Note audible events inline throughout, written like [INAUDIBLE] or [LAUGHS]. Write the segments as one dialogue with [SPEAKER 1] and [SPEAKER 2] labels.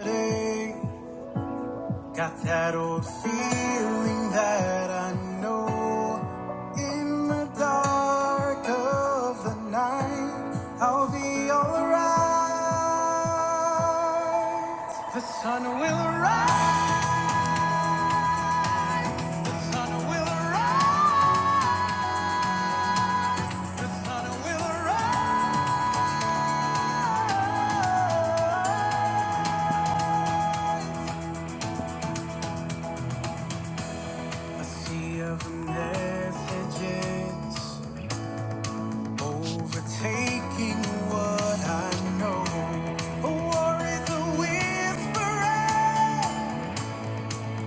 [SPEAKER 1] Hey, Got that old feeling that I know in the dark of the night I'll be alright. The sun will rise, the sun will rise, the sun will rise. A sea of messages Overtaking what I know. A war is a whisperer,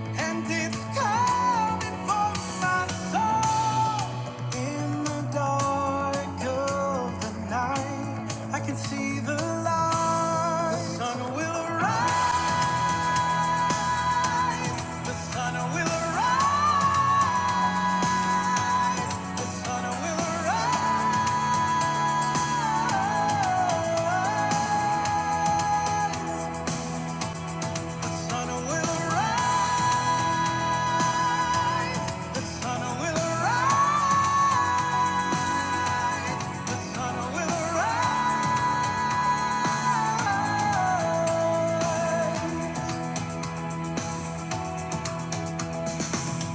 [SPEAKER 1] and it's coming for my soul. In the dark of the night, I can see the light. The sun will rise. The sun will rise. The sun will rise. The sun will rise. The sun will rise.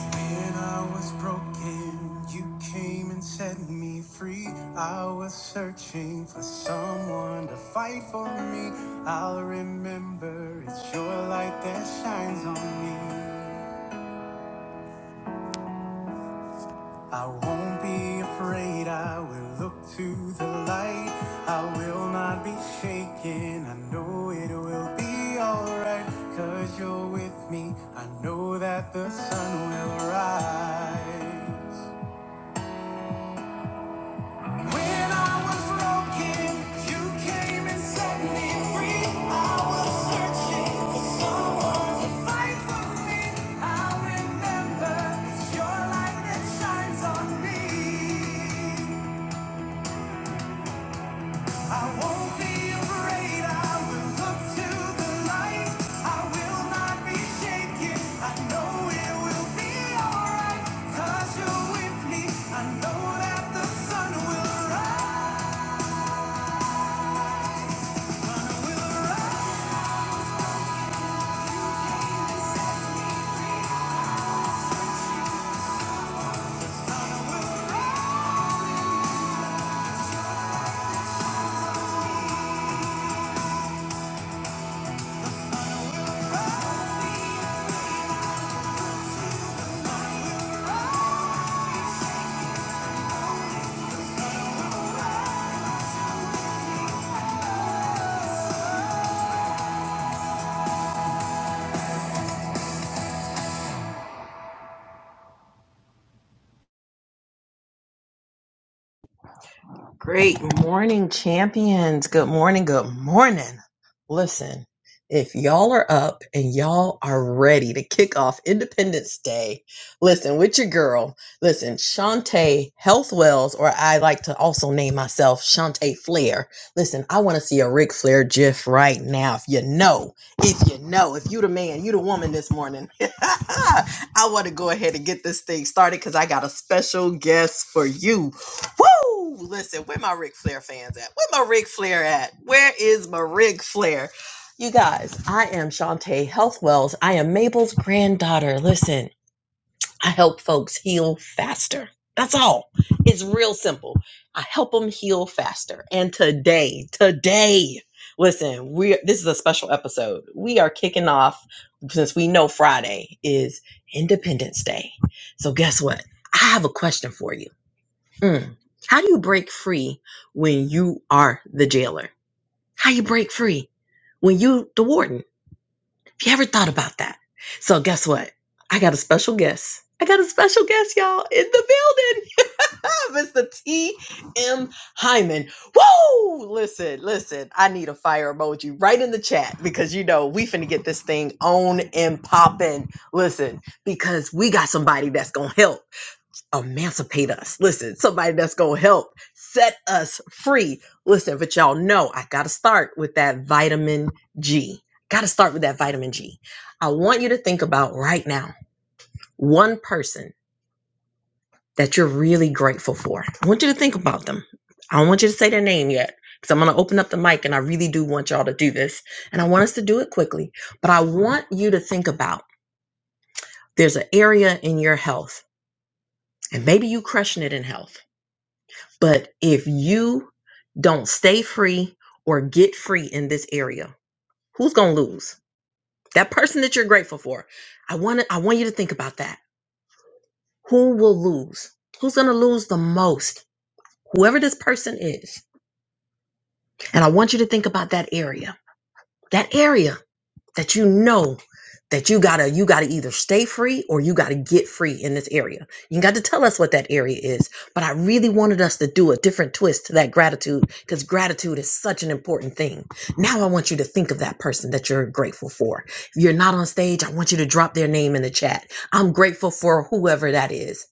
[SPEAKER 1] When I was broken, you came and set me free. I was searching for someone to fight for me. I'll remember it's your light that shines on me. I won't be afraid, I will look to the light. I will not be shaken, I know it will be alright. Cause you're with me, I know that the sun will rise. When I was broken, you came and set me free. I was searching for someone to fight for me. I remember it's your light that shines on me. I won't be afraid. I will look to the light. I will not be shaken. I know it will be alright. you're with me. I know that the sun will rise.
[SPEAKER 2] Great morning, champions. Good morning. Good morning. Listen, if y'all are up and y'all are ready to kick off Independence Day, listen, with your girl, listen, Shantae Health Wells, or I like to also name myself Shantae Flair. Listen, I want to see a Ric Flair GIF right now. If you know, if you know, if you the man, you the woman this morning. [LAUGHS] I want to go ahead and get this thing started because I got a special guest for you. Woo! Listen, where my Ric Flair fans at? Where my Ric Flair at? Where is my Ric Flair? You guys, I am Shantae Healthwells. I am Mabel's granddaughter. Listen, I help folks heal faster. That's all. It's real simple. I help them heal faster. And today, today, listen, we this is a special episode. We are kicking off since we know Friday is Independence Day. So guess what? I have a question for you Mm. How do you break free when you are the jailer? How you break free when you the warden? If you ever thought about that? So guess what? I got a special guest. I got a special guest, y'all, in the building. [LAUGHS] Mr. T. M. Hyman. Woo! Listen, listen. I need a fire emoji right in the chat because you know we finna get this thing on and popping. Listen, because we got somebody that's gonna help emancipate us. Listen, somebody that's going to help set us free. Listen, but y'all know I got to start with that vitamin G. Got to start with that vitamin G. I want you to think about right now one person that you're really grateful for. I want you to think about them. I don't want you to say their name yet because I'm going to open up the mic and I really do want y'all to do this. And I want us to do it quickly, but I want you to think about there's an area in your health and maybe you crushing it in health. But if you don't stay free or get free in this area who's going to lose that person that you're grateful for i want to i want you to think about that who will lose who's going to lose the most whoever this person is and i want you to think about that area that area that you know that you gotta you gotta either stay free or you gotta get free in this area you got to tell us what that area is but i really wanted us to do a different twist to that gratitude because gratitude is such an important thing now i want you to think of that person that you're grateful for if you're not on stage i want you to drop their name in the chat i'm grateful for whoever that is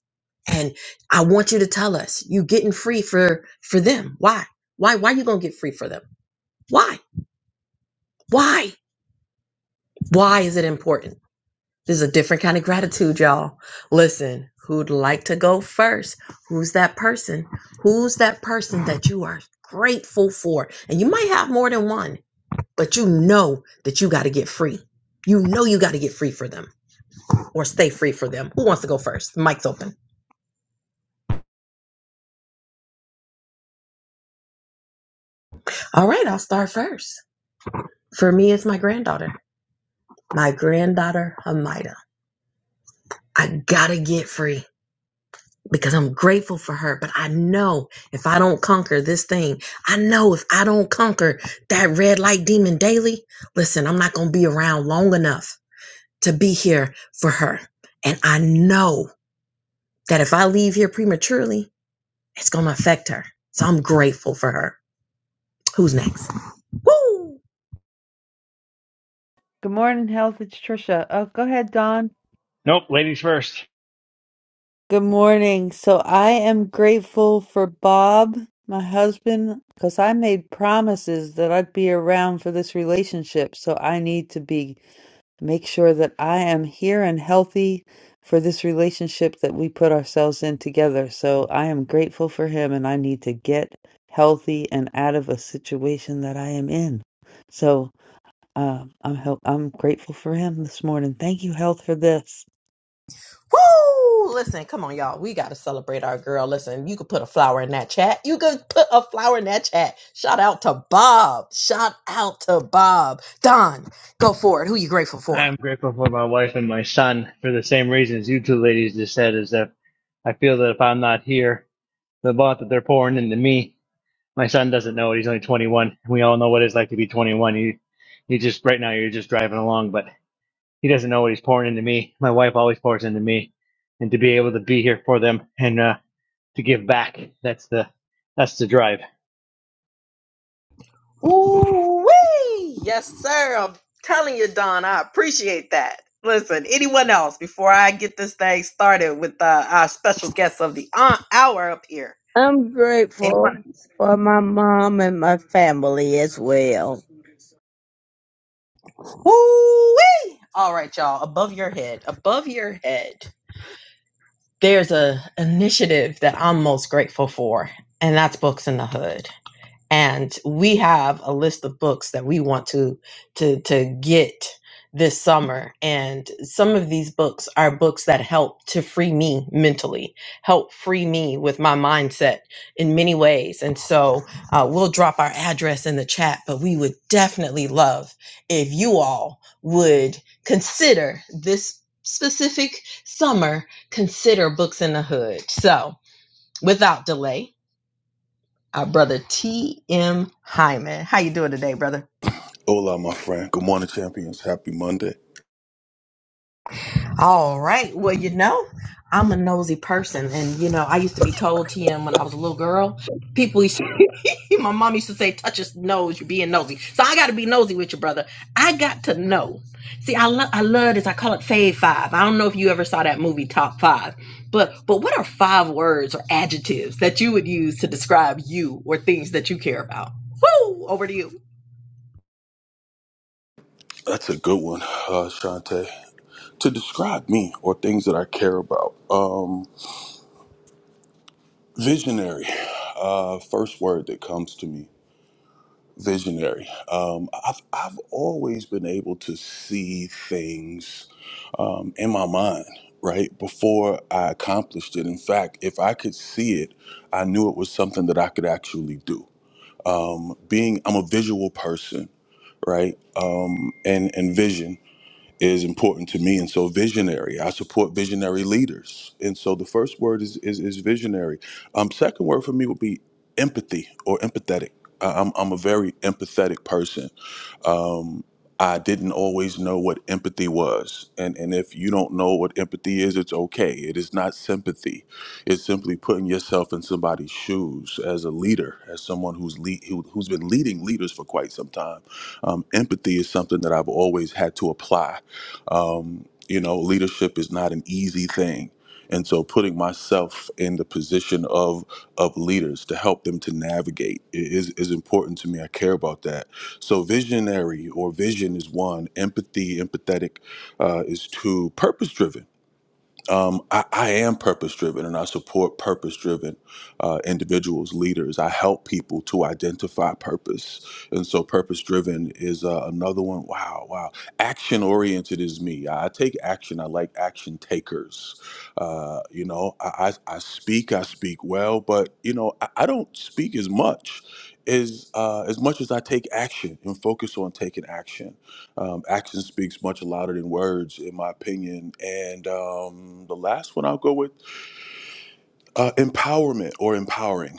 [SPEAKER 2] and i want you to tell us you getting free for for them why why why you gonna get free for them why why why is it important This is a different kind of gratitude, y'all. Listen, who'd like to go first? Who's that person? Who's that person that you are grateful for? And you might have more than one, but you know that you got to get free. You know you got to get free for them or stay free for them. Who wants to go first? Mic's open. All right, I'll start first. For me, it's my granddaughter, my granddaughter, Amida. I got to get free. because I'm grateful for her. But I know if I don't conquer this thing, I know if I don't conquer that red light demon daily, listen, I'm not going to be around long enough to be here for her. And I know that if I leave here prematurely, it's going to affect her. So I'm grateful for her. Who's next? Woo!
[SPEAKER 3] Good morning, health. It's Trisha. Oh, go ahead, Don.
[SPEAKER 4] Nope, ladies first.
[SPEAKER 3] Good morning. So I am grateful for Bob, my husband, because I made promises that I'd be around for this relationship. So I need to be make sure that I am here and healthy for this relationship that we put ourselves in together. So I am grateful for him and I need to get healthy and out of a situation that I am in. So um, I'm help- I'm grateful for him this morning. Thank you, health, for this.
[SPEAKER 2] Woo! Listen, come on, y'all. We gotta celebrate our girl. Listen, you could put a flower in that chat. You could put a flower in that chat. Shout out to Bob. Shout out to Bob. Don, go for it. Who you grateful for?
[SPEAKER 4] I'm grateful for my wife and my son for the same reasons you two ladies just said. Is that I feel that if I'm not here, the blood that they're pouring into me, my son doesn't know it. He's only 21. We all know what it's like to be 21. You, you just right now you're just driving along, but he doesn't know what he's pouring into me. My wife always pours into me, and to be able to be here for them and uh, to give back, that's the that's the drive.
[SPEAKER 2] Ooh wee! Yes, sir. I'm telling you, Don, I appreciate that. Listen, anyone else before I get this thing started with uh, our special guest of the uh, hour up here?
[SPEAKER 5] I'm grateful
[SPEAKER 2] Anyone?
[SPEAKER 5] for my mom and my family as well.
[SPEAKER 2] Ooh wee! All right, y'all. Above your head, above your head. There's a initiative that I'm most grateful for, and that's Books in the Hood. and we have a list of books that we want to to to get this summer and some of these books are books that help to free me mentally help free me with my mindset in many ways and so uh, we'll drop our address in the chat but we would definitely love if you all would consider this specific summer consider books in the hood so without delay our brother T.M. Hyman. How you doing today, brother?
[SPEAKER 6] Hola, my friend. Good morning, champions. Happy Monday.
[SPEAKER 2] All right. Well, you know, I'm a nosy person, and you know, I used to be told T.M. when I was a little girl. People, used to, [LAUGHS] my mom used to say, "Touch his nose, you're being nosy." So I got to be nosy with your brother. I got to know. See, I love, I love this. I call it Fave Five. I don't know if you ever saw that movie Top Five, but but what are five words or adjectives that you would use to describe you or things that you care about? Woo! Over to you.
[SPEAKER 6] That's a good one, uh, Shante. To describe me or things that I care about, um, visionary. Uh, first word that comes to me, visionary. Um, I've I've always been able to see things um, in my mind, right before I accomplished it. In fact, if I could see it, I knew it was something that I could actually do. Um, being I'm a visual person right? Um, and and vision is important to me, and so visionary. I support visionary leaders, and so the first word is is, is visionary. Um, second word for me would be empathy or empathetic. I, I'm I'm a very empathetic person um, I didn't always know what empathy was. And, and if you don't know what empathy is, it's okay. It is not sympathy. It's simply putting yourself in somebody's shoes as a leader, as someone who's lead, who, who's been leading leaders for quite some time. Um, empathy is something that I've always had to apply. Um, you know, leadership is not an easy thing. And so putting myself in the position of of leaders to help them to navigate i- is, is important to me. I care about that so, visionary or vision is one, empathy, empathetic uh, is two, purpose driven um, I, I am purpose driven and I support purpose driven uh, individuals, leaders. I help people to identify purpose. And so, purpose driven is uh, another one. Wow, wow. Action oriented is me. I I take action. I like action takers. Uh, you know, I, I, I speak, I speak well, but, you know, I, I don't speak as much. As uh, as much as I take action and focus on taking action, um, action speaks much louder than words, in my opinion. And um, the last one I'll go with uh, empowerment or empowering.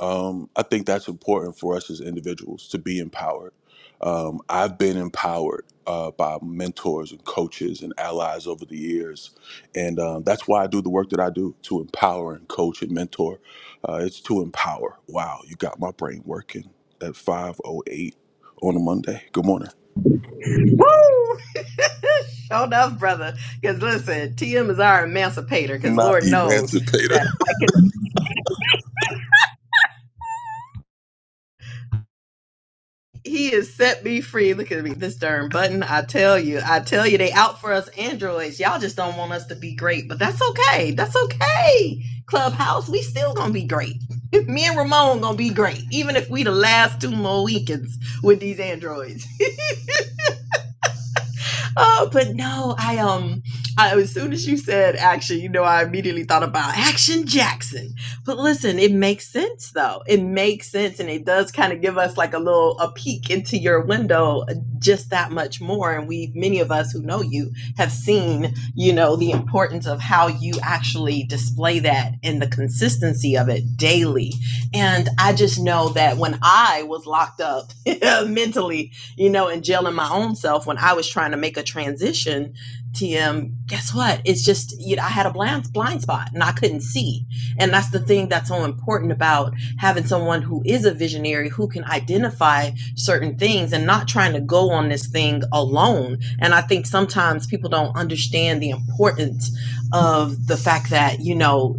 [SPEAKER 6] Um, I think that's important for us as individuals to be empowered. Um, I've been empowered uh, by mentors and coaches and allies over the years. And um, that's why I do the work that I do to empower and coach and mentor. Uh, it's to empower. Wow, you got my brain working at 5.08 on a Monday. Good morning.
[SPEAKER 2] Woo! [LAUGHS] Show enough, brother. Because listen, TM is our emancipator. Because
[SPEAKER 6] Not
[SPEAKER 2] Lord knows
[SPEAKER 6] emancipator.
[SPEAKER 2] that I can. He has set me free. Look at me, this darn button. I tell you, I tell you, they out for us androids. Y'all just don't want us to be great, but that's okay. That's okay. Clubhouse, we still gonna be great. [LAUGHS] me and Ramon gonna be great, even if we the last two more weekends with these androids. oh, but no, I um, I, as soon as you said action, you know, I immediately thought about Action Jackson. But listen, it makes sense though. It makes sense, and it does kind of give us like a little a peek into your window uh, just that much more. And we, many of us who know you, have seen, you know, the importance of how you actually display that and the consistency of it daily. And I just know that when I was locked up [LAUGHS] mentally you know, and jailing my own self when I was trying to make a transition, TM, guess what? It's just, you know, I had a blind, blind spot and I couldn't see. And that's the thing that's so important about having someone who is a visionary who can identify certain things and not trying to go on this thing alone. And I think sometimes people don't understand the importance of the fact that, you know,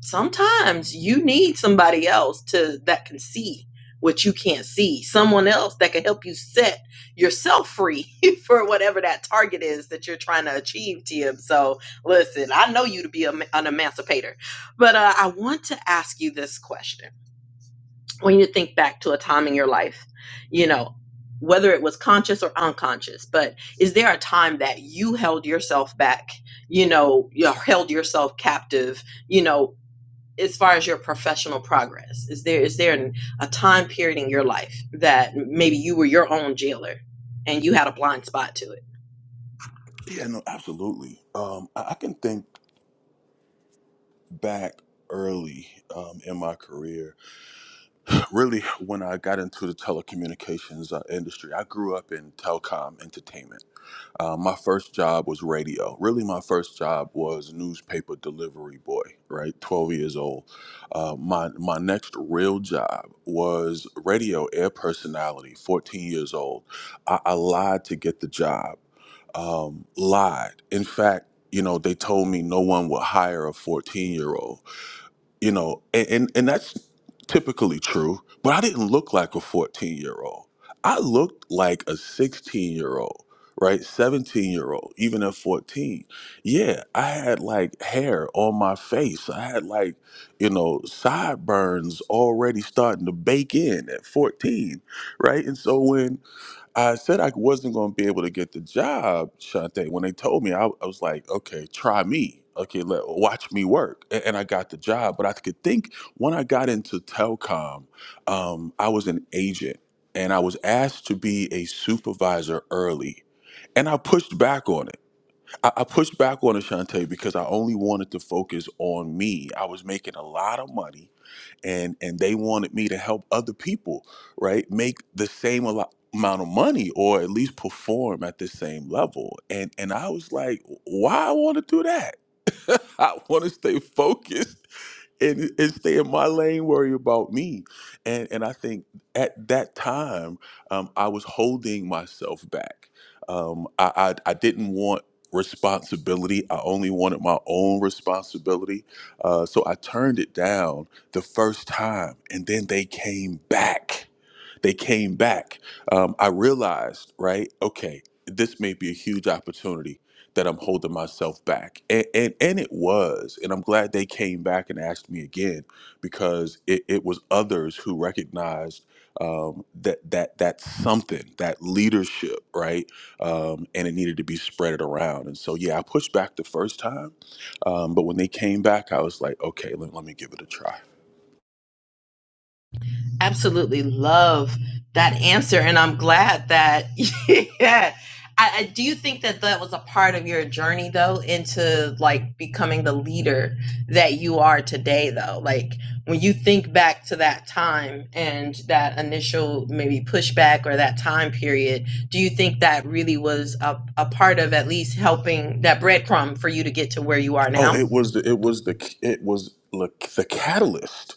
[SPEAKER 2] sometimes you need somebody else to that can see what you can't see someone else that can help you set yourself free [LAUGHS] for whatever that target is that you're trying to achieve tim so listen i know you to be a, an emancipator but uh, i want to ask you this question when you think back to a time in your life you know whether it was conscious or unconscious but is there a time that you held yourself back you know you held yourself captive you know as far as your professional progress is there is there an, a time period in your life that maybe you were your own jailer and you had a blind spot to it
[SPEAKER 6] Yeah, no, absolutely. Um, I, I can think back early um, in my career, really when I got into the telecommunications uh, industry. I grew up in telecom entertainment. Uh, my first job was radio. Really, my first job was newspaper delivery boy. Right, twelve years old. Uh, my my next real job was radio air personality. Fourteen years old. I, I lied to get the job. um, lied. In fact, you know, they told me no one would hire a 14 year old, you know, and, and, and that's typically true, but I didn't look like a 14 year old. I looked like a 16 year old, right? 17 year old, even at 14. Yeah, I had like hair on my face. I had like, you know, sideburns already starting to bake in at 14, right? And so when I said I wasn't going to be able to get the job, Shante. When they told me, I, I was like, okay, try me. Okay, let watch me work, A- and, I got the job. But I could think when I got into telecom, um, I was an agent, and I was asked to be a supervisor early, and I pushed back on it. I, I pushed back on it, Shante, because I only wanted to focus on me. I was making a lot of money, and and they wanted me to help other people right make the same alo- amount of money or at least perform at the same level and and i was like why i want to do that [LAUGHS] i want to stay focused and, and stay in my lane, worry about me. And and I think at that time, um, I was holding myself back. Um, I, I I didn't want responsibility. I only wanted my own responsibility. Uh, so I turned it down the first time, and then they came back they came back. Um, I realized, right? Okay, this may be a huge opportunity that I'm holding myself back, and and, and it was. And I'm glad they came back and asked me again because it, it was others who recognized um, that that that something, that leadership, right? Um, and it needed to be spread around. And so, yeah, I pushed back the first time, um, but when they came back, I was like, okay, let, let me give it a try.
[SPEAKER 2] absolutely love that answer and i'm glad that [LAUGHS] yeah I, I do think that that was a part of your journey though into like becoming the leader that you are today though like when you think back to that time and that initial maybe pushback or that time period do you think that really was a, a part of at least helping that breadcrumb for you to get to where you are
[SPEAKER 6] Oh,
[SPEAKER 2] now
[SPEAKER 6] it was the it was the it was look the catalyst.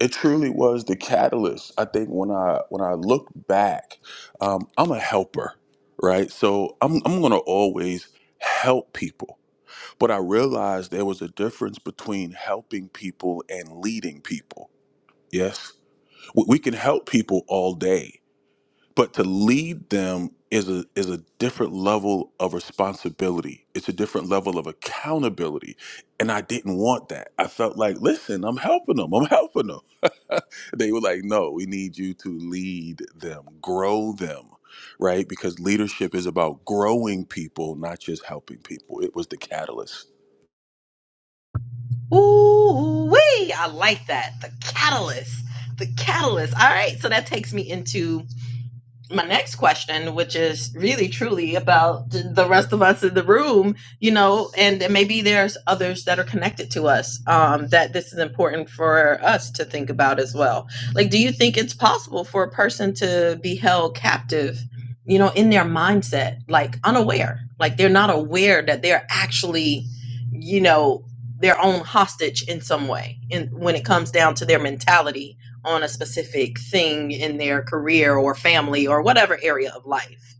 [SPEAKER 6] It truly was the catalyst. I think when I when I look back, um, I'm a helper, right? So I'm I'm gonna always help people. But I realized there was a difference between helping people and leading people. Yes, we, we can help people all day, but to lead them is a is a different level of responsibility it's a different level of accountability and i didn't want that i felt like listen i'm helping them i'm helping them [LAUGHS] they were like no we need you to lead them grow them right because leadership is about growing people not just helping people it was the catalyst
[SPEAKER 2] Ooh, wee! I like that. The catalyst. The catalyst. All right. So that takes me into my next question, which is really truly about the rest of us in the room, you know, and maybe there's others that are connected to us um, that this is important for us to think about as well. Like, do you think it's possible for a person to be held captive, you know, in their mindset, like unaware, like they're not aware that they're actually, you know, their own hostage in some way, and when it comes down to their mentality on a specific thing in their career or family or whatever area of life.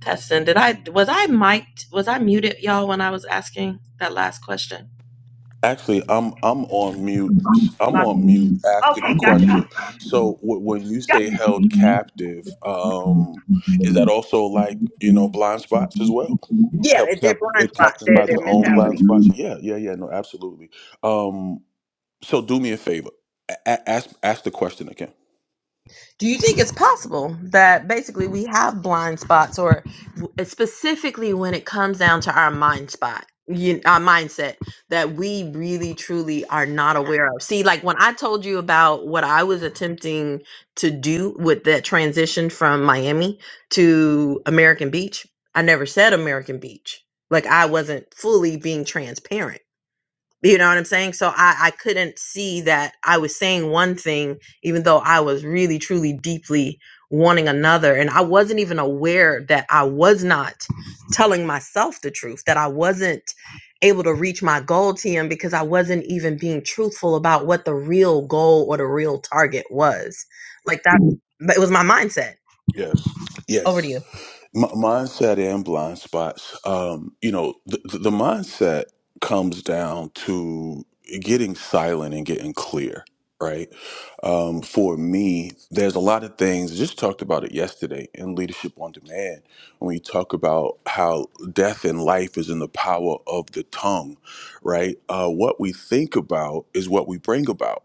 [SPEAKER 2] Testing, did I was I mic'd was I muted y'all when I was asking that last question?
[SPEAKER 6] Actually, I'm I'm on mute. I'm on mute asking the
[SPEAKER 2] okay,
[SPEAKER 6] question.
[SPEAKER 2] gotcha.
[SPEAKER 6] So w- when you say held captive, um, is that also like you know blind spots as well?
[SPEAKER 2] Yeah,
[SPEAKER 6] Held cap-
[SPEAKER 2] they're
[SPEAKER 6] uh,
[SPEAKER 2] blind spots,
[SPEAKER 6] captive by
[SPEAKER 2] They're
[SPEAKER 6] their
[SPEAKER 2] their
[SPEAKER 6] own
[SPEAKER 2] mentality.
[SPEAKER 6] blind spots? Yeah, yeah, yeah. No, absolutely. Um, so do me a favor. A- a- ask ask the question again.
[SPEAKER 2] Do you think it's possible that basically we have blind spots, or w- specifically when it comes down to our mind spot, you, our mindset that we really truly are not aware of? See, like when I told you about what I was attempting to do with that transition from Miami to American Beach, I never said American Beach. Like I wasn't fully being transparent you know what I'm saying? So I, I couldn't see that I was saying one thing, even though I was really, truly, deeply wanting another. And I wasn't even aware that I was not telling myself the truth, that I wasn't able to reach my goal, TM, because I wasn't even being truthful about what the real goal or the real target was. Like that, but it was my mindset.
[SPEAKER 6] Yes.
[SPEAKER 2] Over
[SPEAKER 6] Yes.
[SPEAKER 2] to you.
[SPEAKER 6] M- mindset and blind spots. Um, you know, the, the mindset comes down to getting silent and getting clear, right? Um, for me, there's a lot of things. I just talked about it yesterday in Leadership on Demand when we talk about how death and life is in the power of the tongue, right? Uh, what we think about is what we bring about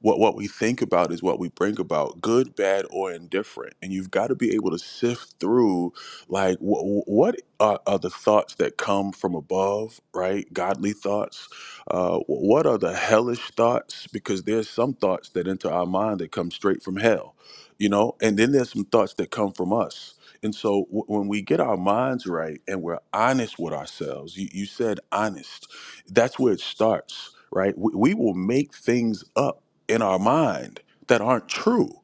[SPEAKER 6] what what we think about is what we bring about good bad or indifferent and you've got to be able to sift through like wh- wh- what are, are the thoughts that come from above right godly thoughts uh, wh- what are the hellish thoughts because there's some thoughts that enter our mind that come straight from hell you know and then there's some thoughts that come from us and so w- when we get our minds right and we're honest with ourselves you, you said honest that's where it starts right we, we will make things up in our mind that aren't true.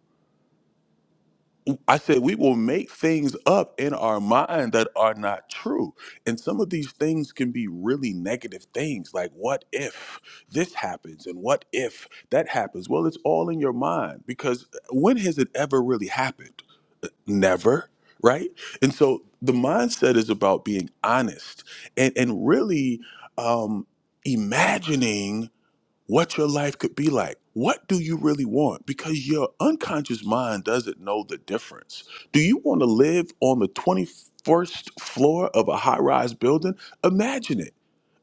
[SPEAKER 6] I said we will make things up in our mind that are not true. And some of these things can be really negative things like what if this happens and what if that happens? Well, it's all in your mind because uh, when has it ever really happened? Never, right? And so the mindset is about being honest and and really um imagining what your life could be like. What do you really want? Because your unconscious mind doesn't know the difference. Do you want to live on the 21st floor of a high rise building? Imagine it.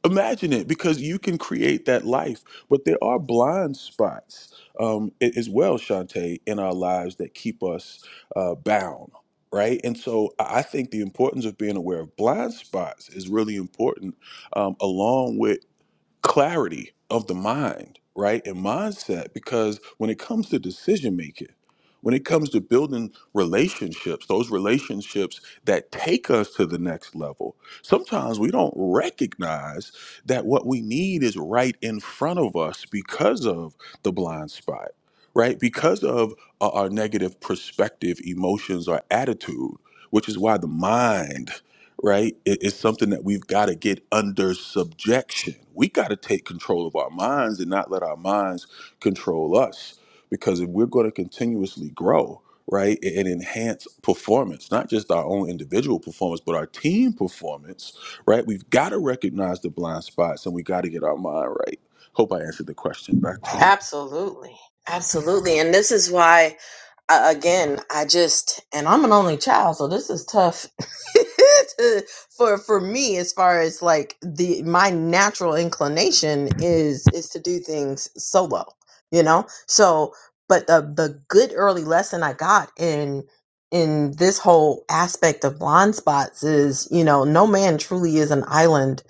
[SPEAKER 6] Imagine it because you can create that life. But there are blind spots um, a- as well, Shantae, in our lives that keep us uh, bound, right? And so I I think the importance of being aware of blind spots is really important, um, along with clarity of the mind, right? And mindset, because when it comes to decision making, when it comes to building relationships, those relationships that take us to the next level, sometimes we don't recognize that what we need is right in front of us because of the blind spot, right? Because of uh, our negative perspective, emotions, or attitude, which is why the mind right? It, it's something that we've got to get under subjection. We got to take control of our minds and not let our minds control us because if we're going to continuously grow, right, and and enhance performance, not just our own individual performance, but our team performance, right, we've got to recognize the blind spots and we got to get our mind right. Hope I answered the question. Back to you.
[SPEAKER 2] Absolutely. Absolutely. And this is why. I, again, I just and I'm an only child, so this is tough [LAUGHS] to, for for me as far as like the my natural inclination is is to do things solo, you know. So, but the the good early lesson I got in in this whole aspect of blind spots is you know no man truly is an island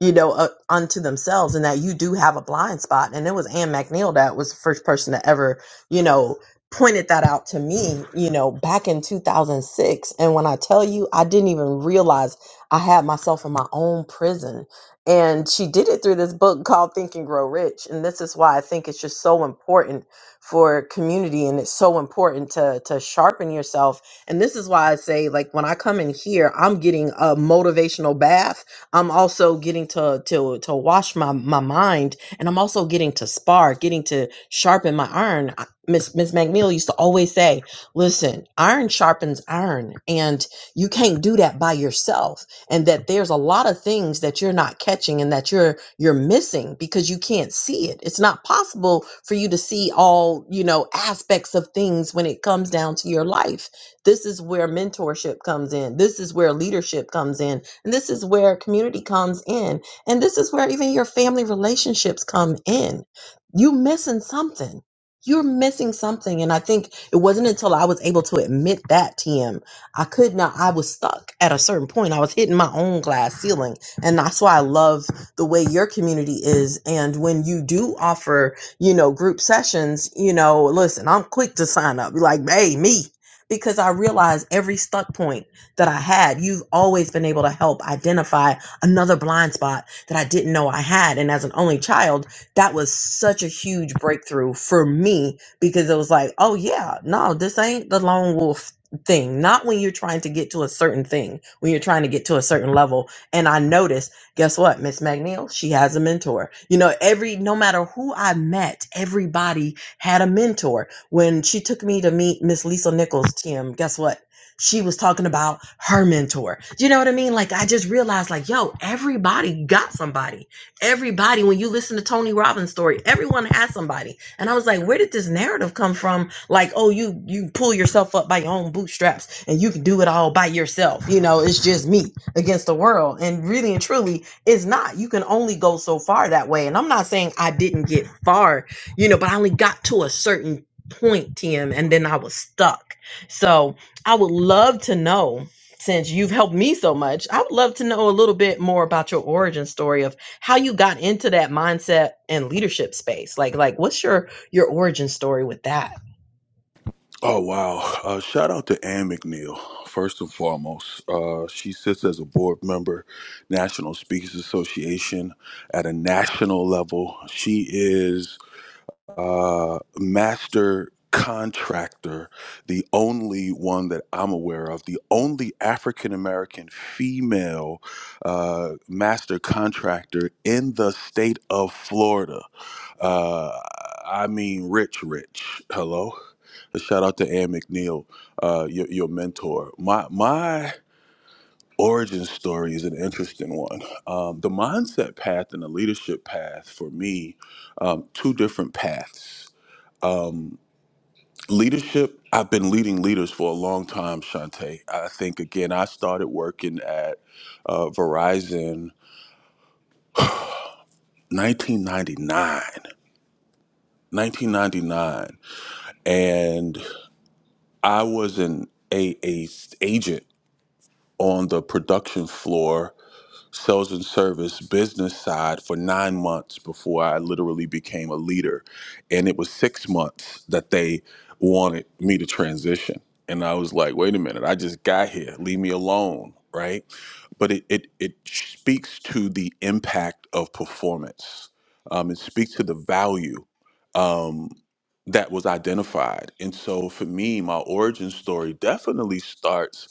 [SPEAKER 2] you know uh, unto themselves and that you do have a blind spot and it was anne mcneil that was the first person to ever you know pointed that out to me, you know, back in 2006. And when I tell you, I didn't even realize I had myself in my own prison. And she did it through this book called Think and Grow Rich. And this is why I think it's just so important for community and it's so important to to sharpen yourself. And this is why I say like when I come in here, I'm getting a motivational bath. I'm also getting to to to wash my my mind and I'm also getting to spar, getting to sharpen my iron. Miss Miss McNeil used to always say, "Listen, iron sharpens iron, and you can't do that by yourself. And that there's a lot of things that you're not catching and that you're you're missing because you can't see it. It's not possible for you to see all you know aspects of things when it comes down to your life. This is where mentorship comes in. This is where leadership comes in, and this is where community comes in, and this is where even your family relationships come in. You missing something." you're missing something. And I think it wasn't until I was able to admit that to him, I could not, I was stuck at a certain point. I was hitting my own glass ceiling. And that's why I love the way your community is. And when you do offer, you know, group sessions, you know, listen, I'm quick to sign up. Be like, hey, me. Because I realize every stuck point that I had, you've always been able to help identify another blind spot that I didn't know I had. And as an only child, that was such a huge breakthrough for me because it was like, oh yeah, no, this ain't the lone wolf thing. Not when you're trying to get to a certain thing, when you're trying to get to a certain level. And I noticed, guess what, Miss McNeil, she has a mentor. You know, every no matter who I met, everybody had a mentor. When she took me to meet Miss Lisa Nichols, Tim, guess what? She was talking about her mentor. You know what I mean? Like I just realized, like, yo, everybody got somebody Everybody, when you listen to Tony Robbins' story, everyone has somebody. And I was like, where did this narrative come from? Like, oh, you you pull yourself up by your own bootstraps and you can do it all by yourself. You know, it's just me against the world. And really and truly, it's not. You can only go so far that way. And I'm not saying I didn't get far, you know, but I only got to a certain point, Tim, and then I was stuck. So I would love to know since you've helped me so much, I would love to know a little bit more about your origin story of how you got into that mindset and leadership space like like what's your your origin story with that
[SPEAKER 6] Oh wow! Uh, shout out to Ann McNeil first and foremost. Uh, she sits as a board member, National Speakers Association, at a national level. She is uh, master contractor, the only one that I'm aware of, the only African American female uh, master contractor in the state of Florida. Uh, I mean, rich, rich. Hello. Shout out to Ann McNeil, uh, your, your mentor. My my origin story is an interesting one. Um, the mindset path and the leadership path for me, um, two different paths. Um, leadership. I've been leading leaders for a long time, Shante. I think again, I started working at uh, Verizon. 1999, 1999, and i was an a, a agent on the production floor sales and service business side for nine months before I literally became a leader. And it was six months that they wanted me to transition. And I was like, wait a minute, I just got here. Leave me alone. Right. But it, it, it speaks to the impact of performance. Um, it speaks to the value um, that was identified. And so for me, my origin story definitely starts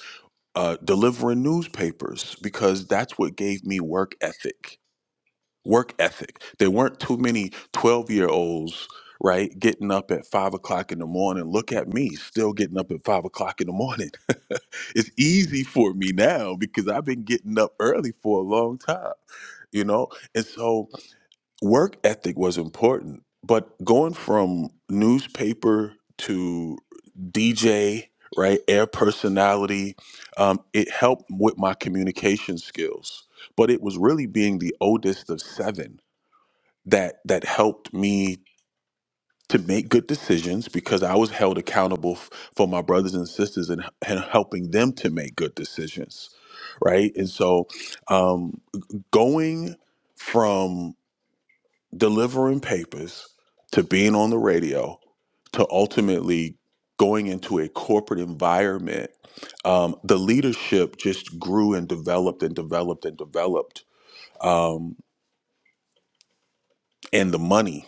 [SPEAKER 6] uh, delivering newspapers because that's what gave me work ethic. Work ethic. There weren't too many 12 year olds, right, getting up at five o'clock in the morning. Look at me, still getting up at five o'clock in the morning. [LAUGHS] it's easy for me now because I've been getting up early for a long time, you know? And so, work ethic was important, but going from newspaper to DJ, right, air personality, um, it helped with my communication skills. But it was really being the oldest of seven that that helped me to make good decisions because I was held accountable f- for my brothers and sisters and, and helping them to make good decisions, right? And so, um, going from delivering papers to being on the radio to ultimately going into a corporate environment um, the leadership just grew and developed and developed and developed um, and the money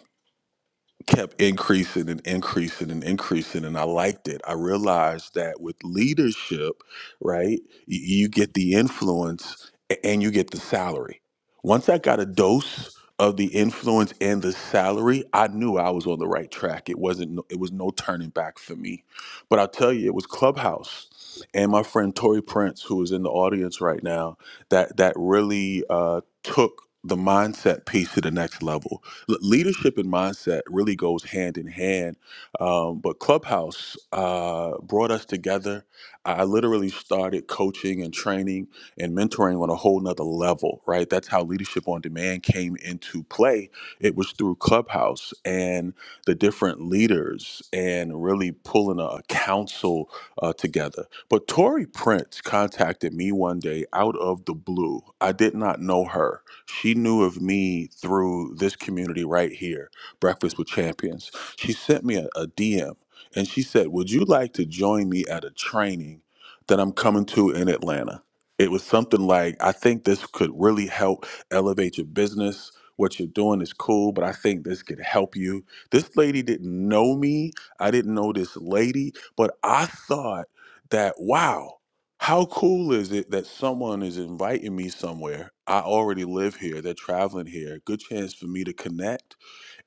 [SPEAKER 6] kept increasing and increasing and increasing and i liked it i realized that with leadership right y- you get the influence a- and you get the salary once i got a dose of the influence and the salary i knew i was on the right track it wasn't no- it was no turning back for me but i'll tell you it was clubhouse and my friend tori prince who is in the audience right now that that really uh, took the mindset piece to the next level L- leadership and mindset really goes hand in hand. Um, but Clubhouse uh, brought us together. I I literally started coaching and training and mentoring on a whole nother level, right? That's how Leadership on Demand came into play. It was through Clubhouse and the different leaders and really pulling a a council uh, together. But Tori Prince contacted me one day out of the blue. I did not know her she knew of me through this community right here, Breakfast with Champions. She sent me a, DM and she said, Would you like to join me at a training that I'm coming to in Atlanta? It was something like, I think this could really help elevate your business. What you're doing is cool, but I think this could help you. This lady didn't know me. I didn't know this lady, but I thought that, wow. How cool is it that someone is inviting me somewhere? I already live here. They're traveling here. Good chance for me to connect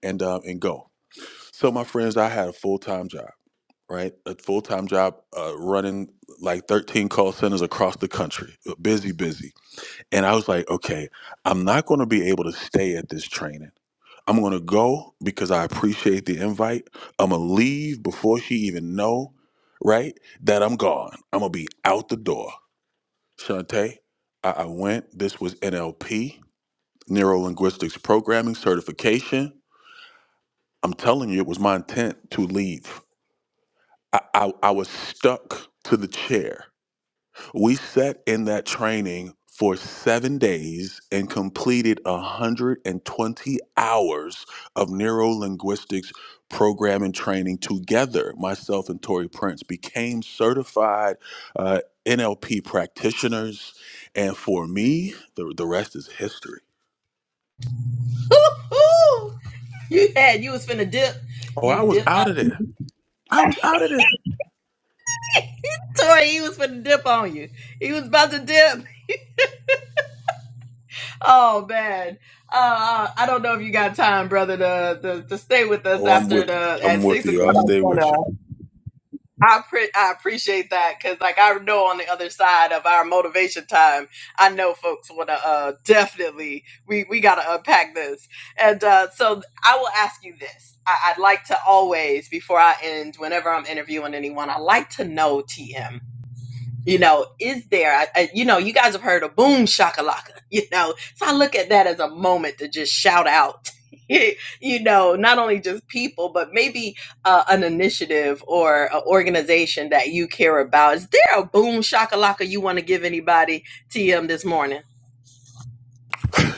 [SPEAKER 6] and um, and go. So, my friends, I had a full time job, right? A full time job uh, running like 13 call centers across the country. uh, Busy, busy. And I was like, okay, I'm not going to be able to stay at this training. I'm going to go because I appreciate the invite. I'm going to leave before she even know, right? That I'm gone. I'm going to be out the door. Shantae, I, I went. This was NLP, Neuro Linguistics Programming Certification. I'm telling you, it was my intent to leave. I, I, I was stuck to the chair. We sat in that training for seven days and completed 120 hours of neuro linguistics programming training together. Myself and Tori Prince became certified uh, NLP practitioners. And for me, the, the rest is history.
[SPEAKER 2] [LAUGHS] Woo-hoo! you had you was finna dip
[SPEAKER 6] Oh,
[SPEAKER 2] you
[SPEAKER 6] I was
[SPEAKER 2] dip [LAUGHS] uh,
[SPEAKER 6] out of there. I was out of there.
[SPEAKER 2] tori he was finna dip on you he was about to dip Oh man, uh, I don't know if you got time, brother, to to, to stay with us
[SPEAKER 6] Oh, I'm
[SPEAKER 2] after
[SPEAKER 6] with you.
[SPEAKER 2] the
[SPEAKER 6] I'm
[SPEAKER 2] at
[SPEAKER 6] with
[SPEAKER 2] six
[SPEAKER 6] you.
[SPEAKER 2] o'clock.
[SPEAKER 6] I'll stay
[SPEAKER 2] But
[SPEAKER 6] with you.
[SPEAKER 2] uh, I pre- I appreciate that because, like, I know on the other side of our motivation time, I know folks want to uh, definitely we we got to unpack this, and uh, so I will ask you this. I, I'd like to always before I end, whenever I'm interviewing anyone, I like to know TM you know, is there, I, I, you know, you guys have heard of boom shakalaka, [LAUGHS] you know, so I look at that as a moment to just shout out, [LAUGHS] you know, not only just people, but maybe uh, an initiative or an organization that you care about. Is there a boom shakalaka you want to give anybody, TM, this morning?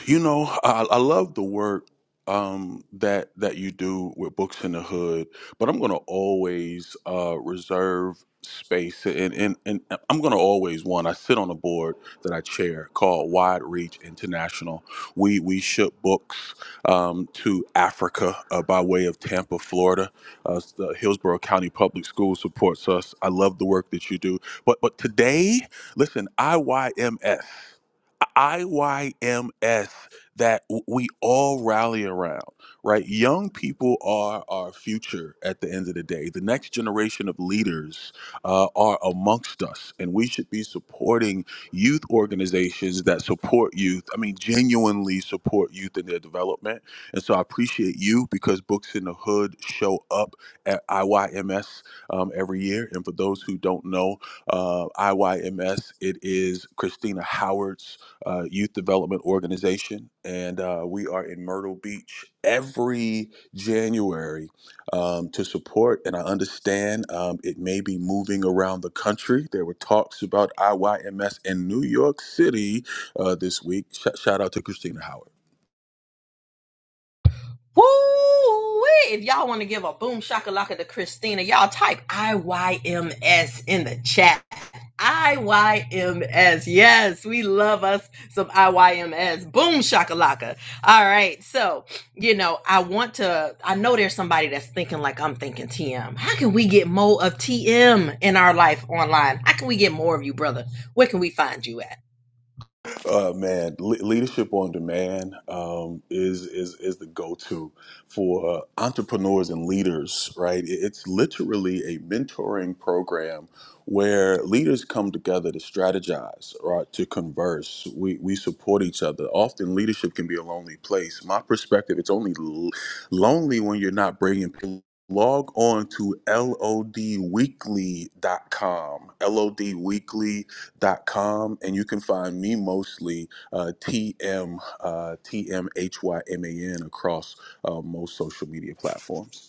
[SPEAKER 6] You know, I, I love the work um, that that you do with Books in the Hood, but I'm going to always uh, reserve space, and, and and uh, I'm going to always one. I sit on a board that I chair called Wide Reach International. We we ship books um, to Africa uh, by way of Tampa, Florida. Uh, the Hillsborough County Public Schools supports us. I love the work that you do, but but today, listen, IYMS. IYMS that w- we all rally around, right? Young people are our future at the end of the day. The next generation of leaders uh, are amongst us, and we should be supporting youth organizations that support youth. I mean, genuinely support youth in their development. And so I appreciate you because Books in the Hood show up at IYMS um, every year. And for those who don't know, uh, IYMS, it is Christina Howard's uh, youth development organization, and uh, we are in Myrtle Beach every January um, to support. And I understand um, it may be moving around the country. There were talks about IYMS in New York City uh, this week. Sh- shout out to Christina Howard.
[SPEAKER 2] Woo! If y'all want to give a boom shakalaka to Christina, y'all type IYMS in the chat. IYMS. Yes, we love us some IYMS. Boom shakalaka. All right. So, you know, I want to I know there's somebody that's thinking like I'm thinking TM. How can we get more of TM in our life online? How can we get more of you, brother? Where can we find you at?
[SPEAKER 6] Uh, man, le- leadership on demand um, is is is the go-to for uh, entrepreneurs and leaders, right? It- It's literally a mentoring program where leaders come together to strategize, right? To converse, we we support each other. Often, leadership can be a lonely place. My perspective, it's only l- lonely when you're not bringing people. Log on to lodweekly.com, Lodweekly com, and you can find me mostly uh, TM uh, TMHYMAN across uh, most social media platforms.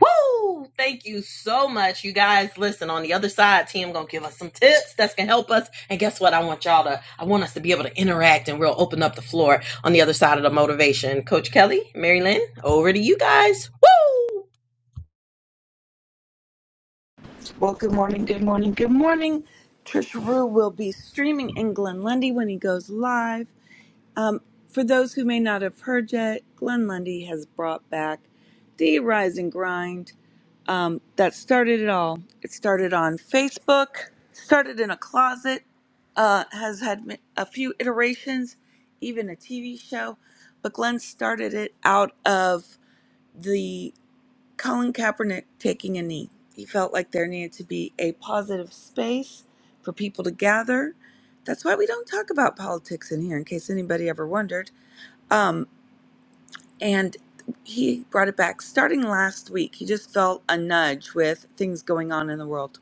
[SPEAKER 2] Woo! Thank you so much. You guys, listen, on the other side, Tim gonna give us some tips that's gonna help us. And guess what? I want y'all to I want us to be able to interact and we'll open up the floor on the other side of the motivation. Coach Kelly, Mary Lynn, over to you guys. Woo!
[SPEAKER 7] Well, good morning, good morning, good morning. Trish Rue will be streaming in Glen Lundy when he goes live. Um, for those who may not have heard yet, Glenn Lundy has brought back the Rise and Grind. Um, that started it all. It started on Facebook, started in a closet, uh, has had m- a few iterations, even a TV show. But Glenn started it out of the. Colin Kaepernick taking a knee. He felt like there needed to be a positive space for people to gather. That's why we don't talk about politics in here, in case anybody ever wondered. Um, and he brought it back starting last week. He just felt a nudge with things going on in the world.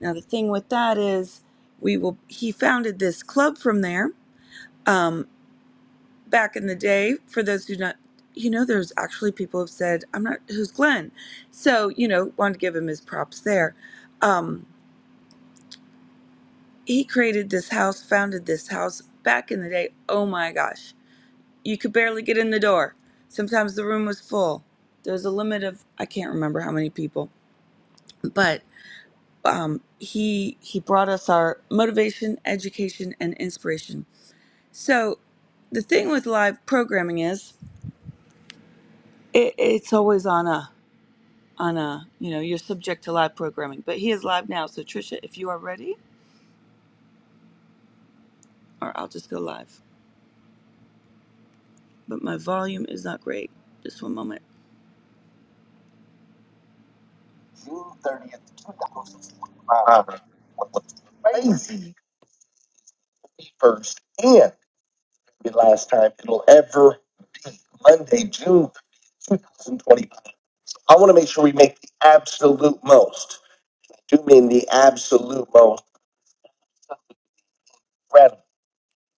[SPEAKER 7] Now the thing with that is, we will. He founded this club from there, um, back in the day, for those who not, you know, there's actually people have said, I'm not, who's Glenn? So, you know, wanted to give him his props there. Um, he created this house, founded this house back in the day. Oh my gosh. You could barely get in the door. Sometimes the room was full. There was a limit of, I can't remember how many people, but um, he he brought us our motivation, education, and inspiration. So the thing with live programming is it, it's always on us on a you know you're subject to live programming but he is live now so trisha if you are ready or i'll just go live but my volume is not great just one moment
[SPEAKER 3] I was crazy first and the last time it'll ever Monday, June 2020. I want to make sure we make the absolute most. I do mean the absolute most incredible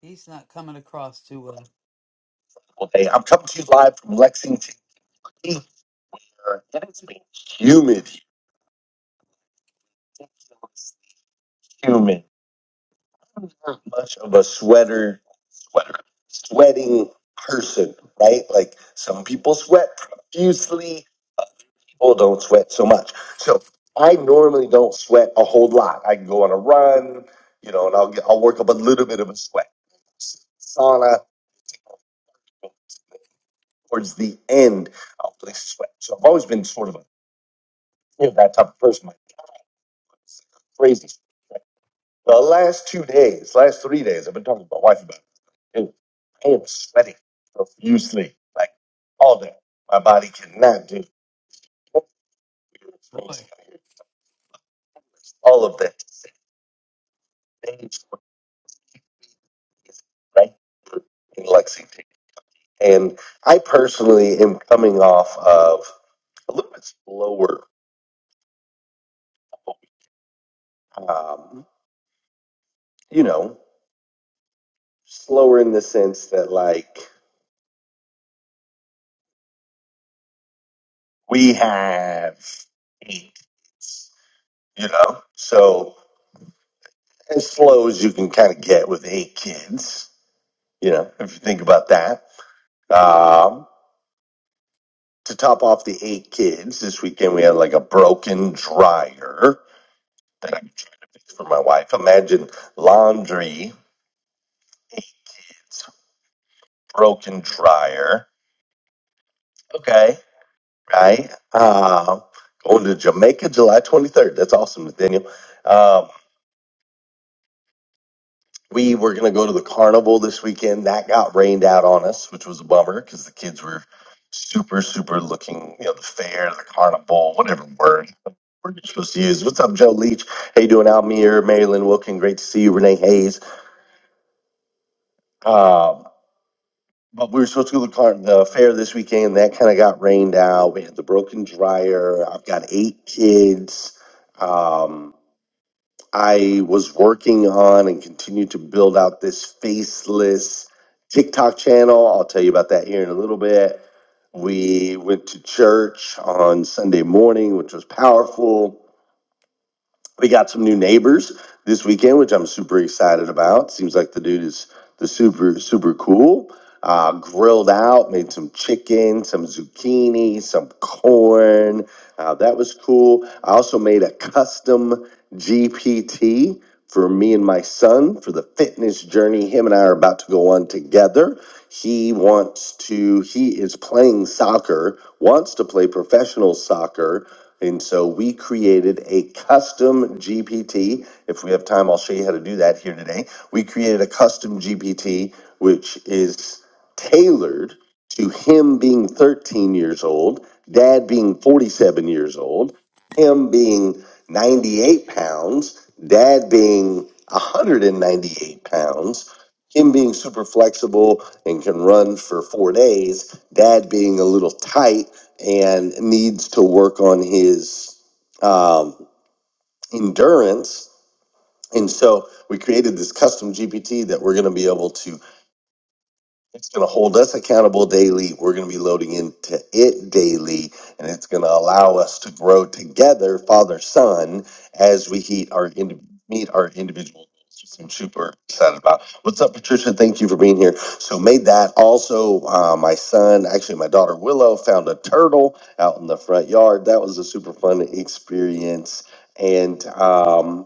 [SPEAKER 3] He's not coming across too well. day. I'm coming to you live from Lexington. Kentucky. It has been humid, humid. Much of a sweater, sweater, sweating person, right? Like some people sweat profusely. people don't sweat so much. So I normally don't sweat a whole lot. I can go on a run, you know, and I'll get, I'll work up a little bit of a sweat. Sauna towards the end, I'll really sweat. So I've always been sort of a, you know, that type of person. Like, crazy. The last two days, last three days, I've been talking to my wife about it. Dude, I am sweating profusely, like all day. My body cannot do it. Really? all of that. right here in Lexington. And I personally am coming off of a little bit slower, um, you know, slower in the sense that like we have eight kids, you know, so as slow as you can kind of get with eight kids, you know, if you think about that. Um, to top off the eight kids, this weekend we had like a broken dryer that I'm trying to fix for my wife. Imagine laundry [LAUGHS] kids, broken dryer. Okay. Right. Um, going to Jamaica July 23rd. That's awesome, Nathaniel. Um, we were going to go to the carnival this weekend. That got rained out on us, which was a bummer because the kids were super, super looking, you know, the fair, the carnival, whatever word we're supposed to use. What's up, Joe Leach? How you doing out here? Marilyn Wilkin, great to see you. Renee Hayes. Um, But we were supposed to go to the car, the fair this weekend. and That kind of got rained out. We had the broken dryer. I've got eight kids. Um, I was working on and continue to build out this faceless TikTok channel. I'll tell you about that here in a little bit. We went to church on Sunday morning, which was powerful we got some new neighbors this weekend, which I'm super excited about. Seems like the dude is the super super cool. Uh, grilled out, made some chicken, some zucchini, some corn. Uh, that was cool. I also made a custom GPT for me and my son for the fitness journey him and I are about to go on together. He wants to, he is playing soccer, wants to play professional soccer. And so we created a custom GPT. If we have time, I'll show you how to do that here today. We created a custom GPT, which is tailored to him being 13 years old, dad being 47 years old, him being 98 pounds, dad being 198 pounds, him being super flexible and can run for four days, dad being a little tight and needs to work on his um, endurance. And so we created this custom GPT that we're going to be able to it's going to hold us accountable daily. We're going to be loading into it daily, and it's going to allow us to grow together, Father Son, as we heat our indi- meet our individual goals, which I'm super excited about. What's up, Patricia? Thank you for being here. So made that. Also, uh, my son, actually my daughter Willow, found a turtle out in the front yard. That was a super fun experience, and. um,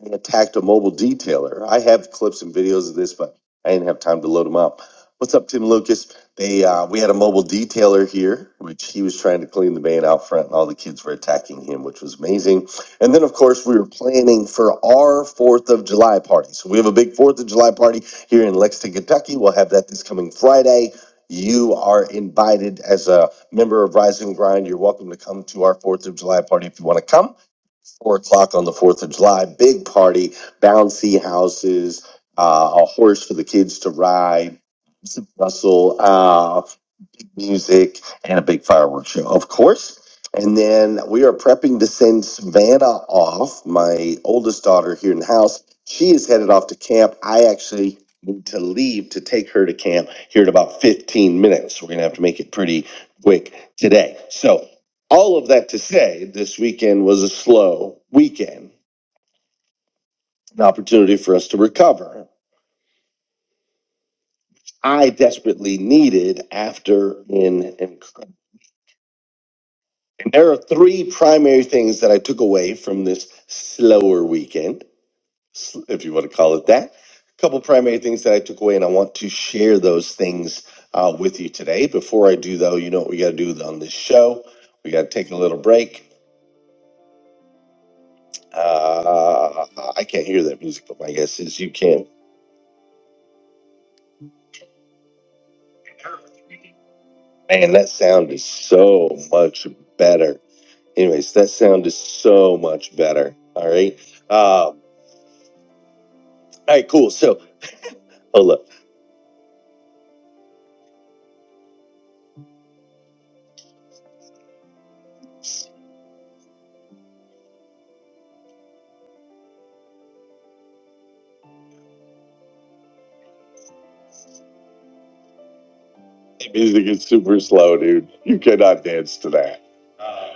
[SPEAKER 3] and attacked a mobile detailer. I have clips and videos of this, but I didn't have time to load them up. What's up, Tim Lucas? They uh, we had a mobile detailer here, which he was trying to clean the van out front, and all the kids were attacking him, which was amazing. And then, of course, we were planning for our Fourth of July party. So we have a big Fourth of July party here in Lexington, Kentucky. We'll have that this coming Friday. You are invited as a member of Rise and Grind. You're welcome to come to our Fourth of July party if you want to come four o'clock on the Fourth of July. Big party, bouncy houses, uh, a horse for the kids to ride. Russell. Uh, music, and a big fireworks show, of course. And then we are prepping to send Savannah off, my oldest daughter here in the house. She is headed off to camp. I actually need to leave to take her to camp here in about 15 minutes. We're going to have to make it pretty quick today. So, all of that to say, this weekend was a slow weekend, an opportunity for us to recover. I desperately needed after an incredible There are three primary things that I took away from this slower weekend, s- if you want to call it that. A couple primary things that I took away, and I want to share those things uh, with you today. Before I do, though, you know what we got to do on this show? We got to take a little break. Uh, I can't hear that music, but my guess is you can. Man, that sound is so much better. Anyways, that sound is so much better. All right. Uh, all right, cool. So, oh look. Music is super slow, dude. You cannot dance to that. Uh,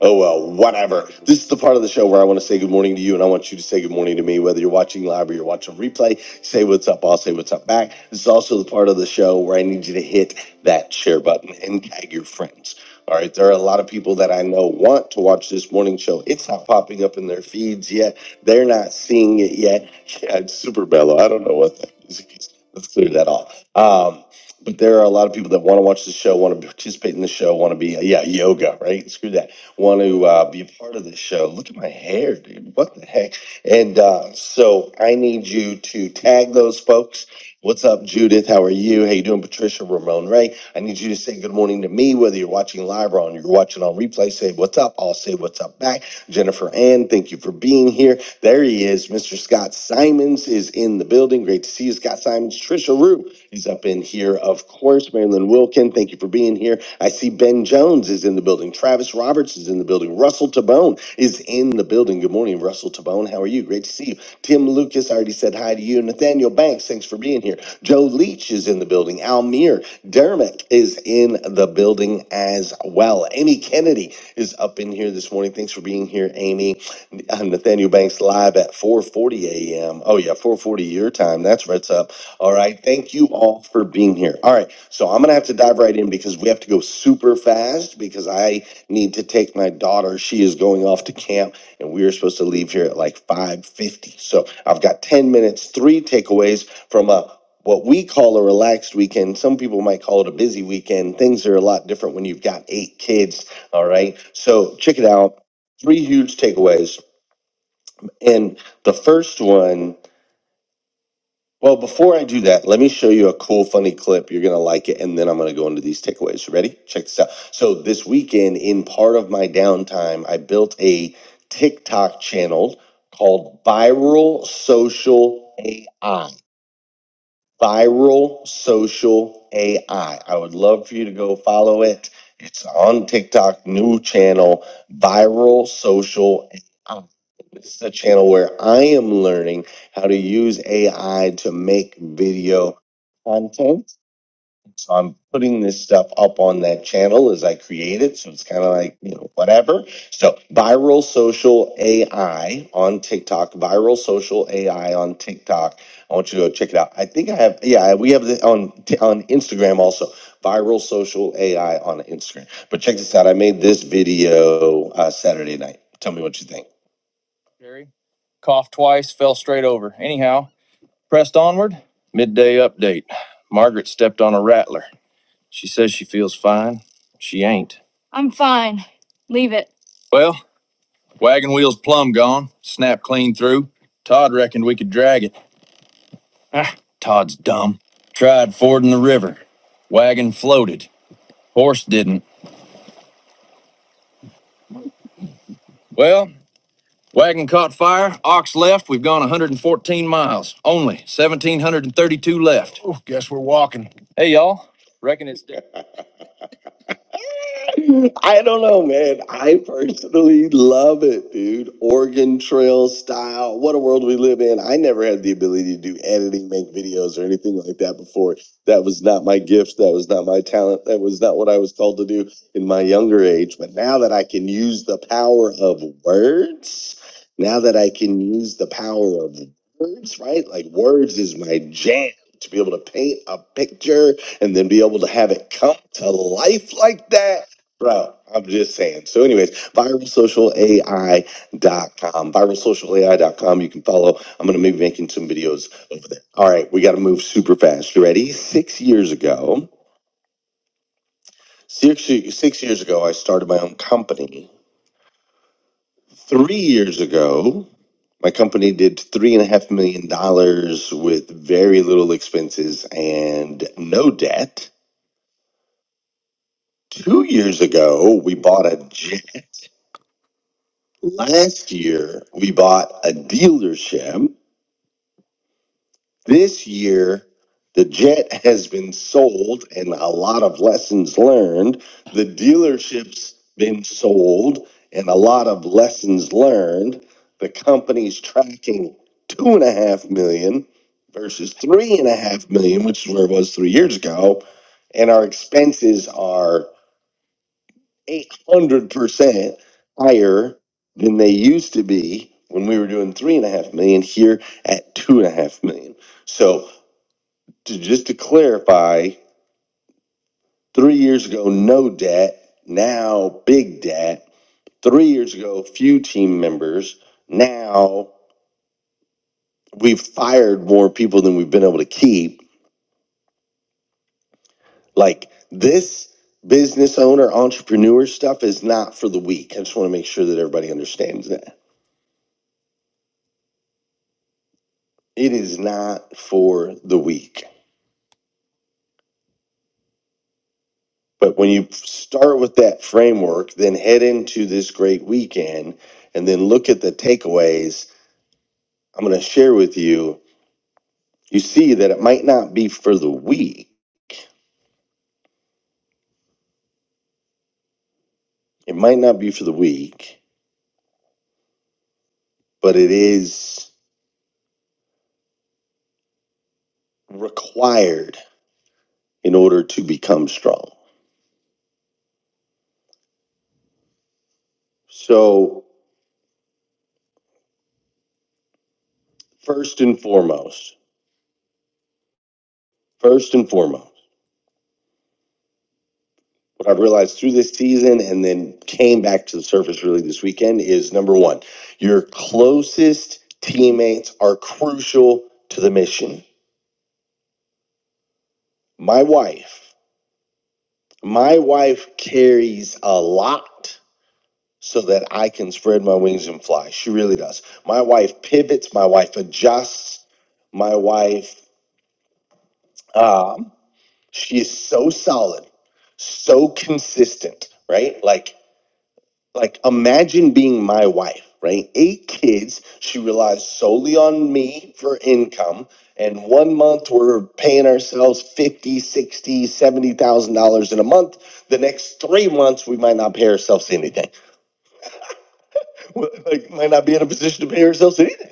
[SPEAKER 3] Oh well, whatever. This is the part of the show where I want to say good morning to you, and I want you to say good morning to me, whether you're watching live or you're watching replay. Say what's up, I'll say what's up back. This is also the part of the show where I need you to hit that share button and tag your friends. All right, there are a lot of people that I know want to watch this morning show. It's not popping up in their feeds yet. They're not seeing it yet. [LAUGHS] Yeah, it's super mellow. I don't know what that music is. Let's clear that off. Um, but there are a lot of people that want to watch the show, want to participate in the show, want to be, yeah, yoga, right? Screw that want to uh, be a part of this show, look at my hair, dude. What the heck? And uh, so I need you to tag those folks. What's up, Judith? How are you? How you doing, Patricia? Ramon Ray. I need you to say good morning to me, whether you're watching live or on you're watching on replay. Say what's up. I'll say what's up back. Jennifer Ann, thank you for being here. There he is. Mr. Scott Simons is in the building. Great to see you, Scott Simons. Trisha Rue. He's up in here, of course. Marilyn Wilkin, thank you for being here. I see Ben Jones is in the building. Travis Roberts is in the building. Russell Tabone is in the building. Good morning, Russell Tabone. How are you? Great to see you. Tim Lucas, I already said hi to you. Nathaniel Banks, thanks for being here. Joe Leach is in the building. Almir Dermot is in the building as well. Amy Kennedy is up in here this morning. Thanks for being here, Amy. Uh, Nathaniel Banks live at 4:40 a.m. Oh yeah, 4:40 your time. That's right. All right. Thank you all for being here. All right. So I'm going to have to dive right in because we have to go super fast because I need to take my daughter. She is going off to camp and we are supposed to leave here at like 5:50. So I've got 10 minutes, three takeaways from a what we call a relaxed weekend. Some people might call it a busy weekend. Things are a lot different when you've got eight kids. All right. So check it out. Three huge takeaways. And the first one well, before I do that, let me show you a cool, funny clip. You're going to like it. And then I'm going to go into these takeaways. Ready? Check this out. So, this weekend, in part of my downtime, I built a TikTok channel called Viral Social AI. Viral Social AI. I I would love for you to go follow it. It's on TikTok, new channel, Viral Social AI. This is a channel where I am learning how to use AI to make video content so I'm putting this stuff up on that channel as I create it. So it's kind of like, you know, whatever. So viral social AI on TikTok, viral social AI on TikTok. I want you to go check it out. I think I have, yeah, we have it on, on Instagram also, viral social AI on Instagram. But check this out. I made this video uh, Saturday night. Tell me what you think. Jerry coughed twice, fell straight over. Anyhow, pressed onward. Midday update. Margaret stepped on a rattler. She says she feels fine. She ain't. I'm fine. Leave it. Well, wagon wheel's plumb gone, snapped clean through. Todd reckoned we could drag it. Ah, Todd's dumb. Tried fording the river. Wagon floated. Horse didn't. Well, wagon caught fire. Ox left. We've gone 114 miles. Only 1,732 left. Oh, guess we're walking. Hey, y'all. Reckon it's. [LAUGHS] I don't know, man. I personally love it, dude. Oregon Trail style. What a world we live in. I never had the ability to do editing, make videos, or anything like that before. That was not my gift. That was not my talent. That was not what I was called to do in my younger age. But now that I can use the power of words, now that I can use the power of words, right? Like words is my jam. To be able to paint a picture and then be able to have it come to life like that. Bro, I'm just saying. So, anyways, viralsocialai.com. Viralsocialai.com. You can follow. I'm going to be making some videos over there. All right, we got to move super fast. You ready? Six years ago, six, six years ago, I started my own company. Three years ago, my company did three and a half million dollars with very little expenses and no debt. Two years ago, we bought a jet. Last year, we bought a dealership. This year, the jet has been sold and a lot of lessons learned. The dealership's been sold and a lot of lessons learned. The company's tracking two and a half million versus three and a half million, which is where it was three years ago. And our expenses are 800% higher than they used to be when we were doing three and a half million here at two and a half million. So to, just to clarify, three years ago, no debt, now big debt. Three years ago, few team members. Now we've fired more people than we've been able to keep. Like this business owner entrepreneur stuff is not for the weak. I just want to make sure that everybody understands that. It is not for the weak. But when you start with that framework, then head into this great weekend and then look at the takeaways I'm going to share with you, you see that it might not be for the weak. It might not be for the weak, but it is required in order to become strong. So, first and foremost, first and foremost, what I've realized through this season and then came back to the surface really this weekend is number one, your closest teammates are crucial to the mission. My wife, my wife carries a lot so that I can spread my wings and fly. She really does. My wife pivots, my wife adjusts, my wife, um, she is so solid, so consistent, right? Like like imagine being my wife right eight kids she relies solely on me for income and one month we're paying ourselves fifty, sixty, seventy thousand dollars in a month the next three months we might not pay ourselves anything [LAUGHS] like might not be in a position to pay ourselves anything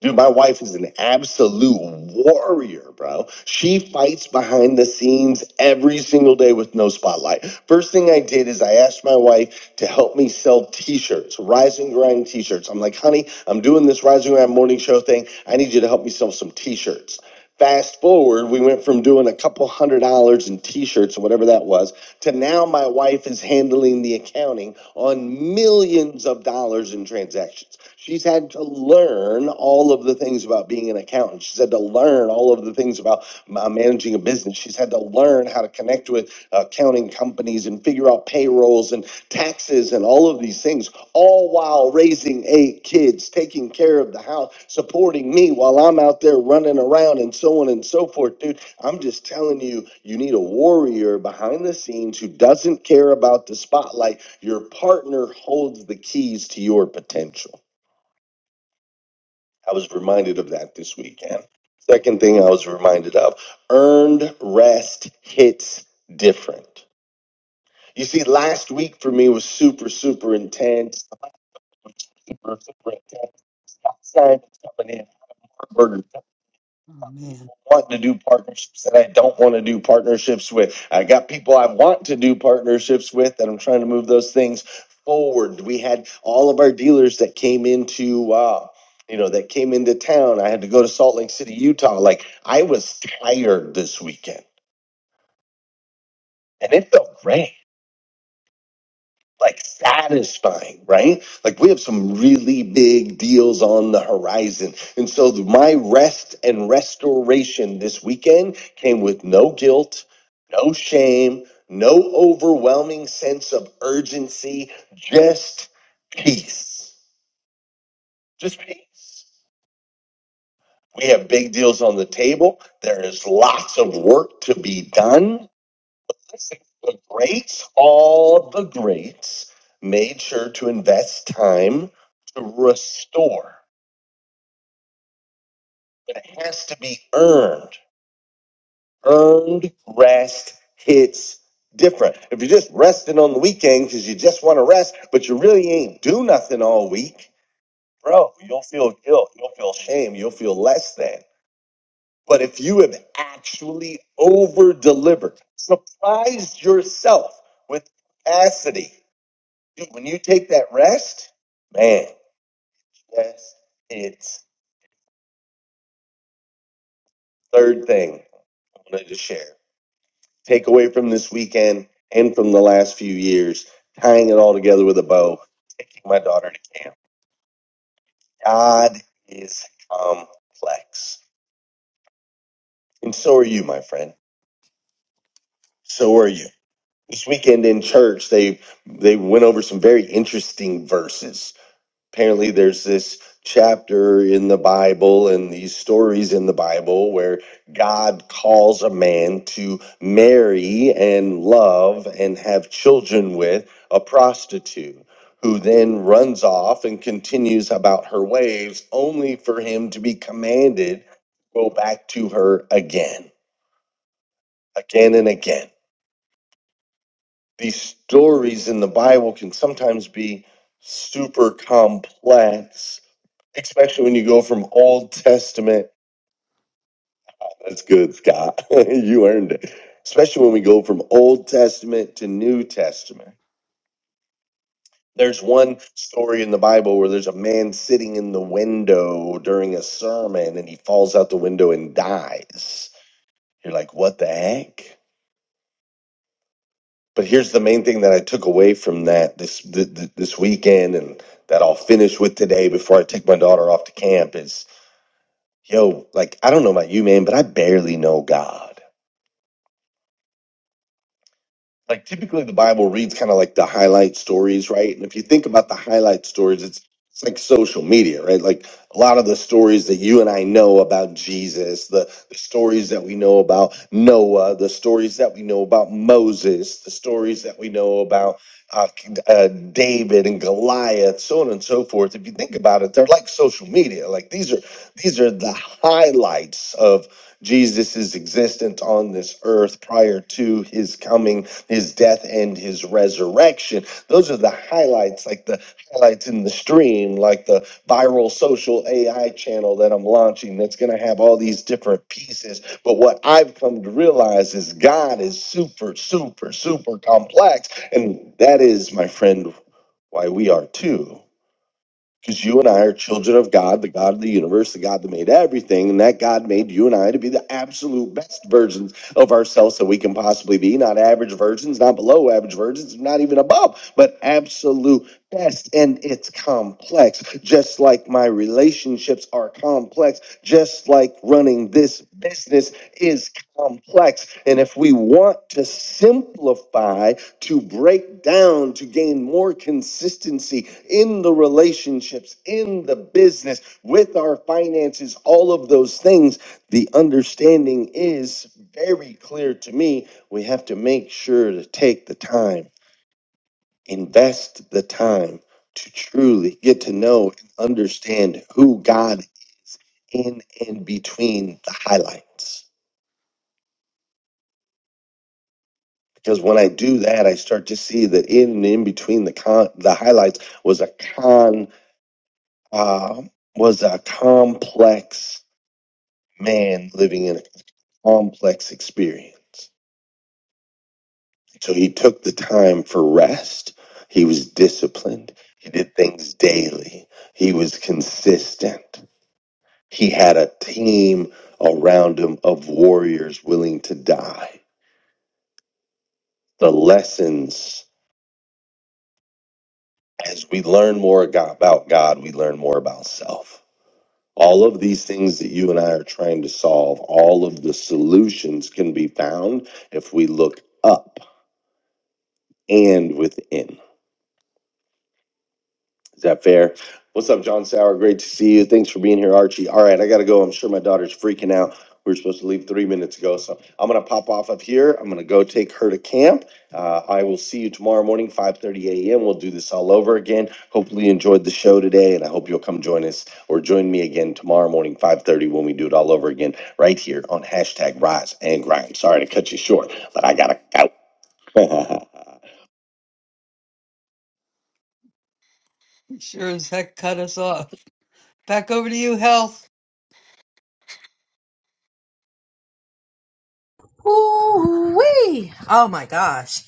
[SPEAKER 3] Dude, my wife is an absolute warrior, bro. She fights behind the scenes every single day with no spotlight. First thing I did is I asked my wife to help me sell t-shirts, rise and grind t-shirts. I'm like, honey, I'm doing this rise and grind morning show thing. I need you to help me sell some t-shirts. Fast forward, we went from doing a couple hundred dollars in t-shirts or whatever that was to now my wife is handling the accounting on millions of dollars in transactions. She's had to learn all of the things about being an accountant. She's had to learn all of the things about uh, managing a business. She's had to learn how to connect with accounting companies and figure out payrolls and taxes and all of these things, all while raising eight kids, taking care of the house, supporting me while I'm out there running around and so on and so forth, dude I'm just telling you, you need a warrior behind the scenes who doesn't care about the spotlight. Your partner holds the keys to your potential. I was reminded of that this weekend. Second thing I was reminded of earned rest hits different. You see, last week for me was super, super intense. Super, super intense. Stop sign coming in. Amen. want to do partnerships that I don't want to do partnerships with. I got people I want to do partnerships with and I'm trying to move those things forward. We had all of our dealers that came into uh you know that came into town. I had to go to Salt Lake City, Utah. Like I was tired this weekend and it felt great. like satisfying, right? Like we have some really big deals on the horizon. And so the- my rest and restoration this weekend came with no guilt, no shame, no overwhelming sense of urgency, just peace. Just peace. We have big deals on the table. There is lots of work to be done The greats, all the greats, made sure to invest time to restore. But it has to be earned. Earned rest hits different. If you're just resting on the weekend because you just want to rest, but you really ain't do nothing all week, bro, you'll feel guilt. You'll feel shame. You'll feel less than. But if you have actually over delivered, surprised yourself with capacity Dude, when you take that rest, man, yes, it's third thing I wanted to share. Take away from this weekend and from the last few years, tying it all together with a bow, taking my daughter to camp. God is complex. And so are you, my friend. So are you. This weekend in church, they they went over some very interesting verses apparently there's this chapter in the Bible and these stories in the Bible where God calls a man to marry and love and have children with a prostitute who then runs off and continues about her ways only for him to be commanded to go back to her again, again and again these stories in the Bible can sometimes be super complex, especially when you go from Old Testament. That's good, Scott. [LAUGHS] you earned it. Especially when we go from Old Testament to New Testament. There's one story in the Bible where there's a man sitting in the window during a sermon and he falls out the window and dies. You're like, what the heck? But here's the main thing that I took away from that this th- th- this weekend, and that I'll finish with today before I take my daughter off to camp is, yo, like I don't know about you, man, but I barely know God. like typically the Bible reads kind of like the highlight stories, right? And if you think about the highlight stories, it's it's like social media, right? Like a lot of the stories that you and I know about Jesus, the, the stories that we know about Noah, the stories that we know about Moses, the stories that we know about uh, uh, David and Goliath, so on and so forth. If you think about it, they're like social media. Like these are these are the highlights of Jesus's existence on this earth prior to his coming his death and his resurrection. Those are the highlights, like the highlights in the stream, like the viral social AI channel that I'm launching that's going to have all these different pieces. But what I've come to realize is God is super, super, super complex. And that is, my friend, why we are too. Because you and I are children of God, the God of the universe, the God that made everything, and that God made you and I to be the absolute best versions of ourselves that we can possibly be. Not average virgins, not below average virgins, not even above, but absolute best. And it's complex, just like my relationships are complex, just like running this business is complex. And if we want to simplify, to break down to gain more consistency in the relationships, in the business, with our finances, all of those things. The understanding is very clear to me. We have to make sure to take the time, invest the time to truly get to know and understand who God in and between the highlights. Because when I do that, I start to see that in and in between the con- the highlights was a con. uh, was a complex man living in a complex experience. So he took the time for rest. He was disciplined. He did things daily. He was consistent. He had a team around him of warriors willing to die. The lessons, as we learn more go- about God, we learn more about self All of these things that you and I are trying to solve, all of the solutions can be found if we look up and within. Is that fair? What's up, John Sauer? Great to see you. Thanks for being here, Archie. All right, I got to go. I'm sure my daughter's freaking out. We were supposed to leave three minutes ago, so I'm gonna pop off up here. I'm gonna go take her to camp. Uh, I will see you tomorrow morning, 5:30 a.m. We'll do this all over again. Hopefully, you enjoyed the show today, and I hope you'll come join us or join me again tomorrow morning, 5:30, when we do it all over again, right here on hashtag Rise and Grind. Sorry to cut you short, but I gotta go. [LAUGHS] Sure as heck cut us off. Back over to you, Health.
[SPEAKER 2] Ooh-wee. Oh my gosh.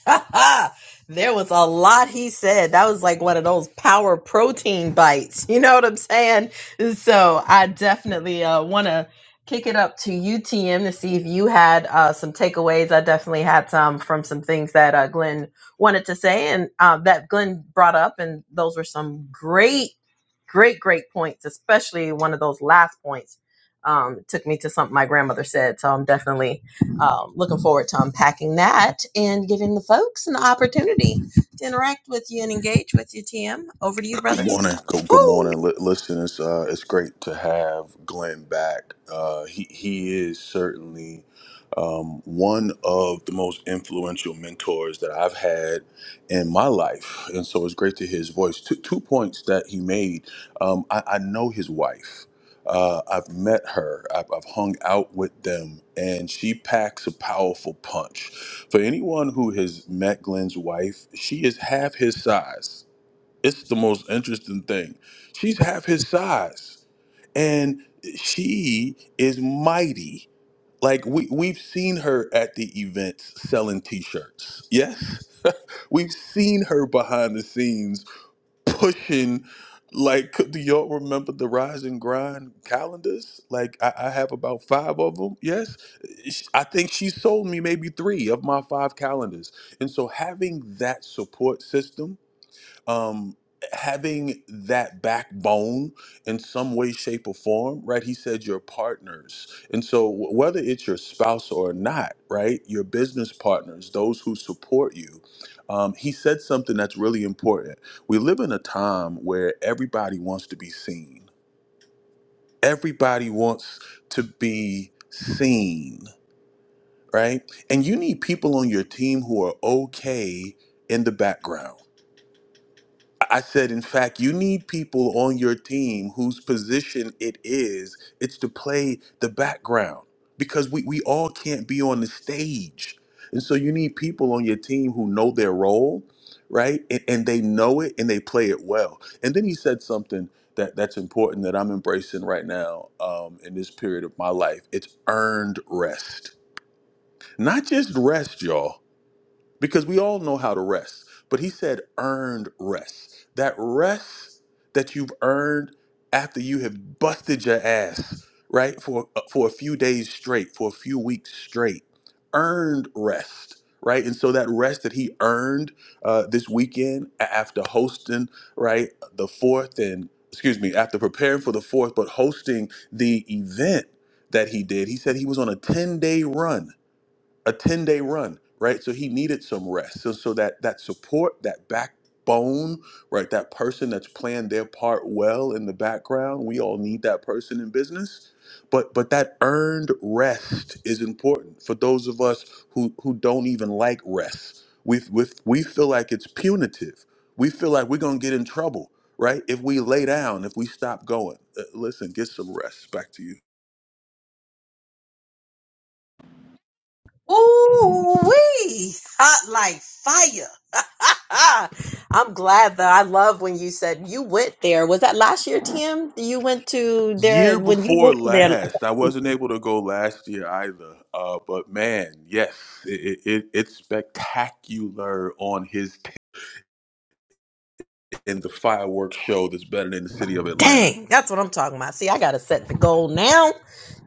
[SPEAKER 2] [LAUGHS] there was a lot he said. That was like one of those power protein bites. You know what I'm saying? So I definitely uh, want to kick it up to UTM to see if you had uh, some takeaways. I definitely had some from some things that uh, Glenn wanted to say and uh, that Glenn brought up. And those were some great, great, great points, especially one of those last points. Um, it took me to something my grandmother said. So I'm definitely um, looking forward to unpacking that and giving the folks an opportunity to interact with you and engage with you, TM. Over to you,
[SPEAKER 6] Good
[SPEAKER 2] brother.
[SPEAKER 6] morning. Good, good
[SPEAKER 2] Woo!
[SPEAKER 6] morning. Li- Listen, it's uh, it's great to have Glenn back. Uh, he he is certainly um, one of the most influential mentors that I've had in my life, and so it's great to hear his voice. Two, two points that he made. Um, I, I know his wife. Uh, I've met her. I've, I've hung out with them, and she packs a powerful punch. For anyone who has met Glenn's wife, she is half his size it's the most interesting thing. She's half his size and she is mighty. Like we we've seen her at the events selling t-shirts. Yes, we've seen her behind the scenes pushing. Like, do y'all remember the Rise and Grind calendars? Like, I, I have about five of them. Yes, Sh- I think she sold me maybe three of my five calendars. And so, having that support system um, having that backbone in some way, shape, or form, right? He said your partners. And so, wh- whether it's your spouse or not, right, your business partners, those who support you, um, he said something that's really important. We live in a time where everybody wants to be seen, everybody wants to be seen, right? And you need people on your team who are okay in the background I said, in fact, you need people on your team whose position it is, it's to play the background because we, we all can't be on the stage. And so you need people on your team who know their role, right? And, and they know it and they play it well. And then he said something that, that's important that I'm embracing right now um, in this period of my life. It's earned rest. Not just rest, y'all because we all know how to rest. But he said earned rest. That rest that you've earned after you have busted your ass, right? For uh, for a few days straight, for a few weeks straight. Earned rest, right? And so that rest that he earned uh, this weekend a- after hosting, right, the fourth and excuse me, after preparing for the fourth, but hosting the event that he did, he said he was on a 10 day run a 10 day run, right? So he needed some rest. So, so that, that support, that backbone, right? That person that's playing their part well in the background, we all need that person in business. But, but that earned rest is important for those of us who, who don't even like rest. We, we, we feel like it's punitive. We feel like we're going to get in trouble, right? If we lay down, if we stop going. Uh, listen, get some rest. Back to you.
[SPEAKER 2] Ooh, wee! Hot like fire. [LAUGHS] I'm glad that I love when you said you went there. Was that last year, Tim? You went to their
[SPEAKER 6] Year
[SPEAKER 2] when you
[SPEAKER 6] before
[SPEAKER 2] went to their.
[SPEAKER 6] last, I wasn't able to go last year either. Uh, but man, yes, it, it, it- it's spectacular on his t- in the fireworks show that's better than the city of Atlanta.
[SPEAKER 2] Dang, that's what I'm talking about. See, I gotta set the goal now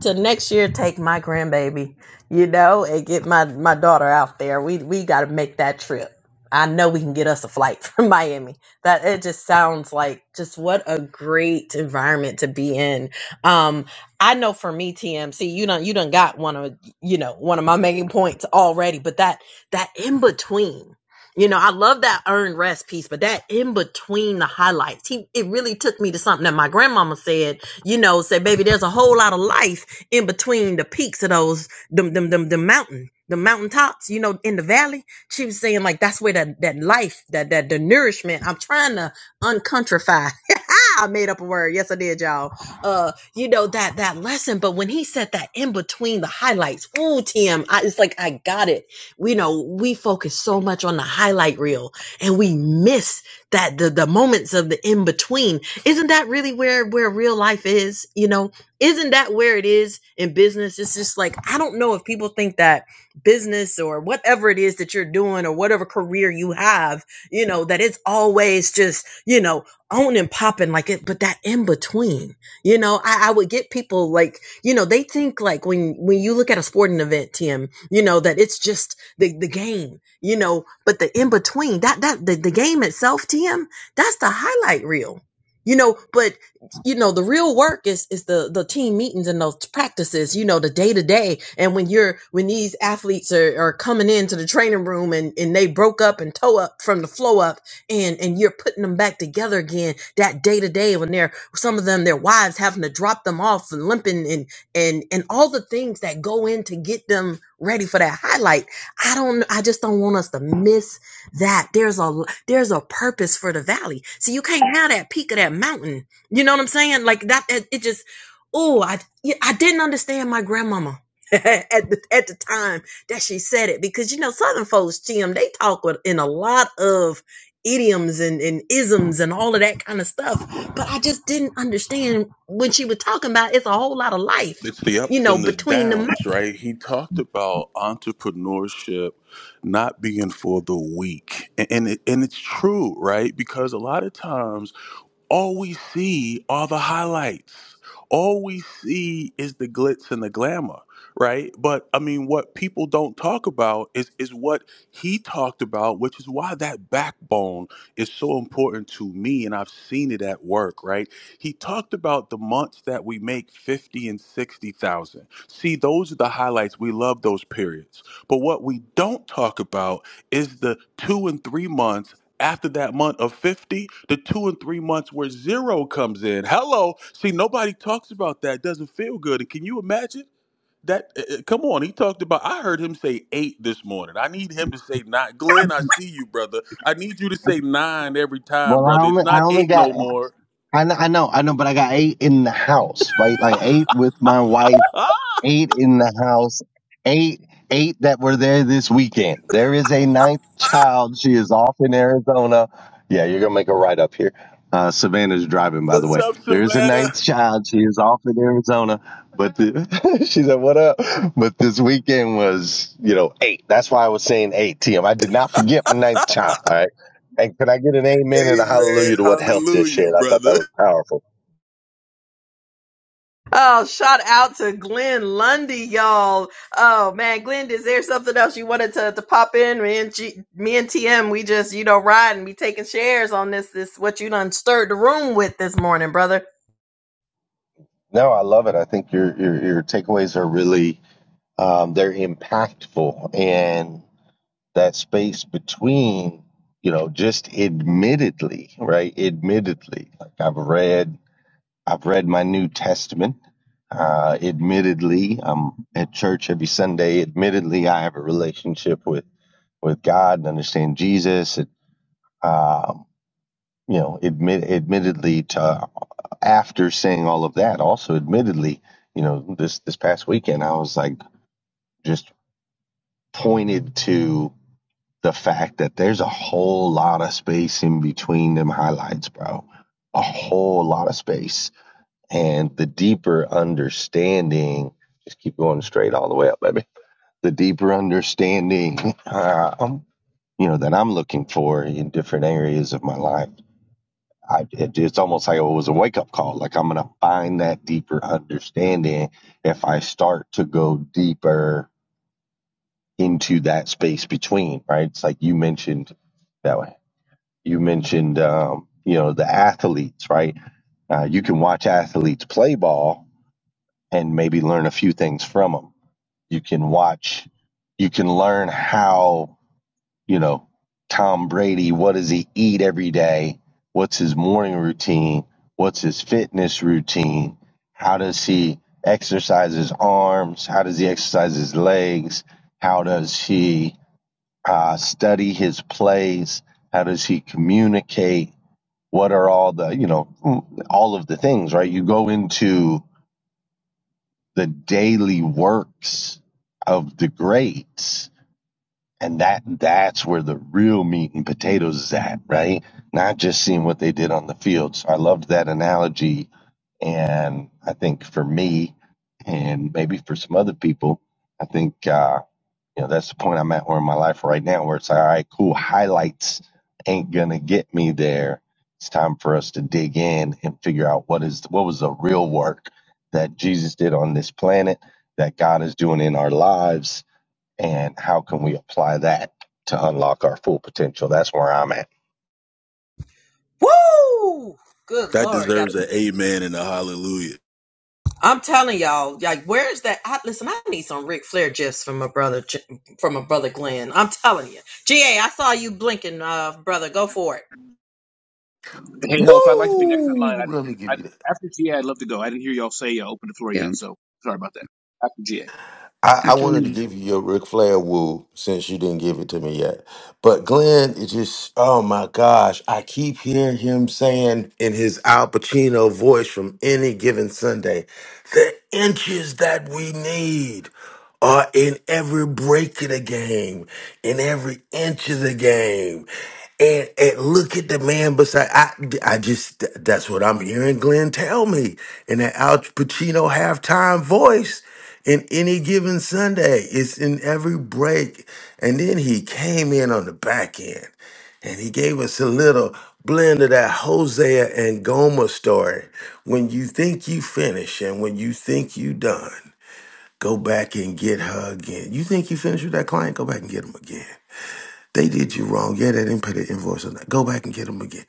[SPEAKER 2] to next year take my grandbaby, you know, and get my my daughter out there. We we gotta make that trip. I know we can get us a flight [LAUGHS] from Miami. That it just sounds like just what a great environment to be in. Um, I know for me, TMC, you don't you done got one of you know one of my main points already, but that that in between. You know, I love that earned rest piece, but that in between the highlights, he it really took me to something that my grandmama said. You know, said, "Baby, there's a whole lot of life in between the peaks of those them them them the mountain, the mountaintops. You know, in the valley." She was saying like that's where that that life, that that the nourishment. I'm trying to uncountrify. [LAUGHS] I made up a word. Yes, I did, y'all. Uh, you know that that lesson, but when he said that in between the highlights, ooh, Tim, I, it's like I got it we know we focus so much on the highlight reel and we miss that the, the moments of the in between isn't that really where where real life is you know isn't that where it is in business it's just like i don't know if people think that business or whatever it is that you're doing or whatever career you have you know that it's always just you know on and popping like it but that in between you know I, I would get people like you know they think like when when you look at a sporting event tim you know that it's just the, the game, you know, but the in between that, that the, the game itself, TM, that's the highlight reel, you know, but you know, the real work is, is the, the team meetings and those practices, you know, the day to day. And when you're, when these athletes are, are coming into the training room and, and they broke up and toe up from the flow up and, and you're putting them back together again that day to day when they're, some of them, their wives having to drop them off and limping and, and, and all the things that go in to get them ready for that highlight I don't I just don't want us to miss that. There's a there's a purpose for the valley. So you can't have that peak of that mountain. You know what I'm saying? Like that it, it just oh, I yeah, I didn't understand my grandmama. [LAUGHS] at the at the time that she said it because you know southern folks Jim they talk with, in a lot of idioms and, and isms and all of that kind of stuff but I just didn't understand when she was talking about it's a whole lot of life
[SPEAKER 6] it's the
[SPEAKER 2] you
[SPEAKER 6] ups
[SPEAKER 2] know
[SPEAKER 6] and the
[SPEAKER 2] between the
[SPEAKER 6] downs, right? He talked about entrepreneurship not being for the weak, and and, it, and it's true, right? Because a lot of times, all we see are the highlights. All we see is the glitz and the glamour, right? But I mean, what people don't talk about is is what he talked about, which is why that backbone is so important to me, and I've seen it at work, right? He talked about the months that we make 50 and 60,000. See, those are the highlights. We love those periods. But what we don't talk about is the 2 and 3 months after that month of 50, the 2 and 3 months where zero comes in. Hello. See, nobody talks about that. It doesn't feel good. And can you imagine? That uh, uh, come on, he talked about. I heard him say eight this morning. I need him to say nine. Glenn, I see you, brother. I need you to say nine every time,
[SPEAKER 8] Well, I
[SPEAKER 6] brother. It's
[SPEAKER 8] only I
[SPEAKER 6] not
[SPEAKER 8] only
[SPEAKER 6] eight
[SPEAKER 8] got
[SPEAKER 6] no more.
[SPEAKER 8] I, kn- I know I know, but I got eight in the house, right? Like eight with my wife
[SPEAKER 6] [LAUGHS]
[SPEAKER 8] eight in the house, eight, eight that were there this weekend. There is a ninth child. She is off in Arizona. Yeah, you're gonna make a right up here. Uh, Savannah's driving, by the
[SPEAKER 6] What's
[SPEAKER 8] way.
[SPEAKER 6] up,
[SPEAKER 8] There is a
[SPEAKER 6] Savannah?
[SPEAKER 8] ninth child. She is off in Arizona, but the, [LAUGHS] she said, "What up?" But this weekend was, you know, eight. That's why I was saying eight, Tim. I did not forget my ninth child. All right. And can I get an amen and a hallelujah
[SPEAKER 6] Amen.
[SPEAKER 8] to what health just
[SPEAKER 6] Hallelujah,
[SPEAKER 8] shared? I thought that
[SPEAKER 6] brother.
[SPEAKER 8] was powerful.
[SPEAKER 2] Oh, shout out to Glenn Lundy, y'all. Oh man, Glenn, is there something else you wanted to, to pop in? Me and, G, me and TM, we just, you know, riding, we taking shares on this, this, what you done stirred the room with this morning, brother.
[SPEAKER 8] No, I love it. I think your your, your takeaways are really um, they're impactful and that space between you know just admittedly right admittedly like i've read i've read my new testament uh, admittedly i'm at church every sunday admittedly i have a relationship with with god and understand jesus and um, you know admit admittedly to after saying all of that also admittedly you know this this past weekend i was like just pointed to the fact that there's a whole lot of space in between them highlights, bro. A whole lot of space. And the deeper understanding, just keep going straight all the way up, baby. The deeper understanding, [LAUGHS] uh, um, you know, that I'm looking for in different areas of my life. I, it, it's almost like it was a wake up call. Like I'm going to find that deeper understanding if I start to go deeper into that space between, right? It's like you mentioned that you mentioned, um, you know, the athletes, right? Uh, you can watch athletes play ball and maybe learn a few things from them. You can watch, you can learn how, you know, Tom Brady, what does he eat every day? What's his morning routine? What's his fitness routine? How does he exercise his arms? How does he exercise his legs? How does he uh, study his plays? How does he communicate? what are all the you know all of the things right you go into the daily works of the greats and that that's where the real meat and potatoes is at right not just seeing what they did on the field so i loved that analogy and i think for me and maybe for some other people i think uh you know, that's the point I'm at where in my life right now where it's like, all right, cool, highlights ain't gonna get me there. It's time for us to dig in and figure out what is what was the real work that Jesus did on this planet, that God is doing in our lives, and how can we apply that to unlock our full potential. That's where I'm at.
[SPEAKER 2] Woo! Good
[SPEAKER 6] That
[SPEAKER 2] Lord. God.
[SPEAKER 6] deserves an amen and a hallelujah.
[SPEAKER 2] I'm telling y'all, like, where's that? I, listen, I need some Ric Flair gifs from my brother, J- from my brother Glenn. I'm telling you. GA, I saw you blinking, uh, brother. Go for it.
[SPEAKER 9] Hey, health. I'd like to be next in line.
[SPEAKER 10] Woo!
[SPEAKER 9] I, didn't-
[SPEAKER 10] Let me
[SPEAKER 9] hear- I,
[SPEAKER 10] give you
[SPEAKER 9] didn't-
[SPEAKER 10] that.
[SPEAKER 9] after GA, I'd love to go. I didn't hear y'all say uh, open the floor
[SPEAKER 7] yeah
[SPEAKER 9] yet, so sorry about that. After GA.
[SPEAKER 10] I, I
[SPEAKER 7] after
[SPEAKER 10] wanted to
[SPEAKER 7] the-
[SPEAKER 10] give you your Ric Flair woo since you didn't give it to me yet. But Glenn, it just, oh my gosh, I keep hearing him saying in his Al Pacino voice from any given Sunday, the inches that we need are in every break of the game, in every inch of the game. And, and look at the man beside. I, I just, that's what I'm hearing Glenn tell me in that Al Pacino halftime voice in any given Sunday. It's in every break. And then he came in on the back end and he gave us a little blend of that Hosea and Gomer story. When you think you finish and when you think you done, go back and get her again. You think you finished with that client? Go back and get him again. They did you wrong. Yeah, they didn't pay the invoice on that. Go back and get them again.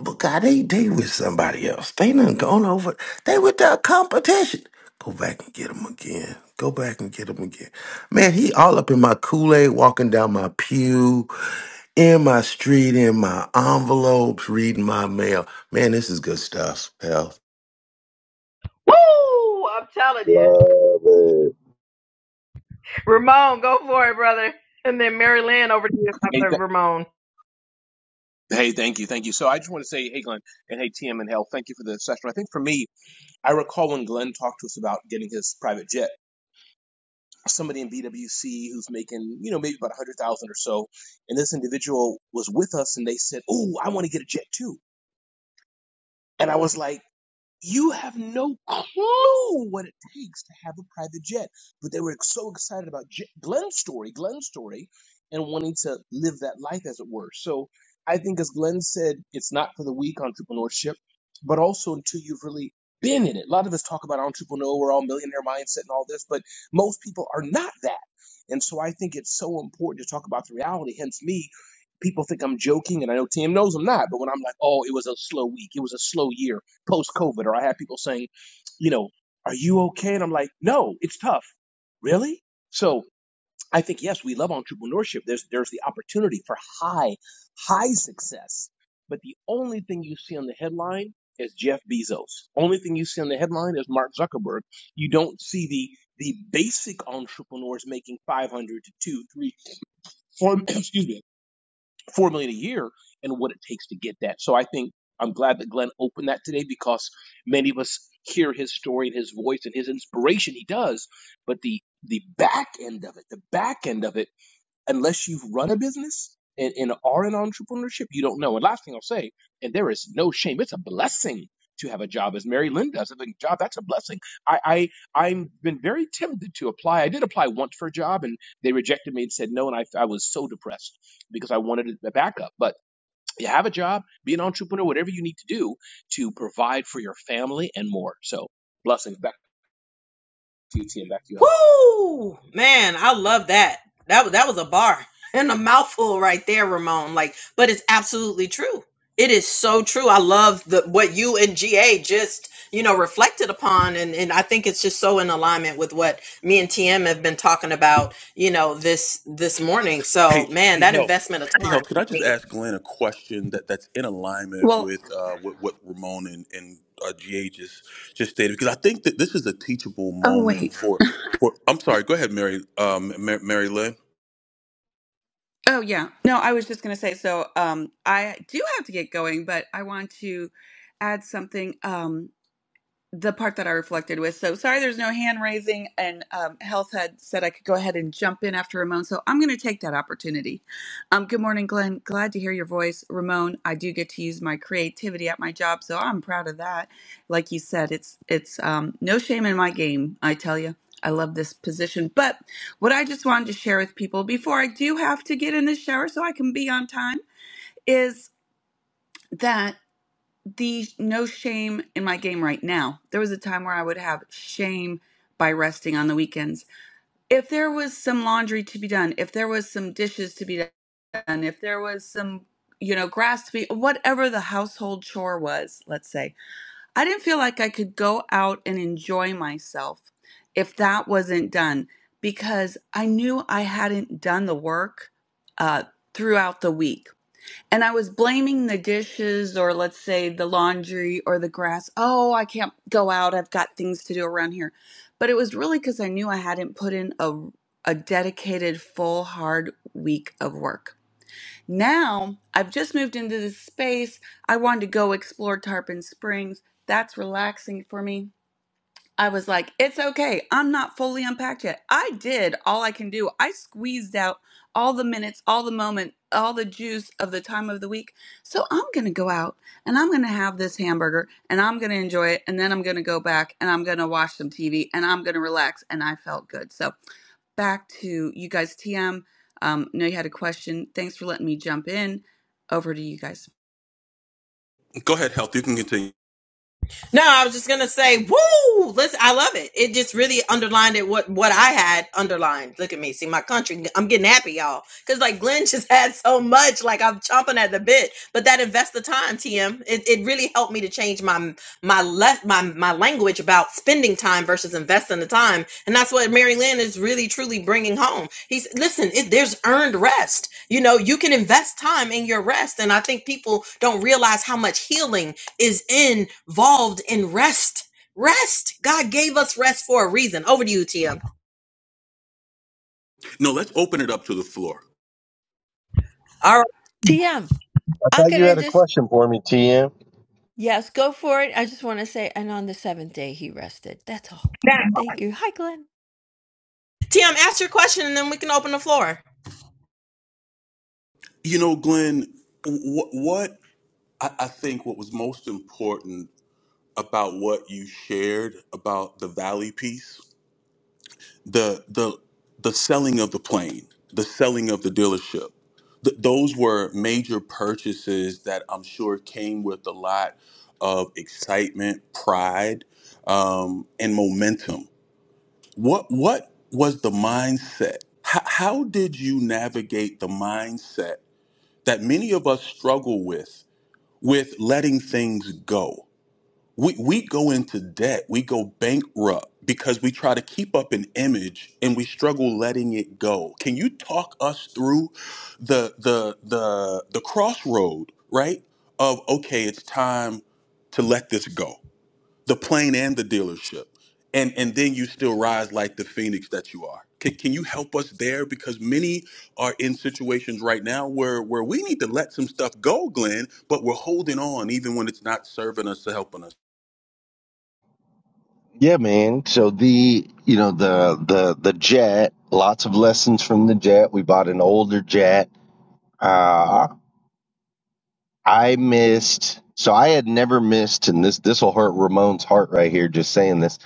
[SPEAKER 10] But God, they they with somebody else. They done gone over. They with their competition. Go back and get them again. Go back and get them again. Man, he all up in my Kool Aid, walking down my pew, in my street, in my envelopes, reading my mail. Man, this is good stuff. Hell,
[SPEAKER 8] Love it.
[SPEAKER 2] Ramon, go for it, brother. And then Mary Lynn over to you
[SPEAKER 9] Hey,
[SPEAKER 2] after
[SPEAKER 9] th-
[SPEAKER 2] Ramon.
[SPEAKER 9] hey, thank you, thank you. So I just want to say, hey, Glenn, and hey, TM and health. Thank you for the session. I think for me, I recall when Glenn talked to us about getting his private jet. Somebody in BWC who's making, you know, maybe about a hundred thousand or so, and this individual was with us, and they said, "Oh, I want to get a jet too." And I was like. You have no clue what it takes to have a private jet. But they were so excited about J- Glenn's story, Glenn's story, and wanting to live that life, as it were. So I think, as Glenn said, it's not for the weak entrepreneurship, but also until you've really been in it. A lot of us talk about entrepreneur, we're all millionaire mindset and all this, but most people are not that. And so I think it's so important to talk about the reality. Hence, me people think I'm joking, and I know Tim knows I'm not. But when I'm like, oh, it was a slow week, it was a slow year post COVID, or I had people saying, you know, are you okay? And I'm like, no, it's tough. Really? So I think yes, we love entrepreneurship. There's there's the opportunity for high, high success. But the only thing you see on the headline is Jeff Bezos. Only thing you see on the headline is Mark Zuckerberg. You don't see the the basic entrepreneurs making 500 to 2, 3, four, [CLEARS THROAT] excuse me, four million a year and what it takes to get that. So I think I'm glad that Glenn opened that today because many of us hear his story and his voice and his inspiration. He does, but the the back end of it, the back end of it unless you've run a business and, and are in entrepreneurship, you don't know. And last thing I'll say, and there is no shame, it's a blessing to have a job as Mary Lynn does. I think job, that's a blessing. I, I I've been very tempted to apply. I did apply once for a job and they rejected me and said no, and I I was so depressed because I wanted a backup. But you have a job, be an entrepreneur, whatever you need to do to provide for your family and more. So blessings. Back to you, TM. Back to you, Health.
[SPEAKER 2] Woo! Man, I love that. That was that was a bar [LAUGHS] and a mouthful right there, Ramon. Like, but it's absolutely true. It is so true. I love the what you and GA just, you know, reflected upon and and I think it's just so in alignment with what me and TM have been talking about, you know, this this morning. So,
[SPEAKER 6] Hey,
[SPEAKER 2] man,
[SPEAKER 6] hey,
[SPEAKER 2] that
[SPEAKER 6] help.
[SPEAKER 2] investment of
[SPEAKER 6] Hey, help. Could I
[SPEAKER 2] time.
[SPEAKER 6] just ask Glenn a question that, that's in alignment
[SPEAKER 7] well
[SPEAKER 6] with uh, what, what Ramon and, and uh, GA just, just stated? Because I think that this is a teachable
[SPEAKER 7] oh
[SPEAKER 6] moment
[SPEAKER 7] wait
[SPEAKER 6] for. for I'm sorry. Go ahead, Mary, um, Mary, Mary Lynn.
[SPEAKER 7] oh yeah no i was just going to say so um i do have to get going but i want to add something Um. the part that I reflected with. So sorry, there's no hand raising, and um, Health had said I could go ahead and jump in after Ramon. So I'm going to take that opportunity. Um, good morning, Glenn. Glad to hear your voice, Ramon. I do get to use my creativity at my job, so I'm proud of that. Like you said, it's it's um, no shame in my game. I tell you. I love this position. But what I just wanted to share with people before I do have to get in the shower so I can be on time is that the no shame in my game right now. There was a time where I would have shame by resting on the weekends. If there was some laundry to be done, if there was some dishes to be done, if there was some, you know, grass to be, whatever the household chore was, let's say, I didn't feel like I could go out and enjoy myself if that wasn't done because I knew I hadn't done the work uh, throughout the week and I was blaming the dishes or let's say the laundry or the grass. Oh, I can't go out. I've got things to do around here. But it was really cuz I knew I hadn't put in a a dedicated full hard week of work. Now, I've just moved into this space. I wanted to go explore Tarpon Springs. That's relaxing for me I was like, it's okay. I'm not fully unpacked yet. I did all I can do. I squeezed out all the minutes, all the moment, all the juice of the time of the week. So I'm going to go out and I'm going to have this hamburger and I'm going to enjoy it. And then I'm going to go back and I'm going to watch some TV and I'm going to relax. And I felt good. So back to you guys, TM. Um, know you had a question. Thanks for letting me jump in. Over to you guys.
[SPEAKER 6] Go ahead, help. You can continue.
[SPEAKER 2] No, I was just gonna say, woo! Listen, I love it. It just really underlined it what what I had underlined. Look at me, see my country. I'm getting happy, y'all, because like Glenn [LAUGHS] just had so much. Like I'm chomping at the bit. But that invest the time, TM. It, it really helped me to change my my left my my language about spending time versus investing the time, and that's what Mary Lynn is really truly bringing home. He's listen. It, there's earned rest. You know, you can invest time in your rest, and I think people don't realize how much healing is involved in rest. Rest. God gave us rest for a reason. Over to you, TM.
[SPEAKER 6] No, let's open it up to the floor.
[SPEAKER 2] All right.
[SPEAKER 11] TM,
[SPEAKER 8] I
[SPEAKER 11] how
[SPEAKER 8] thought
[SPEAKER 11] can
[SPEAKER 8] you
[SPEAKER 11] I
[SPEAKER 8] had a
[SPEAKER 11] just,
[SPEAKER 8] question for me, TM.
[SPEAKER 11] yes, go for it. I just want to say, and on the seventh day he rested. That's all. Thank you. Hi, Glenn.
[SPEAKER 2] TM, ask your question and then we can open the floor.
[SPEAKER 6] You know, Glenn, what, what I, I think what was most important about what you shared about the valley piece the the the selling of the plane the selling of the dealership Th- those were major purchases that i'm sure came with a lot of excitement pride um, and momentum what what was the mindset how, how did you navigate the mindset that many of us struggle with with letting things go we we go into debt we go bankrupt because we try to keep up an image and we struggle letting it go can you talk us through the the the the crossroad right of okay it's time to let this go the plane and the dealership and and then you still rise like the phoenix that you are can, can you help us there because many are in situations right now where where we need to let some stuff go glenn but we're holding on even when it's not serving us or helping us
[SPEAKER 8] Yeah, man. So the you know the the the jet, lots of lessons from the jet. We bought an older jet. Uh, I missed. So I had never missed, and this this will hurt Ramon's heart right here just saying this,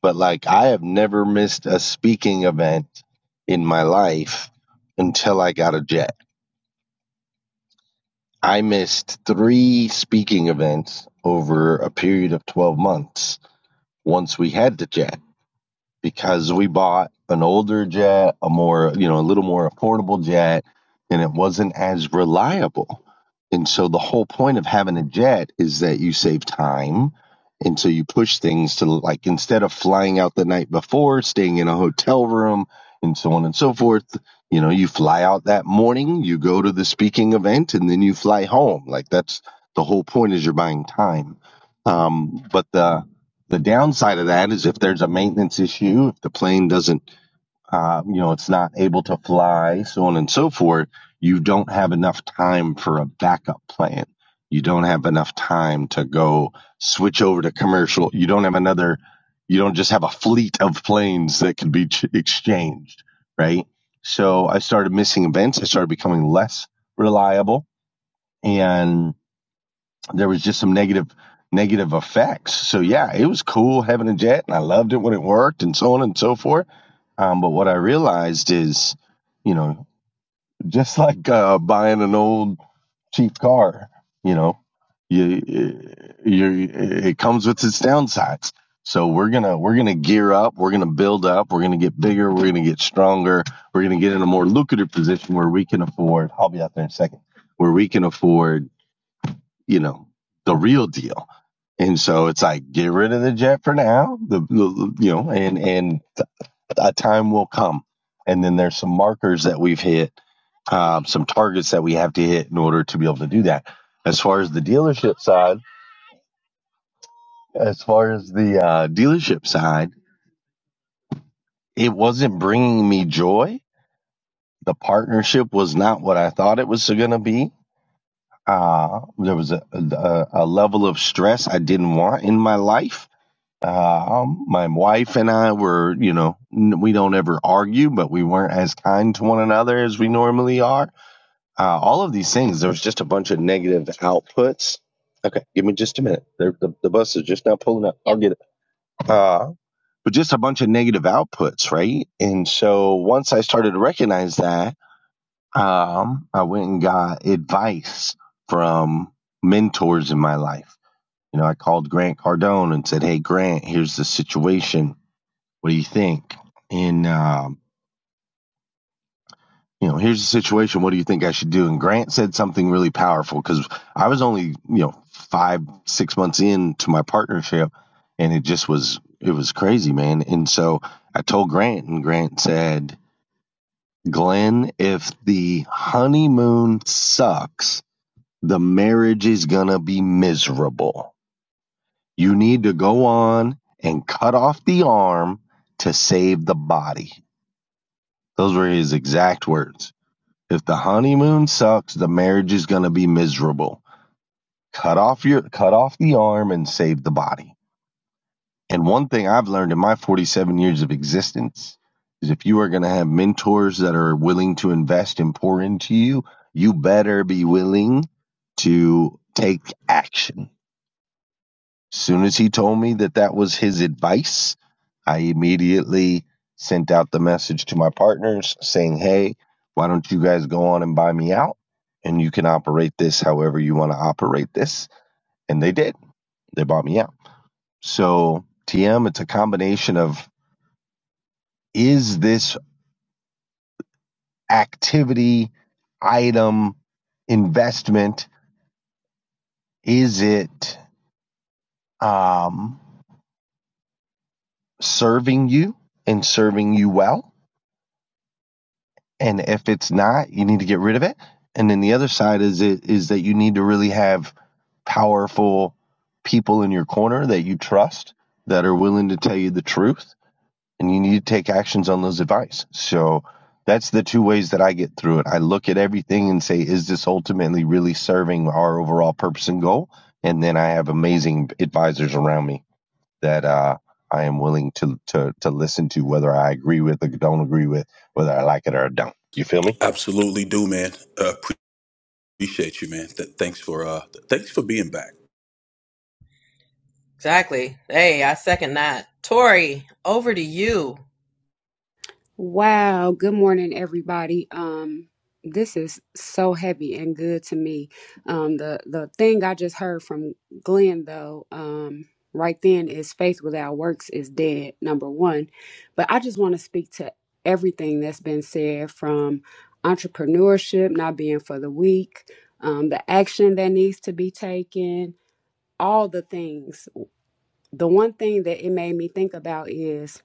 [SPEAKER 8] but like I have never missed a speaking event in my life until I got a jet. I missed three speaking events over a period of twelve months once we had the jet. because we bought an older jet, a more, you know, a little more affordable jet, and it wasn't as reliable. And so the whole point of having a jet is that you save time. And so you push things to like instead of flying out the night before, staying in a hotel room, and so on and so forth, you know, you fly out that morning, you go to the speaking event, and then you fly home. Like that's the whole point is you're buying time. Um, but the the downside of that is if there's a maintenance issue, if the plane doesn't, uh, you know, it's not able to fly, so on and so forth, you don't have enough time for a backup plan. You don't have enough time to go switch over to commercial. You don't have another, you don't just have a fleet of planes that can be ch- exchanged, right? So I started missing events. I started becoming less reliable and there was just some negative negative effects. So yeah, it was cool having a jet, and I loved it when it worked, and so on and so forth. Um, but what I realized is, you know, just [LAUGHS] like uh, buying an old cheap car, you know, you, you it comes with its downsides. So we're gonna we're gonna gear up, we're gonna build up, we're gonna get bigger, we're gonna get stronger, we're gonna get in a more lucrative position where we can afford. I'll be out there in a second. Where we can afford, you know, the real deal and so it's like, get rid of the jet for now, the, the you know, and and a time will come. And then there's some markers that we've hit, um, some targets that we have to hit in order to be able to do that. As far as the dealership side, as far as the uh, dealership side, it wasn't bringing me joy. The partnership was not what I thought it was going to be. Uh, there was a, a, a level of stress I didn't want in my life Uh, um, my wife and I were, you know, n- we don't ever argue, but we weren't as kind to one another as we normally are. Uh, all of these things, there was just a bunch of negative outputs. Okay, give me just a minute. The, the, the bus is just now pulling up. I'll get it. Uh, but just a bunch of negative outputs, right? And so once I started to recognize that, um, I went and got advice from mentors in my life. You know, I called Grant Cardone and said, Hey, Grant, here's the situation what do you think? And um, you know, here's the situation. What do you think I should do? And Grant said something really powerful because I was only you know five six months into my partnership, and it just was it was crazy, man. And so I told Grant, and Grant said, "Glenn, if the honeymoon sucks, the marriage is gonna be miserable. You need to go on and cut off the arm to save the body." Those were his exact words. If the honeymoon sucks, the marriage is going to be miserable. Cut off your cut off the arm and save the body. And one thing I've learned in my 47 years of existence is if you are going to have mentors that are willing to invest and pour into you, you better be willing to take action. Soon as he told me that that was his advice, I immediately sent out the message to my partners saying, hey, why don't you guys go on and buy me out? And you can operate this however you want to operate this. And they did. They bought me out. So, TM, it's a combination of is this activity, item, investment, is it um, serving you and serving you well? and if it's not you need to get rid of it and then the other side is it is that you need to really have powerful people in your corner that you trust that are willing to tell you the truth and you need to take actions on those advice so that's the two ways that i get through it i look at everything and say is this ultimately really serving our overall purpose and goal and then i have amazing advisors around me that uh, i am willing to, to to listen to whether i agree with or don't agree with whether i like it or i don't you feel me
[SPEAKER 6] Absolutely do, man. Uh, appreciate you, man. Th- thanks for uh, th- thanks for being back.
[SPEAKER 2] Exactly. Hey, I second that. Tori, over to you.
[SPEAKER 12] Wow, good morning everybody. Um this is so heavy and good to me. Um the the thing I just heard from Glenn though, um right then is faith without works is dead, number 1. But I just want to speak to everything that's been said from entrepreneurship not being for the weak, um the action that needs to be taken, all the things. The one thing that it made me think about is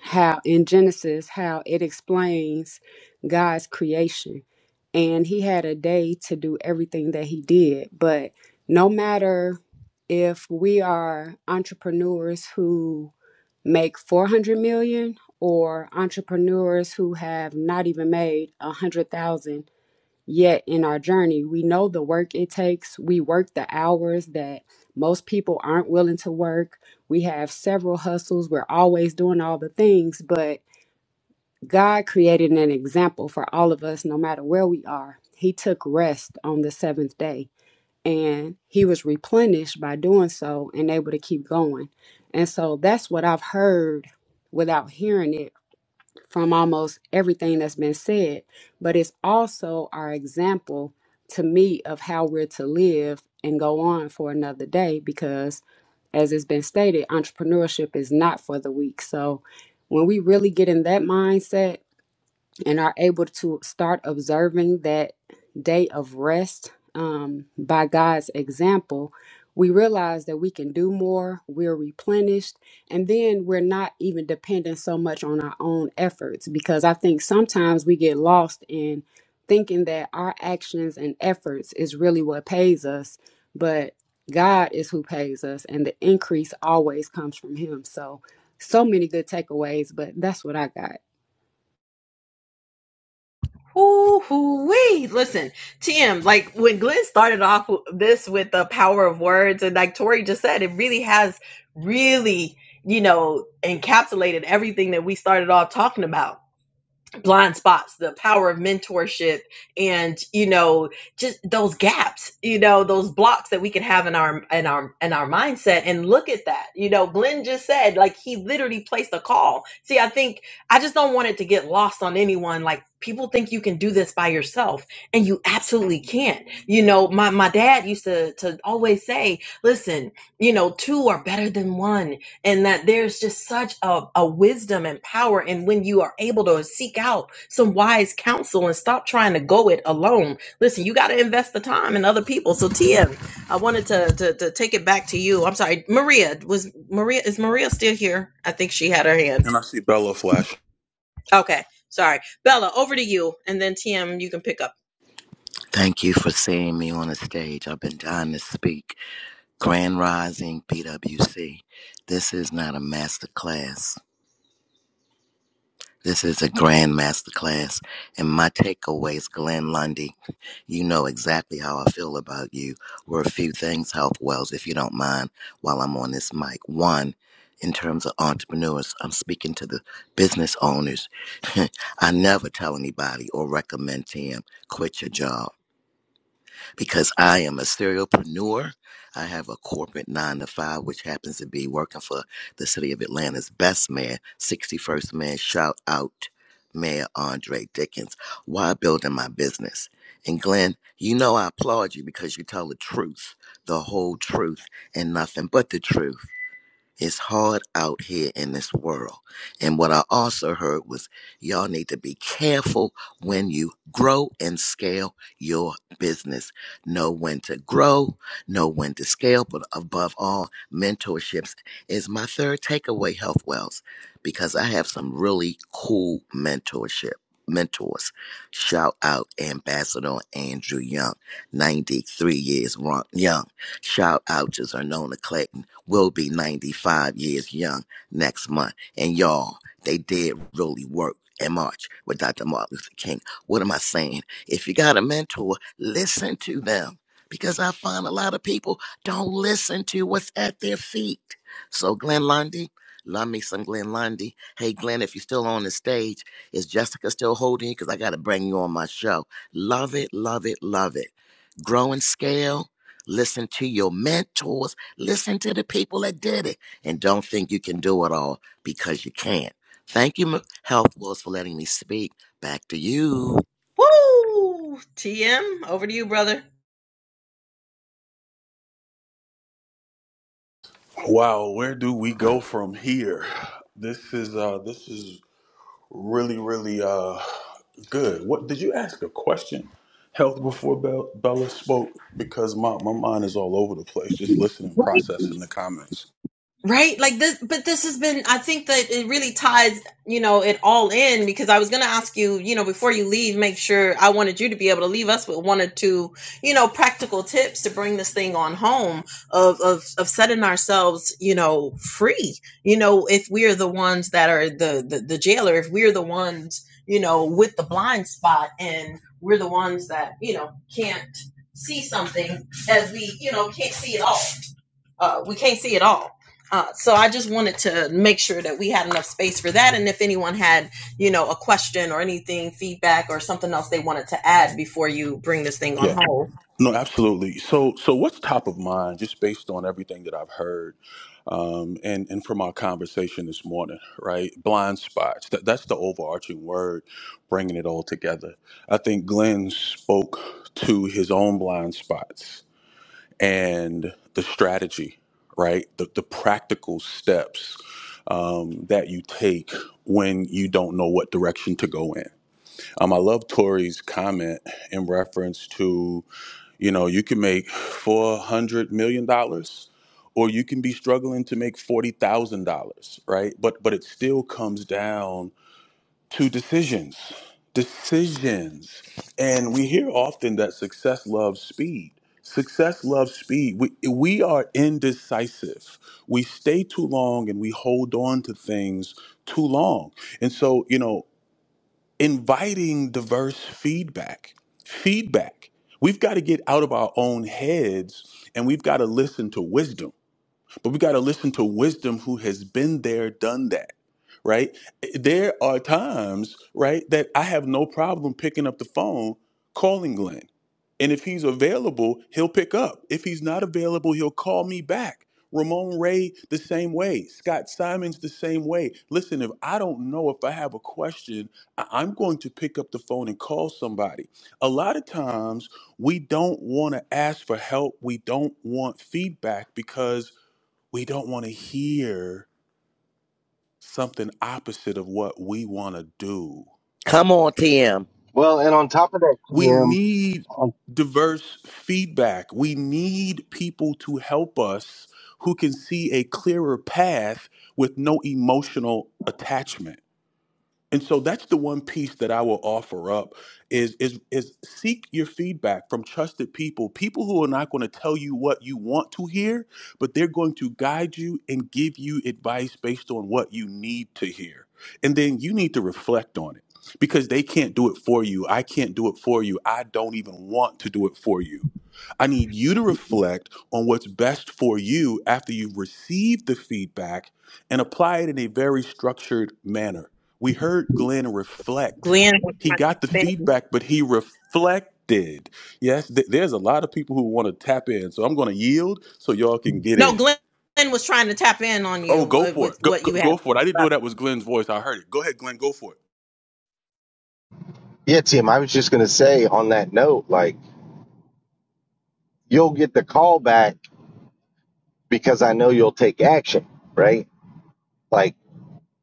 [SPEAKER 12] how in Genesis how it explains God's creation. And he had a day to do everything that he did. But no matter if we are entrepreneurs who make 400 million or entrepreneurs who have not even made 100,000 Yet in our journey, we know the work it takes. We work the hours that most people aren't willing to work. We have several hustles. We're always doing all the things, but God created an example for all of us, no matter where we are. He took rest on the seventh day and he was replenished by doing so and able to keep going. And so that's what I've heard without hearing it from almost everything that's been said, but it's also our example to me of how we're to live and go on for another day because, as it's been stated, entrepreneurship is not for the weak. So, when we really get in that mindset, and are able to start observing that day of rest um, by God's example, we realize that we can do more, we're replenished, and then we're not even dependent so much on our own efforts because I think sometimes we get lost in thinking that our actions and efforts is really what pays us, but God is who pays us, and the increase always comes from Him. So, so many good takeaways, but that's what I got.
[SPEAKER 2] Hoo hoo wee. Listen, TM, like when Glenn started off this with the power of words, and like Tori just said, it really has really, you know, encapsulated everything that we started off talking about. blind spots, the power of mentorship, and you know, just those gaps, you know, those blocks that we can have in our in our in our mindset. And look at that, you know, Glenn just said like he literally placed a call. See, I think I just don't want it to get lost on anyone. Like people think you can do this by yourself, and you absolutely can't. You know, my my dad used to to always say, listen, you know, two are better than one and that there's just such a, a wisdom and power and when you are able to seek out some wise counsel and stop trying to go it alone listen you got to invest the time in other people so tm i wanted to, to to take it back to you i'm sorry maria was maria is maria still here i think she had her hand
[SPEAKER 6] And I see Bella Flash.
[SPEAKER 2] okay sorry bella over to you and then tm you can pick up
[SPEAKER 13] Thank you for seeing me on the stage. I've been dying to speak. Grand Rising PWC. This is not a master class. This is a grand master class. And my takeaways, Glenn Lundy, you know exactly how I feel about you. Were a few things, Health Wells, if you don't mind, while I'm on this mic. One, in terms of entrepreneurs, I'm speaking to the business owners. [LAUGHS] I never tell anybody or recommend to them quit your job. because I am a serialpreneur. I have a corporate nine to five, which happens to be working for the city of Atlanta's best mayor, 61st man. Shout out Mayor Andre Dickens. Why building my business? And Glenn, you know I applaud you because you tell the truth, the whole truth, and nothing but the truth. It's hard out here in this world. And what I also heard was y'all need to be careful when you grow and scale your business. Know when to grow, know when to scale, but above all, mentorships is my third takeaway, Health Wells, because I have some really cool mentorship. Mentors, shout out Ambassador Andrew Young, 93 years young. Shout out to Zernona Clegg will be 95 years young next month. And y'all, they did really work in March with Dr. Martin Luther King. What am I saying? If you got a mentor, listen to them because I find a lot of people don't listen to what's at their feet. So, Glenn Lundy, love me some Glenn Lundy. Hey, Glenn, if you're still on the stage, is Jessica still holding? you? Because I got to bring you on my show. Love it, love it, love it. Grow and scale Listen to your mentors. Listen to the people that did it. And don't think you can do it all because you can't. Thank you, M- Health Wars, for letting me speak. Back to you.
[SPEAKER 2] Woo! tm over to you brother
[SPEAKER 6] Wow, where do we go from here? This is uh, this is really really uh, good. What did you ask a question? Health before Bell- Bella spoke because my, my mind is all over the place, just listening, processing the comments.
[SPEAKER 2] Right? Like this, but this has been, I think that it really ties, you know, it all in because I was going to ask you, you know, before you leave, make sure I wanted you to be able to leave us with one or two, you know, practical tips to bring this thing on home of, of, of setting ourselves, you know, free. You know, if we're the ones that are the, the, the jailer, if we're the ones, you know, with the blind spot and we're the ones that, you know, can't see something as we, you know, can't see it all uh, we can't see it all. Uh, so I just wanted to make sure that we had enough space for that, and if anyone had, you know, a question or anything, feedback or something else they wanted to add before you bring this thing on
[SPEAKER 6] Yeah.
[SPEAKER 2] hold,
[SPEAKER 6] No, absolutely. So, so what's top of mind, just based on everything that I've heard, um, and and from our conversation this morning, right? Blind spots. That, that's the overarching word, bringing it all together. I think Glenn spoke to his own blind spots and the strategy, right? The the practical steps um, that you take when you don't know what direction to go in. Um, I love Tori's comment in reference to you know, you can make $400 million dollars or you can be struggling to make $40,000, right? But but it still comes down to decisions. Decisions. And we hear often that success loves speed. Success loves speed. We, we are indecisive. We stay too long and we hold on to things too long. And so, you know, inviting diverse feedback. Feedback. We've got to get out of our own heads and we've got to listen to wisdom. But we've got to listen to wisdom who has been there, done that, right? There are times, right, that I have no problem picking up the phone, calling Glenn and if he's available, he'll pick up. If he's not available, he'll call me back. Ramon Ray, the same way. Scott Simons, the same way. Listen, if I don't know if I have a question, I- I'm going to pick up the phone and call somebody. A lot of times, we don't want to ask for help. We don't want feedback because we don't want to hear something opposite of what we want to do.
[SPEAKER 13] Come on, TM.
[SPEAKER 8] Well, and on top of that,
[SPEAKER 6] We
[SPEAKER 8] Tim,
[SPEAKER 6] need
[SPEAKER 8] um,
[SPEAKER 6] diverse feedback. We need people to help us who can see a clearer path with no emotional attachment. And so that's the one piece that I will offer up is is is seek your feedback from trusted people, people who are not going to tell you what you want to hear, but they're going to guide you and give you advice based on what you need to hear. And then you need to reflect on it because they can't do it for you. I can't do it for you. I don't even want to do it for you. I need you to reflect on what's best for you after you've received the feedback and apply it in a very structured manner. We heard Glenn reflect.
[SPEAKER 2] Glenn,
[SPEAKER 6] He got the feedback, but he reflected. Yes, th- there's a lot of people who want to tap in. So I'm going to yield so y'all can get
[SPEAKER 2] no,
[SPEAKER 6] in.
[SPEAKER 2] Glenn was trying to tap in on
[SPEAKER 6] Oh,
[SPEAKER 2] you
[SPEAKER 6] go
[SPEAKER 2] with
[SPEAKER 6] for
[SPEAKER 2] with
[SPEAKER 6] it. Go,
[SPEAKER 2] what
[SPEAKER 6] go,
[SPEAKER 2] you had.
[SPEAKER 6] go for it. I didn't know that was Glenn's voice. I heard it. Go ahead, Glenn. Go for it.
[SPEAKER 8] yeah, Tim, I was just going to say on that note, like, you'll get the call back because I know you'll take action, right? Like,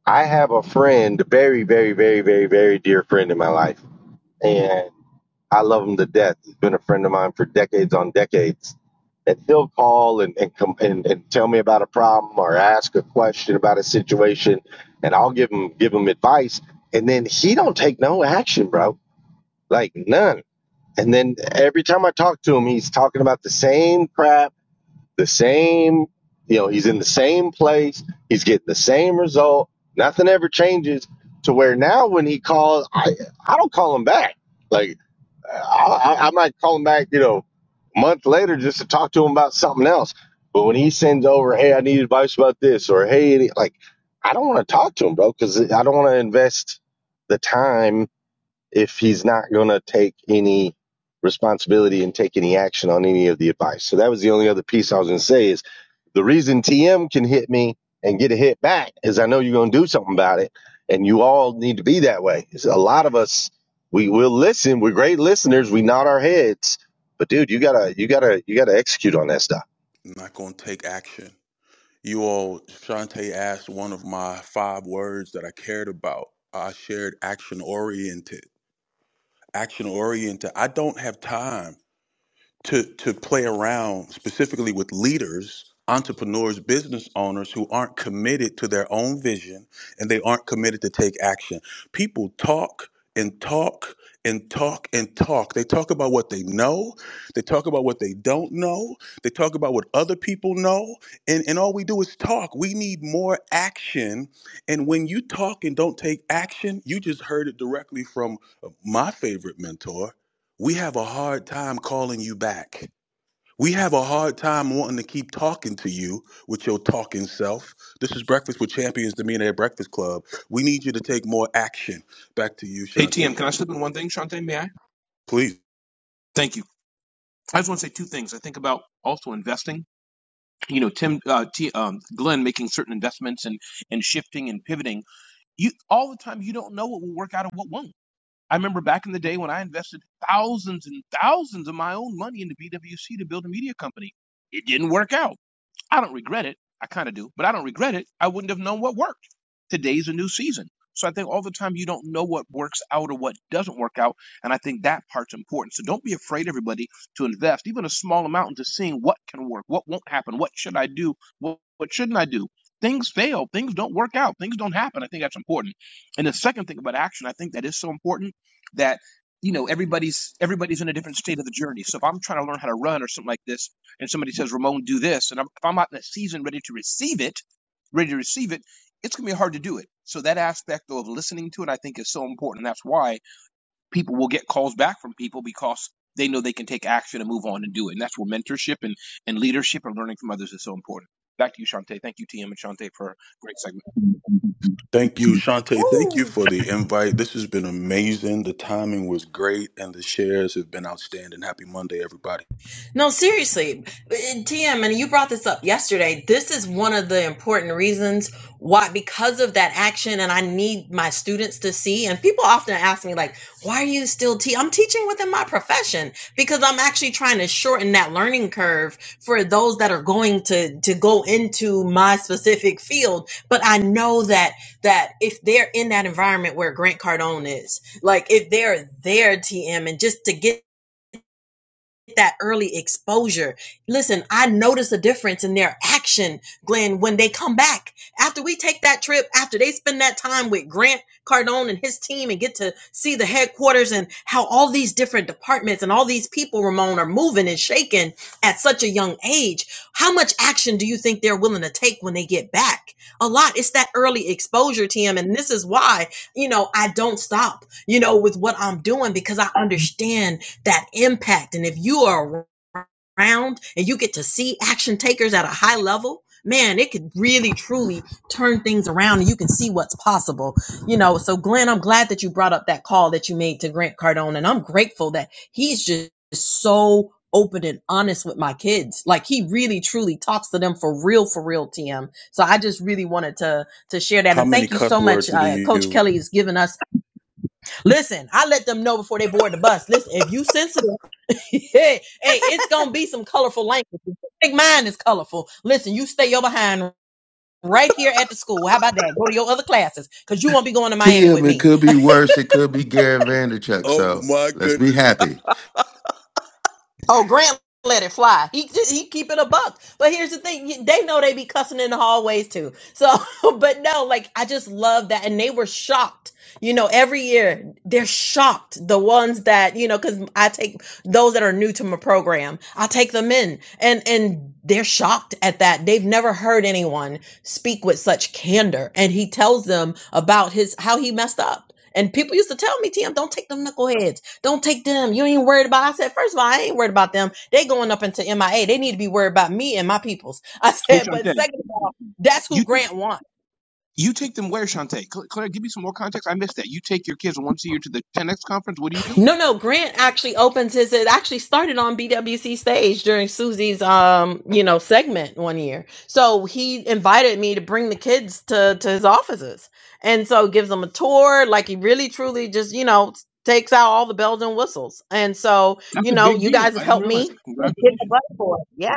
[SPEAKER 8] I have a friend, a very, very, very, very, very dear friend in my life, and I love him to death. He's been a friend of mine for decades on decades. And he'll call and, and, com- and, and tell me about a problem or ask a question about a situation, and I'll give him give him advice. And then he don't take no action, bro. Like none. And then every time I talk to him, he's talking about the same crap, the same, you know, he's in the same place, he's getting the same result. Nothing ever changes to where now when he calls, I I don't call him back. Like I, I I might call him back, you know, a month later just to talk to him about something else. But when he sends over, hey, I need advice about this, or hey, any, like I don't want to talk to him, bro, because I don't want to invest the time if he's not going to take any responsibility and take any action on any of the advice. So that was the only other piece I was going to say is the reason TM can hit me and get a hit back is I know you're going to do something about it. And you all need to be that way. It's a lot of us, we will listen. We're great listeners. We nod our heads, but dude, you gotta, you gotta, you gotta execute on that stuff.
[SPEAKER 6] I'm not going to take action. You all, Shantae asked one of my five words that I cared about. I shared action oriented. Action oriented. I don't have time. to to play around specifically with leaders entrepreneurs business owners who aren't committed to their own vision and they aren't committed to take action people talk and talk and talk and talk they talk about what they know they talk about what they don't know they talk about what other people know and, and all we do is talk we need more action and when you talk and don't take action you just heard it directly from my favorite mentor we have a hard time calling you back. We have a hard time wanting to keep talking to you with your talking self. This is Breakfast with Champions, the Millionaire Breakfast Club. We need you to take more action. Back to you,
[SPEAKER 9] Hey
[SPEAKER 6] Shantae.
[SPEAKER 9] TM, can I slip in one thing, Shante? May I?
[SPEAKER 6] Please.
[SPEAKER 9] Thank you. I just want to say two things. I think about also investing. You know, Tim, uh, T, um, Glenn making certain investments and and shifting and pivoting. You all the time. You don't know what will work out and what won't. I remember back in the day when I invested thousands and thousands of my own money into BWC to build a media company. It didn't work out I don't regret it. I kind of do, but I don't regret it. I wouldn't have known what worked. Today's a new season. So I think all the time you don't know what works out or what doesn't work out. And I think that part's important. So don't be afraid, everybody, to invest even a small amount into seeing what can work, what won't happen, what should I do, what, what shouldn't I do. Things fail, things don't work out, things don't happen. I think that's important. And the second thing about action, I think that is so important that you know everybody's everybody's in a different state of the journey. So if I'm trying to learn how to run or something like this, and somebody says, Ramon, do this, and I'm, if I'm not in a season ready to receive it, ready to receive it, it's going to be hard to do it. So that aspect though of listening to it, I think is so important. That's why people will get calls back from people because they know they can take action and move on and do it. And that's where mentorship and, and leadership and learning from others is so important. Back to you, Shantae. Thank you, TM and Shantae, for a great segment.
[SPEAKER 6] Thank you, Shantae. Thank you
[SPEAKER 2] Ooh.
[SPEAKER 6] for the invite. This has been amazing. The timing was great, and the shares have been outstanding. Happy Monday, everybody.
[SPEAKER 2] No, seriously, TM, and you brought this up yesterday. This is one of the important reasons why, because of that action, and I need my students to see. And people often ask me, like, why are you still teaching? I'm teaching within my profession because I'm actually trying to shorten that learning curve for those that are going to to go into my specific field. But I know that that if they're in that environment where Grant Cardone is, like, if they're there, TM, and just to get that early exposure. Listen, I notice a difference in their action, Glenn, when they come back. After we take that trip, after they spend that time with Grant Cardone and his team and get to see the headquarters and how all these different departments and all these people, Ramon, are moving and shaking at such a young age, how much action do you think they're willing to take when they get back? A lot. It's that early exposure, TM. And this is why, you know, I don't stop, you know, with what I'm doing because I understand that impact. And if you are around and you get to see action takers at a high level, man, it could really truly turn things around and you can see what's possible. You know, so Glenn, I'm glad that you brought up that call that you made to Grant Cardone. And I'm grateful that he's just so open and honest with my kids. Like he really truly talks to them for real, for real, TM. So I just really wanted to to share that.
[SPEAKER 6] How
[SPEAKER 2] And
[SPEAKER 6] many
[SPEAKER 2] thank you
[SPEAKER 6] cuss
[SPEAKER 2] so
[SPEAKER 6] words
[SPEAKER 2] much.
[SPEAKER 6] do
[SPEAKER 2] Uh,
[SPEAKER 6] you
[SPEAKER 2] Coach
[SPEAKER 6] use?
[SPEAKER 2] Kelly has given us listen, I let them know before they board the bus. Listen, if you sensitive [LAUGHS] hey, it's gonna be some colorful language. Think mine is colorful. Listen, you stay your behind right here at the school. How about that? Go to your other classes because you won't be going to Miami
[SPEAKER 10] Tim,
[SPEAKER 2] with
[SPEAKER 10] it
[SPEAKER 2] me.
[SPEAKER 10] could be worse. It could be Gary Vanderchuck.
[SPEAKER 6] Oh,
[SPEAKER 10] So
[SPEAKER 6] my
[SPEAKER 10] let's be
[SPEAKER 6] goodness.
[SPEAKER 10] happy,
[SPEAKER 2] Oh, Grant let it fly. He he keep it a buck. But here's the thing: they know they be cussing in the hallways too. So, [LAUGHS] but no, like I just love that, and they were shocked. You know, every year they're shocked. The ones that you know, because I take those that are new to my program, I take them in, and and they're shocked at that. They've never heard anyone speak with such candor, and he tells them about his how he messed up. And people used to tell me, Tim, don't take them knuckleheads. Don't take them. You ain't worried about. I said, first of all, I ain't worried about them. They going up into MIA. They need to be worried about me and my peoples. [LAUGHS] I
[SPEAKER 9] Hey,
[SPEAKER 2] said, but
[SPEAKER 9] Shantae,
[SPEAKER 2] second of all, that's
[SPEAKER 9] you
[SPEAKER 2] who
[SPEAKER 9] t-
[SPEAKER 2] Grant wants.
[SPEAKER 9] you take them where, Shantae? Cla- Claire, give me some more context. I missed that. You take your kids once a year to the 10X conference. What do you do?
[SPEAKER 2] No, no, Grant actually opens his. It actually started on BWC stage during Susie's, um, you know, segment one year. So he invited me to bring the kids to to his offices, and so gives them a tour. Like he really, truly, just you know, takes out all the bells and whistles. And so
[SPEAKER 9] That's
[SPEAKER 2] you
[SPEAKER 9] a
[SPEAKER 2] know,
[SPEAKER 9] big
[SPEAKER 2] you
[SPEAKER 9] deal.
[SPEAKER 2] guys have
[SPEAKER 9] I didn't
[SPEAKER 2] helped me.
[SPEAKER 9] realize it.
[SPEAKER 2] [LAUGHS] Get the
[SPEAKER 9] Congratulations.
[SPEAKER 2] butt for it. Yeah.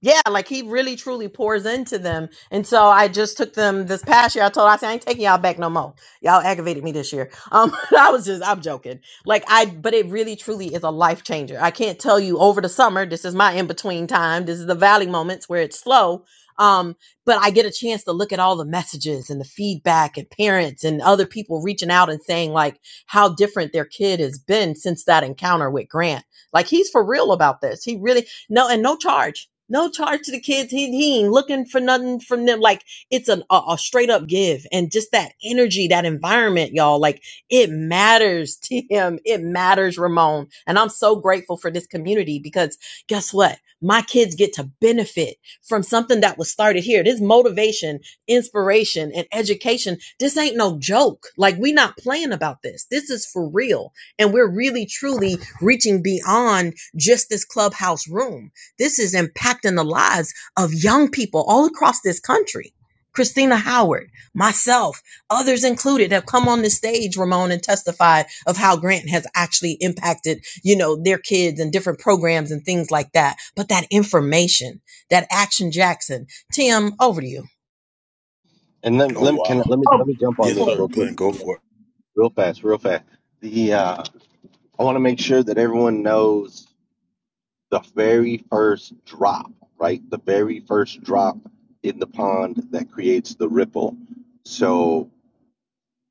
[SPEAKER 2] Yeah, like he really truly pours into them. And so I just took them this past year. I told I said I ain't taking y'all back no more. Y'all aggravated me this year. Um [LAUGHS] I was just I'm joking. Like I but it really truly is a life changer. I can't tell you over the summer, this is my in between time. This is the valley moments where it's slow. Um but I get a chance to look at all the messages and the feedback and parents and other people reaching out and saying like how different their kid has been since that encounter with Grant. Like he's for real about this. He really no and no charge no charge to the kids. He, he ain't looking for nothing from them. Like it's an, a, a straight up give and just that energy, that environment, y'all. Like it matters to him. It matters, Ramon. And I'm so grateful for this community because guess what? My kids get to benefit from something that was started here. This motivation, inspiration, and education. This ain't no joke. Like we not playing about this. This is for real. And we're really, truly reaching beyond just this clubhouse room this is impacting the lives of young people all across this country. Christina Howard, myself, others included have come on the stage, Ramon, and testified of how Grant has actually impacted, you know, their kids and different programs and things like that. But that information, that Action Jackson, Tim, over to you.
[SPEAKER 8] And let,
[SPEAKER 6] Oh,
[SPEAKER 8] let
[SPEAKER 14] Mm.
[SPEAKER 8] me can I-
[SPEAKER 6] wow.
[SPEAKER 8] let me let
[SPEAKER 2] Oh,
[SPEAKER 8] me jump on
[SPEAKER 6] Yes,
[SPEAKER 8] this
[SPEAKER 6] sir.
[SPEAKER 8] real quick,
[SPEAKER 6] Glenn, go for it.
[SPEAKER 8] real fast, real fast. The uh, I want to make sure that everyone knows the very first drop, right? The very first drop in the pond that creates the ripple. So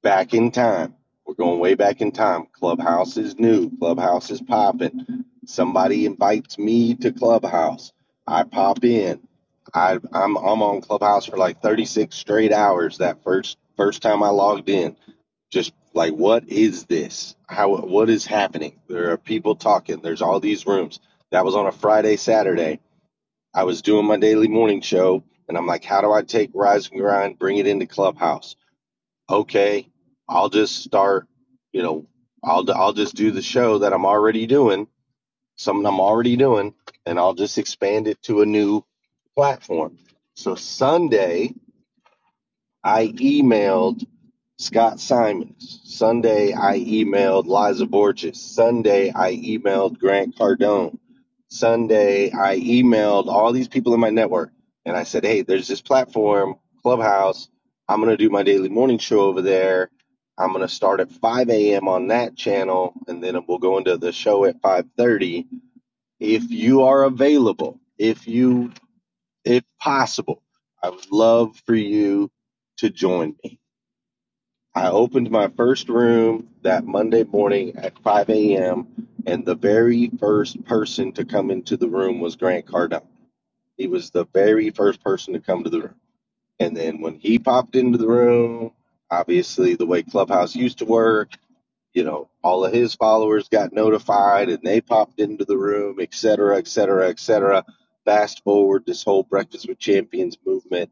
[SPEAKER 8] back in time. We're going way back in time. Clubhouse is new. Clubhouse is popping. Somebody invites me to Clubhouse. I pop in. I, I'm I'm on Clubhouse for like 36 straight hours. That first first time I logged in, just like what is this? How what is happening? There are people talking. There's all these rooms. That was on a Friday Saturday. I was doing my daily morning show, and I'm like, how do I take Rise and Grind, bring it into Clubhouse? okay, I'll just start, you know, I'll I'll just do the show that I'm already doing, something I'm already doing, and I'll just expand it to a new platform. So Sunday, I emailed Scott Simons. Sunday, I emailed Liza Borges. Sunday, I emailed Grant Cardone. Sunday, I emailed all these people in my network. And I said, hey, there's this platform, Clubhouse. I'm going to do my daily morning show over there. I'm going to start at 5 a.m. on that channel, and then we'll go into the show at 5:30. If you are available, if you, if possible, I would love for you to join me I opened my first room that Monday morning at 5 a.m., and the very first person to come into the room was Grant Cardone. He was the very first person to come to the room. And then when he popped into the room, obviously the way Clubhouse used to work, you know, all of his followers got notified and they popped into the room, et cetera, et cetera, et cetera. Fast forward this whole Breakfast with Champions movement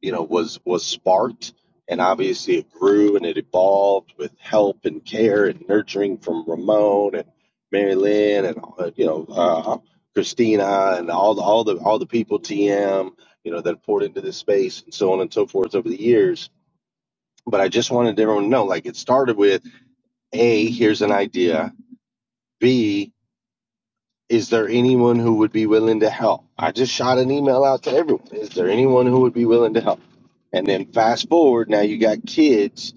[SPEAKER 8] you know, was was sparked, and obviously it grew and it evolved with help and care and nurturing from Ramon and Mary Lynn and uh, you know uh, Christina and all the all the all the people TM you know that poured into this space and so on and so forth over the years. But I just wanted everyone to know, like, it started with a here's an idea, B. Is there anyone who would be willing to help? I just shot an email out to everyone. Is there anyone who would be willing to help? And then fast forward, now you got kids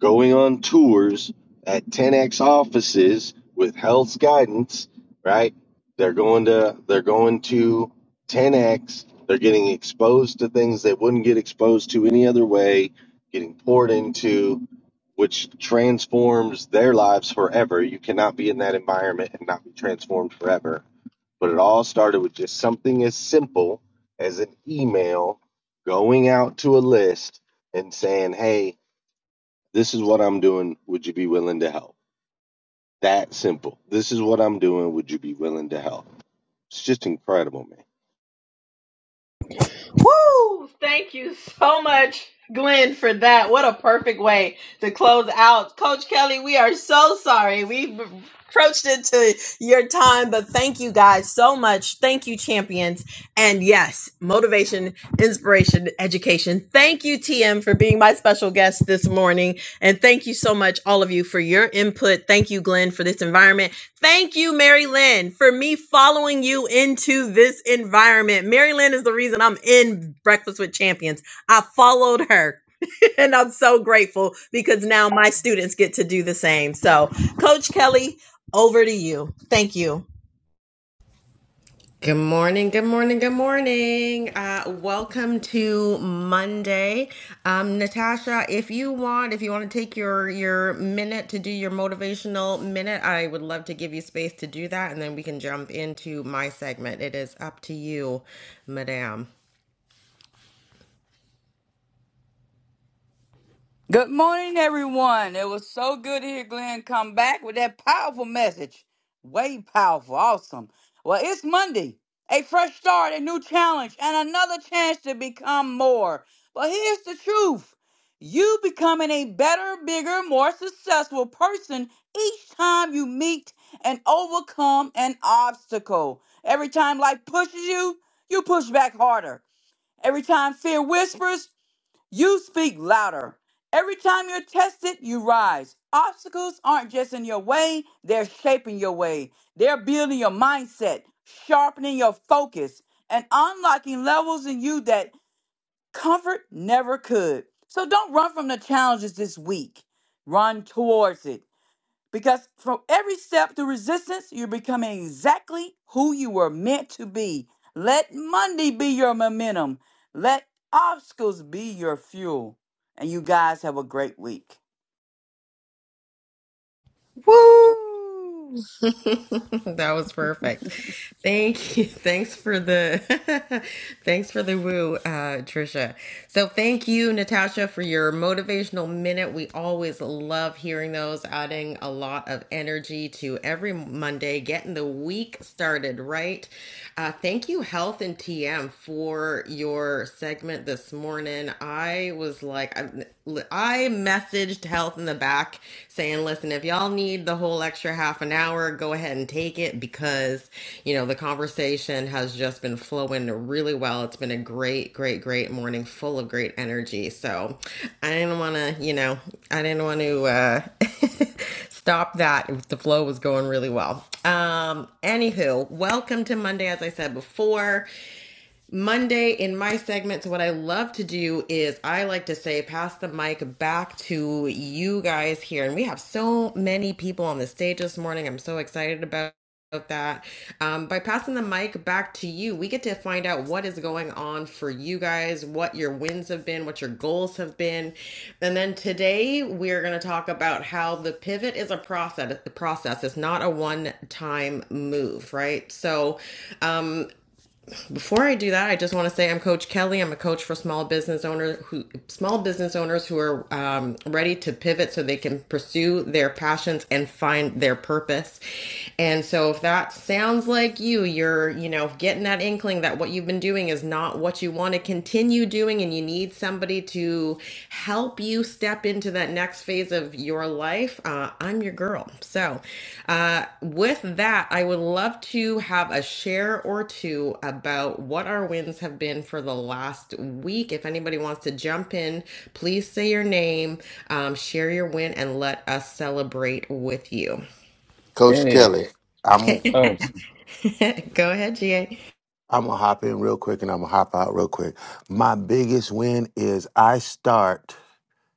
[SPEAKER 8] going on tours at 10x offices with health guidance, right? They're going to they're going to 10x. They're getting exposed to things they wouldn't get exposed to any other way, getting poured into, which transforms their lives forever. You cannot be in that environment and not be transformed forever but it all started with just something as simple as an email going out to a list and saying, Hey, this is what I'm doing. Would you be willing to help? That simple. This is what I'm doing. Would you be willing to help? It's just incredible, man.
[SPEAKER 2] Woo! Thank you so much, Glenn, for that. What a perfect way to close out. Coach Kelly, we are so sorry. We've approached it to your time, but thank you guys so much. Thank you, champions. And yes, motivation, inspiration, education. Thank you, TM, for being my special guest this morning. And thank you so much, all of you, for your input. Thank you, Glenn, for this environment. Thank you, Mary Lynn, for me following you into this environment. Mary Lynn is the reason I'm in Breakfast with Champions. I followed her, [LAUGHS] and I'm so grateful because now my students get to do the same. So, Coach Kelly, over to you. Thank you.
[SPEAKER 1] Good morning, good morning, good morning. Uh, welcome to Monday. Um, Natasha, if you want, if you want to take your your minute to do your motivational minute, I would love to give you space to do that, and then we can jump into my segment. It is up to you, madam.
[SPEAKER 15] Good morning, everyone. It was so good to hear Glenn come back with that powerful message. Way powerful. Awesome. Well, it's Monday. A fresh start, a new challenge, and another chance to become more. But here's the truth you becoming a better, bigger, more successful person each time you meet and overcome an obstacle. Every time life pushes you, you push back harder. Every time fear whispers, you speak louder. Every time you're tested, you rise. Obstacles aren't just in your way, they're shaping your way. They're building your mindset, sharpening your focus, and unlocking levels in you that comfort never could. So don't run from the challenges this week. Run towards it. Because from every step through resistance, you're becoming exactly who you were meant to be. Let Monday be your momentum. Let obstacles be your fuel. And you guys have a great week.
[SPEAKER 3] Woo!
[SPEAKER 1] [LAUGHS] that was perfect. Thank you. [LAUGHS] Thanks for the [LAUGHS] thanks for the woo, uh, Trisha. So thank you, Natasha, for your motivational minute. We always love hearing those, adding a lot of energy to every Monday, getting the week started right. Uh, thank you, Health and TM, for your segment this morning. I was like, I, I messaged health in the back saying, listen, if y'all need the whole extra half an hour, go ahead and take it because, you know, the conversation has just been flowing really well. It's been a great, great, great morning full of great energy. So I didn't want to, you know, I didn't want to, uh, [LAUGHS] stop that if the flow was going really well. Um, anywho, welcome to Monday, as I said before. Monday in my segments, what I love to do is I like to say, pass the mic back to you guys here. And we have so many people on the stage this morning. I'm so excited about about that. Um, by passing the mic back to you, we get to find out what is going on for you guys, what your wins have been, what your goals have been. And then today we're going to talk about how the pivot is a process. The Process. is not a one-time move, right? So, um, before I do that, I just want to say I'm Coach Kelly. I'm a coach for small business owners who small business owners who are um, ready to pivot so they can pursue their passions and find their purpose. And so, if that sounds like you, you're you know getting that inkling that what you've been doing is not what you want to continue doing, and you need somebody to help you step into that next phase of your life, uh, I'm your girl. So, uh, with that, I would love to have a share or two about what our wins have been for the last week. If anybody wants to jump in, please say your name, um, share your win, and let us celebrate with you.
[SPEAKER 10] Coach
[SPEAKER 16] Hey,
[SPEAKER 10] Kelly. I'm gonna-
[SPEAKER 16] oh,
[SPEAKER 1] [LAUGHS] Go ahead, GA.
[SPEAKER 10] I'm gonna hop in real quick, and I'm gonna hop out real quick. My biggest win is I start.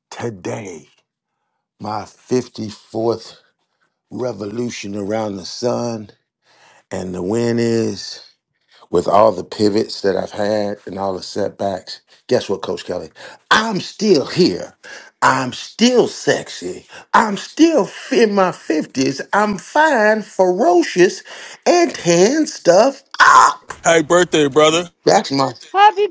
[SPEAKER 10] today, my 54th revolution around the sun. And the win is with all the pivots that I've had and all the setbacks. Guess what, Coach Kelly? I'm still here. I'm still sexy. I'm still in my 50s. I'm fine, ferocious, and tearing stuff up.
[SPEAKER 6] Hey, birthday, brother.
[SPEAKER 10] That's my
[SPEAKER 3] Happy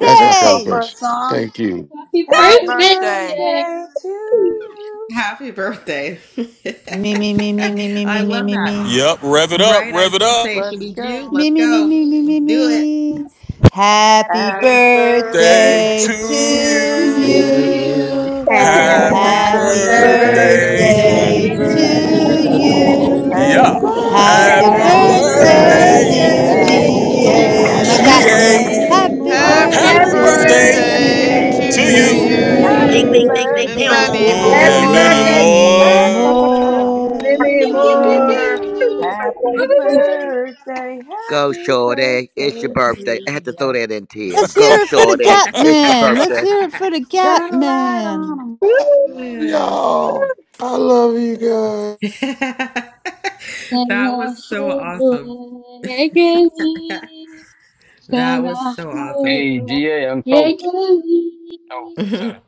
[SPEAKER 7] Does
[SPEAKER 10] that's my
[SPEAKER 7] this call for a
[SPEAKER 10] celebration.
[SPEAKER 7] song?
[SPEAKER 10] Thank you.
[SPEAKER 17] Happy
[SPEAKER 15] Happy
[SPEAKER 7] Happy
[SPEAKER 17] birthday,
[SPEAKER 15] birthday.
[SPEAKER 17] Jay!
[SPEAKER 7] birthday to you.
[SPEAKER 1] Happy birthday.
[SPEAKER 3] Me, me, me, me, me,
[SPEAKER 1] [LAUGHS]
[SPEAKER 3] me,
[SPEAKER 1] I
[SPEAKER 3] me, me,
[SPEAKER 1] love
[SPEAKER 3] me,
[SPEAKER 1] that.
[SPEAKER 3] me.
[SPEAKER 6] Yep, rev it up,
[SPEAKER 1] Right, I
[SPEAKER 6] rev
[SPEAKER 1] was
[SPEAKER 6] it
[SPEAKER 1] going to
[SPEAKER 6] up.
[SPEAKER 1] say, should
[SPEAKER 7] Let's
[SPEAKER 1] we do?
[SPEAKER 7] go.
[SPEAKER 3] Me,
[SPEAKER 1] Let's
[SPEAKER 3] me, me,
[SPEAKER 1] go.
[SPEAKER 3] me, me, me,
[SPEAKER 1] Do it.
[SPEAKER 3] me. Happy
[SPEAKER 7] Happy
[SPEAKER 17] Happy
[SPEAKER 12] Happy
[SPEAKER 6] birthday
[SPEAKER 17] birthday
[SPEAKER 6] to
[SPEAKER 3] birthday
[SPEAKER 12] birthday
[SPEAKER 7] birthday to
[SPEAKER 12] to
[SPEAKER 1] to
[SPEAKER 17] to
[SPEAKER 3] to
[SPEAKER 13] To
[SPEAKER 6] you.
[SPEAKER 7] you.
[SPEAKER 12] you.
[SPEAKER 17] you.
[SPEAKER 13] you,
[SPEAKER 1] you.
[SPEAKER 3] you.
[SPEAKER 5] Happy
[SPEAKER 6] Happy
[SPEAKER 17] Happy
[SPEAKER 12] Happy
[SPEAKER 3] Happy
[SPEAKER 7] Happy
[SPEAKER 1] Happy
[SPEAKER 13] happy
[SPEAKER 17] birthday
[SPEAKER 6] birthday.
[SPEAKER 5] birthday
[SPEAKER 7] birthday
[SPEAKER 17] to
[SPEAKER 18] Happy
[SPEAKER 13] birthday.
[SPEAKER 3] birthday
[SPEAKER 12] birthday
[SPEAKER 1] birthday
[SPEAKER 5] to,
[SPEAKER 7] to
[SPEAKER 17] you.
[SPEAKER 3] to
[SPEAKER 1] to
[SPEAKER 7] you.
[SPEAKER 12] to
[SPEAKER 18] birthday
[SPEAKER 13] To
[SPEAKER 18] to
[SPEAKER 1] you.
[SPEAKER 13] you,
[SPEAKER 12] you.
[SPEAKER 3] you.
[SPEAKER 7] Happy
[SPEAKER 6] Yeah.
[SPEAKER 5] you.
[SPEAKER 18] you.
[SPEAKER 3] Happy
[SPEAKER 7] birthday,
[SPEAKER 6] Happy
[SPEAKER 15] Happy,
[SPEAKER 1] Happy
[SPEAKER 12] Happy
[SPEAKER 5] Happy
[SPEAKER 17] Happy
[SPEAKER 3] birthday,
[SPEAKER 6] birthday.
[SPEAKER 13] birthday,
[SPEAKER 1] birthday,
[SPEAKER 3] dear
[SPEAKER 17] birthday
[SPEAKER 12] birthday,
[SPEAKER 1] dear
[SPEAKER 5] birthday,
[SPEAKER 13] dear
[SPEAKER 12] dear
[SPEAKER 18] Happy
[SPEAKER 17] to
[SPEAKER 12] G.
[SPEAKER 5] dear
[SPEAKER 7] yeah.
[SPEAKER 3] GA, my
[SPEAKER 17] you.
[SPEAKER 1] GA.
[SPEAKER 18] birthday,
[SPEAKER 3] Catman.
[SPEAKER 19] Yeah,
[SPEAKER 12] And
[SPEAKER 6] GA.
[SPEAKER 12] many
[SPEAKER 13] GA.
[SPEAKER 3] Happy
[SPEAKER 18] dear
[SPEAKER 5] DA.
[SPEAKER 12] more.
[SPEAKER 7] Happy
[SPEAKER 19] happy
[SPEAKER 17] Happy
[SPEAKER 6] Happy
[SPEAKER 5] Happy
[SPEAKER 1] Happy
[SPEAKER 3] birthday
[SPEAKER 18] GA.
[SPEAKER 6] birthday
[SPEAKER 7] birthday
[SPEAKER 12] Happy
[SPEAKER 3] to
[SPEAKER 7] to
[SPEAKER 19] birthday to
[SPEAKER 1] birthday
[SPEAKER 13] Day
[SPEAKER 17] birthday
[SPEAKER 6] to
[SPEAKER 7] you.
[SPEAKER 13] to
[SPEAKER 5] birthday to
[SPEAKER 17] to
[SPEAKER 6] you.
[SPEAKER 12] birthday
[SPEAKER 1] to
[SPEAKER 13] you.
[SPEAKER 18] Happy
[SPEAKER 13] Ping,
[SPEAKER 17] you.
[SPEAKER 7] Happy
[SPEAKER 12] to
[SPEAKER 19] you
[SPEAKER 13] ping,
[SPEAKER 1] you.
[SPEAKER 13] ping,
[SPEAKER 5] you.
[SPEAKER 13] ping,
[SPEAKER 3] you
[SPEAKER 18] birthday
[SPEAKER 19] and
[SPEAKER 18] to
[SPEAKER 7] birthday
[SPEAKER 19] many
[SPEAKER 7] to
[SPEAKER 12] pew pew
[SPEAKER 13] ping.
[SPEAKER 18] you.
[SPEAKER 7] you.
[SPEAKER 12] pew
[SPEAKER 5] Happy
[SPEAKER 6] And
[SPEAKER 3] and
[SPEAKER 6] many
[SPEAKER 19] more.
[SPEAKER 5] birthday,
[SPEAKER 3] many
[SPEAKER 5] GA.
[SPEAKER 7] Happy
[SPEAKER 18] Cha
[SPEAKER 6] more.
[SPEAKER 12] pew.
[SPEAKER 18] cha
[SPEAKER 7] birthday
[SPEAKER 18] cha.
[SPEAKER 3] more.
[SPEAKER 5] Give
[SPEAKER 12] And
[SPEAKER 5] me
[SPEAKER 12] many,
[SPEAKER 7] to
[SPEAKER 1] Pew,
[SPEAKER 7] you.
[SPEAKER 12] many
[SPEAKER 1] pew, pew,
[SPEAKER 18] Cha cha
[SPEAKER 5] more.
[SPEAKER 18] cha.
[SPEAKER 12] more.
[SPEAKER 1] pew.
[SPEAKER 7] Happy
[SPEAKER 18] Happy birthday.
[SPEAKER 7] birthday,
[SPEAKER 13] Go,
[SPEAKER 7] happy
[SPEAKER 13] Shorty. It's your
[SPEAKER 7] birthday to
[SPEAKER 13] birthday. I had to
[SPEAKER 7] you.
[SPEAKER 13] throw that in,
[SPEAKER 3] Let's
[SPEAKER 13] TM. Go,
[SPEAKER 3] hear it for the
[SPEAKER 13] Shorty.
[SPEAKER 6] [LAUGHS]
[SPEAKER 13] It's your
[SPEAKER 3] Catman. Let's
[SPEAKER 13] birthday.
[SPEAKER 3] hear it for the
[SPEAKER 7] Shine a light on
[SPEAKER 3] Catman.
[SPEAKER 7] 'em
[SPEAKER 5] [LAUGHS]
[SPEAKER 10] I love y'all. I love you guys.
[SPEAKER 1] [LAUGHS]
[SPEAKER 17] Sana
[SPEAKER 1] that was so
[SPEAKER 17] hello
[SPEAKER 1] awesome. [LAUGHS]
[SPEAKER 17] yegeli.
[SPEAKER 1] That was
[SPEAKER 17] Sana
[SPEAKER 1] so awesome.
[SPEAKER 16] hey,
[SPEAKER 17] hello
[SPEAKER 16] GA, I'm Coach.
[SPEAKER 17] yegeli.
[SPEAKER 16] Oh,
[SPEAKER 1] [LAUGHS] All
[SPEAKER 16] sorry.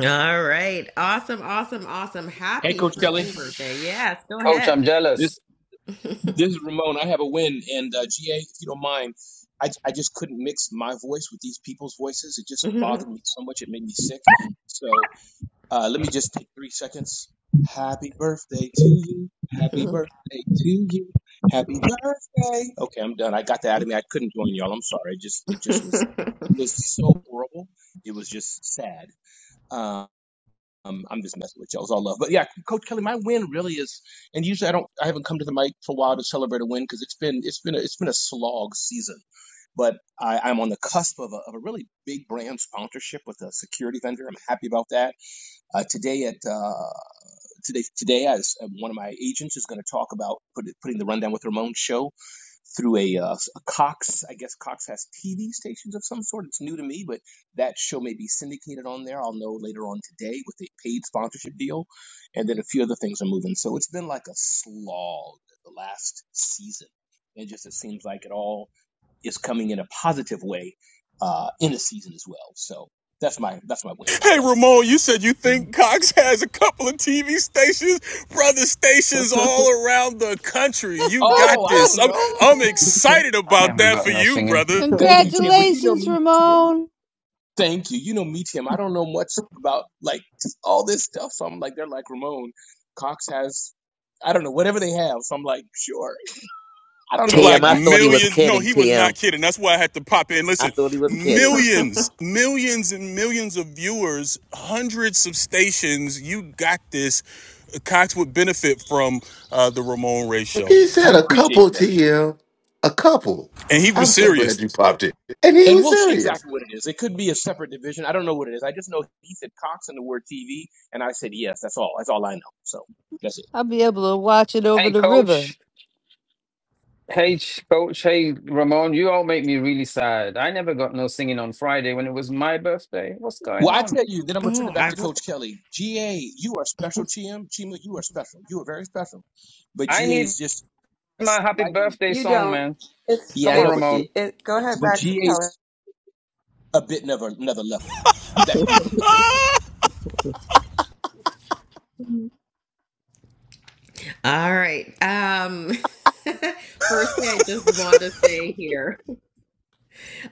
[SPEAKER 1] right. Awesome, awesome, awesome.
[SPEAKER 9] Hey,
[SPEAKER 1] Happy
[SPEAKER 9] Coach Kelly.
[SPEAKER 1] freaking birthday. Yes, go
[SPEAKER 16] Coach,
[SPEAKER 1] ahead.
[SPEAKER 16] I'm
[SPEAKER 9] This
[SPEAKER 16] jealous.
[SPEAKER 9] this is Ramon. I have a win, and uh, GA, if you don't mind, I I just couldn't mix my voice with these people's voices. It just
[SPEAKER 1] [LAUGHS]
[SPEAKER 9] bothered me so much. It made me sick. So uh, let me just take three seconds. Happy birthday to you.
[SPEAKER 1] [LAUGHS]
[SPEAKER 9] Happy
[SPEAKER 1] oh,
[SPEAKER 9] birthday to you. Happy birthday. Okay, I'm done. I got that out of me. I couldn't join y'all. I'm sorry. It just it just was it was so horrible. It was just sad. Um, um, I'm just messing with y'all. It's all love. But yeah, Coach Kelly, my win really is, and usually I don't, I haven't come to the mic for a while to celebrate a win because it's been, it's been, a, it's been a slog season. But I, I'm on the cusp of a, of a really big brand sponsorship with a security vendor. I'm happy about that. Uh, today at uh, today today, as uh, one of my agents is going to talk about put, putting the rundown with Ramon show through a, uh, a Cox. I guess Cox has TV stations of some sort. It's new to me, but that show may be syndicated on there. I'll know later on today with a paid sponsorship deal, and then a few other things are moving. So it's been like a slog the last season, and just it seems like it all is coming in a positive way uh, in the season as well. So that's my that's my win, Coach
[SPEAKER 6] Hey
[SPEAKER 9] Kelly.
[SPEAKER 6] Ramon, you said you think Cox has a couple of TV stations, brother stations all around the country. You
[SPEAKER 3] [LAUGHS]
[SPEAKER 6] got
[SPEAKER 9] Oh, I
[SPEAKER 6] this.
[SPEAKER 9] don't
[SPEAKER 6] I'm
[SPEAKER 9] know.
[SPEAKER 6] I'm excited
[SPEAKER 16] I
[SPEAKER 6] about
[SPEAKER 16] never
[SPEAKER 6] that
[SPEAKER 16] got
[SPEAKER 6] for
[SPEAKER 16] no
[SPEAKER 6] you,
[SPEAKER 16] singing.
[SPEAKER 6] brother.
[SPEAKER 9] Thank you, Tim. But you know
[SPEAKER 3] Congratulations,
[SPEAKER 9] me, Tim.
[SPEAKER 3] Ramon.
[SPEAKER 9] Thank you. You know me, Tim. I don't know much about like all this stuff. So I'm like, they're like Ramon. Cox has, I don't know, whatever they have. So I'm like, sure. [LAUGHS] I don't know what I
[SPEAKER 13] Tim,
[SPEAKER 6] like
[SPEAKER 13] I
[SPEAKER 9] got
[SPEAKER 13] thought he
[SPEAKER 9] here.
[SPEAKER 13] was
[SPEAKER 6] millions. No,
[SPEAKER 13] kidding,
[SPEAKER 6] he was not
[SPEAKER 13] Tim.
[SPEAKER 6] kidding. That's why I had to pop in.
[SPEAKER 13] I
[SPEAKER 6] Listen,
[SPEAKER 13] thought he was kidding.
[SPEAKER 6] millions, millions and millions of viewers, hundreds of stations. You got this. Cox would benefit from uh, the Ramon Ray show.
[SPEAKER 10] He
[SPEAKER 9] I
[SPEAKER 10] said a
[SPEAKER 9] appreciate
[SPEAKER 10] couple to
[SPEAKER 9] that.
[SPEAKER 10] you. A couple.
[SPEAKER 6] And he was
[SPEAKER 10] I'm so glad
[SPEAKER 6] serious.
[SPEAKER 10] you popped it. And he
[SPEAKER 9] And
[SPEAKER 10] was
[SPEAKER 9] we'll see
[SPEAKER 10] serious.
[SPEAKER 9] exactly what it is. It could be a separate division. I don't know what it is. I just know he said Cox and the word TV, and I said yes. That's all. That's all I know. So that's it.
[SPEAKER 3] I'll be able to watch it over
[SPEAKER 16] Hey,
[SPEAKER 3] the river.
[SPEAKER 16] Coach. Hey, Ch- Coach. Hey, Ramon, you all make me really sad. I never got no singing on Friday when it was my birthday. What's
[SPEAKER 9] Well,
[SPEAKER 16] going
[SPEAKER 9] I
[SPEAKER 16] on?
[SPEAKER 9] tell you, then I'm gonna turn it back
[SPEAKER 1] I
[SPEAKER 9] to Coach Kelly. GA, you are special, Chima. Chima, you are special. You are very special. But
[SPEAKER 16] I
[SPEAKER 9] GA
[SPEAKER 16] need
[SPEAKER 9] is just a
[SPEAKER 16] my happy
[SPEAKER 9] slightly
[SPEAKER 16] birthday
[SPEAKER 7] You
[SPEAKER 16] song,
[SPEAKER 7] don't.
[SPEAKER 16] man.
[SPEAKER 7] It's
[SPEAKER 9] yeah, I
[SPEAKER 16] Come on,
[SPEAKER 9] know, but
[SPEAKER 7] it's.
[SPEAKER 16] Ramon.
[SPEAKER 7] It, go ahead
[SPEAKER 9] but
[SPEAKER 7] back to
[SPEAKER 9] GA's
[SPEAKER 7] Kelly.
[SPEAKER 9] a bit another another level. Back to you, Coach.
[SPEAKER 1] all right. Um, [LAUGHS] firstly, I just want to say here.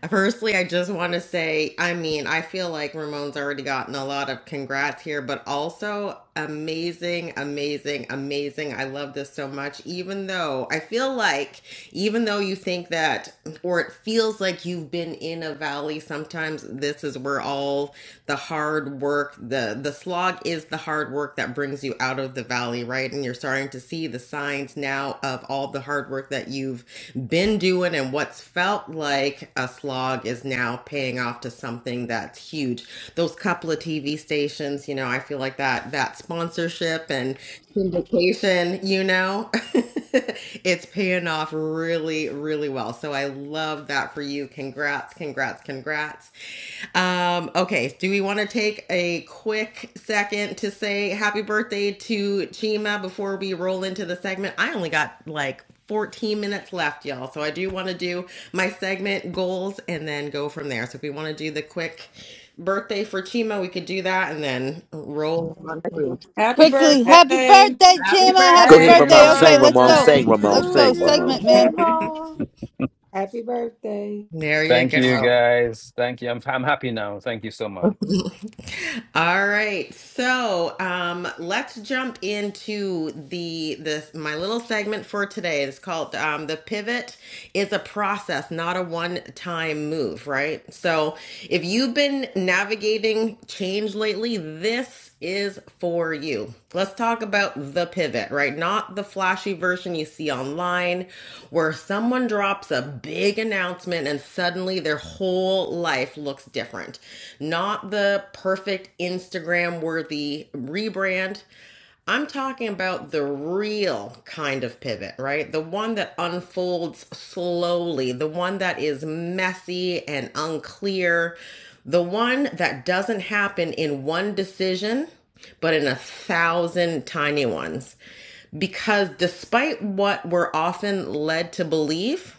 [SPEAKER 1] Firstly, I just want to say, I mean, I feel like Ramon's already gotten a lot of congrats here, but also amazing, amazing, amazing. I love this so much. Even though I feel like, even though you think that, or it feels like you've been in a valley, sometimes this is where all the hard work, the the slog is the hard work that brings you out of the valley, right? And you're starting to see the signs now of all the hard work that you've been doing and what's felt like a slog is now paying off to something that's huge. Those couple of TV stations, you know, I feel like that that sponsorship and syndication, you know, [LAUGHS] it's paying off really, really well. So I love that for you. Congrats, congrats, congrats. Um, okay, do we want to take a quick second to say happy birthday to Chima before we roll into the segment? I only got like 14 minutes left, y'all. So I do want to do my segment goals and then go from there. So if we want to do the quick birthday for Chima, we could do that and then roll on through.
[SPEAKER 7] Happy
[SPEAKER 3] Quickly,
[SPEAKER 15] ha-
[SPEAKER 3] happy
[SPEAKER 7] birthday.
[SPEAKER 3] birthday,
[SPEAKER 1] Happy
[SPEAKER 3] Chima.
[SPEAKER 13] Go
[SPEAKER 3] Happy
[SPEAKER 17] Happy
[SPEAKER 13] ahead,
[SPEAKER 15] happy
[SPEAKER 3] birthday.
[SPEAKER 13] Ramon.
[SPEAKER 17] birthday.
[SPEAKER 1] birthday.
[SPEAKER 3] Okay,
[SPEAKER 13] Sing,
[SPEAKER 3] let's
[SPEAKER 13] Ramon.
[SPEAKER 3] go.
[SPEAKER 13] Sing,
[SPEAKER 15] birthday
[SPEAKER 13] Ramon.
[SPEAKER 3] Let's
[SPEAKER 15] to
[SPEAKER 3] go.
[SPEAKER 13] Sing,
[SPEAKER 15] you,
[SPEAKER 13] Ramon.
[SPEAKER 3] Segment, man.
[SPEAKER 15] Chima.
[SPEAKER 1] There you
[SPEAKER 16] Thank you,
[SPEAKER 1] go.
[SPEAKER 16] guys. Thank you. I'm, I'm happy now. Thank you so much.
[SPEAKER 1] [LAUGHS] All right. So, um, let's jump into the this my little segment for today. It's called um, the pivot is a process, not a one-time move, right? So, if you've been navigating change lately, this is for you. Let's talk about the pivot, right? Not the flashy version you see online where someone drops a big big announcement and suddenly their whole life looks different. Not the perfect Instagram worthy rebrand. I'm talking about the real kind of pivot, right? The one that unfolds slowly, the one that is messy and unclear, the one that doesn't happen in one decision, but in a thousand tiny ones. Because despite what we're often led to believe,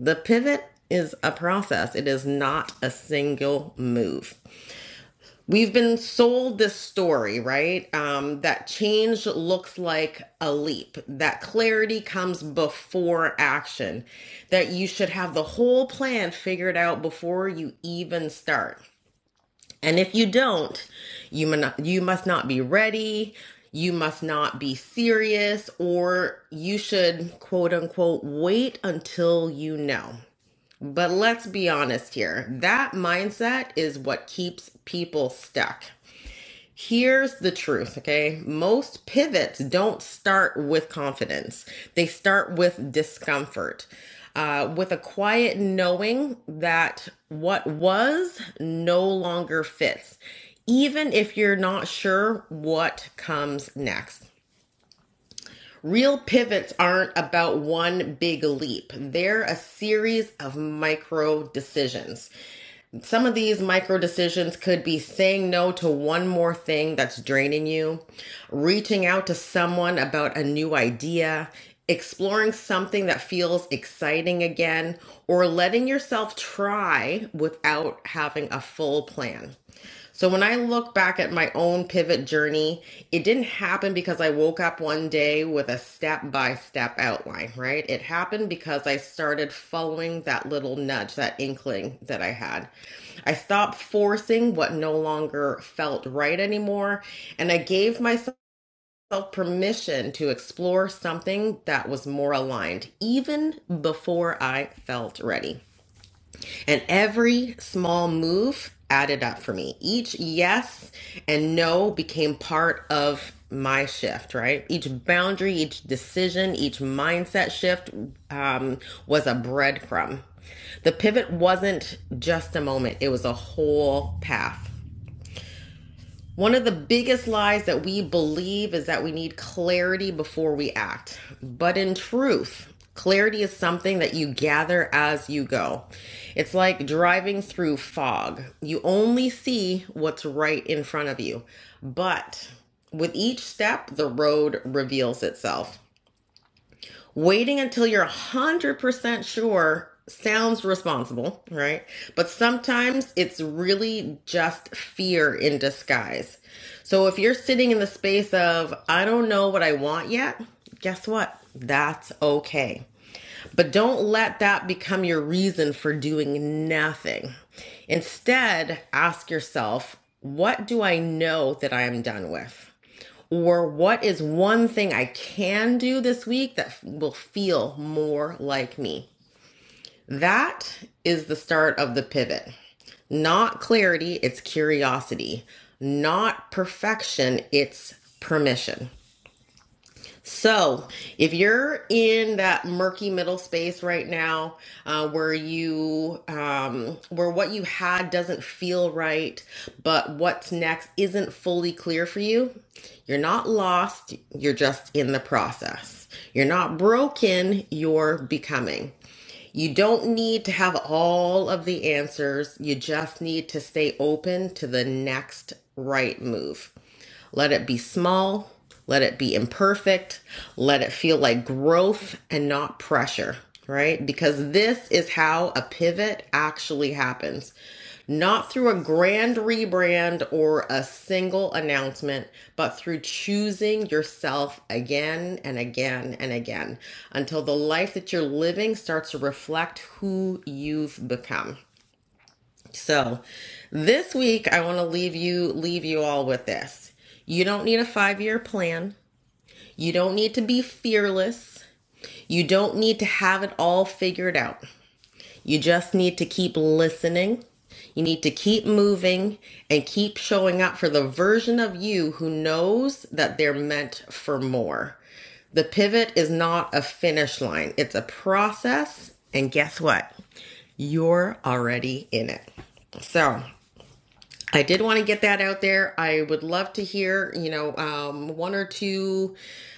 [SPEAKER 1] the pivot is a process, it is not a single move. We've been sold this story, right? Um, that change looks like a leap, that clarity comes before action, that you should have the whole plan figured out before you even start. And if you don't, you, mon- you must not be ready, you must not be serious, or you should, quote unquote, wait until you know. But let's be honest here that mindset is what keeps people stuck. Here's the truth, okay? Most pivots don't start with confidence, they start with discomfort, uh, with a quiet knowing that what was no longer fits, even if you're not sure what comes next. Real pivots aren't about one big leap. They're a series of micro decisions. Some of these micro decisions could be saying no to one more thing that's draining you, reaching out to someone about a new idea, exploring something that feels exciting again, or letting yourself try without having a full plan. So when I look back at my own pivot journey, it didn't happen because I woke up one day with a step by step outline, right? It happened because I started following that little nudge, that inkling that I had. I stopped forcing what no longer felt right anymore, and I gave myself permission to explore something that was more aligned, even before I felt ready. And every small move added up for me. Each yes and no became part of my shift, right? Each boundary, each decision, each mindset shift um, was a breadcrumb. The pivot wasn't just a moment, it was a whole path. One of the biggest lies that we believe is that we need clarity before we act. But in truth, clarity is something that you gather as you go. It's like driving through fog. You only see what's right in front of you. But with each step, the road reveals itself. Waiting until you're 100% sure sounds responsible, right? But sometimes it's really just fear in disguise. So if you're sitting in the space of, I don't know what I want yet, guess what? That's okay. But don't let that become your reason for doing nothing. Instead, ask yourself, what do I know that I am done with? Or what is one thing I can do this week that will feel more like me? That is the start of the pivot. Not clarity, it's curiosity. Not perfection, it's permission. So, if you're in that murky middle space right now, uh, where you, um, where what you had doesn't feel right, but what's next isn't fully clear for you, you're not lost. You're just in the process. You're not broken. You're becoming. You don't need to have all of the answers. You just need to stay open to the next right move. Let it be small. Let it be imperfect. Let it feel like growth and not pressure, right? Because this is how a pivot actually happens. Not through a grand rebrand or a single announcement, but through choosing yourself again and again and again until the life that you're living starts to reflect who you've become. So, this week I want to leave you leave you all with this. You don't need a 5-year plan. You don't need to be fearless. You don't need to have it all figured out. You just need to keep listening. You need to keep moving and keep showing up for the version of you who knows that they're meant for more. The pivot is not a finish line, it's a process. And guess what? You're already in it. So I did want to get that out there. I would love to hear, you know, um, one or two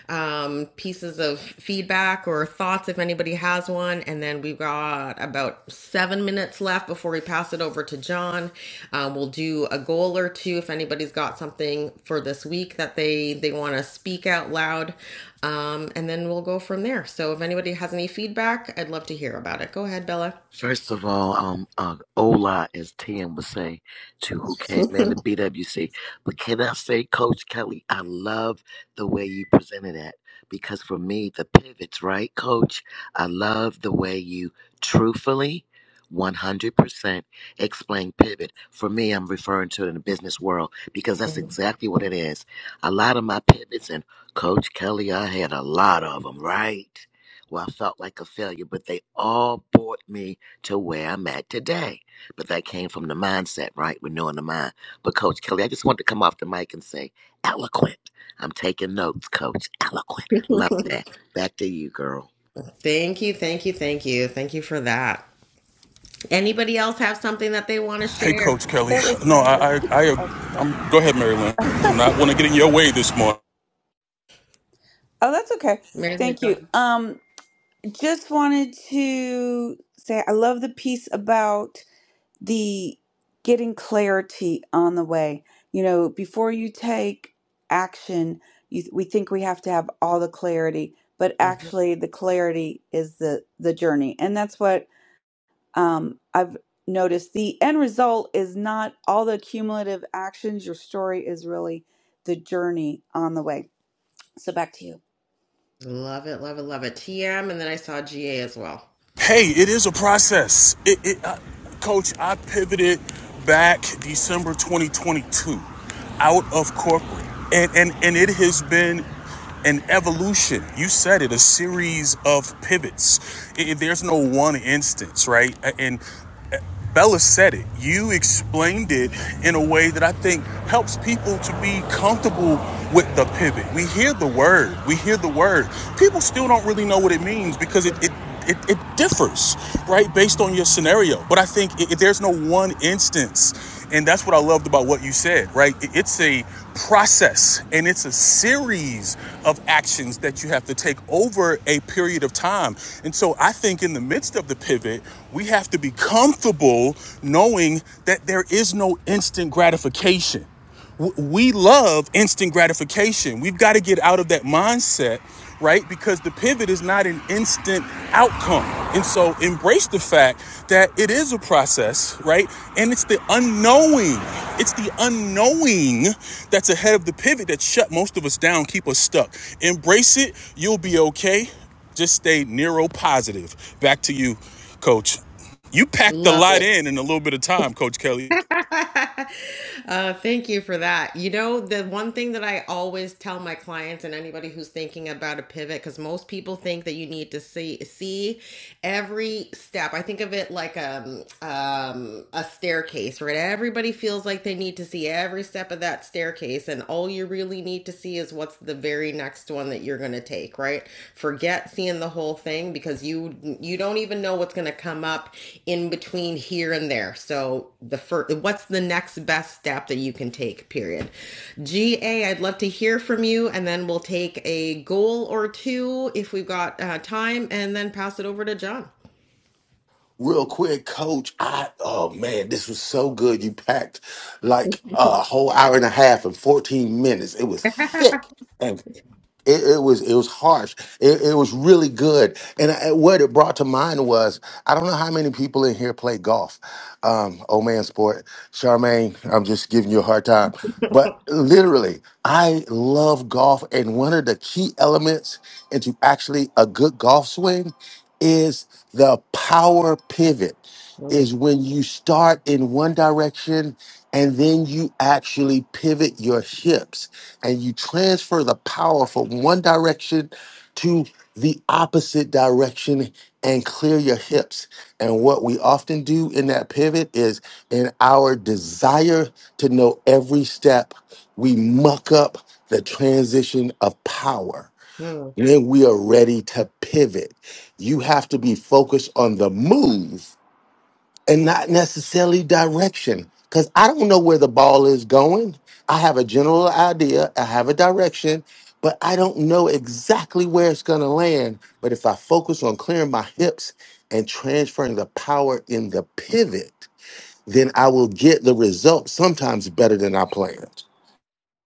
[SPEAKER 1] um, pieces of feedback or thoughts if anybody has one. And then we've got about seven minutes left before we pass it over to John. Uh, we'll do a goal or two if anybody's got something for this week that they they want to speak out loud, um, and then we'll go from there. So if anybody has any feedback, I'd love to hear about it. Go ahead, Bella.
[SPEAKER 13] First of all, um, uh, Ola, as Tim would say, to who came
[SPEAKER 1] [LAUGHS]
[SPEAKER 13] in the BWC. But can I say, Coach Kelly, I love the way you presented that because for me, the pivots, right, Coach? I love the way you truthfully, 100% explain pivot. For me, I'm referring to it in the business world because that's exactly what it is. A lot of my pivots, and Coach Kelly, I had a lot of them, right? Well, I felt like a failure, but they all brought me to where I'm at today. But that came from the mindset, right? Renewing the mind. But Coach Kelly, I just wanted to come off the mic and say, eloquent. I'm taking notes, Coach. Eloquent. Love
[SPEAKER 1] [LAUGHS]
[SPEAKER 13] that. Back to you, girl.
[SPEAKER 1] Thank you, thank you, thank you. Thank you for that. Anybody else have something that they want to
[SPEAKER 6] Hey,
[SPEAKER 1] share?
[SPEAKER 6] Coach Kelly.
[SPEAKER 7] It was
[SPEAKER 6] No,
[SPEAKER 7] lovely.
[SPEAKER 6] I, I,
[SPEAKER 7] Oh,
[SPEAKER 6] I
[SPEAKER 7] go ahead.
[SPEAKER 6] I'm, go ahead, Maryland. Do not want to get in your way this morning.
[SPEAKER 7] Oh, that's okay.
[SPEAKER 1] Mary Lou,
[SPEAKER 7] Thank
[SPEAKER 1] go
[SPEAKER 7] you.
[SPEAKER 1] ahead.
[SPEAKER 7] Um, just wanted to say I love the piece about the getting clarity on the way. You know, before you take action, you, we think we have to have all the clarity, but
[SPEAKER 1] Mhm.
[SPEAKER 7] actually, the clarity is the the journey, and that's what um, I've noticed. The end result is not all the cumulative actions. Your story is really the journey on the way. So back to you.
[SPEAKER 1] Love it, love it, love it. TM, and then I saw GA as well.
[SPEAKER 6] Hey, it is a process. It, it, uh, Coach, I pivoted back December 2022 out of corporate, and, and, and it has been an evolution. You said it, a series of pivots. I- I- there's no one instance, right? And Bella said it. You explained it in a way that I think helps people to be comfortable with the pivot. We hear the word. We hear the word. People still don't really know what it means because it it it, it differs, right, based on your scenario. But I think i i- there's no one instance and that's what I loved about what you said, right? It's a process and it's a series of actions that you have to take over a period of time. And so I think in the midst of the pivot, we have to be comfortable knowing that there is no instant gratification we love instant gratification. We've got to get out of that mindset, right? Because the pivot is not an instant outcome. And so embrace the fact that it is a process, right? And it's the unknowing. It's the unknowing that's ahead of the pivot that shut most of us down, keep us stuck. Embrace it. You'll be okay. Just stay neuropositive. Back to you, coach. You packed a
[SPEAKER 1] Love it.
[SPEAKER 6] lot in in a little bit of time, Coach Kelly.
[SPEAKER 1] [LAUGHS] Uh, thank you for that. You know, the one thing that I always tell my clients and anybody who's thinking about a pivot, because most people think that you need to see see every step. I think of it like um, um, a staircase, right? Everybody feels like they need to see every step of that staircase, and all you really need to see is what's the very next one that you're going to take, right? forget seeing the whole thing because you you don't even know what's going to come up in between here and there so the first what's the next best step that you can take period G would love to hear from you and then we'll take a goal or two if we've got uh, time and then pass it over to john
[SPEAKER 10] Real quick, coach, I oh man, this was so good. You packed like a whole hour and a half and 14 minutes. It was thick. It, it was it was harsh. It, it was really good, and I, what it brought to mind was I don't know how many people in here play golf. Um, oh man, sport, Charmaine, I'm just giving you a hard time, but literally, I love golf, and one of the key elements into actually a good golf swing is the power pivot.
[SPEAKER 1] Mm.
[SPEAKER 10] Is when you start in one direction and then you actually pivot your hips and you transfer the power from one direction to the opposite direction and clear your hips. And what we often do in that pivot is in our desire to know every step, we muck up the transition of power.
[SPEAKER 1] Mm,
[SPEAKER 10] Then we are ready to pivot, you have to be focused on the move and not necessarily direction because I don't know where the ball is going. I have a general idea, I have a direction, but I don't know exactly where it's going to land. But if I focus on clearing my hips and transferring the power in the pivot, then I will get the result sometimes better than I planned.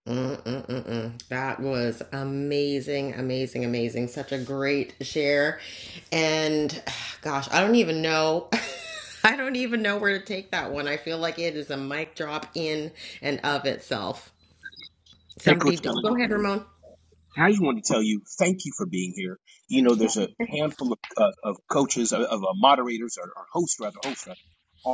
[SPEAKER 1] mm, mm, mm, mm. That was amazing, amazing, amazing. Such a great share. And [SIGHS] gosh, I don't even know. [LAUGHS] I don't even know where to take that one. I feel like it is a mic drop in and of itself.
[SPEAKER 9] Hey,
[SPEAKER 1] Somebody,
[SPEAKER 9] Coach
[SPEAKER 1] don't
[SPEAKER 9] Kelly.
[SPEAKER 1] go ahead, Ramon.
[SPEAKER 9] I just wanted to tell you, thank you for being here. You know, there's a handful of, uh, of coaches, of, of uh, moderators, or, or hosts rather, hosts rather,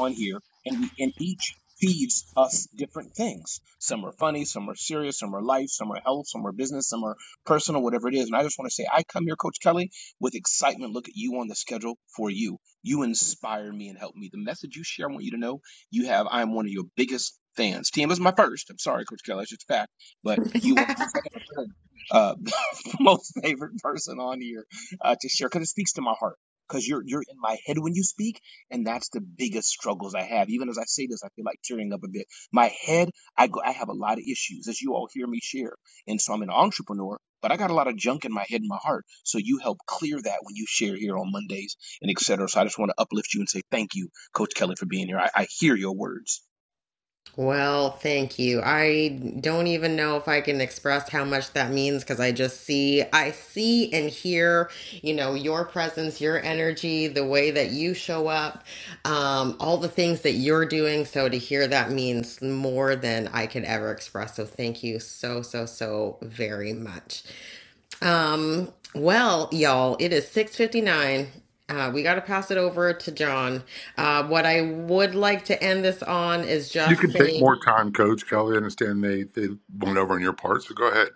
[SPEAKER 9] on here, and we and each feeds us different things. Some are funny, some are serious, some are life, some are health, some are business, some are personal, whatever it is. And I just want to say, I come here, Coach Kelly, with excitement. Look at you on the schedule for you. You inspire me and help me. The message you share, I want you to know, you have. I am one of your biggest fans. TM is my first. I'm sorry, Coach Kelly, it's just a fact, but you are my second or third uh, [LAUGHS] most favorite person on here uh, to share because it speaks to my heart. Because you're you're in my head when you speak, and that's the biggest struggles I have. Even as I say this, I feel like tearing up a bit. My head, I go, I have a lot of issues, as you all hear me share. And so I'm an entrepreneur, but I got a lot of junk in my head and my heart. So you help clear that when you share here on Mondays and et cetera. So I just want to uplift you and say thank you, Coach Kelly, for being here. I, I hear your words.
[SPEAKER 1] Well, thank you. I don't even know if I can express how much that means because I just see, I see and hear, you know, your presence, your energy, the way that you show up, um, all the things that you're doing. So to hear that means more than I could ever express. So thank you so, so, so very much. Um, well, y'all, it is 6:59. Uh, we got to pass it over to John. Uh, what I would like to end this on is
[SPEAKER 20] You
[SPEAKER 1] just
[SPEAKER 20] can take
[SPEAKER 1] saying
[SPEAKER 20] more time, Coach Kelly. I understand they, they went over on your part, so go ahead.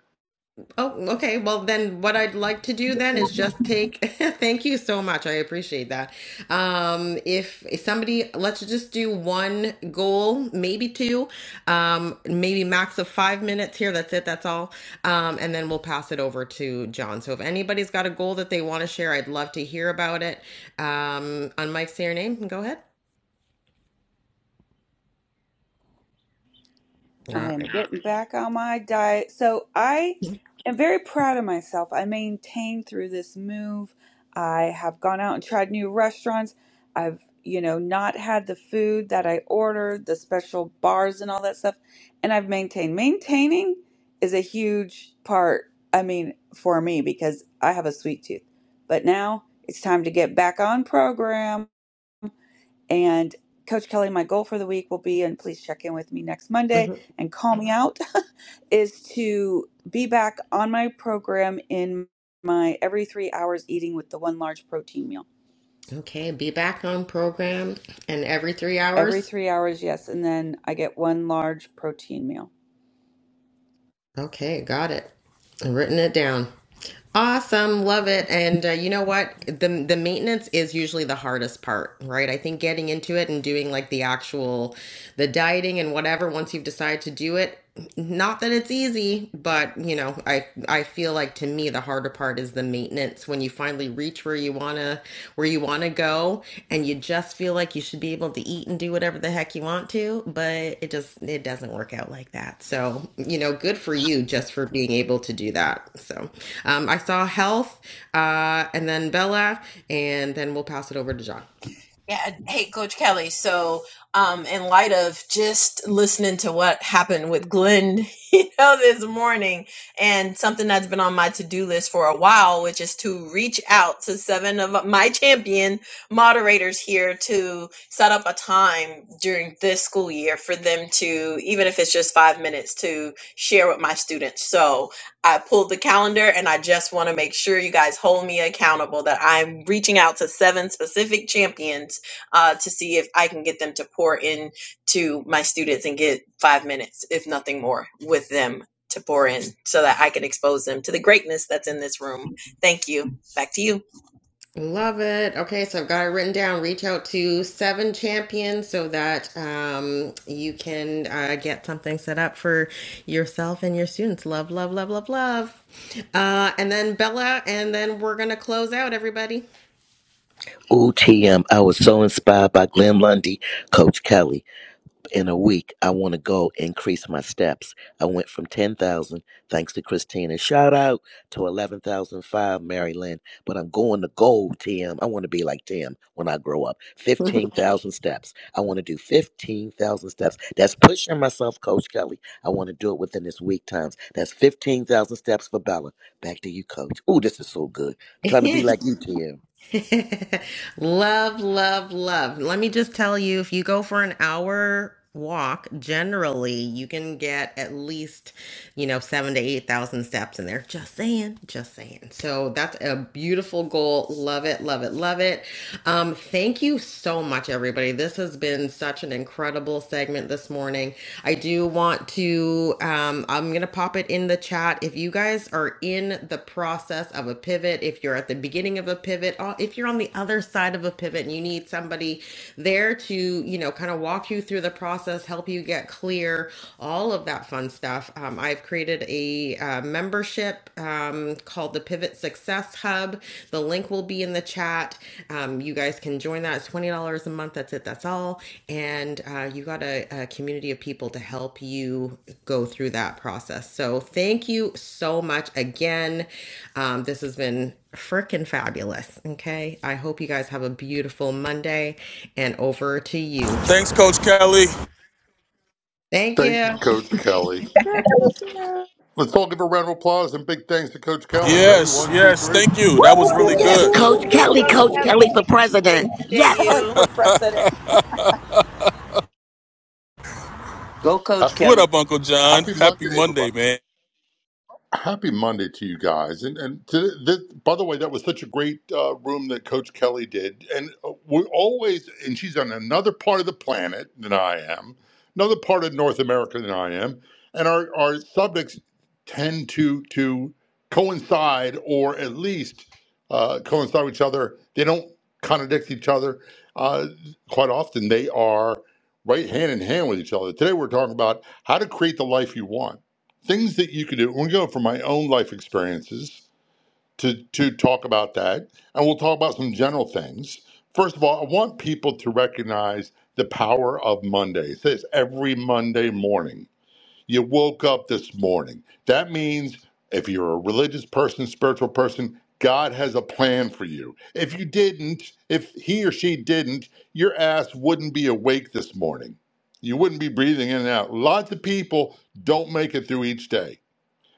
[SPEAKER 1] Oh, okay. Well, then what I'd like to do then is just take [LAUGHS] thank you so much. I appreciate that. Um if somebody let's just do one goal, maybe two, um maybe max of 5 minutes here. That's it. That's all. Um and then we'll pass it over to John. So if anybody's got a goal that they want to share, I'd love to hear about it. Um on Mike, say your name. and Go ahead. All
[SPEAKER 7] I am
[SPEAKER 1] right.
[SPEAKER 7] getting back on my diet. So I am very proud of myself. I maintained through this move. I have gone out and tried new restaurants. I've, you know, not had the food that I ordered, the special bars and all that stuff. And I've maintained. Maintaining is a huge part, I mean, for me because I have a sweet tooth. But now it's time to get back on program. And Coach Kelly, my goal for the week will be, and please check in with me next Monday
[SPEAKER 1] Mhm.
[SPEAKER 7] and call me out, [LAUGHS] is to be back on my program in my every three hours eating with the one large protein meal.
[SPEAKER 1] Okay, be back on program and every three
[SPEAKER 7] Every
[SPEAKER 1] hours.
[SPEAKER 7] three hours, yes. And then I get one large protein meal.
[SPEAKER 1] Okay, got it. I've written it down. Awesome, love it. And uh, you know what? The the maintenance is usually the hardest part, right? I think getting into it and doing like the actual the dieting and whatever once you've decided to do it, not that it's easy, but you know, I I feel like to me the harder part is the maintenance when you finally reach where you want to where you want to go and you just feel like you should be able to eat and do whatever the heck you want to, but it just it doesn't work out like that. So, you know, good for you just for being able to do that. So, um, I saw health uh, and then Bella and then we'll pass it over to John.
[SPEAKER 2] Yeah, hey, Coach Kelly. So, um, in light of just listening to what happened with Glenn, [LAUGHS] you know, this morning, and something that's been on my to-do list for a while, which is to reach out to seven of my champion moderators here to set up a time during this school year for them to, even if it's just five minutes, to share with my students. So, I pulled the calendar, and I just want to make sure you guys hold me accountable that I'm reaching out to seven specific champions uh, to see if I can get them to pour in to my students and get five minutes, if nothing more, with them to pour in so that I can expose them to the greatness that's in this room. Thank you. Back to you.
[SPEAKER 1] Love it. Okay, so I've got it written down. Reach out to seven champions so that um, you can uh, get something set up for yourself and your students. Love, love, love, love, love. Uh, and then Bella, and then we're going to close out, everybody.
[SPEAKER 13] Ooh, TM. I was so inspired by Glenn Lundy, Coach Kelly. in a week, I want to go increase my steps. I went from 10,000, thanks to Christina, shout out to 11,005, Mary Lynn. But I'm going to gold, Tim. I want to be like Tim when I grow up. 15,000 steps. I want to do 15,000 steps. That's pushing myself, Coach Kelly. I want to do it within this week times. That's 15,000 steps for Bella. Back to you, Coach. Ooh, this is so good. I'm trying to
[SPEAKER 1] [LAUGHS]
[SPEAKER 13] be like you, Tim.
[SPEAKER 1] [LAUGHS] love, love, love. Let me just tell you if you go for an hour walk, generally you can get at least, you know, seven to 8,000 steps in there. Just saying, just saying. So that's a beautiful goal. Love it, love it, love it. Um, thank you so much, everybody. This has been such an incredible segment this morning. I do want to, um, I'm going to pop it in the chat. If you guys are in the process of a pivot, if you're at the beginning of a pivot, uh, if you're on the other side of a pivot and you need somebody there to, you know, kind of walk you through the process, help you get clear, all of that fun stuff, um, I've created a uh, membership um, called called the Pivot Success Hub. The link will be in the chat. Um, you guys can join that. It's twenty dollars a month. That's it. That's all. And uh, you got a, a community of people to help you go through that process. So thank you so much again. Um, this has been freaking fabulous. Okay. I hope you guys have a beautiful Monday. And over to you,
[SPEAKER 6] Thanks,
[SPEAKER 1] John.
[SPEAKER 6] Coach Kelly.
[SPEAKER 1] Thank
[SPEAKER 20] Thank
[SPEAKER 1] you.
[SPEAKER 20] you, Coach Kelly.
[SPEAKER 7] [LAUGHS]
[SPEAKER 20] Let's all give a round of applause and big thanks to Coach Kelly. Ready?
[SPEAKER 6] Yes,
[SPEAKER 20] One, two,
[SPEAKER 6] yes,
[SPEAKER 20] three.
[SPEAKER 6] thank you. That
[SPEAKER 12] Pew,
[SPEAKER 6] was
[SPEAKER 12] pew,
[SPEAKER 6] really
[SPEAKER 12] pew,
[SPEAKER 13] Yes,
[SPEAKER 6] good.
[SPEAKER 12] pew, pew,
[SPEAKER 13] Coach
[SPEAKER 12] pew,
[SPEAKER 2] Coach
[SPEAKER 13] Kelly,
[SPEAKER 12] pew.
[SPEAKER 13] Coach
[SPEAKER 2] Kelly,
[SPEAKER 13] Kelly for
[SPEAKER 2] we
[SPEAKER 13] president.
[SPEAKER 2] appreciate
[SPEAKER 7] Kelly
[SPEAKER 13] Yes.
[SPEAKER 2] you.
[SPEAKER 7] for president.
[SPEAKER 15] Go, Coach
[SPEAKER 20] Hap-
[SPEAKER 6] What
[SPEAKER 15] Kelly.
[SPEAKER 6] up, Uncle John?
[SPEAKER 20] Happy
[SPEAKER 6] Happy
[SPEAKER 20] Monday, everybody.
[SPEAKER 6] Monday, man.
[SPEAKER 20] happy Monday to you guys. And and to, this, by the way, that was such a great uh, room that Coach Kelly did. And uh, we're always, and she's on another part of the planet than I am, another part of North America than I am. And our, our subjects tend to to coincide or at least uh, coincide with each other. They don't contradict each other. Uh, quite often, they are right hand in hand with each other. Today, we're talking about how to create the life you want things that you can do. We'll go from my own life experiences to to talk about that, and we'll talk about some general things. First of all, I want people to recognize the power of Monday. It says every Monday morning. You woke up this morning. That means if you're a religious person, spiritual person, God has a plan for you. If you didn't, if he or she didn't, your ass wouldn't be awake this morning. You wouldn't be breathing in and out. Lots of people don't make it through each day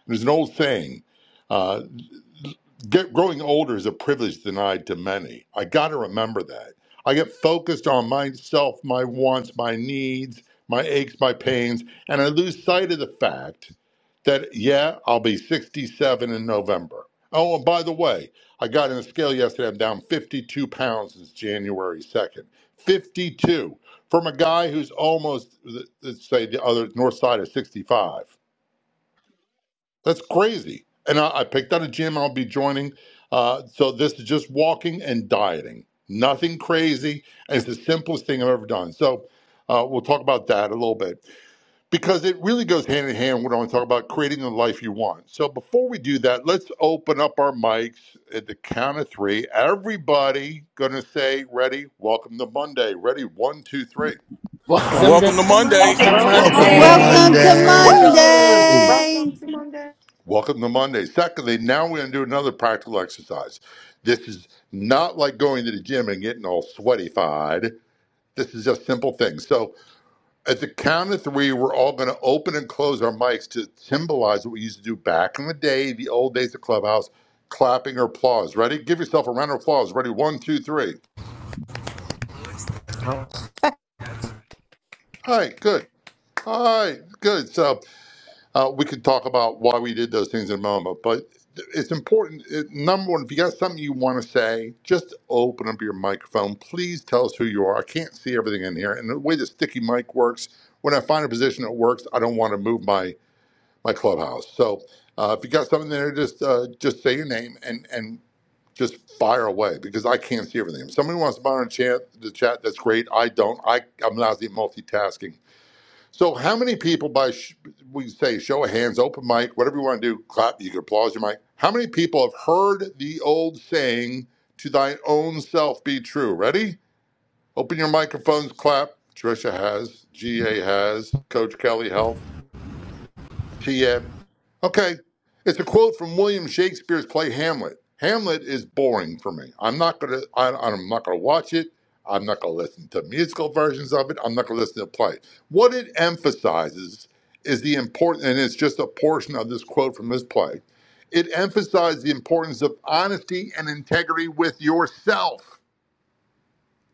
[SPEAKER 20] there's an old saying uh, get, growing older is a privilege denied to many. I got to remember that. I get focused on myself, my wants, my needs, my aches, my pains, and I lose sight of the fact that, yeah, I'll be 67 in November. Oh, and by the way, I got on a scale yesterday. I'm down 52 pounds since January 2nd. 52 from a guy who's almost, let's say, the other north side of 65. That's crazy. And I, I picked out a gym I'll be joining. Uh, so this is just walking and dieting, nothing crazy. And it's the simplest thing I've ever done. So uh, we'll talk about that a little bit because it really goes hand in hand. What I want to talk about creating the life you want. So before we do that, let's open up our mics at the count of three. Everybody going to say, ready, welcome to Monday. Ready, one, two, three.
[SPEAKER 13] Welcome to
[SPEAKER 6] Welcome to
[SPEAKER 1] Good
[SPEAKER 6] Monday.
[SPEAKER 15] Go,
[SPEAKER 10] Welcome to
[SPEAKER 1] Monday.
[SPEAKER 12] Welcome
[SPEAKER 15] Commander.
[SPEAKER 12] to
[SPEAKER 13] Monday.
[SPEAKER 3] Welcome to
[SPEAKER 13] Uncle
[SPEAKER 12] Monday.
[SPEAKER 13] John.
[SPEAKER 10] Monday.
[SPEAKER 2] Woo!
[SPEAKER 3] Monday
[SPEAKER 14] Welcome to Monday.
[SPEAKER 20] Welcome to Monday. Secondly, now we're going to do another practical exercise. This is not like going to the gym and getting all sweaty-fied. This is just simple things. So, at the count of three, we're all going to open and close our mics to symbolize what we used to do back in the day, the old days of Clubhouse, clapping or applause. Ready? Give yourself a round of applause. Ready? One, two, three. Hi, good. Hi, good. So, Uh, we could talk about why we did those things in a moment, but it's important. It, number one, if you got something you want to say, just open up your microphone. Please tell us who you are. I can't see everything in here, and the way the sticky mic works, when I find a position that works, I don't want to move my my clubhouse. So uh, if you got something there, just uh, just say your name and and just fire away because I can't see everything. If somebody wants to monitor chat, the chat, that's great. I don't. I I'm lousy at multitasking. So, how many people by sh- we say show of hands, open mic, whatever you want to do, clap, you can applause your mic. How many people have heard the old saying, "To thine own self be true"? Ready? Open your microphones, clap. Trisha has, GA has, Coach Kelly Health. PM. Okay, it's a quote from William Shakespeare's play Hamlet. Hamlet is boring for me. I'm not gonna. I, I'm not gonna watch it. I'm not gonna listen to musical versions of it. I'm not gonna listen to the play. What it emphasizes is the important, and it's just a portion of this quote from this play. It emphasizes the importance of honesty and integrity with yourself.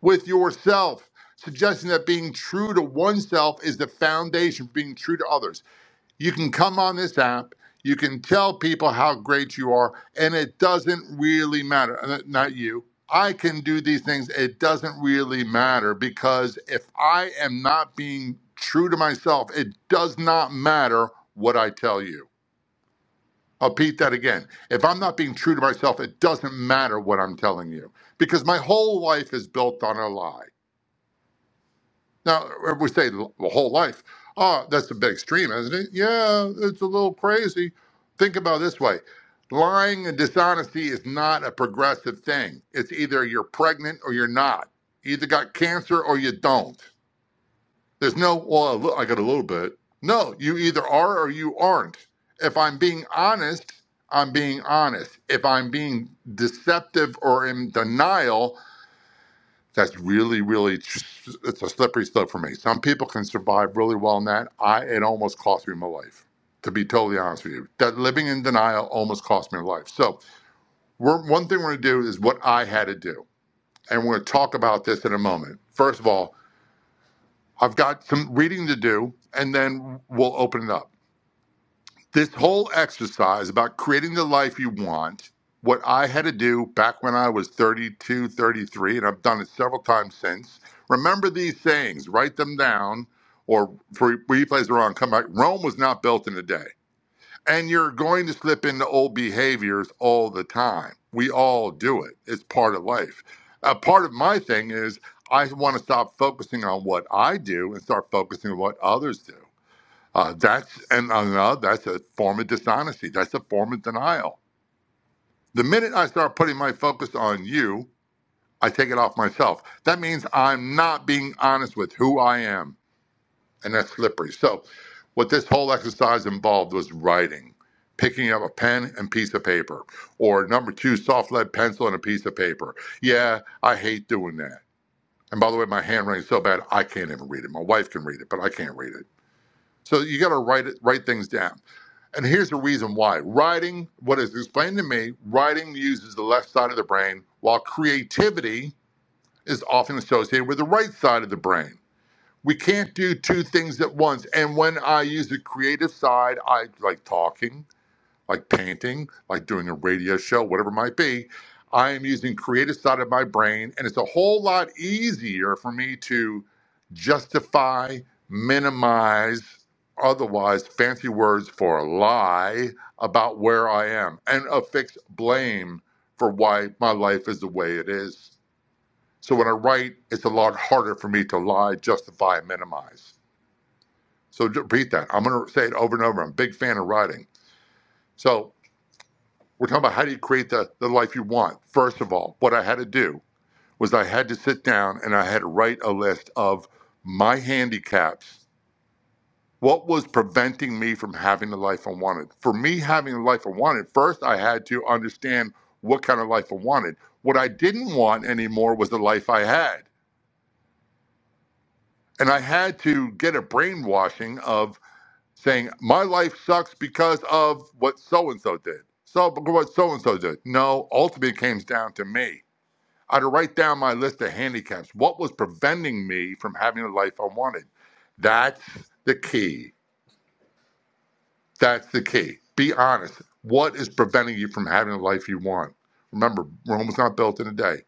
[SPEAKER 20] With yourself, suggesting that being true to oneself is the foundation for being true to others. You can come on this app, you can tell people how great you are, and it doesn't really matter. Uh, Not you. I can do these things. It doesn't really matter because if I am not being true to myself, it does not matter what I tell you. I'll repeat that again. If I'm not being true to myself, it doesn't matter what I'm telling you because my whole life is built on a lie. Now, if we say the whole life, oh, that's a bit extreme, isn't it? Yeah, it's a little crazy. Think about it this way lying and dishonesty is not a progressive thing. It's either you're pregnant or you're not. You either got cancer or you don't. There's no, well, a li- I got a little bit. No, you either are or you aren't. If I'm being honest, I'm being honest. If I'm being deceptive or in denial, that's really, really, it's a slippery slope for me. Some people can survive really well in that. I, it almost cost me my life, to be totally honest with you. That living in denial almost cost me my life. So, we're, one thing we're going to do is what I had to do. And we're going to talk about this in a moment. First of all, I've got some reading to do, and then we'll open it up. This whole exercise about creating the life you want, what I had to do back when I was 3233 and I've done it several times since. Remember these sayings, write them down, or for replays are on, come back. Rome was not built in a day. And you're going to slip into old behaviors all the time. We all do it, it's part of life. A part of my thing is I want to stop focusing on what I do and start focusing on what others do. Uh, that's and uh, no, that's a form of dishonesty. That's a form of denial. The minute I start putting my focus on you, I take it off myself. That means I'm not being honest with who I am, and that's slippery. So, what this whole exercise involved was writing, picking up a pen and piece of paper, or number two, soft lead pencil and a piece of paper. Yeah, I hate doing that. And by the way, my handwriting's so bad I can't even read it. My wife can read it, but I can't read it. So you got to write it, write things down. And here's the reason why. Writing, what is explained to me, writing uses the left side of the brain, while creativity is often associated with the right side of the brain. We can't do two things at once. And when I use the creative side, I like talking like painting, like doing a radio show, whatever it might be, I am using creative side of my brain, and it's a whole lot easier for me to justify, minimize, otherwise fancy words for lie about where I am, and affix blame for why my life is the way it is. So when I write, it's a lot harder for me to lie, justify, and minimize. So repeat that. I'm going to say it over and over. I'm a big fan of writing. So we're talking about how do you create the, the life you want. First of all, what I had to do was I had to sit down and I had to write a list of my handicaps. What was preventing me from having the life I wanted? For me, having the life I wanted, first I had to understand what kind of life I wanted. What I didn't want anymore was the life I had. And I had to get a brainwashing of saying, my life sucks because of what so and so did. So, what so and so did. No, ultimately, it comes down to me I had to write down my list of handicaps. What was preventing me from having the life I wanted? That's the key. That's the key. Be honest. What is preventing you from having the life you want? Remember, Rome was not built in a day.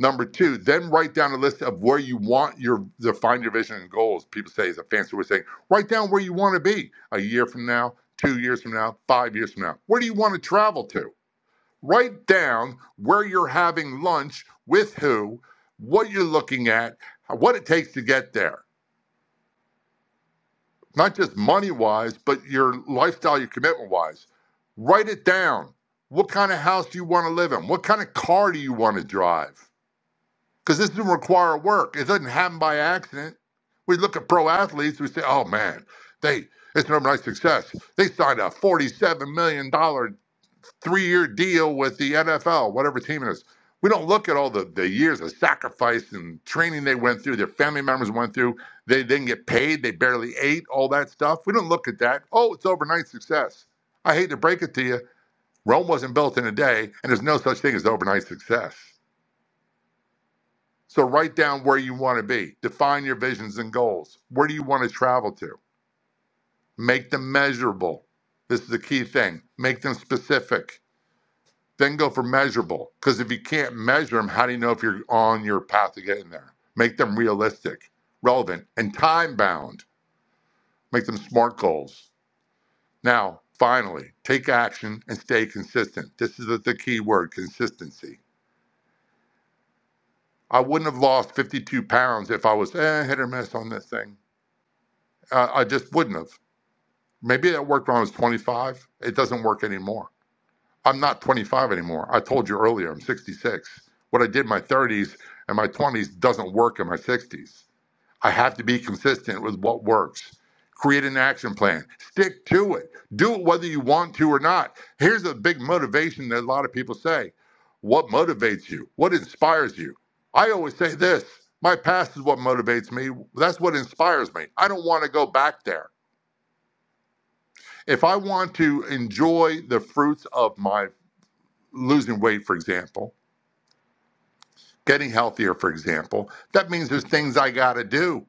[SPEAKER 20] Number two, then write down a list of where you want your to find your vision and goals. People say it's a fancy way of saying write down where you want to be a year from now, two years from now, five years from now. Where do you want to travel to? Write down where you're having lunch, with who, what you're looking at, what it takes to get there. Not just money wise, but your lifestyle, your commitment wise. Write it down. What kind of house do you want to live in? What kind of car do you want to drive? Because this doesn't require work. It doesn't happen by accident. We look at pro athletes, we say, oh man, they it's an overnight success. They signed a $47 million dollars three year deal with the NFL, whatever team it is. We don't look at all the, the years of sacrifice and training they went through, their family members went through. They didn't get paid, they barely ate, all that stuff. We don't look at that. Oh, it's overnight success. I hate to break it to you. Rome wasn't built in a day, and there's no such thing as overnight success. So write down where you want to be, define your visions and goals. Where do you want to travel to? Make them measurable. This is the key thing. Make them specific Then go for measurable. Because if you can't measure them, how do you know if you're on your path to getting there? Make them realistic, relevant, and time bound. Make them smart goals. Now, finally, take action and stay consistent. This is the, key word consistency. I wouldn't have lost 52 pounds if I was eh, hit or miss on this thing. Uh, I just wouldn't have. Maybe that worked when I was 25. It doesn't work anymore I'm not 25 anymore. I told you earlier, I'm 66. What I did in my 30s and my 20s doesn't work in my 60s. I have to be consistent with what works. Create an action plan. Stick to it. Do it whether you want to or not. Here's a big motivation that a lot of people say What motivates you? What inspires you? I always say this my past is what motivates me. That's what inspires me. I don't want to go back there. If I want to enjoy the fruits of my losing weight, for example, getting healthier, for example, that means there's things I got to do.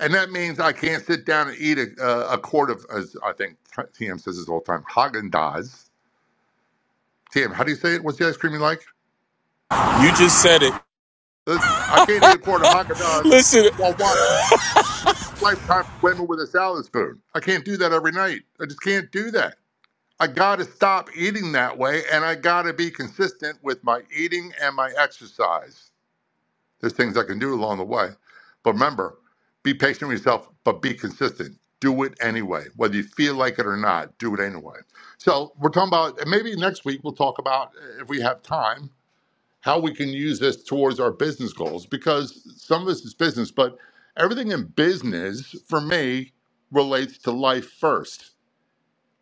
[SPEAKER 20] And that means I can't sit down and eat a, a, a quart of, as I think TM says this all the time, Haagen Dazs. TM, how do you say it? What's the ice cream you like?
[SPEAKER 6] You just said it.
[SPEAKER 20] Uh, I can't eat a quart of Haagen
[SPEAKER 6] [LAUGHS]
[SPEAKER 20] Dazs
[SPEAKER 6] Listen,
[SPEAKER 20] while watching Lifetime for Women with a salad spoon. I can't do that every night. I just can't do that. I got to stop eating that way, and I got to be consistent with my eating and my exercise. There's things I can do along the way. But remember, be patient with yourself, but be consistent. Do it anyway. Whether you feel like it or not, do it anyway. So we're talking about, and maybe next week we'll talk about, uh, if we have time, how we can use this towards our business goals because some of this is business, but everything in business for me relates to life first.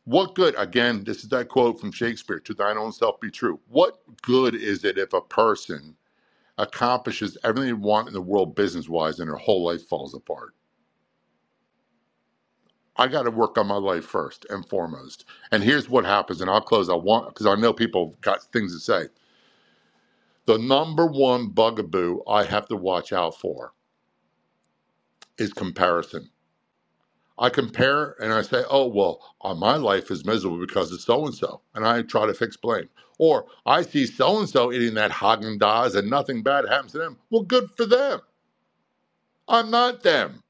[SPEAKER 20] What good, again, this is that quote from Shakespeare, to thine own self be true. What good is it if a person accomplishes everything you want in the world business wise and her whole life falls apart. I got to work on my life first and foremost. And here's what happens, and I'll close. I want because I know people have got things to say. The number one bugaboo I have to watch out for is comparison. I compare and I say, oh, well, uh, my life is miserable because of so and so. And I try to fix blame. Or I see so and so eating that Haagen Dazs and nothing bad happens to them. Well, good for them. I'm not them.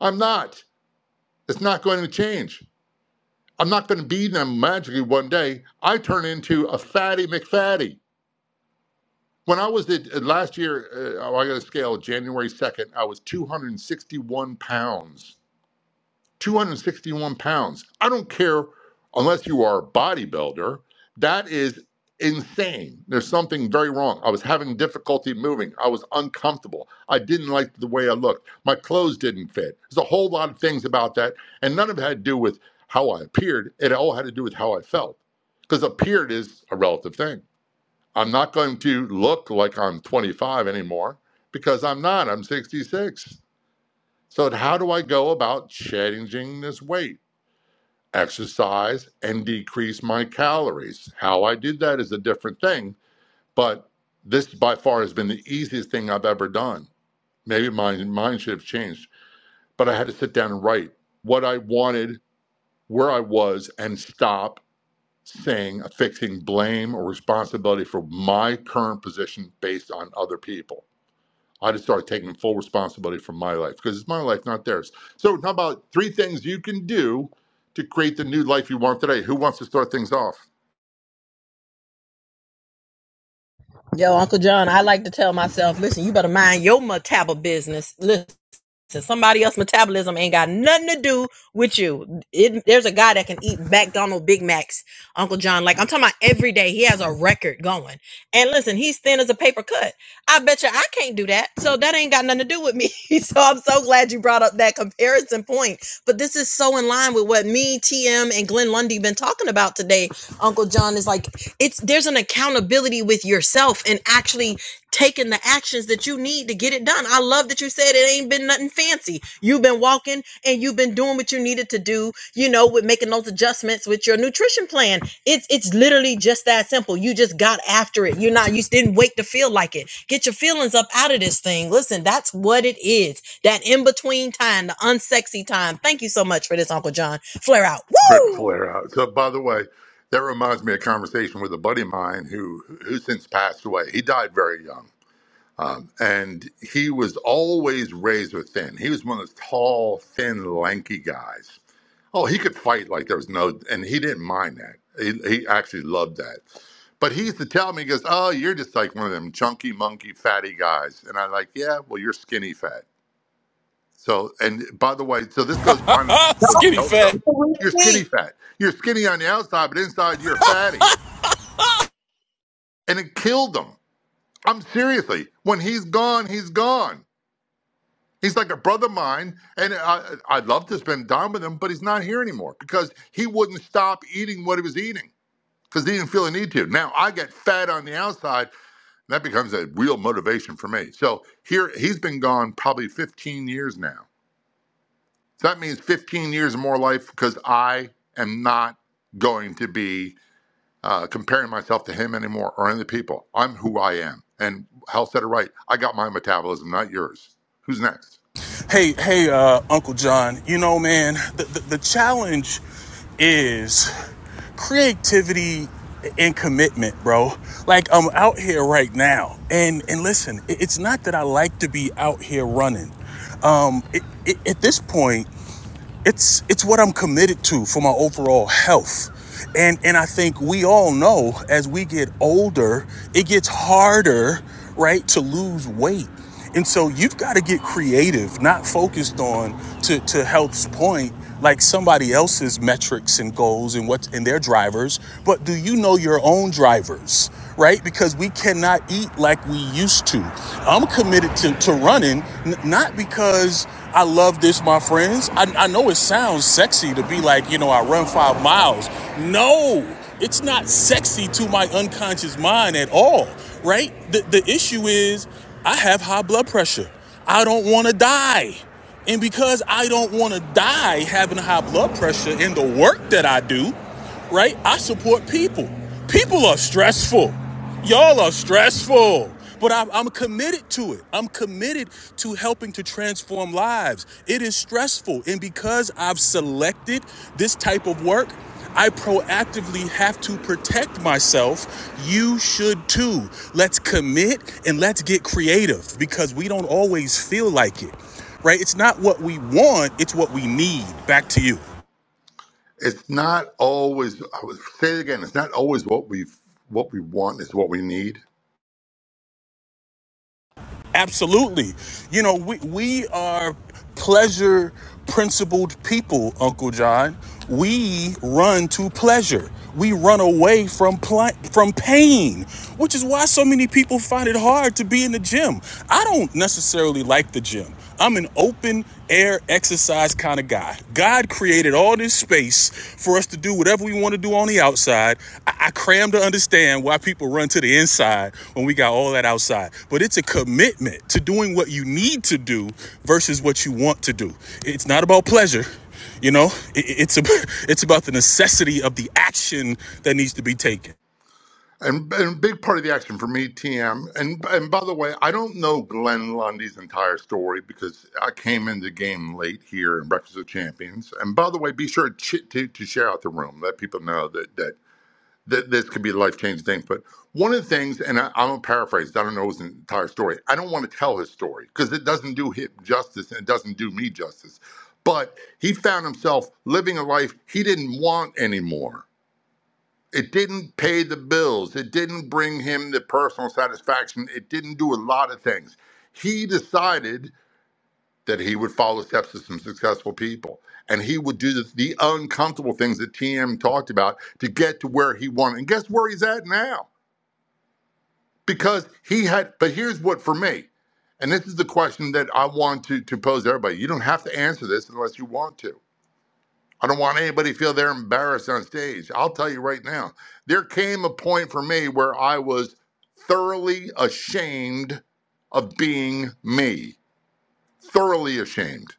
[SPEAKER 20] I'm not. It's not going to change. I'm not going to be them magically one day. I turn into a fatty McFatty. When I was the, last year, uh, oh, I got a scale January 2nd, I was 261 pounds. 261 pounds. I don't care unless you are a bodybuilder. That is insane. There's something very wrong. I was having difficulty moving. I was uncomfortable. I didn't like the way I looked. My clothes didn't fit. There's a whole lot of things about that. And none of it had to do with how I appeared. It all had to do with how I felt. Because appeared is a relative thing. I'm not going to look like I'm 25 anymore because I'm not. I'm 66. So, how do I go about changing this weight? exercise and decrease my calories. How I did that is a different thing, but this by far has been the easiest thing I've ever done. Maybe my mind should have changed, but I had to sit down and write what I wanted, where I was, and stop saying affixing blame or responsibility for my current position based on other people. I just started taking full responsibility for my life because it's my life, not theirs. So, how about three things you can do to create the new life you want today? Who wants to start things off?
[SPEAKER 2] Yo, Uncle John, I like to tell myself, listen, you better mind your metabo business. listen. So somebody else's metabolism ain't got nothing to do with you. It, there's a guy that can eat McDonald Big Macs, Uncle John. Like I'm talking about every day. He has a record going. And listen, he's thin as a paper cut. I bet you I can't do that. So that ain't got nothing to do with me. [LAUGHS] so I'm so glad you brought up that comparison point. But this is so in line with what me, TM, and Glenn Lundy been talking about today. Uncle John is like, it's there's an accountability with yourself and actually taking the actions that you need to get it done. I love that you said it ain't been nothing fancy. You've been walking and you've been doing what you needed to do, you know, with making those adjustments with your nutrition plan. It's it's literally just that simple. You just got after it. You're not you didn't wait to feel like it. Get your feelings up out of this thing. Listen, that's what it is. That in-between time, the unsexy time. Thank you so much for this, Uncle John. Flare out.
[SPEAKER 20] Rip
[SPEAKER 2] Woo!
[SPEAKER 20] Flair out. So, by the way, that reminds me of a conversation with a buddy of mine who who since passed away. He died very young. Um, and he was always raised with thin. He was one of those tall, thin, lanky guys Oh, he could fight like there was no, and he didn't mind that. He, he actually loved that. But he used to tell me, he goes, Oh, you're just like one of them chunky, monkey, fatty guys. And I'm like, Yeah, well, you're skinny fat. So, and by the way, so this goes on
[SPEAKER 6] ah,
[SPEAKER 20] with
[SPEAKER 6] skinny
[SPEAKER 20] health
[SPEAKER 6] fat.
[SPEAKER 20] stuff. You're skinny
[SPEAKER 2] Thanks.
[SPEAKER 20] fat. You're skinny on the outside, but inside you're fatty. And it killed him. I'm seriously, when he's gone, he's gone. He's like a brother of mine. And I, I'd love to spend time with him, but he's not here anymore because he wouldn't stop eating what he was eating. because they didn't feel a need to. Now I get fed on the outside. That becomes a real motivation for me. So here he's been gone probably 15 years now. So that means 15 years of more life because I am not going to be uh, comparing myself to him anymore or any people. I'm who I am. And Hal said it right. I got my metabolism, not yours. Who's next?
[SPEAKER 6] Hey, hey, uh, Uncle John. You know, man, the, the, the challenge is creativity and commitment, bro. Like I'm out here right now, and and listen, it- it's not that I like to be out here running. Um, it, it, at this point. it's it's what I'm committed to for my overall health. And and I think we all know as we get older, it gets harder, right, to lose weight. And so you've got to get creative, not focused on to to health's point, like somebody else's metrics and goals and what's in their drivers, but do you know your own drivers, right? Because we cannot eat like we used to. I'm committed to, to running, n- not because I love this, my friends. I, I know it sounds sexy to be like, you know, I run five miles. No, it's not sexy to my unconscious mind at all, right? The, the issue is I have high blood pressure. I don't want to die. And because I don't want to die having high blood pressure in the work that I do, right? I support people. People are stressful. Y'all are stressful. But I'm, I'm committed to it. I'm committed to helping to transform lives. It is stressful. And because I've selected this type of work, I proactively have to protect myself. You should too. Let's commit and let's get creative because we don't always feel like it, right? It's not what we want, it's what we need. Back to you.
[SPEAKER 20] It's not always. I would say it again. It's not always what we what we want is what we need
[SPEAKER 6] Absolutely. You know, we, we are pleasure principled people, Uncle John. We run to pleasure. We run away from pl- from pain, which is why so many people find it hard to be in the gym. I don't necessarily like the gym. I'm an open air exercise kind of guy. God created all this space for us to do whatever we want to do on the outside. I, I cram to understand why people run to the inside when we got all that outside. But it's a commitment to doing what you need to do versus what you want to do. It's not about pleasure. You know, it, it's a, [LAUGHS] it's about the necessity of the action that needs to be taken.
[SPEAKER 20] And, and a big part of the action for me, TM, and and by the way, I don't know Glenn Lundy's entire story because I came into the game late here in Breakfast of Champions. And by the way, be sure to, ch- to, to share out the room, let people know that, that, that this could be a life changing thing. But one of the things, and I, I'm going to paraphrase, I don't know his entire story. I don't want to tell his story because it doesn't do him justice and it doesn't do me justice. But he found himself living a life he didn't want anymore it didn't pay the bills. It didn't bring him the personal satisfaction. It didn't do a lot of things. He decided that he would follow steps of some successful people and he would do the, the uncomfortable things that TM talked about to get to where he wanted. And guess where he's at now? Because he had, but here's what for me, and this is the question that I want to, to pose to everybody. You don't have to answer this unless you want to I don't want anybody to feel they're embarrassed on stage. I'll tell you right now, there came a point for me where I was thoroughly ashamed of being me, thoroughly ashamed.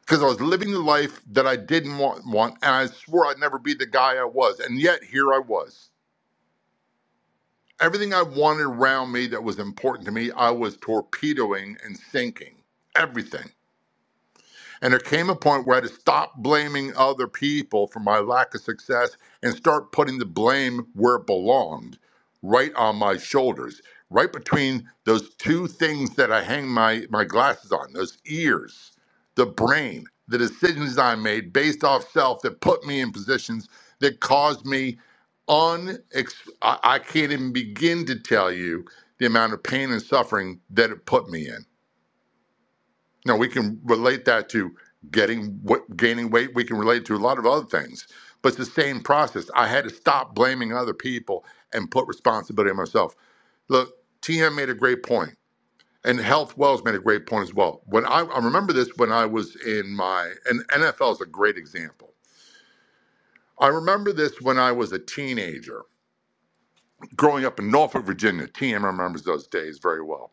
[SPEAKER 20] Because I was living the life that I didn't want, want, and I swore I'd never be the guy I was. And yet, here I was. Everything I wanted around me that was important to me, I was torpedoing and sinking. Everything. And there came a point where I had to stop blaming other people for my lack of success and start putting the blame where it belonged, right on my shoulders, right between those two things that I hang my, my glasses on those ears, the brain, the decisions I made based off self that put me in positions that caused me un I, I can't even begin to tell you the amount of pain and suffering that it put me in. Now we can relate that to getting gaining weight. We can relate to a lot of other things, but it's the same process. I had to stop blaming other people and put responsibility on myself. Look, TM made a great point, and Health Wells made a great point as well. When I, I remember this when I was in my and NFL is a great example. I remember this when I was a teenager growing up in Norfolk, Virginia. TM remembers those days very well.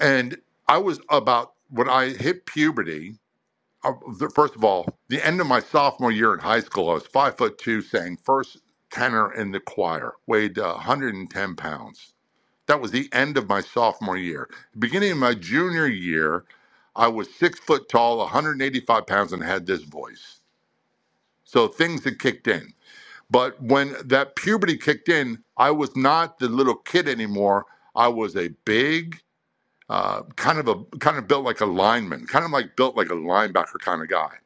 [SPEAKER 20] And I was about when I hit puberty, uh, the- first of all, the end of my sophomore year in high school, I was five foot two, sang first tenor in the choir, weighed uh, 110 pounds. That was the end of my sophomore year. Beginning of my junior year, I was six foot tall, 185 pounds, and had this voice. So things had kicked in. But when that puberty kicked in, I was not the little kid anymore. I was a big, uh, kind of a kind of built like a lineman, kind of like built like a linebacker kind of guy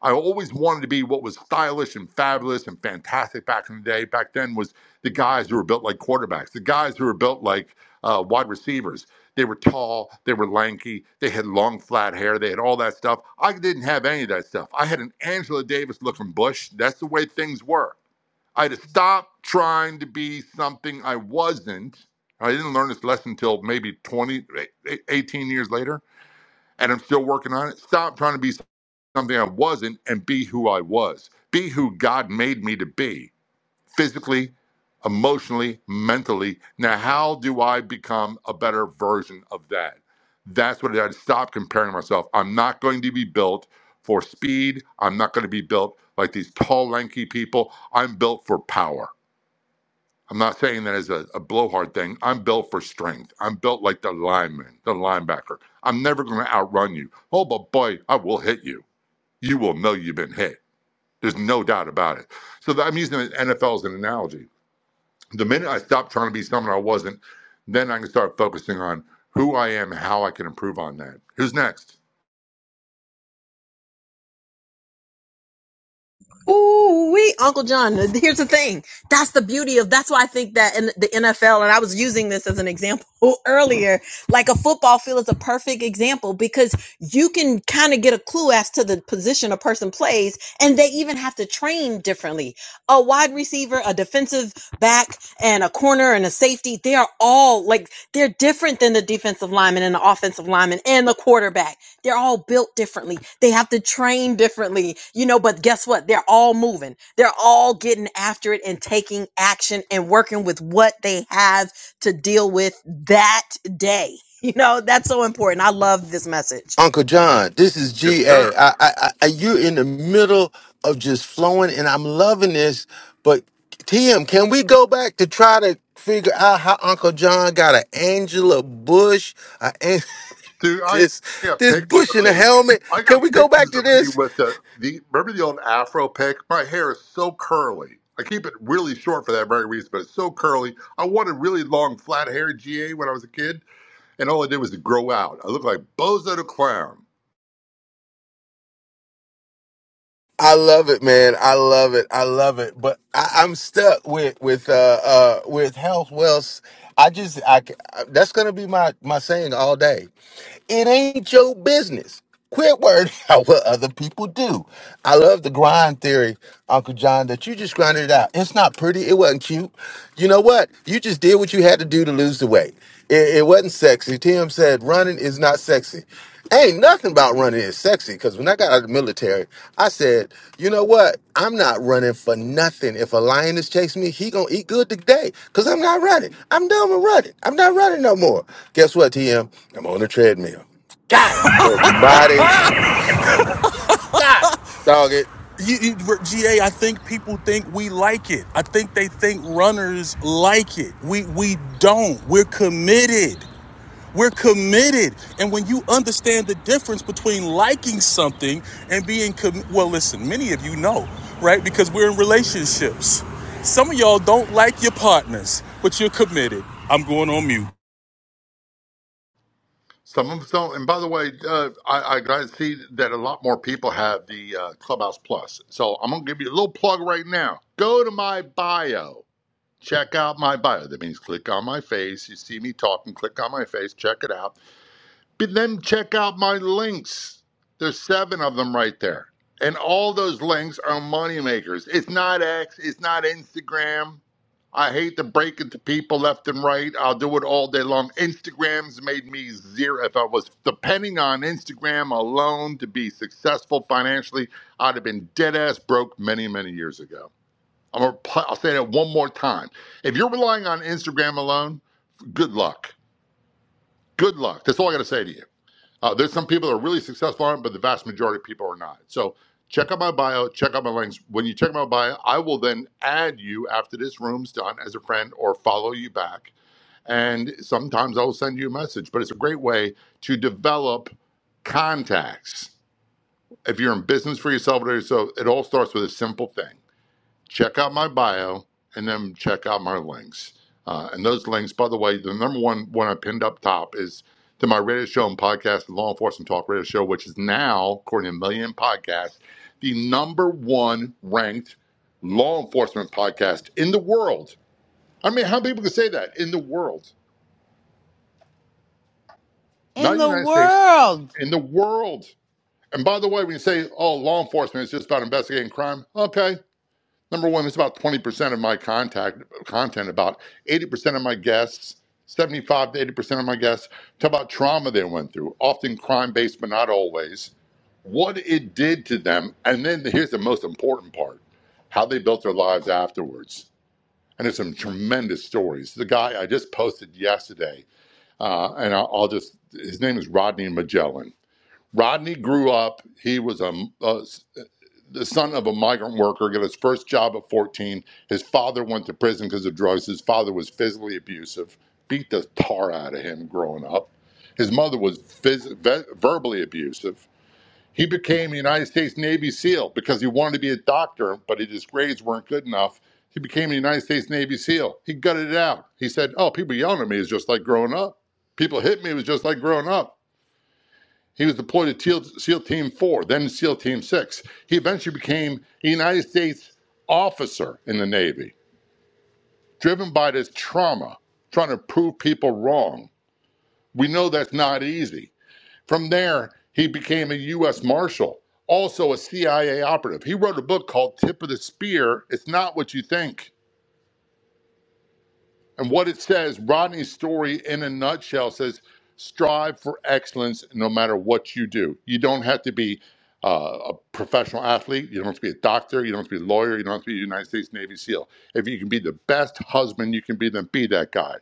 [SPEAKER 20] I always wanted to be what was stylish and fabulous and fantastic back in the day. Back then was the guys who were built like quarterbacks, the guys who were built like uh, wide receivers. They were tall, they were lanky, they had long flat hair, they had all that stuff. I didn't have any of that stuff. I had an Angela Davis looking bush. That's the way things were. I had to stop trying to be something I wasn't. I didn't learn this lesson until maybe 20, 18 years later, and I'm still working on it. Stop trying to be something I wasn't and be who I was. Be who God made me to be, physically, emotionally, mentally. Now, how do I become a better version of that? That's what I had to stop comparing myself. I'm not going to be built for speed. I'm not going to be built like these tall, lanky people. I'm built for power. I'm not saying that as a, a blowhard thing. I'm built for strength. I'm built like the lineman, the linebacker. I'm never going to outrun you. Oh, but boy, I will hit you. You will know you've been hit there's no doubt about it. So I'm using the NFL as an analogy. The minute I stop trying to be someone I wasn't, then I can start focusing on who I am, how I can improve on that. Who's next?
[SPEAKER 2] Ooh, we Uncle John. Here's the thing. That's the beauty of. That's why I think that in the NFL, and I was using this as an example [LAUGHS] earlier. Like a football field is a perfect example because you can kind of get a clue as to the position a person plays, and they even have to train differently. A wide receiver, a defensive back, and a corner and a safety. They are all like they're different than the defensive lineman and the offensive lineman and the quarterback they're all built differently. They have to train differently, you know, but guess what? They're all moving. They're all getting after it and taking action and working with what they have to deal with that day. [LAUGHS] You know, that's so important. I love this message.
[SPEAKER 10] Uncle John, this is
[SPEAKER 20] Yes,
[SPEAKER 10] GA.
[SPEAKER 20] sir.
[SPEAKER 10] I, I, I, you're in the middle of just flowing, and I'm loving this. But Tim, can we go back to try to figure out how Uncle John got an Angela Bush, a, An-
[SPEAKER 20] Dude,
[SPEAKER 10] [LAUGHS]
[SPEAKER 20] I
[SPEAKER 10] this
[SPEAKER 20] got
[SPEAKER 10] this
[SPEAKER 20] pictures
[SPEAKER 10] Bush
[SPEAKER 20] of
[SPEAKER 10] in a
[SPEAKER 20] me.
[SPEAKER 10] helmet?
[SPEAKER 20] I
[SPEAKER 10] Can
[SPEAKER 20] got
[SPEAKER 10] we go back
[SPEAKER 20] pictures
[SPEAKER 10] to
[SPEAKER 20] of me
[SPEAKER 10] this?
[SPEAKER 20] with the, the remember the old afro pick? My hair is so curly. I keep it really short for that very reason, but it's so curly. I wanted really long, flat hair GA when I was a kid, and all I did was to grow out. I looked like Bozo the Clown.
[SPEAKER 10] I love it, man. I love it. I love it. But I, I'm stuck with with uh uh with health wealth. I just I c- I- that's gonna be my my saying all day. It ain't your business. Quit worrying [LAUGHS] about what other people do. I love the grind theory, Uncle John, that you just grinded it out. It's not pretty. It wasn't cute. You know what? You just did what you had to do to lose the weight. It, it wasn't sexy. Tim said running is not sexy. Ain't nothing about running is sexy because when I got out of the military, I said, you know what? I'm not running for nothing. If a lion is chasing me, he gonna eat good today because I'm not running. I'm done with running. I'm not running no more. Guess what, TM? I'm on the treadmill. God, the body, God, dog it.
[SPEAKER 6] You, GA, I think people think we like it. I think they think runners like it. We we don't. We're committed. We're committed. And when you understand the difference between liking something and being com- well, listen, many of you know, right? Because we're in relationships. Some of y'all don't like your partners, but you're committed. I'm going on mute.
[SPEAKER 20] Some of them don't. And by the way, uh, I, I got to see that a lot more people have the uh, Clubhouse Plus. So I'm going to give you a little plug right now. Go to my bio. Check out my bio. That means click on my face. You see me talking, click on my face, check it out. But then check out my links. There's seven of them right there. And all those links are money makers. It's not X, it's not Instagram. I hate to break it to people left and right. I'll do it all day long. Instagram's made me zero. If I was depending on Instagram alone to be successful financially, I'd have been dead ass broke many, many years ago. I'm gonna, I'll say that one more time. If you're relying on Instagram alone, good luck. Good luck. That's all I got to say to you. Uh, there's some people that are really successful on it, but the vast majority of people are not. So check out my bio, check out my links. When you check out my bio, I will then add you after this room's done as a friend or follow you back. And sometimes I will send you a message, but it's a great way to develop contacts. If you're in business for yourself, so it all starts with a simple thing check out my bio and then check out my links. Uh, and those links, by the way, the number one one I pinned up top is to my radio show and podcast, the Law Enforcement Talk Radio Show, which is now, according to Million Podcasts, the number one ranked law enforcement podcast in the world. I mean, how many people can say that in the world?
[SPEAKER 3] in
[SPEAKER 20] Not the
[SPEAKER 3] the
[SPEAKER 20] United States,
[SPEAKER 3] world.
[SPEAKER 20] in the world. And by the way, when you say, oh, law enforcement is just about investigating crime, okay, Number one, it's about 20% of my contact content, about 80% of my guests, 75 to 80% of my guests talk about trauma they went through, often crime based, but not always, what it did to them. And then here's the most important part how they built their lives afterwards. And there's some tremendous stories. The guy I just posted yesterday, uh, and I'll, I'll just, his name is Rodney Magellan. Rodney grew up, he was a, a the son of a migrant worker, got his first job at 14. His father went to prison because of drugs. His father was physically abusive, beat the tar out of him growing up. His mother was phys- ve- verbally abusive. He became a United States Navy SEAL because he wanted to be a doctor, but his grades weren't good enough. He became a United States Navy SEAL. He gutted it out. He said, Oh, people yelling at me is just like growing up. People hit me was just like growing up. He was deployed to SEAL, Team 4, then SEAL Team 6. He eventually became a United States officer in the Navy, driven by this trauma, trying to prove people wrong. We know that's not easy. From there, he became a U.S. Marshal, also a CIA operative. He wrote a book called Tip of the Spear It's Not What You Think And what it says, Rodney's story in a nutshell says, strive for excellence no matter what you do. You don't have to be uh, a professional athlete. You don't have to be a doctor. You don't have to be a lawyer. You don't have to be a United States Navy SEAL. If you can be the best husband you can be, then be that guy.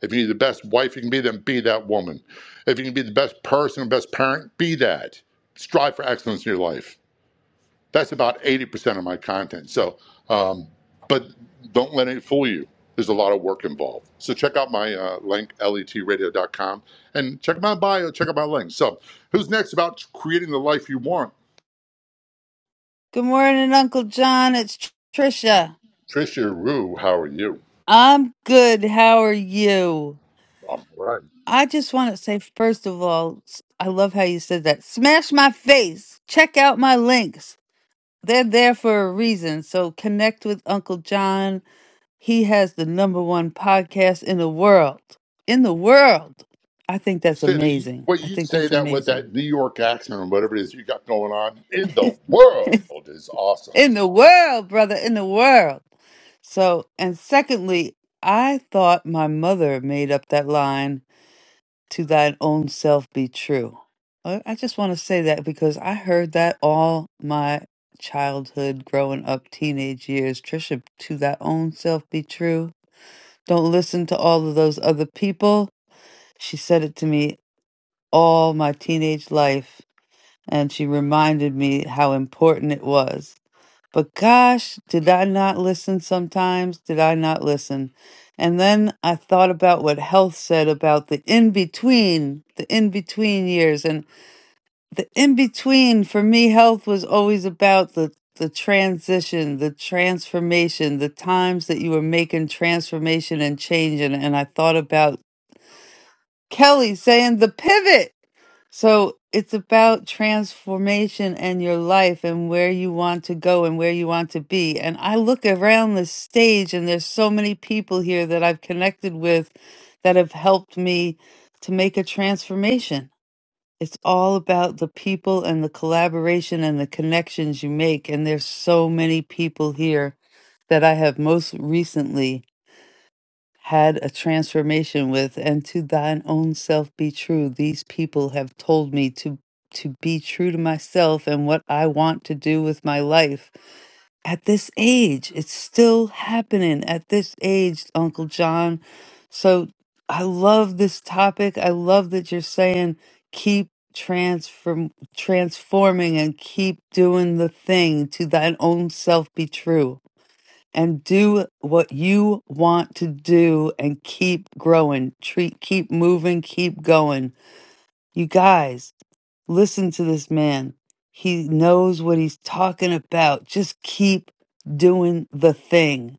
[SPEAKER 20] If you can the best wife you can be, then be that woman. If you can be the best person, best parent, be that. Strive for excellence in your life. That's about 80% of my content. So, um, but don't let it fool you. There's a lot of work involved. So check out my uh, link, letradio.com, and check my bio, check out my link. So who's next about creating the life you want?
[SPEAKER 3] Good morning, Uncle John. It's Tr- Trisha.
[SPEAKER 20] Trisha Rue, how are you?
[SPEAKER 3] I'm good. How are you?
[SPEAKER 20] I'm All right.
[SPEAKER 3] I just want to say, first of all, s- I love how you said that. Smash my face. Check out my links. They're there for a reason. So connect with Uncle John He has the number one podcast in the world. In the world. I think that's
[SPEAKER 20] Say that
[SPEAKER 3] amazing.
[SPEAKER 20] what
[SPEAKER 3] I
[SPEAKER 20] you
[SPEAKER 3] think
[SPEAKER 20] say
[SPEAKER 3] that's
[SPEAKER 20] that with that
[SPEAKER 3] amazing.
[SPEAKER 20] New York accent or whatever it is you got going on in
[SPEAKER 3] [LAUGHS]
[SPEAKER 20] the world is awesome.
[SPEAKER 3] in the world, brother, in the world. So, and secondly, I thought my mother made up that line to thine own self be true. I I just want to say that because I heard that all my childhood, growing up, teenage years. Trisha, to thy own self be true. Don't listen to all of those other people. She said it to me all my teenage life, and she reminded me how important it was. But gosh, did I not listen sometimes? Did I not listen? And then I thought about what health said about the in between, the in between years. And the in between for me, health was always about the, the transition, the transformation, the times that you were making transformation and change. And, and I thought about Kelly saying the pivot So it's about transformation and your life and where you want to go and where you want to be. And I look around the stage and there's so many people here that I've connected with that have helped me to make a transformation. It's all about the people and the collaboration and the connections you make. And there's so many people here that I have most recently had a transformation with and to thine own self be true these people have told me to to be true to myself and what I want to do with my life at this age it's still happening at this age uncle john so i love this topic i love that you're saying keep transform transforming and keep doing the thing to thine own self be true and do what you want to do and keep growing treat keep moving keep going you guys listen to this man he knows what he's talking about just keep doing the thing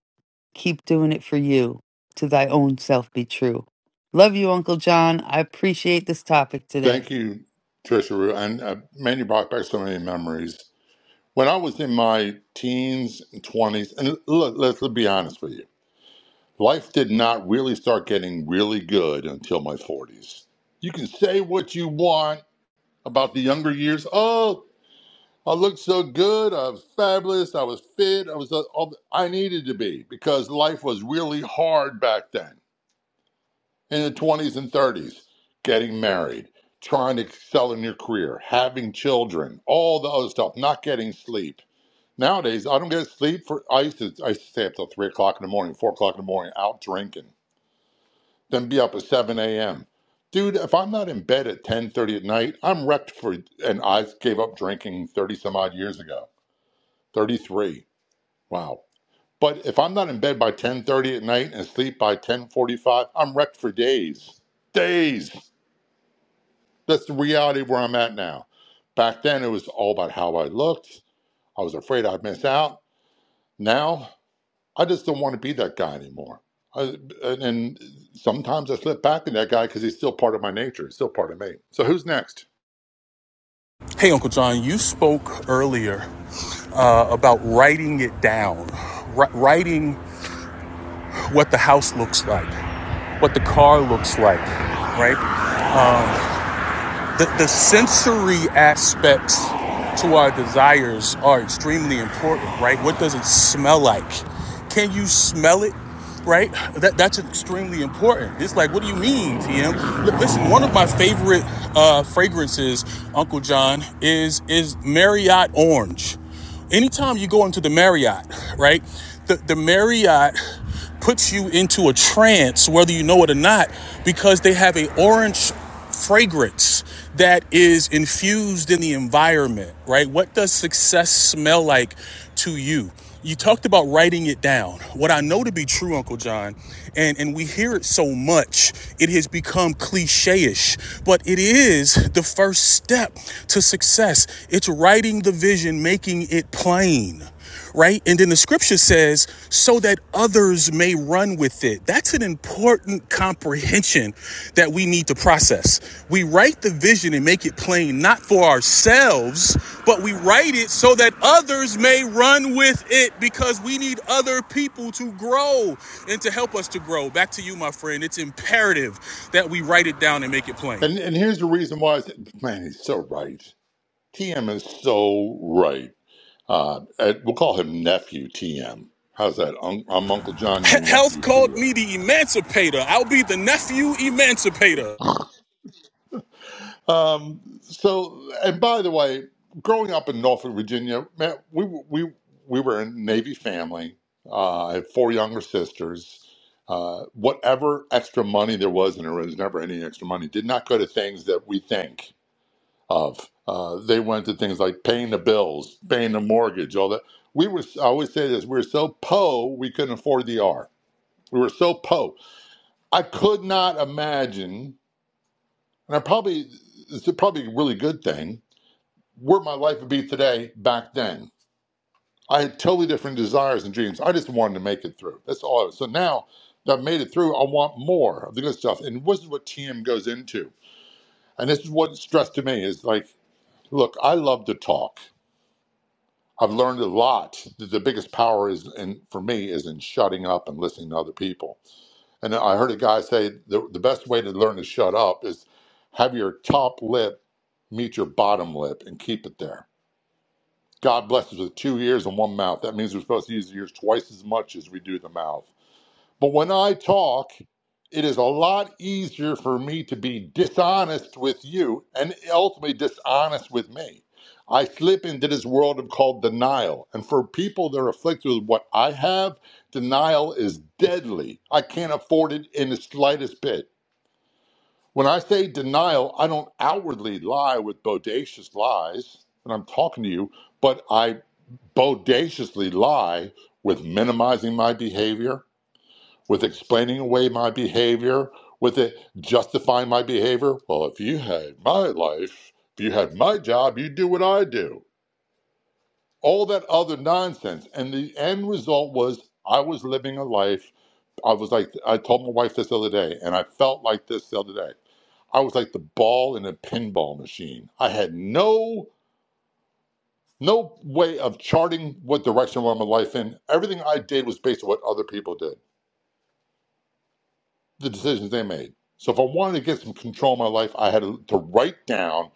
[SPEAKER 3] keep doing it for you to thy own self be true love you uncle john i appreciate this topic today
[SPEAKER 20] Thank you, Trisha Rue. And uh, man, you brought back so many memories. When I was in my teens and 20s, and look, let's, let's be honest with you, life did not really start getting really good until my 40s. You can say what you want about the younger years. Oh, I looked so good. I was fabulous. I was fit. I was uh, all I needed to be because life was really hard back then. In the 20s and 30s, getting married, trying to excel in your career, having children, all the other stuff, not getting sleep Nowadays, I don't get sleep for. I used to I used to stay up till three o'clock in the morning, four o'clock in the morning, out drinking, then be up at seven a.m. Dude, if I'm not in bed at ten thirty at night, I'm wrecked for. And I gave up drinking thirty some odd years ago, thirty three. Wow. But if I'm not in bed by ten thirty at night and sleep by ten forty five, I'm wrecked for days, days. That's the reality where I'm at now. Back then, it was all about how I looked. I was afraid I'd miss out. Now. I just don't want to be that guy anymore. I, and, and sometimes I slip back in that guy because he's still part of my nature. He's still part of me. So who's next?
[SPEAKER 6] Hey, Uncle John, you spoke earlier uh, about writing it down, Wri- writing what the house looks like. what the car looks like, right? The, the sensory aspects to our desires are extremely important, right? What does it smell like? Can you smell it? Right? That, that's extremely important. It's like, what do you mean, TM? listen, one of my favorite uh, fragrances, Uncle John, is is Marriott Orange. Anytime you go into the Marriott, right? The, the Marriott puts you into a trance, whether you know it or not, because they have a orange fragrance that is infused in the environment, right? What does success smell like to you? you talked about writing it down. What I know to be true, Uncle John, and, and we hear it so much, it has become cliche ish, but it is the first step to success. It's writing the vision, making it plain right? And then the scripture says, so that others may run with it. That it's an important comprehension that we need to process. We write the vision and make it plain, not for ourselves, but we write it so that others may run with it because we need other people to grow and to help us to grow. Back to you, my friend. It's imperative that we write it down and make it plain.
[SPEAKER 20] And and here's the reason why. I said- Man, he's so right. TM is so right. Uh, and we'll call him nephew TM. How's that? Un- I'm Uncle John, your
[SPEAKER 6] Health
[SPEAKER 20] nephew
[SPEAKER 6] called
[SPEAKER 20] TM.
[SPEAKER 6] me the emancipator. I'll be the nephew emancipator.
[SPEAKER 20] Um, so, and by the way, growing up in Norfolk, Virginia, man, we we we were a Navy family. Uh, I have four younger sisters. Uh, whatever extra money there was, and there was never any extra money, did not go to things that we think of. Uh, they went to things like paying the bills, paying the mortgage, all that. We were, I always say this, we were so po, we couldn't afford the R. We were so po. I could not imagine, and I probably, it's probably a really good thing, where my life would be today back then. I had totally different desires and dreams. I just wanted to make it through. That's all I was. So now that I've made it through, I want more of the good stuff. And this is what TM goes into. And this is what stressed to me is like, look, I love to talk. I've learned a lot. The the biggest power is, and for me, is in shutting up and listening to other people. And I heard a guy say the, the best way to learn to shut up is have your top lip meet your bottom lip and keep it there God blessed us with two ears and one mouth. That means we're supposed to use the ears twice as much as we do the mouth. But when I talk, it is a lot easier for me to be dishonest with you and ultimately dishonest with me. I slip into this world of called denial. And for people that are afflicted with what I have, denial is deadly. I can't afford it in the slightest bit. When I say denial, I don't outwardly lie with bodacious lies, and I'm talking to you, but I bodaciously lie with minimizing my behavior, with explaining away my behavior, with it justifying my behavior. Well, if you had my life, if you had my job, you'd do what I do. All that other nonsense. And the end result was I was living a life. I was like, I told my wife this the other day, and I felt like this the other day. I was like the ball in a pinball machine. I had no no way of charting what direction I want my life in. Everything I did was based on what other people did, the decisions they made. So if I wanted to get some control in my life, I had to, write down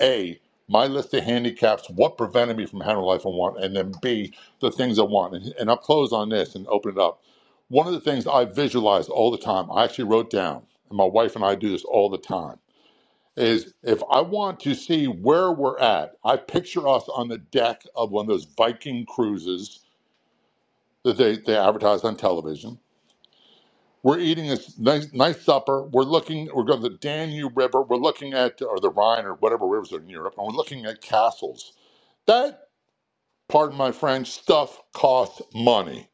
[SPEAKER 20] A, my list of handicaps, what prevented me from having the life I want, and then B, the things I want. And, and I'll close on this and open it up. One of the things I visualize all the time, I actually wrote down, and my wife and I do this all the time, is if I want to see where we're at, I picture us on the deck of one of those Viking cruises that they, they advertised on television. We're eating this nice nice supper. We're looking. We're going to the Danube River. We're looking at or the Rhine or whatever rivers are in Europe, and we're looking at castles. That pardon my French stuff costs money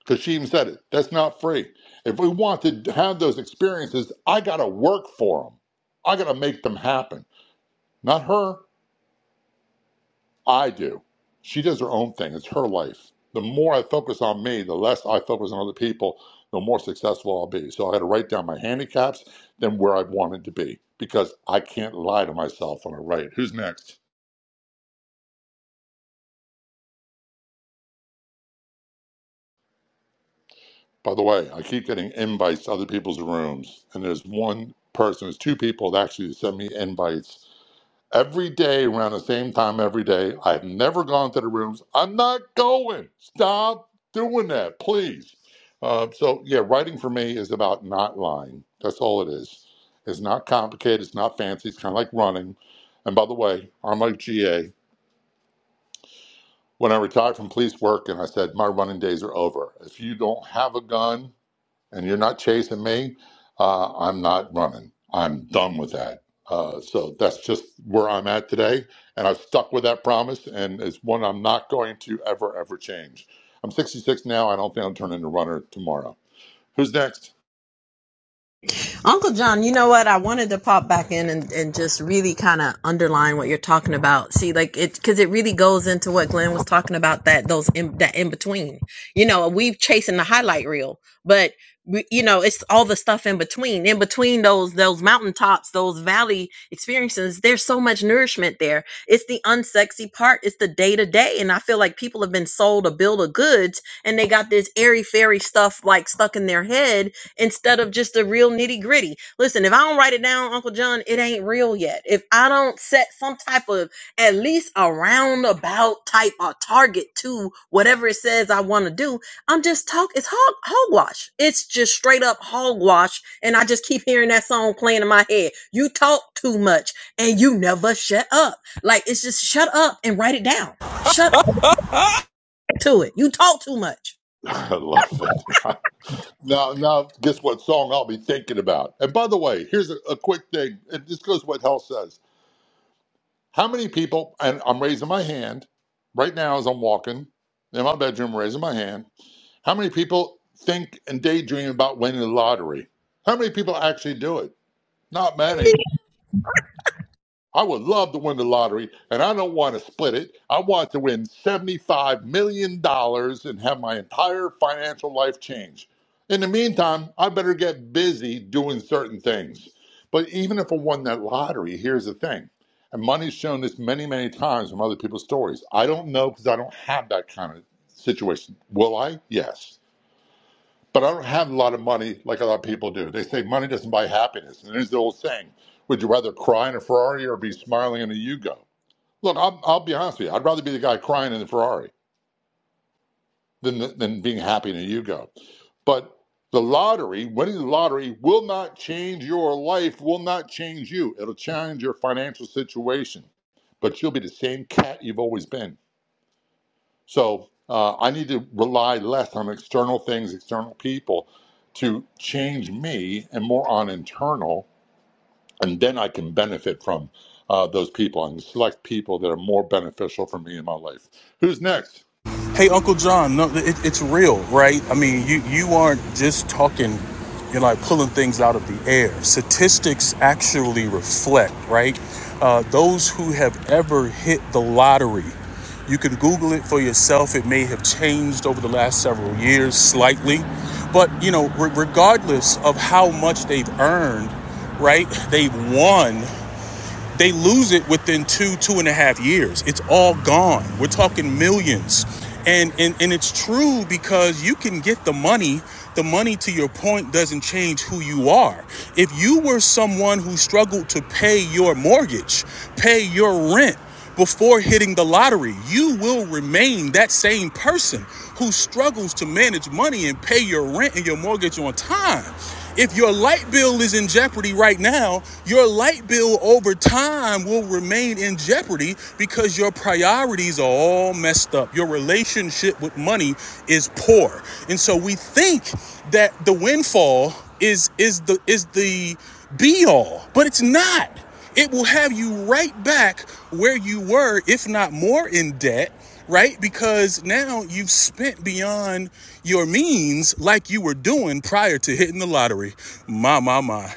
[SPEAKER 20] because she even said it. That's not free. If we want to have those experiences, I got to work for them. I got to make them happen. Not her. I do. She does her own thing. It's her life. The more I focus on me, the less I focus on other people, the more successful I'll be. So I had to write down my handicaps, then where I wanted to be, because I can't lie to myself when I write. Who's next? By the way, I keep getting invites to other people's rooms, and there's one person, there's two people that actually send me invites every day around the same time every day. I've never gone to the rooms. I'm not going. Stop doing that, please. Uh, so yeah, writing for me is about not lying. That's all it is. It's not complicated. It's not fancy. It's kind of like running. And by the way, I'm like GA. When I retired from police work, and I said my running days are over. If you don't have a gun, and you're not chasing me, uh, I'm not running. I'm done with that. Uh, so that's just where I'm at today. And I've stuck with that promise, and it's one I'm not going to ever, ever change. I'm 66 now. I don't think I'll turn into a runner tomorrow. Who's next?
[SPEAKER 2] Uncle John, you know what? I wanted to pop back in and, and just really kind of underline what you're talking about. See, like it, because it really goes into what Glenn was talking about that those in, that in between. You know, we've chasing the highlight reel, but we, you know, it's all the stuff in between. In between those those mountaintops, those valley experiences, there's so much nourishment there. It's the unsexy part. It's the day to day, and I feel like people have been sold a bill of goods, and they got this airy fairy stuff like stuck in their head instead of just the real nitty gritty. Listen, if I don't write it down, Uncle John, it ain't real yet. If I don't set some type of at least a roundabout type or target to whatever it says I want to do, I'm just talk. It's hog hogwash. It's just straight up hogwash. And I just keep hearing that song playing in my head. You talk too much and you never shut up. Like it's just shut up and write it down. Shut up to it. You talk too much.
[SPEAKER 20] [LAUGHS] I love it. [LAUGHS] now, now, guess what song I'll be thinking about? And by the way, here's a, a quick thing. And this goes to what Hell says. How many people, and I'm raising my hand right now as I'm walking in my bedroom, raising my hand. How many people think and daydream about winning the lottery? How many people actually do it? Not many. I would love to win the lottery, and I don't want to split it. I want to win $75 million dollars and have my entire financial life change. In the meantime, I better get busy doing certain things. But even if I won that lottery, here's the thing. And money's shown this many, many times from other people's stories. I don't know because I don't have that kind of situation. Will I? Yes. But I don't have a lot of money like a lot of people do. They say money doesn't buy happiness. And there's the old saying would you rather cry in a Ferrari or be smiling in a Yugo? Look, I'm, I'll be honest with you. I'd rather be the guy crying in the Ferrari than, the, than being happy in a Yugo. But the lottery, winning the lottery, will not change your life, will not change you. It'll change your financial situation. But you'll be the same cat you've always been. So uh, I need to rely less on external things, external people to change me and more on internal. And then I can benefit from uh, those people and select people that are more beneficial for me in my life. Who's next?
[SPEAKER 6] Hey, Uncle John, no, it, it's real, right? I mean, you, you aren't just talking, you're like pulling things out of the air. Statistics actually reflect, right? Uh, those who have ever hit the lottery, you can Google it for yourself. It may have changed over the last several years slightly. But, you know, re- regardless of how much they've earned, right, they've won they lose it within two, two and a half years. It's all gone. We're talking millions. And, and and it's true because you can get the money. The money to your point doesn't change who you are. If you were someone who struggled to pay your mortgage, pay your rent, before hitting the lottery. You will remain that same person who struggles to manage money and pay your rent and your mortgage on time. If your light bill is in jeopardy right now, your light bill over time will remain in jeopardy because your priorities are all messed up. Your relationship with money is poor. And so we think that the windfall is is the is the be all, but it's not it will have you right back where you were, if not more in debt, right? Because now you've spent beyond your means like you were doing prior to hitting the lottery. My, my, my.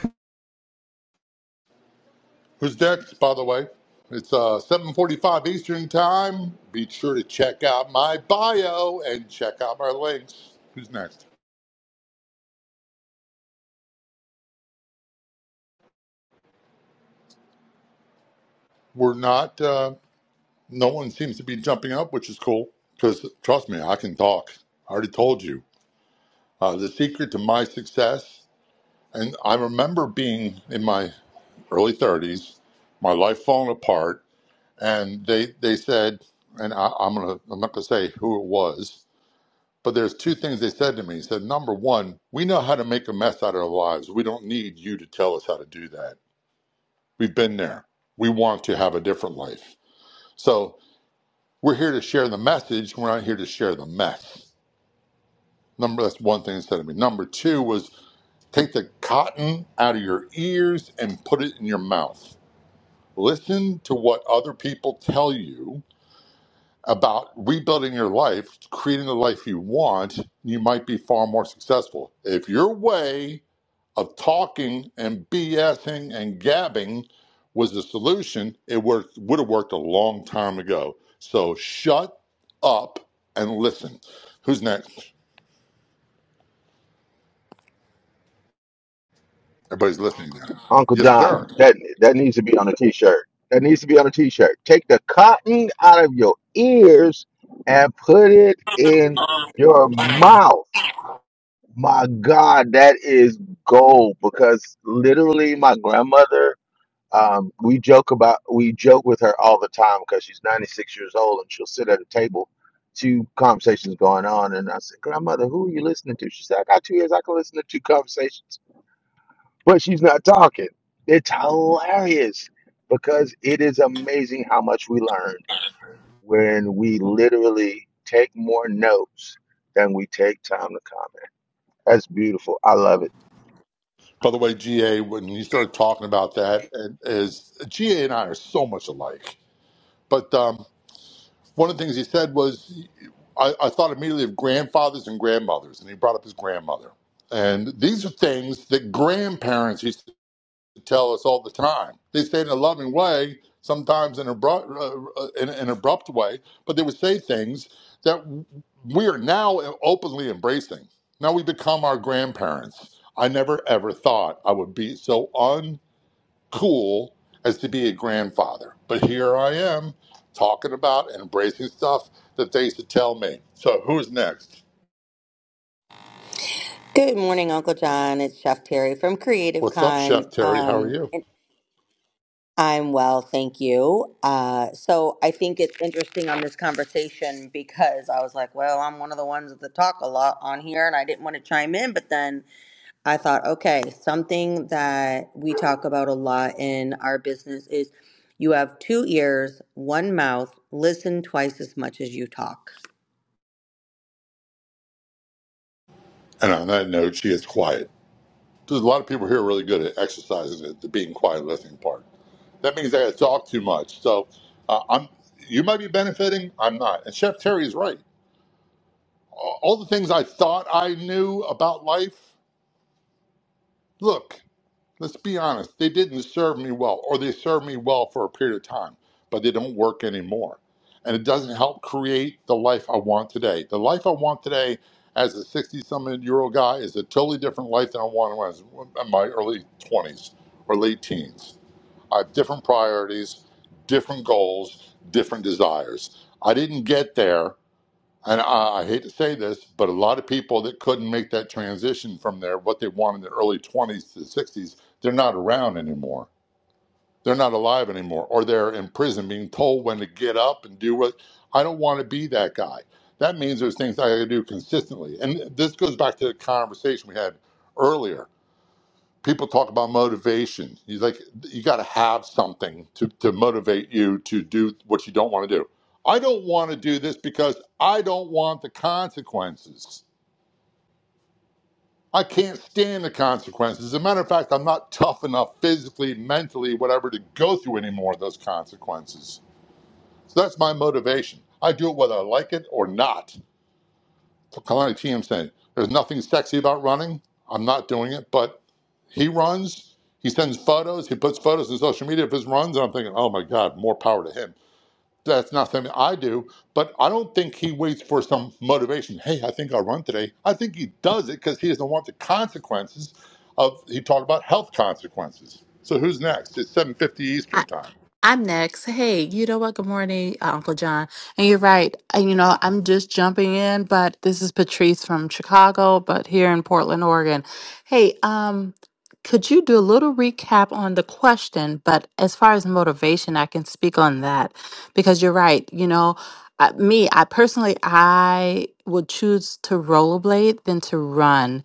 [SPEAKER 20] Who's next, by the way? It's uh, 7.45 Eastern Time. Be sure to check out my bio and check out my links. Who's next? We're not, uh, no one seems to be jumping up, which is cool. Because trust me, I can talk. I already told you. Uh, the secret to my success, and I remember being in my early 30s, my life falling apart, and they they said, and I, I'm gonna I'm not gonna say who it was, but there's two things they said to me. He said, number one, we know how to make a mess out of our lives. We don't need you to tell us how to do that. We've been there. We want to have a different life. So we're here to share the message. We're not here to share the mess. Number that's one thing that said to me. Number two was take the cotton out of your ears and put it in your mouth. Listen to what other people tell you about rebuilding your life, creating the life you want. You might be far more successful. If your way of talking and BSing and gabbing was the solution, it worked, would have worked a long time ago. So shut up and listen. Who's next? Everybody's listening now.
[SPEAKER 10] Uncle
[SPEAKER 20] Yes, sir.
[SPEAKER 10] John, that that needs to be on a t-shirt. That needs to be on a t-shirt. Take the cotton out of your ears and put it in your mouth. My God, that is gold because literally my grandmother, um, we joke about we joke with her all the time because she's 96 years old and she'll sit at a table, two conversations going on, and I said, Grandmother, who are you listening to? She said, I got two ears, I can listen to two conversations, but she's not talking. It's hilarious because it is amazing how much we learned when we literally take more notes than we take time to comment. That's beautiful. I love it.
[SPEAKER 20] By the way, GA, when you started talking about that, and is GA and I are so much alike. But um, one of the things he said was, I, I thought immediately of grandfathers and grandmothers, and he brought up his grandmother. And these are things that grandparents used tell us all the time. They say it in a loving way, sometimes in an abrupt, uh, in in an abrupt way, but they would say things that we are now openly embracing. Now we become our grandparents. I never ever thought I would be so uncool as to be a grandfather, but here I am talking about and embracing stuff that they used to tell me. So who's next?
[SPEAKER 21] Good morning, Uncle John. It's Chef Terry from Creative
[SPEAKER 20] What's up, Chef
[SPEAKER 21] Con.
[SPEAKER 20] Terry? How are
[SPEAKER 21] Um,
[SPEAKER 20] you?
[SPEAKER 21] and I'm well, thank you. Uh, so I think it's interesting on this conversation because I was like, well, I'm one of the ones that talk a lot on here, and I didn't want to chime in, but then I thought, okay, something that we talk about a lot in our business is you have two ears, one mouth, listen twice as much as you talk.
[SPEAKER 20] And on that note, she is quiet. There's a lot of people here really good at exercising the, the being quiet and listening part. That means I talk too much. So uh, I'm. You might be benefiting. I'm not. And Chef Terry is right. all the things I thought I knew about life. Look, let's be honest. They didn't serve me well, or they served me well for a period of time, but they don't work anymore. And it doesn't help create the life I want today. The life I want today as a 60 something year old guy is a totally different life than I wanted when I was in my early 20s or late teens I have different priorities, different goals, different desires. I didn't get there, and I, I hate to say this, but a lot of people that couldn't make that transition from their what they wanted in their early 20s to 60s, they're not around anymore. They're not alive anymore, or they're in prison being told when to get up and do what. I don't want to be that guy. That means there's things I got to do consistently. And this goes back to the conversation we had earlier people talk about motivation. He's like, you got to have something to, to motivate you to do what you don't want to do. I don't want to do this because I don't want the consequences. I can't stand the consequences. As a matter of fact, I'm not tough enough physically, mentally, whatever, to go through any more of those consequences. So that's my motivation. I do it whether I like it or not. So Kalani TM saying, there's nothing sexy about running. I'm not doing it, but He runs, he sends photos, he puts photos in social media of his runs, and I'm thinking, oh my God, more power to him. That's not something I do, but I don't think he waits for some motivation. Hey, I think I'll run today. I think he does it because he doesn't want the consequences of, he talked about health consequences. So who's next? It's 7.50
[SPEAKER 22] I,
[SPEAKER 20] Eastern time.
[SPEAKER 22] I'm next. Hey, you know what? Good morning, uh, Uncle John. And you're right. And, you know, I'm just jumping in, but this is Patrice from Chicago, but here in Portland, Oregon. Hey, um, could you do a little recap on the question? But as far as motivation, I can speak on that because you're right. You know, uh, me, I personally, I would choose to rollerblade than to run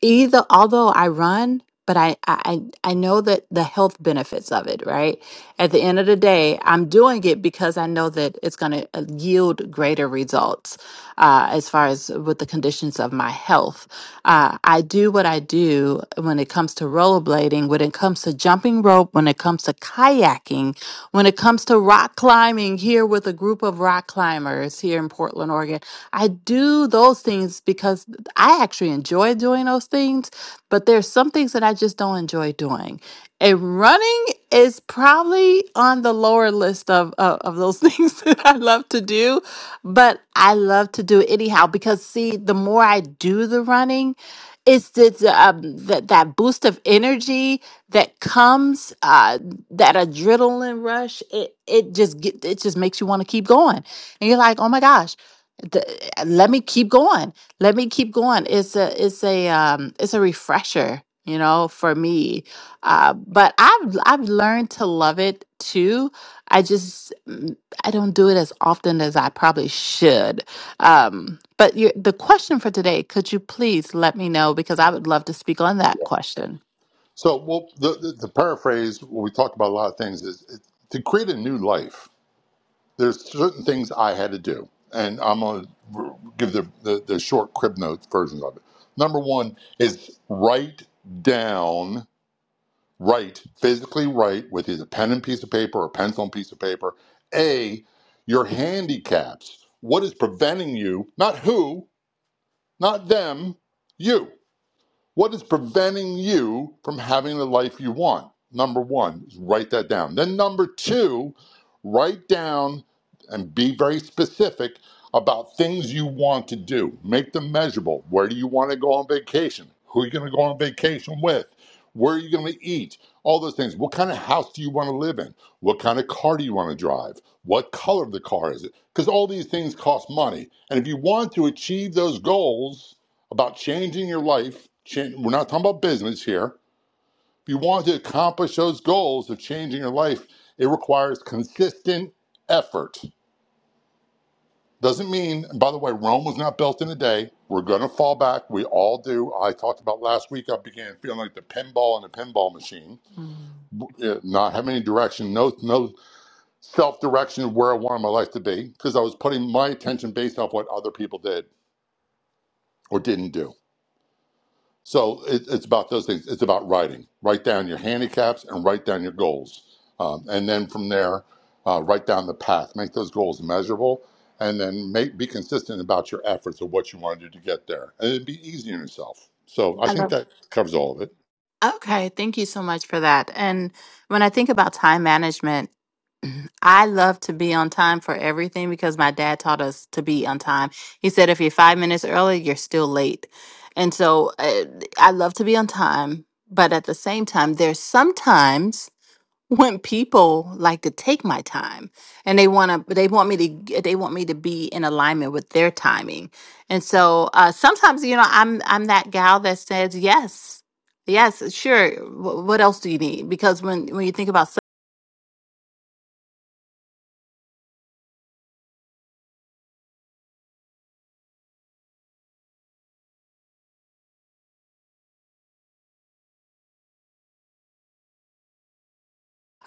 [SPEAKER 22] either although I run, but I, I I I know that the health benefits of it, right? At the end of the day, I'm doing it because I know that it's going to yield greater results uh, as far as with the conditions of my health. Uh, I do what I do when it comes to rollerblading, when it comes to jumping rope, when it comes to kayaking, when it comes to rock climbing, here with a group of rock climbers here in Portland, Oregon, I do those things because I actually enjoy doing those things, but there's some things that I just don't enjoy doing. And running is probably on the lower list of, of, of those [LAUGHS] things that I love to do, but I love to do it anyhow because, see, the more I do the running, it's it's um that that boost of energy that comes uh that adrenaline rush it it just get it just makes you want to keep going and you're like oh my gosh the, let me keep going let me keep going it's a it's a um it's a refresher you know for me uh but i've i've learned to love it too i just mm, i don't do it as often as i probably should um, but you, the question for today, could you please let me know because I would love to speak on that question.
[SPEAKER 20] So, well, the, the, the paraphrase, what we talked about a lot of things is it, to create a new life there's certain things I had to do, and I'm gonna give the, the the short crib notes versions of it. Number one is write down, write physically write with either pen and piece of paper or pencil and piece of paper. A, your handicaps. What is preventing you? Not who, not them, you. What is preventing you from having the life you want? Number one is write that down. Then, number two, write down and be very specific about things you want to do. Make them measurable. Where do you want to go on vacation? Who are you going to go on vacation with? Where are you going to eat? All those things. What kind of house do you want to live in? What kind of car do you want to drive? What color of the car is it? Because all these things cost money. And if you want to achieve those goals, about changing your life. Change, we're not talking about business here. If you want to accomplish those goals of changing your life, it requires consistent effort. Doesn't mean, and by the way, Rome was not built in a day. We're going to fall back. We all do. I talked about last week. I began feeling like the pinball in a pinball machine,
[SPEAKER 22] Mm.
[SPEAKER 20] eh, not having any direction, no no self direction of where I wanted my life to be, because I was putting my attention based off what other people did or didn't do. So it, it's about those things. It's about writing. Write down your handicaps and write down your goals. Um, and then from there, uh, write down the path. Make those goals measurable. And then make, be consistent about your efforts of what you want to do to get there. And it'd be easy on yourself. So I
[SPEAKER 22] I
[SPEAKER 20] think
[SPEAKER 22] love.
[SPEAKER 20] that covers all of it.
[SPEAKER 22] Okay, thank you so much for that. And when I think about time management, I love to be on time for everything because my dad taught us to be on time. He said if you're five minutes early, you're still late. And so uh, I love to be on time. But at the same time, there's sometimes [LAUGHS] when people like to take my time and they want to they want me to g- they want me to be in alignment with their timing and so uh sometimes you know i'm i'm that gal that says yes yes sure Wh- what else do you need because when when you think about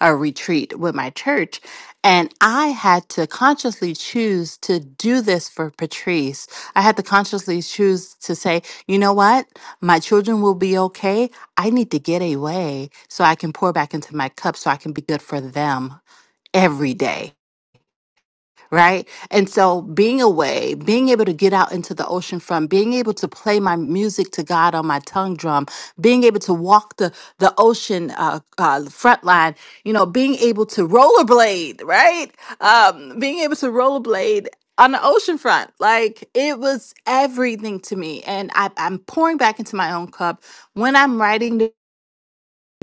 [SPEAKER 22] a retreat with my church. And I had to consciously choose to do this for Patrice. I had to consciously choose to say, you know what? My children will be okay. I need to get away so I can pour back into my cup so I can be good for them every day right? And so being away, being able to get out into the ocean from, being able to play my music to God on my tongue drum, being able to walk the the ocean uh, uh, front line, you know, being able to rollerblade, right? Um, being able to rollerblade on the ocean front like it was everything to me and I, i'm pouring back into my own cup when i'm writing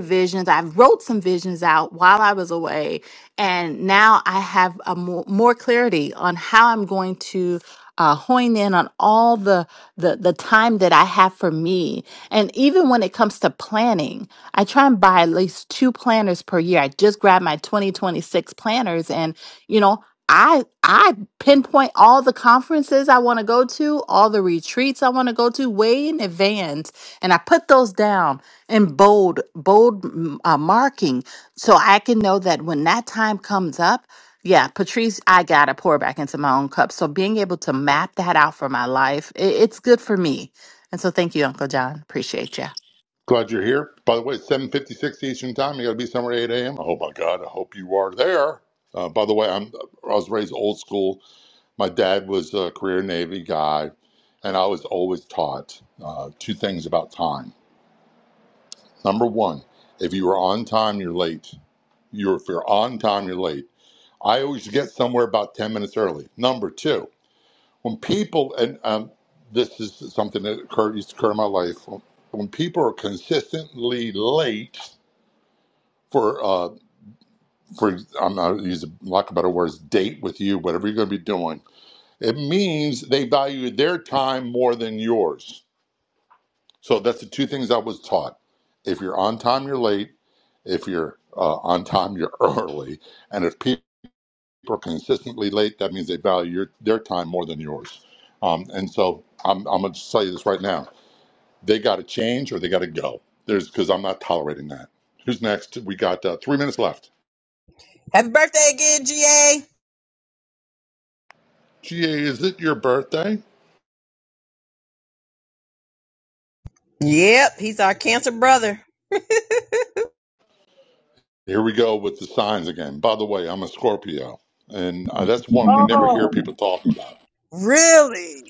[SPEAKER 22] visions. I wrote some visions out while I was away, and now I have a more, more clarity on how I'm going to uh, hone in on all the, the the time that I have for me. And even when it comes to planning, I try and buy at least two planners per year. I just grabbed my 2026 planners, and you know. I I pinpoint all the conferences I want to go to, all the retreats I want to go to way in advance, and I put those down and bold bold mm, uh, marking so i can know that when that time comes up yeah patrice i gotta pour back into my own cup so being able to map that out for my life i- it's good for me and so thank you uncle john appreciate you
[SPEAKER 20] Glad you're here. By the way, it's 7.56 Eastern Time. You got to be somewhere at 8 a.m. Oh, my God. I hope you are there. Uh, by the way, I'm, I was raised old school My dad was a career Navy guy, and I was always taught uh, two things about time. Number one, if you were on time, you're late. You're, if you're on time, you're late. I always get somewhere about 10 minutes early. Number two, when people, and um, this is something that occurred, used to occur in my life, when people are consistently late for, uh, for I'm not going to use a lack of better words, date with you, whatever you're going to be doing, It means they value their time more than yours. So that's the two things I was taught. If you're on time, you're late. If you're uh, on time, you're [LAUGHS] early. And if people are consistently late, that means they value your, their time more than yours. Um, and so I'm, I'm going to tell you this right now. They got to change or they got to go. There's because I'm not tolerating that. Who's next? We got uh, three minutes left.
[SPEAKER 2] Happy birthday again, GA.
[SPEAKER 20] GA, is it your birthday?
[SPEAKER 2] Yep, he's our cancer brother.
[SPEAKER 20] Here we go with the signs again. By the way, I'm a Scorpio, and uh, that's one we never hear
[SPEAKER 2] Oh,
[SPEAKER 20] people talking about.
[SPEAKER 2] really?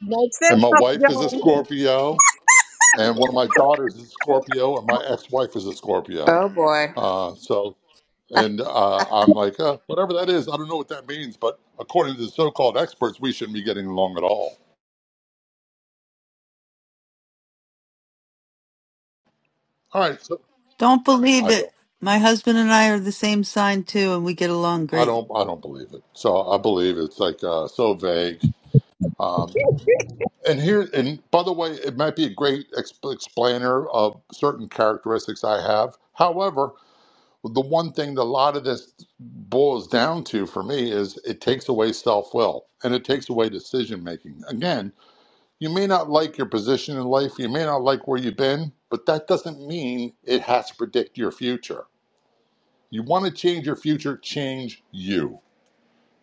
[SPEAKER 2] Makes
[SPEAKER 20] And
[SPEAKER 2] sense,
[SPEAKER 20] my
[SPEAKER 2] us,
[SPEAKER 20] wife is a
[SPEAKER 2] Joan.
[SPEAKER 20] Scorpio, and one of my daughters is a Scorpio, and my ex-wife is a Scorpio.
[SPEAKER 7] Oh boy.
[SPEAKER 20] Uh, so,
[SPEAKER 7] [LAUGHS]
[SPEAKER 20] and uh, I'm like, uh, whatever that is, I don't know what that means, but according to the so-called experts, we shouldn't be getting along at all. All right, so
[SPEAKER 3] Don't believe
[SPEAKER 20] I
[SPEAKER 3] it.
[SPEAKER 20] don't,
[SPEAKER 3] My husband and I are the same sign too, and we get along
[SPEAKER 20] I
[SPEAKER 3] great.
[SPEAKER 20] don't, I don't believe it. So I believe it's like uh, so vague. Um, And here, and by the way, it might be a great exp- explainer of certain characteristics I have. However, the one thing that a lot of this boils down to for me is it takes away self will and it takes away decision making. Again, you may not like your position in life, you may not like where you've been, but that doesn't mean it has to predict your future. You want to change your future, change you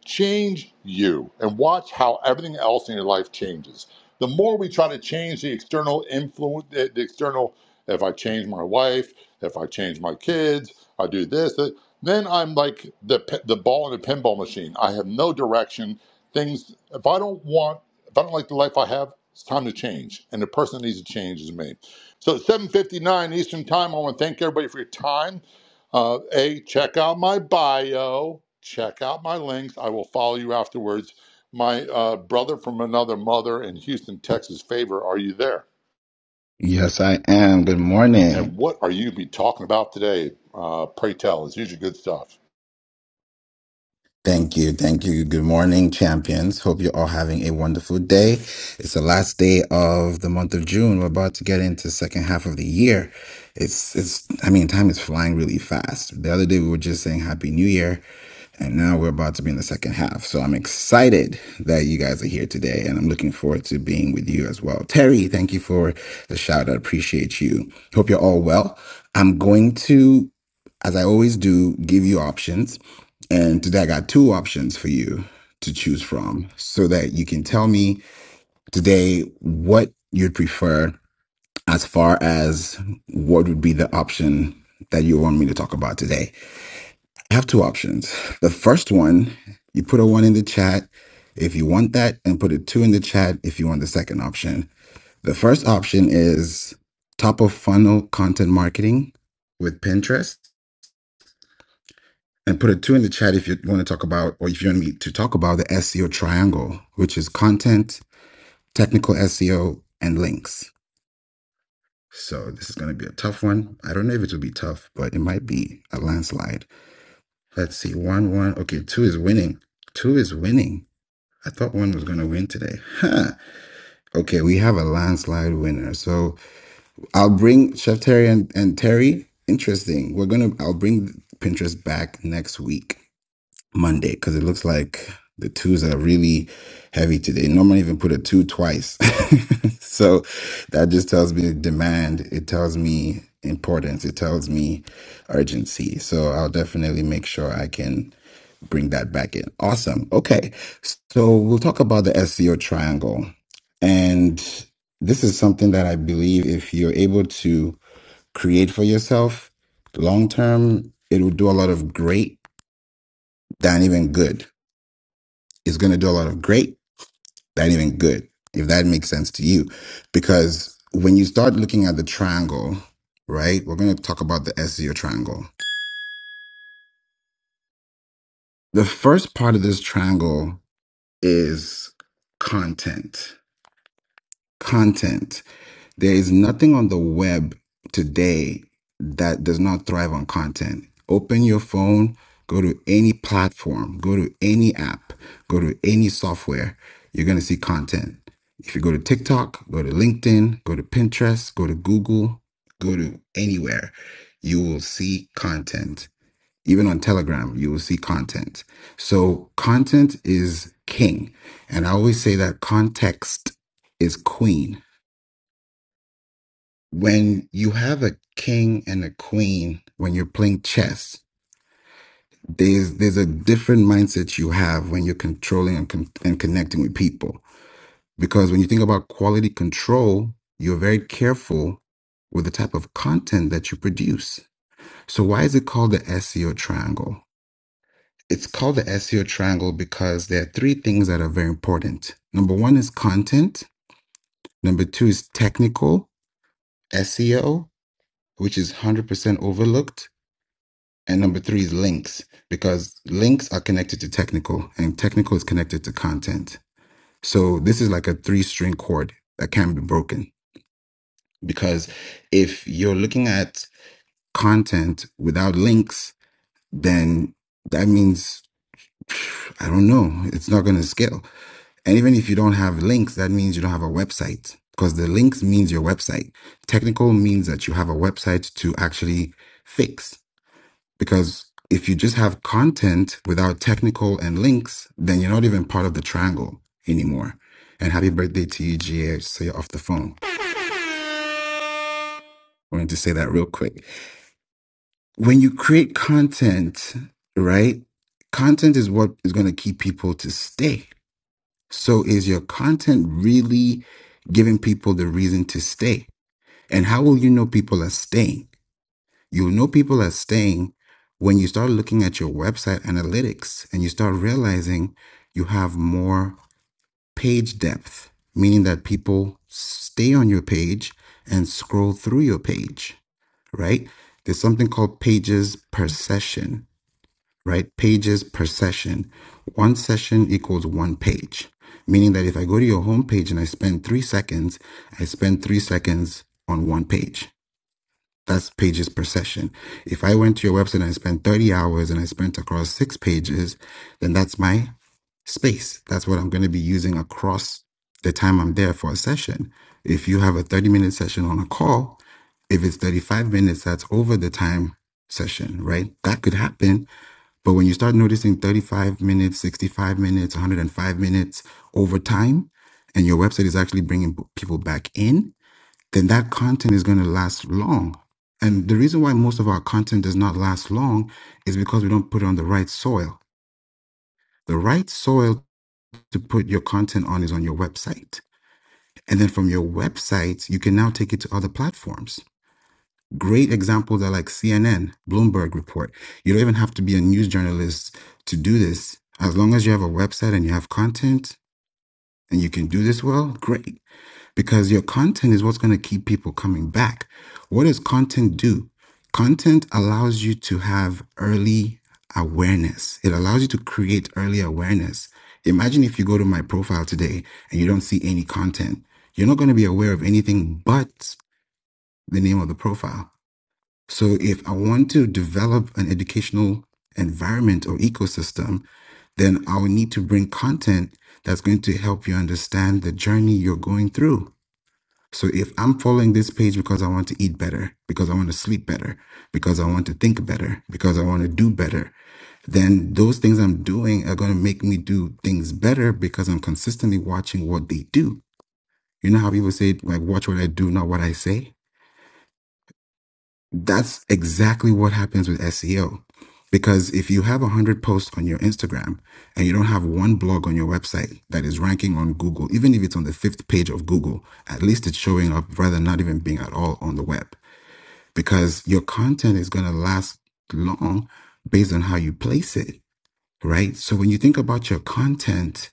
[SPEAKER 20] change you and watch how everything else in your life changes the more we try to change the external influence the, external if i change my wife if i change my kids i do this that, then i'm like the the ball in a pinball machine i have no direction things if i don't want if i don't like the life i have it's time to change and the person that needs to change is me so 7.59 eastern time i want to thank everybody for your time uh, hey, check out my bio. Check out my links. I will follow you afterwards. My uh, brother from another mother in Houston, Texas, favor, are you there?
[SPEAKER 23] Yes, I am. Good morning.
[SPEAKER 20] And what are you be talking about today? Uh, pray tell. It's usually good stuff.
[SPEAKER 23] Thank you. Thank you. Good morning, champions. Hope you're all having a wonderful day. It's the last day of the month of June. We're about to get into the second half of the year. It's, it's, I mean, time is flying really fast. The other day we were just saying Happy New Year, and now we're about to be in the second half. So I'm excited that you guys are here today, and I'm looking forward to being with you as well. Terry, thank you for the shout. I appreciate you. Hope you're all well. I'm going to as I always do, give you options. And today I got two options for you to choose from so that you can tell me today what you'd prefer as far as what would be the option that you want me to talk about today. I have two options. The first one, you put a one in the chat if you want that, and put a two in the chat if you want the second option. The first option is top of funnel content marketing with Pinterest. And put a two in the chat if you want to talk about, or if you want me to talk about the SEO triangle, which is content, technical SEO, and links. So this is going to be a tough one. I don't know if it will be tough, but it might be a landslide. Let's see. One, one. Okay. Two is winning. Two is winning. I thought one was going to win today. Huh. Okay. We have a landslide winner. So I'll bring Chef Terry and, and Terry. Interesting. We're going to, I'll bring Pinterest back next week Monday because it looks like the twos are really heavy today. Normally, even put a two twice. [LAUGHS] so that just tells me demand. It tells me importance. It tells me urgency. So I'll definitely make sure I can bring that back in. Awesome. Okay. So we'll talk about the SEO triangle. And this is something that I believe if you're able to create for yourself long term, it will do a lot of great than even good is going to do a lot of great, not even good, if that makes sense to you. Because when you start looking at the triangle, right, we're going to talk about the SEO triangle. The first part of this triangle is content. Content. There is nothing on the web today that does not thrive on content. Open your phone, go to any platform, go to any app, go to any software, you're going to see content. If you go to TikTok, go to LinkedIn, go to Pinterest, go to Google, go to anywhere, you will see content. Even on Telegram, you will see content. So, content is king. And I always say that context is queen when you have a king and a queen when you're playing chess there's there's a different mindset you have when you're controlling and, con- and connecting with people because when you think about quality control you're very careful with the type of content that you produce so why is it called the seo triangle it's called the seo triangle because there are three things that are very important number one is content number two is technical seo which is 100% overlooked And number three is links, because links are connected to technical, and technical is connected to content. So this is like a three string chord that can be broken. Because if you're looking at content without links, then that means, phew, I don't know, it's not going to scale. And even if you don't have links, that means you don't have a website, because the links means your website. Technical means that you have a website to actually fix Because if you just have content without technical and links, then you're not even part of the triangle anymore. And happy birthday to you, GA. So you're off the phone. I wanted to say that real quick. When you create content, right? Content is what is going to keep people to stay. So is your content really giving people the reason to stay? And how will you know people are staying? You will know people are staying when you start looking at your website analytics and you start realizing you have more page depth, meaning that people stay on your page and scroll through your page, right? There's something called pages per session, right? Pages per session. One session equals one page, meaning that if I go to your homepage and I spend three seconds, I spend three seconds on one page that's pages per session. If I went to your website and I spent 30 hours and I spent across six pages, then that's my space. That's what I'm going to be using across the time I'm there for a session. If you have a 30 minute session on a call, if it's 35 minutes, that's over the time session, right? That could happen. But when you start noticing 35 minutes, 65 minutes, 105 minutes over time, and your website is actually bringing people back in, then that content is going to last long. And the reason why most of our content does not last long is because we don't put it on the right soil. The right soil to put your content on is on your website. And then from your website, you can now take it to other platforms. Great examples are like CNN, Bloomberg Report. You don't even have to be a news journalist to do this. As long as you have a website and you have content and you can do this well, great. because your content is what's going to keep people coming back. What does content do? Content allows you to have early awareness. It allows you to create early awareness. Imagine if you go to my profile today and you don't see any content. You're not going to be aware of anything but the name of the profile. So if I want to develop an educational environment or ecosystem, then I will need to bring content that's going to help you understand the journey you're going through so if I'm following this page because I want to eat better, because I want to sleep better, because I want to think better, because I want to do better, then those things I'm doing are going to make me do things better because I'm consistently watching what they do. You know how people say, like, watch what I do, not what I say? That's exactly what happens with SEO. Because if you have 100 posts on your Instagram and you don't have one blog on your website that is ranking on Google, even if it's on the fifth page of Google, at least it's showing up rather than not even being at all on the web. because your content is going to last long based on how you place it, right? So when you think about your content,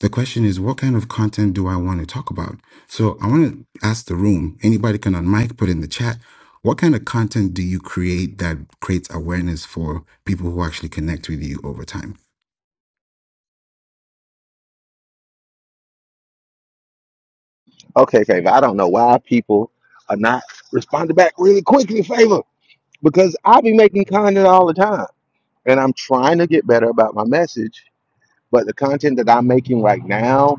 [SPEAKER 23] the question is, what kind of content do I want to talk about? So I want to ask the room, anybody can on mic, put in the chat, what kind of content do you create that creates awareness for people who actually connect with you over time?
[SPEAKER 10] Okay, favor. I don't know why people are not responding back really quickly, favor, because I be making content all the time, and I'm trying to get better about my message. But the content that I'm making right now,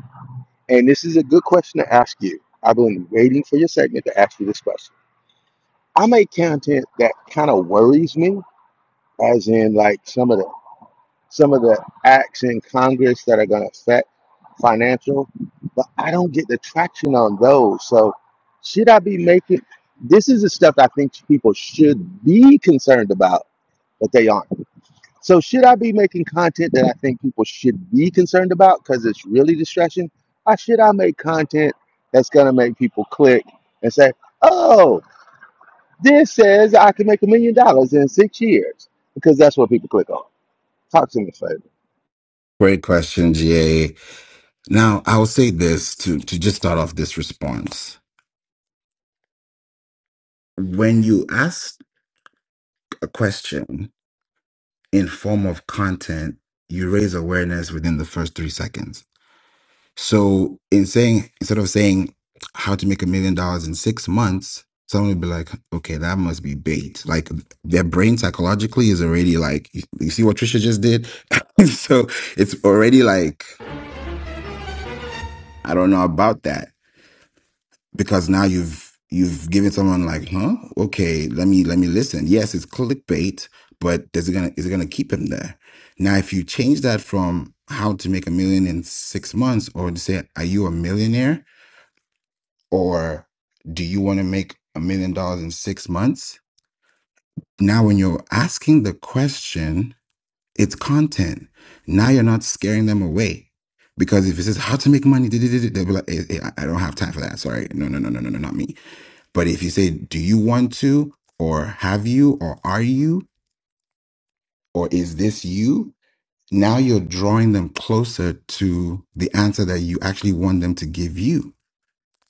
[SPEAKER 10] and this is a good question to ask you. I've been waiting for your segment to ask you this question. I make content that kind of worries me, as in like some of the some of the acts in Congress that are going to affect financial, but I don't get the traction on those. So, should I be making this? Is the stuff I think people should be concerned about, but they aren't. So, should I be making content that I think people should be concerned about because it's really distraction? Or should I make content that's going to make people click and say, oh, this says I can make a million dollars in six years? Because that's what people click on. Talk to me, Faith.
[SPEAKER 23] Great question, GA. Now, I'll say this to, to just start off this response. When you ask a question, in form of content, you raise awareness within the first three seconds. So in saying instead of saying how to make a million dollars in six months, someone would be like, okay, that must be bait. Like their brain psychologically is already like, you you see what Trisha just did? [LAUGHS] so it's already like, I don't know about that. because now you've you've given someone like, huh? Okay, let me let me listen. Yes, it's clickbait, but is it gonna is it gonna keep him there? Now, if you change that from how to make a million in six months, or to say, are you a millionaire, or do you want to make a million dollars in six months? Now, when you're asking the question, it's content. Now you're not scaring them away. Because if it says how to make money, da- da- da- da- they'll be like, "Eh, eh, I I don't have time for that. Sorry. No, no, no, no, no, no, not me. But if you say, do you want to, or have you, or are you, or is this you? Now you're drawing them closer to the answer that you actually want them to give you.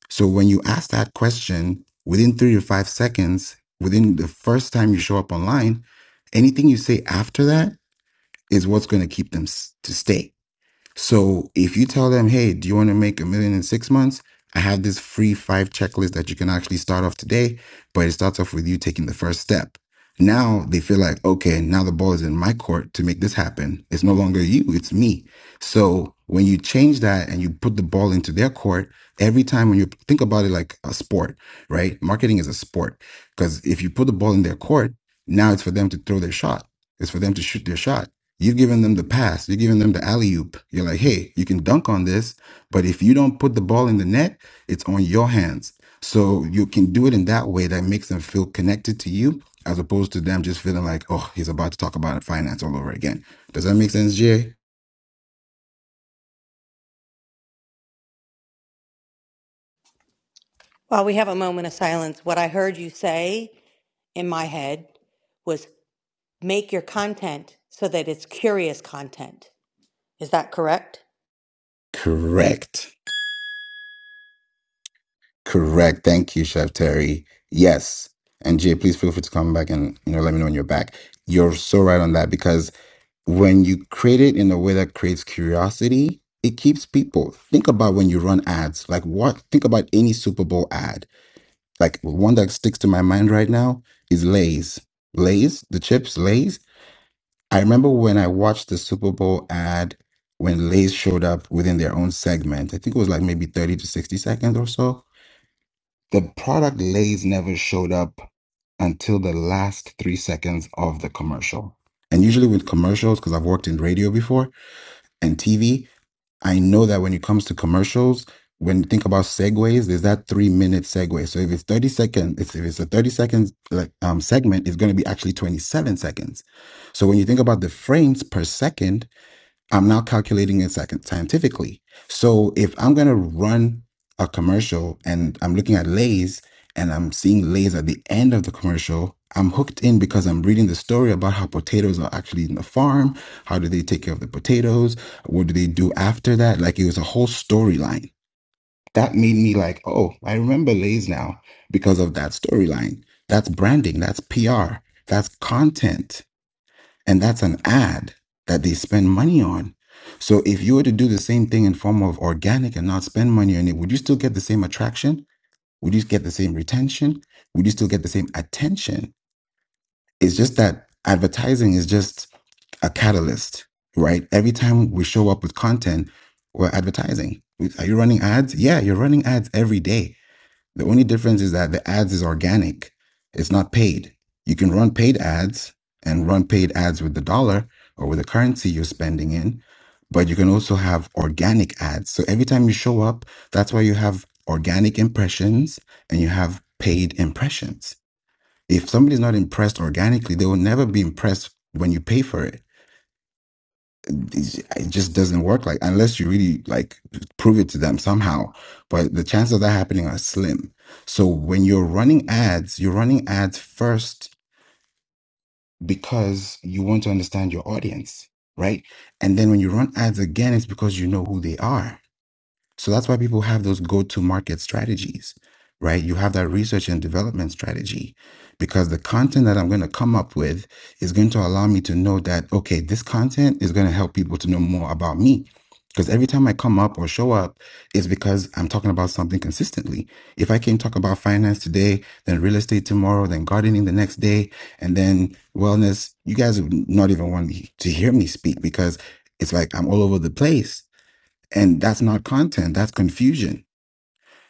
[SPEAKER 23] So when you ask that question within three to five seconds, within the first time you show up online, anything you say after that is what's going to keep them s- to stay. So if you tell them, hey, do you want to make a million in six months? I have this free five checklist that you can actually start off today, but it starts off with you taking the first step. Now they feel like, okay, now the ball is in my court to make this happen. It's no longer you, it's me. So when you change that and you put the ball into their court, every time when you think about it like a sport, right? Marketing is a sport because if you put the ball in their court, now it's for them to throw their shot. It's for them to shoot their shot. You've given them the pass. You're giving them the alley oop. You're like, hey, you can dunk on this, but if you don't put the ball in the net, it's on your hands. So you can do it in that way that makes them feel connected to you, as opposed to them just feeling like, oh, he's about to talk about finance all over again. Does that make sense, Jay?
[SPEAKER 21] While we have a moment of silence, what I heard you say in my head was make your content so that it's curious content. Is that correct?
[SPEAKER 23] Correct. Correct. Thank you, Chef Terry. Yes. And Jay, please feel free to come back and you know let me know when you're back. You're so right on that because when you create it in a way that creates curiosity, it keeps people. Think about when you run ads, like what, think about any Super Bowl ad. Like one that sticks to my mind right now is Lay's. Lay's, the chips, Lay's. I remember when I watched the Super Bowl ad when Lay's showed up within their own segment. I think it was like maybe 30 to 60 seconds or so. The product Lay's never showed up until the last three seconds of the commercial. And usually with commercials, because I've worked in radio before, and TV, I know that when it comes to commercials, when you think about segues, there's that three minute segue. So if it's 30 seconds, if it's a 30 second like um segment, it's gonna be actually 27 seconds. So when you think about the frames per second, I'm now calculating it second scientifically. So if I'm gonna run a commercial and I'm looking at Lay's and I'm seeing Lay's at the end of the commercial, I'm hooked in because I'm reading the story about how potatoes are actually in the farm. How do they take care of the potatoes? What do they do after that? Like it was a whole storyline. That made me like, oh, I remember Lay's now because of that storyline. That's branding. That's PR. That's content. And that's an ad that they spend money on. So if you were to do the same thing in form of organic and not spend money on it, would you still get the same attraction? Would you get the same retention? Would you still get the same attention? It's just that advertising is just a catalyst, right? Every time we show up with content, we're advertising. Are you running ads? Yeah, you're running ads every day. The only difference is that the ads is organic. It's not paid. You can run paid ads and run paid ads with the dollar or with the currency you're spending in, but you can also have organic ads. So every time you show up, that's why you have organic impressions and you have paid impressions. If somebody's not impressed organically, they will never be impressed when you pay for it it's- it just doesn't work like unless you really like prove it to them somehow but the chances of that happening are slim so when you're running ads you're running ads first because you want to understand your audience right and then when you run ads again it's because you know who they are so that's why people have those go to market strategies, right? You have that research and development strategy because the content that I'm going to come up with is going to allow me to know that, okay, this content is going to help people to know more about me. Because every time I come up or show up, it's because I'm talking about something consistently. If I can talk about finance today, then real estate tomorrow, then gardening the next day, and then wellness, you guys would not even want to hear me speak because it's like I'm all over the place and that's not content, that's confusion.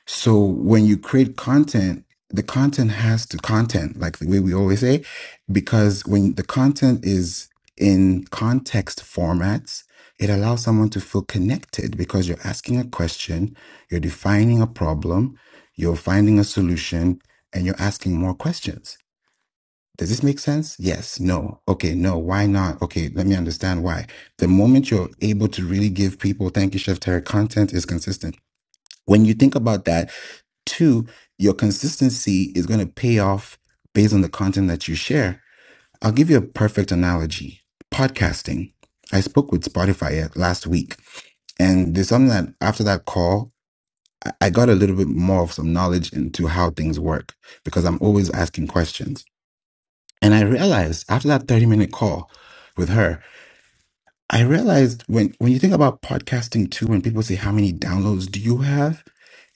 [SPEAKER 23] So when you create content, the content has to content, like the way we always say, because when the content is in context formats, it allows someone to feel connected because you're asking a question, you're defining a problem, you're finding a solution, and you're asking more questions. Does this make sense? Yes. No. Okay. No. Why not? Okay. Let me understand why. The moment you're able to really give people, thank you, Chef Terry, content is consistent. When you think about that, two, your consistency is going to pay off based on the content that you share. I'll give you a perfect analogy podcasting. I spoke with Spotify uh, last week, and there's something that after that call, I got a little bit more of some knowledge into how things work because I'm always asking questions. And I realized after that 30 minute call with her, I realized when, when you think about podcasting too, when people say, How many downloads do you have?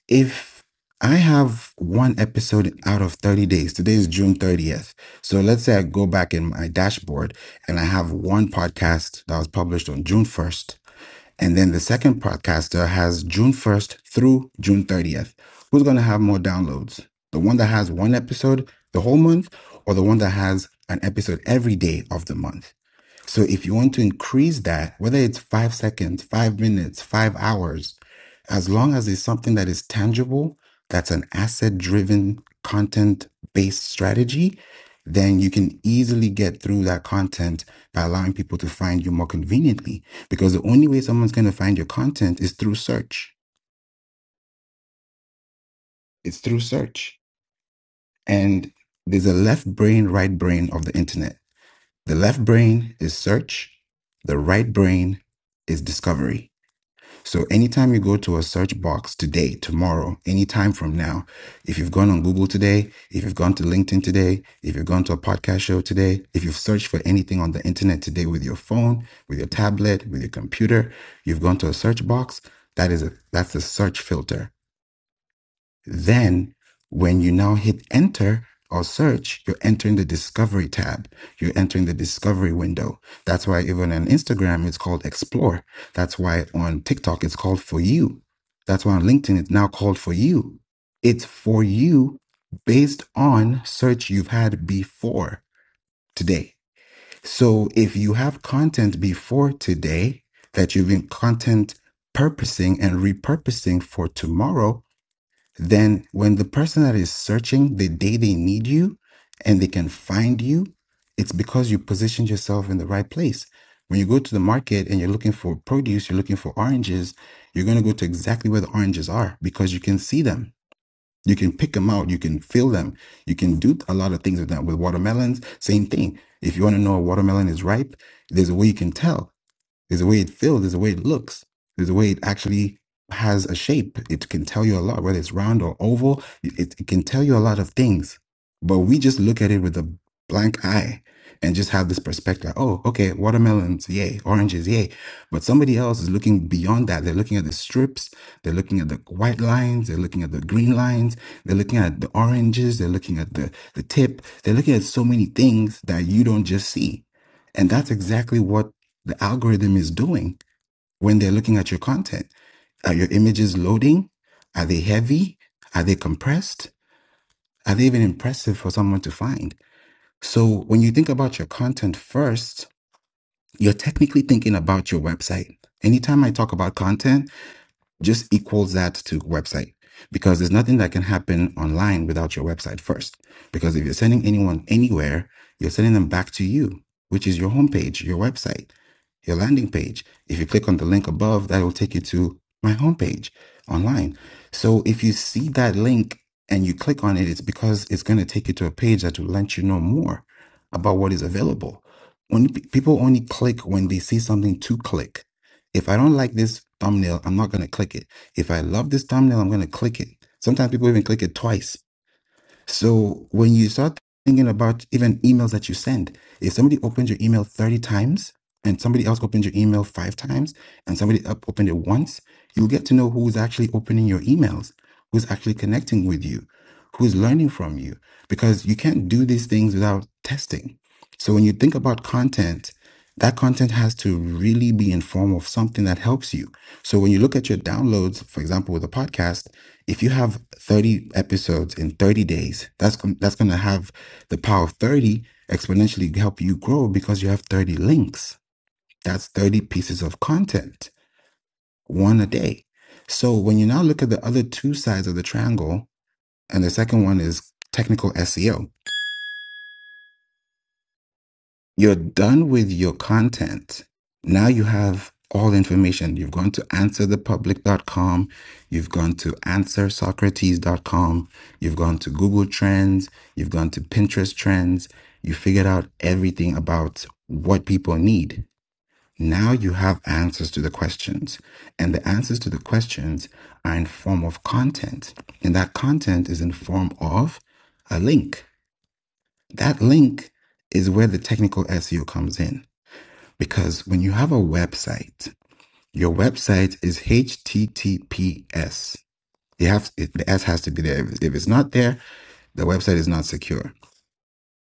[SPEAKER 23] If I have one episode out of 30 days, today is June 30th. So let's say I go back in my dashboard and I have one podcast that was published on June 1st and then the second podcaster has June 1st through June 30th. Who's going to have more downloads? The one that has one episode the whole month or the one that has an episode every day of the month? So if you want to increase that, whether it's five seconds, five minutes, five hours, as long as it's something that is tangible, that's an asset driven content based strategy, then you can easily get through that content by allowing people to find you more conveniently. Because the only way someone's going to find your content is through search. It's through search. And there's a left brain, right brain of the internet. The left brain is search. The right brain is discovery. So anytime you go to a search box today, tomorrow, anytime from now, if you've gone on Google today, if you've gone to LinkedIn today, if you've gone to a podcast show today, if you've searched for anything on the internet today with your phone, with your tablet, with your computer, you've gone to a search box, that is a that's a search filter then, when you now hit enter or search, you're entering the discovery tab. You're entering the discovery window. That's why even on Instagram, it's called explore. That's why on TikTok, it's called for you. That's why on LinkedIn, it's now called for you. It's for you based on search you've had before today. So if you have content before today that you've been content purposing and repurposing for tomorrow, then when the person that is searching the day they need you and they can find you, it's because you positioned yourself in the right place. When you go to the market and you're looking for produce, you're looking for oranges, you're going to go to exactly where the oranges are because you can see them. You can pick them out. You can feel them. You can do a lot of things with them. With watermelons, same thing. If you want to know a watermelon is ripe, there's a way you can tell there's the way it feels, there's the way it looks, there's the way it actually has a shape. It can tell you a lot, whether it's round or oval, it, it it can tell you a lot of things. But we just look at it with a blank eye and just have this perspective like, oh, okay, watermelons, yay, oranges, yay. But somebody else is looking beyond that. They're looking at the strips, they're looking at the white lines, they're looking at the green lines, they're looking at the oranges, they're looking at the, the tip, they're looking at so many things that you don't just see. And that's exactly what the algorithm is doing when they're looking at your content. Are your images loading? Are they heavy? Are they compressed? Are they even impressive for someone to find? So when you think about your content first, you're technically thinking about your website. Anytime I talk about content, just equals that to website because there's nothing that can happen online without your website first. Because if you're sending anyone anywhere, you're sending them back to you, which is your homepage, your website. your landing page. If you click on the link above, that will take you to my homepage online. So if you see that link and you click on it, it's because it's going to take you to a page that will let you know more about what is available. When people only click when they see something to click. If I don't like this thumbnail, I'm not going to click it. If I love this thumbnail, I'm going to click it. Sometimes people even click it twice so when you start thinking about even emails that you send, if somebody opens your email 30 times and somebody else opens your email five times and somebody up opened it once, you'll get to know who's actually opening your emails, who's actually connecting with you, who's learning from you, because you can't do these things without testing. So when you think about content, that content has to really be in form of something that helps you. So when you look at your downloads, for example, with a podcast, if you have 30 episodes in 30 days that's that's going to have the power of 30 exponentially help you grow because you have 30 links that's 30 pieces of content one a day so when you now look at the other two sides of the triangle and the second one is technical seo You're done with your content. Now you have all information. You've gone to answerthepublic.com. You've gone to answersocrates.com. You've gone to Google Trends. You've gone to Pinterest Trends. You figured out everything about what people need. Now you have answers to the questions. And the answers to the questions are in form of content. And that content is in form of a link. That link is where the technical SEO comes in. Because when you have a website, your website is HTTPS. You have it, the S has to be there. If it's not there, the website is not secure.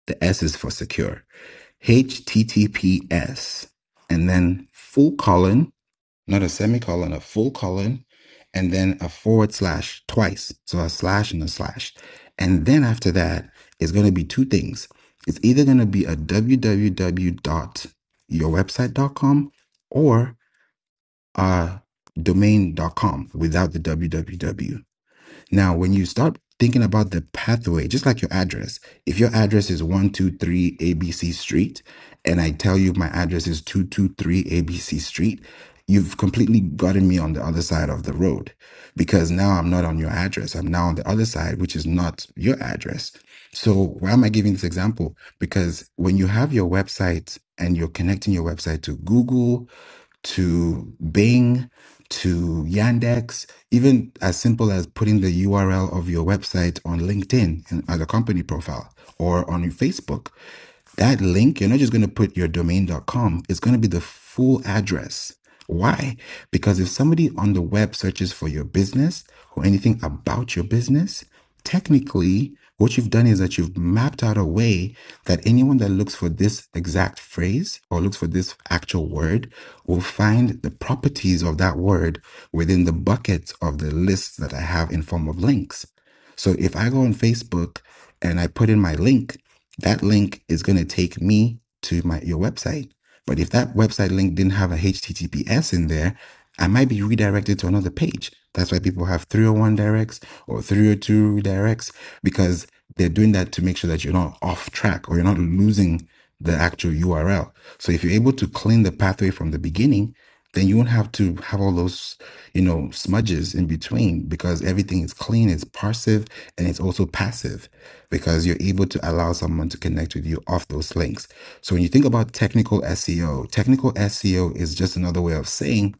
[SPEAKER 23] The S is for secure. HTTPS, and then full colon, not a semicolon, a full colon, and then a forward slash twice. So a slash and a slash. And then after that, it's going to be two things. It's either going to be a www dot your website dot com or uh, domain.com without the www. Now, when you start thinking about the pathway, just like your address, if your address is 123 ABC Street, and I tell you my address is 223 ABC Street, you've completely gotten me on the other side of the road because now I'm not on your address. I'm now on the other side, which is not your address. So why am I giving this example? Because when you have your website and you're connecting your website to Google, to Bing, to Yandex, even as simple as putting the URL of your website on LinkedIn and as a company profile or on your Facebook. That link, you're not just going to put your domain.com, it's going to be the full address. Why? Because if somebody on the web searches for your business or anything about your business, technically, what you've done is that you've mapped out a way that anyone that looks for this exact phrase or looks for this actual word will find the properties of that word within the buckets of the lists that I have in form of links. So if I go on Facebook and I put in my link, that link is going to take me to my your website. But if that website link didn't have a HTTPS in there, I might be redirected to another page. That's why people have 301 directs or 302 redirects because they're doing that to make sure that you're not off track or you're not losing the actual URL. So if you're able to clean the pathway from the beginning, then you won't have to have all those, you know, smudges in between because everything is clean, it's passive, and it's also passive because you're able to allow someone to connect with you off those links. So when you think about technical SEO, technical SEO is just another way of saying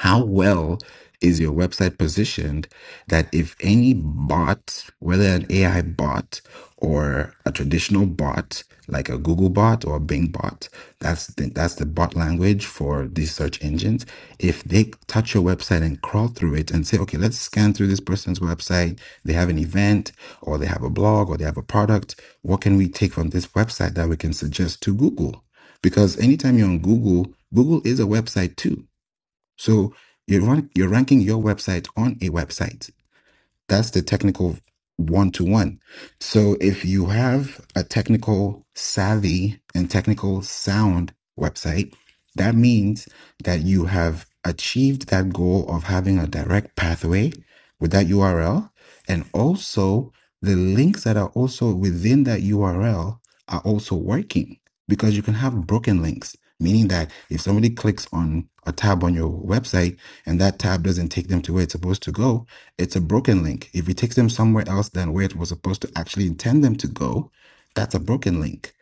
[SPEAKER 23] how well is your website positioned that if any bot, whether an AI bot or a traditional bot, like a Google bot or a Bing bot, that's the, that's the bot language for these search engines. If they touch your website and crawl through it and say, okay, let's scan through this person's website, they have an event or they have a blog or they have a product, what can we take from this website that we can suggest to Google? Because anytime you're on Google, Google is a website too so you're, rank, you're ranking your website on a website. That's the technical one to one. So if you have a technical savvy and technical sound website, that means that you have achieved that goal of having a direct pathway with that URL. And also the links that are also within that URL are also working because you can have broken links, meaning that if somebody clicks on a tab on your website and that tab doesn't take them to where it's supposed to go, it's a broken link. If it takes them somewhere else than where it was supposed to actually intend them to go, that's a broken link,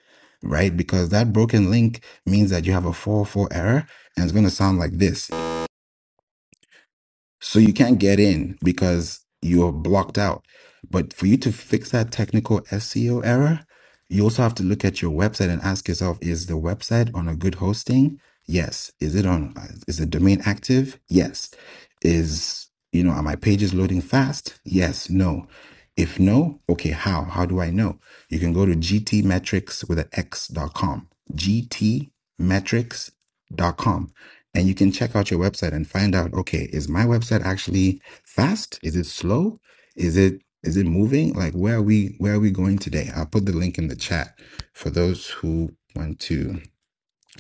[SPEAKER 23] right? Because that broken link means that you have a 4 4 error and it's going to sound like this. So you can't get in because you're blocked out. But for you to fix that technical SEO error, you also have to look at your website and ask yourself, is the website on a good hosting? Yes. Is it on, is the domain active? Yes. Is, you know, are my pages loading fast? Yes. No. If no, okay, how? How do I know? You can go to gtmetrics with an X dot com. GTmetrics dot com and you can check out your website and find out okay is my website actually fast is it slow is it is it moving like where are we where are we going today i'll put the link in the chat for those who want to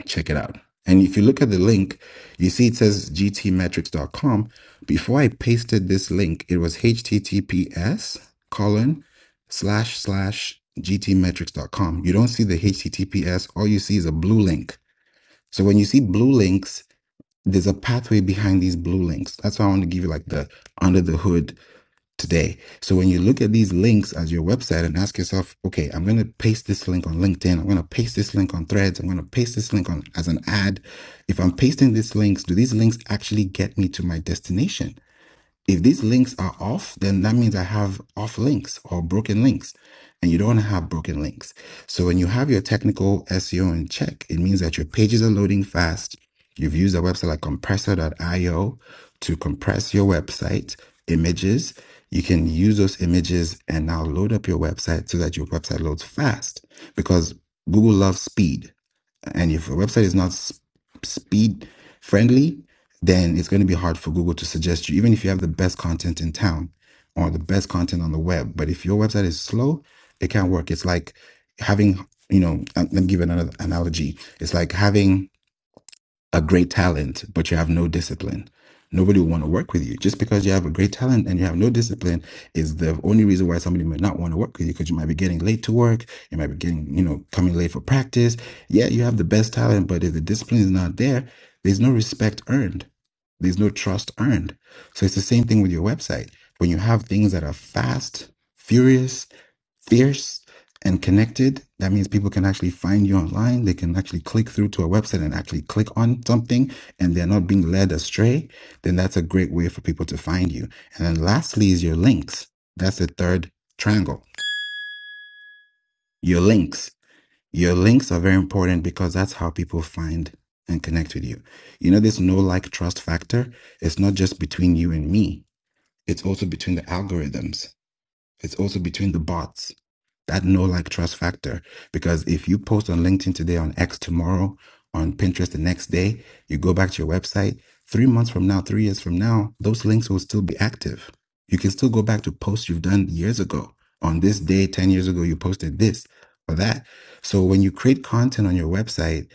[SPEAKER 23] check it out and if you look at the link you see it says g t metrics dot com. before i pasted this link it was https colon slash slash g t metrics dot com. you don't see the https all you see is a blue link so when you see blue links there's a pathway behind these blue links. That's why I want to give you like the under the hood today. So when you look at these links as your website and ask yourself, okay, I'm going to paste this link on LinkedIn. I'm going to paste this link on Threads. I'm going to paste this link on as an ad. If I'm pasting these links, do these links actually get me to my destination? if these links are off, then that means I have off links or broken links, and you don't want to have broken links. So when you have your technical SEO in check, it means that your pages are loading fast. You've used a website like compressor.io to compress your website images. You can use those images and now load up your website so that your website loads fast because Google loves speed and if a website is not s- speed friendly, then it's going to be hard for Google to suggest you, even if you have the best content in town or the best content on the web. But if your website is slow, it can't work. It's like having, you know, uh, let me give another analogy. It's like having a great talent, but you have no discipline. Nobody will want to work with you. Just because you have a great talent and you have no discipline is the only reason why somebody might not want to work with you because you might be getting late to work. You might be getting, you know, coming late for practice. Yeah, you have the best talent, but if the discipline is not there, there's no respect earned. There's no trust earned. So it's the same thing with your website. When you have things that are fast, furious, fierce and connected. That means people can actually find you online. They can actually click through to a website and actually click on something and they're not being led astray. Then that's a great way for people to find you. And then lastly is your links. That's the third triangle. Your links. Your links are very important because that's how people find and connect with you. You know, this no like trust factor, it's not just between you and me. It's also between the algorithms it's also between the bots. That no like trust factor. Because if you post on LinkedIn today, on X tomorrow, on Pinterest the next day, you go back to your website, three months from now, three years from now, those links will still be active. You can still go back to posts you've done years ago. On this day, 10 years ago, you posted this or that. So when you create content on your website,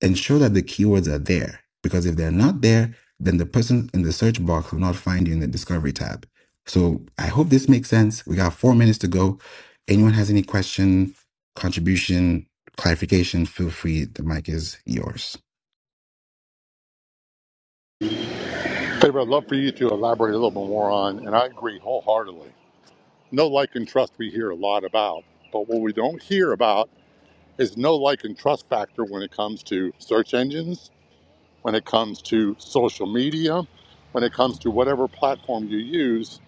[SPEAKER 23] ensure that the keywords are there because if they're not there, then the person in the search box will not find you in the discovery tab. So I hope this makes sense. We got four minutes to go. Anyone has any question, contribution, clarification, feel free. The mic is yours.
[SPEAKER 20] Favor, I'd love for you to elaborate a little bit more on, and I agree wholeheartedly. No like and trust we hear a lot about, but what we don't hear about is no like and trust factor when it comes to search engines, when it comes to social media, when it comes to whatever platform you use,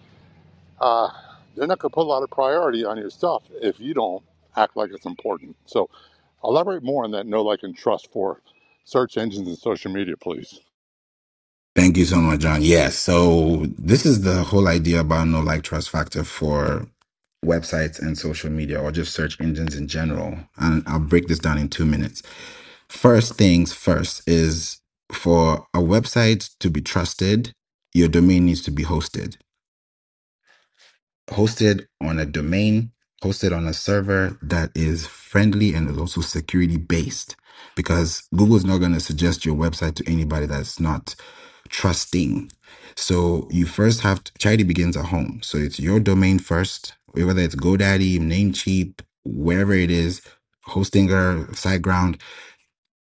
[SPEAKER 20] uh, they're not going to put a lot of priority on your stuff if you don't act like it's important. So elaborate more on that know, like, and trust for search engines and social media, please.
[SPEAKER 23] Thank you so much, John. Yes. So this is the whole idea about no like trust factor for websites and social media or just search engines in general. And I'll break this down in two minutes. First things first is for a website to be trusted, your domain needs to be hosted. Hosted on a domain, hosted on a server that is friendly and is also security based because Google is not going to suggest your website to anybody that's not trusting. So you first have to, charity begins at home. So it's your domain first, whether it's GoDaddy, Namecheap, wherever it is, Hostinger, SiteGround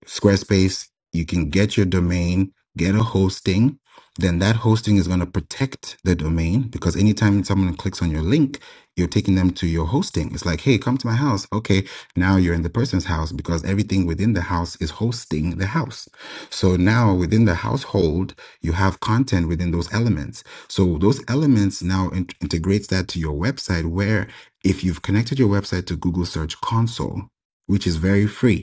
[SPEAKER 23] Squarespace, you can get your domain, get a hosting. Then that hosting is going to protect the domain because anytime someone clicks on your link, you're taking them to your hosting. It's like, hey, come to my house. Okay, now you're in the person's house because everything within the house is hosting the house. So now within the household, you have content within those elements. So those elements now in- integrates that to your website where if you've connected your website to Google Search Console, which is very free,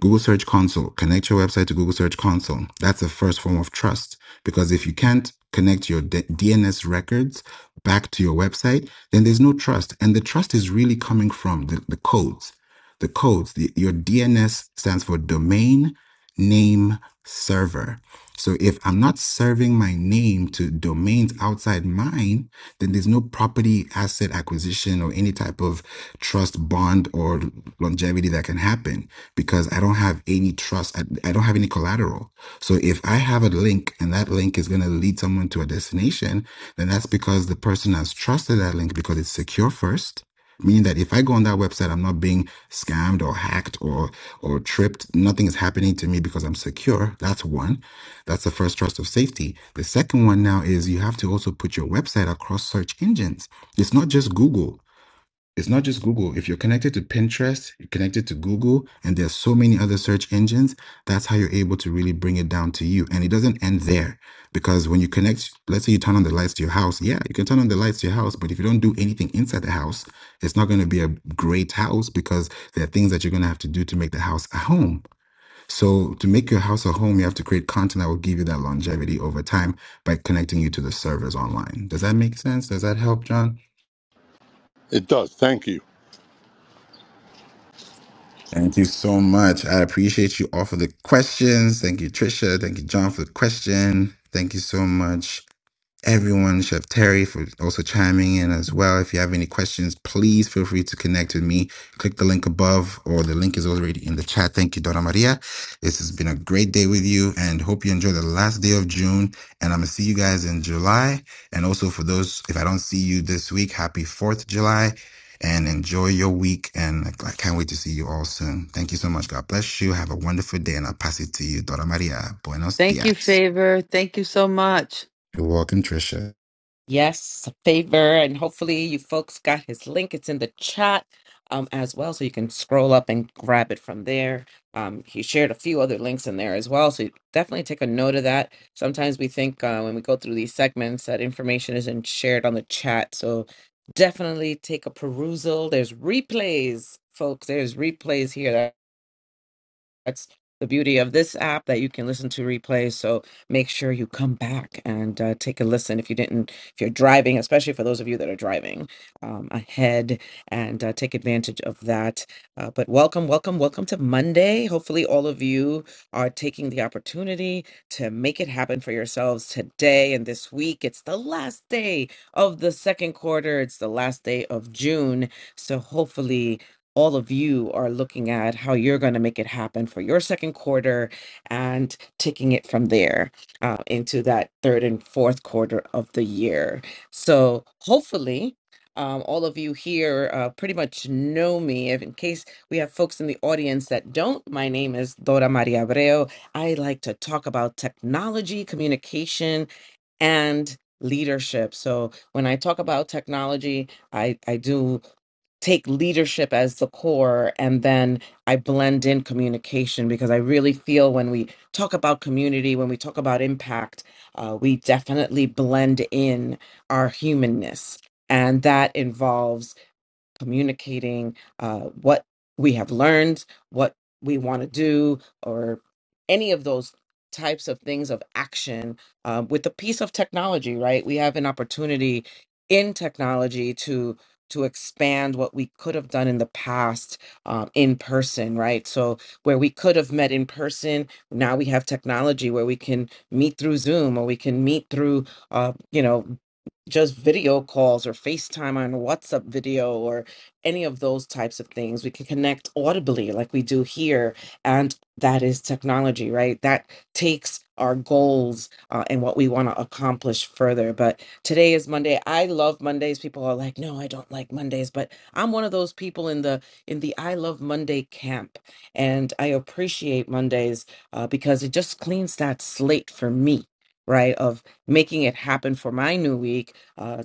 [SPEAKER 23] Google Search Console, connect your website to Google Search Console. That's the first form of trust because if you can't connect your DNS records back to your website, then there's no trust. And the trust is really coming from the, the codes. The codes, the, your DNS stands for domain name server. So if I'm not serving my name to domains outside mine, then there's no property asset acquisition or any type of trust bond or longevity that can happen because I don't have any trust. I, I don't have any collateral. So if I have a link and that link is going to lead someone to a destination, then that's because the person has trusted that link because it's secure first. Meaning that if I go on that website, I'm not being scammed or hacked or or tripped. Nothing is happening to me because I'm secure. That's one. That's the first trust of safety. The second one now is you have to also put your website across search engines. It's not just Google. It's not just Google. If you're connected to Pinterest, you're connected to Google, and there's so many other search engines, that's how you're able to really bring it down to you. And it doesn't end there because when you connect, let's say you turn on the lights to your house. Yeah, you can turn on the lights to your house, but if you don't do anything inside the house, it's not going to be a great house because there are things that you're going to have to do to make the house a home. So to make your house a home, you have to create content that will give you that longevity over time by connecting you to the servers online. Does that make sense? Does that help, John?
[SPEAKER 20] It does. Thank you.
[SPEAKER 23] Thank you so much. I appreciate you all for the questions. Thank you, Trisha. Thank you, John, for the question. Thank you so much. everyone, Chef Terry, for also chiming in as well. If you have any questions, please feel free to connect with me. Click the link above, or the link is already in the chat. Thank you, Donna Maria. This has been a great day with you, and hope you enjoy the last day of June. And I'm gonna see you guys in July. And also for those, if I don't see you this week, happy Fourth of July. And enjoy your week. And I can't wait to see you all soon. Thank you so much. God bless you. Have a wonderful day. And I'll pass it to you, Dora Maria. Buenos
[SPEAKER 3] thank you
[SPEAKER 23] dias.
[SPEAKER 3] favor thank you so much
[SPEAKER 23] You're welcome, Trisha.
[SPEAKER 24] Yes, favor, and hopefully you folks got his link. It's in the chat um, as well, so you can scroll up and grab it from there. Um, he shared a few other links in there as well, so definitely take a note of that. Sometimes we think uh, when we go through these segments that information isn't shared on the chat, so definitely take a perusal. There's replays, folks. There's replays here. That's the beauty of this app that you can listen to replays. So make sure you come back and uh, take a listen if you didn't, if you're driving, especially for those of you that are driving um, ahead and uh, take advantage of that. Uh, but welcome, welcome, welcome to Monday. Hopefully, all of you are taking the opportunity to make it happen for yourselves today and this week. It's the last day of the second quarter, it's the last day of June. So hopefully, all of you are looking at how you're going to make it happen for your second quarter and taking it from there uh, into that third and fourth quarter of the year. So hopefully, um, all of you here uh, pretty much know me. If in case we have folks in the audience that don't, my name is Dora Maria Abreu. I like to talk about technology, communication, and leadership. So when I talk about technology, I I do take leadership as the core and then I blend in communication because I really feel when we talk about community, when we talk about impact, uh, we definitely blend in our humanness. And that involves communicating uh, what we have learned, what we want to do, or any of those types of things of action uh, with the piece of technology, right? We have an opportunity in technology to to expand what we could have done in the past um, in person, right? So where we could have met in person, now we have technology where we can meet through Zoom or we can meet through, uh, you know, just video calls or FaceTime on WhatsApp video any of those types of things. We can connect audibly like we do here. And that is technology, right? That takes our goals uh, and what we want to accomplish further. But today is Monday. I love Mondays. People are like, no, I don't like Mondays. But I'm one of those people in the in the I love Monday camp. And I appreciate Mondays uh, because it just cleans that slate for me. Right, of making it happen for my new week, uh,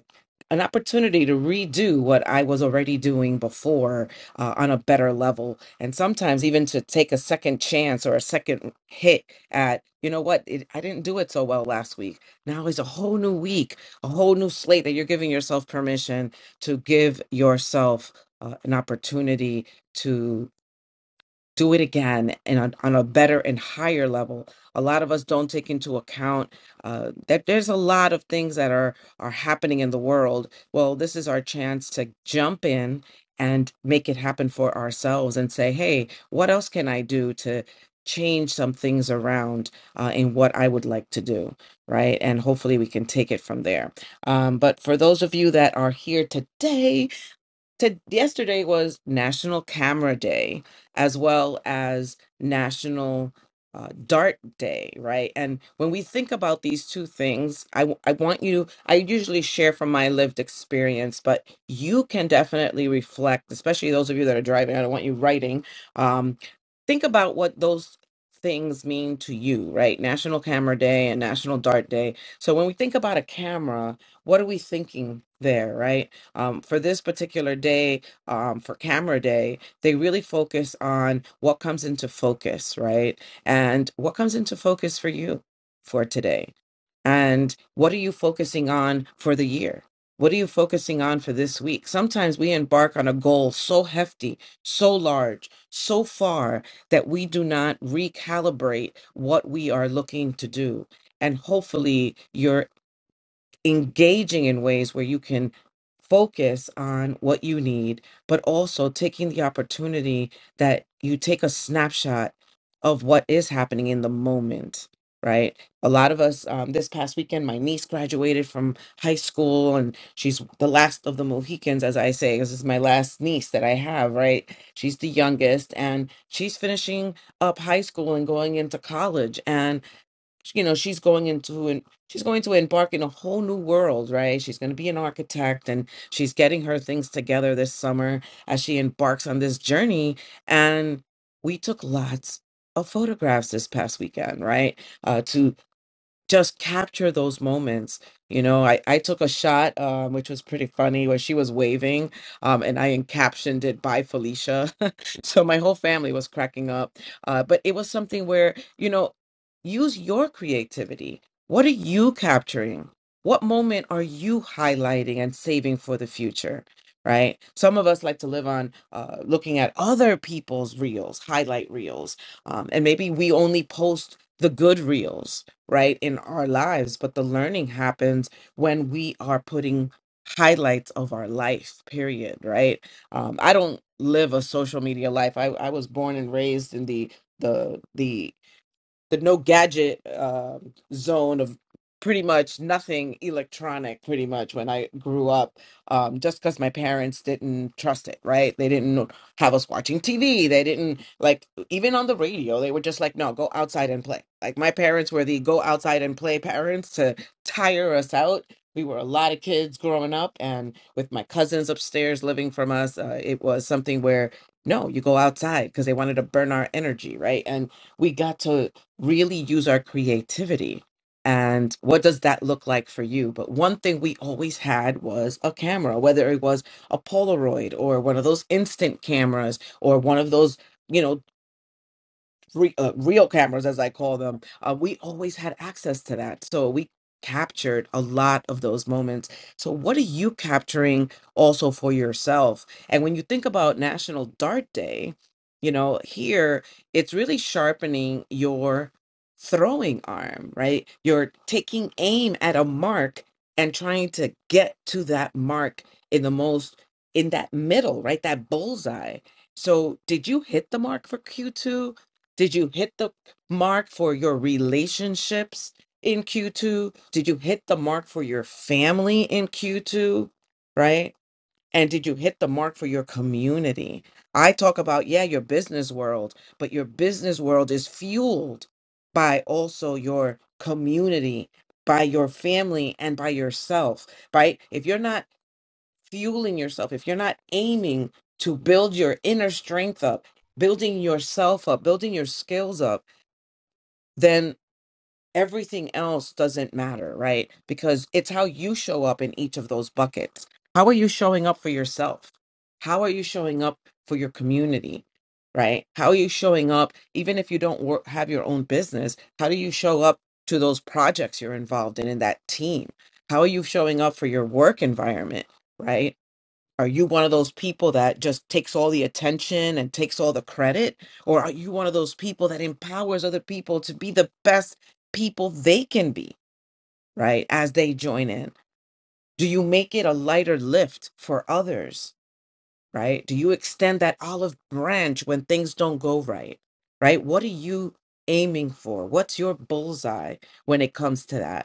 [SPEAKER 24] an opportunity to redo what I was already doing before uh, on a better level. And sometimes even to take a second chance or a second hit at, you know what, it, I didn't do it so well last week. Now is a whole new week, a whole new slate that you're giving yourself permission to give yourself uh, an opportunity do it again and on, on a better and higher level. A lot of us don't take into account uh, that there's a lot of things that are are happening in the world. Well, this is our chance to jump in and make it happen for ourselves and say, hey, what else can I do to change some things around uh, in what I would like to do, right? And hopefully we can take it from there. Um, but for those of you that are here today, to yesterday was National Camera Day as well as National uh, Dart Day, right? And when we think about these two things, I, w- I want you, I usually share from my lived experience, but you can definitely reflect, especially those of you that are driving. I don't want you writing. Um, think about what those things mean to you, right? National Camera Day and National Dart Day. So when we think about a camera, what are we thinking there, right? um, for this particular day, um, for camera day, they really focus on what comes into focus, right? And what comes into focus for you for today? And what are you focusing on for the year? What are you focusing on for this week? Sometimes we embark on a goal so hefty, so large, so far that we do not recalibrate what we are looking to do. And hopefully, you're engaging in ways where you can focus on what you need, but also taking the opportunity that you take a snapshot of what is happening in the moment, right? A lot of us, um, this past weekend, my niece graduated from high school and she's the last of the Mohicans, as I say. this is my last niece that I have, right? She's the youngest and she's finishing up high school and going into college. and you know she's going into and she's going to embark in a whole new world right she's going to be an architect and she's getting her things together this summer as she embarks on this journey and we took lots of photographs this past weekend right uh, to just capture those moments. You know, I, I took a shot, um, which was pretty funny, where she was waving, um, and I captioned it by Felicia. [LAUGHS] so my whole family was cracking up. Uh, but it was something where, you know, use your creativity. What are you capturing? What moment are you highlighting and saving for the future? Right. Some of us like to live on uh, looking at other people's reels, highlight reels, um, and maybe we only post the good reels right, in our lives. But the learning happens when we are putting highlights of our life, period, right? Um, I don't live a social media life. I, I was born and raised in the the the the no gadget um zone of pretty much nothing electronic pretty much when i grew up um, just because my parents didn't trust it right they didn't have us watching tv they didn't like even on the radio they were just like no go outside and play like my parents were the go outside and play parents to tire us out we were a lot of kids growing up and with my cousins upstairs living from us uh, it was something where no you go outside because they wanted to burn our energy right and we got to really use our creativity. And what does that look like for you? But one thing we always had was a camera, whether it was a Polaroid or one of those instant cameras or one of those. You know, re, uh, real cameras, as I call them, uh, we always had access to that. So we captured a lot of those moments. So, what are you capturing also for yourself? And when you think about National Dart Day, you know, here it's really sharpening your throwing arm, right? You're taking aim at a mark and trying to get to that mark in the most, in that middle, right? That bullseye. So, did you hit the mark for Q2? Did you hit the mark for your relationships in Q2? Did you hit the mark for your family in Q2? Right? And did you hit the mark for your community? I talk about, yeah, your business world, but your business world is fueled by also your community, by your family, and by yourself, right? If you're not fueling yourself, if you're not aiming to build your inner strength up, building yourself up, building your skills up, then everything else doesn't matter, right? Because it's how you show up in each of those buckets. How are you showing up for yourself? How are you showing up for your community? Right? How are you showing up even if you don't work, have your own business? How do you show up to those projects you're involved in in that team? How are you showing up for your work environment? Right? Are you one of those people that just takes all the attention and takes all the credit? Or are you one of those people that empowers other people to be the best people they can be, right? As they join in? Do you make it a lighter lift for others, right? Do you extend that olive branch when things don't go right, right? What are you aiming for? What's your bullseye when it comes to that?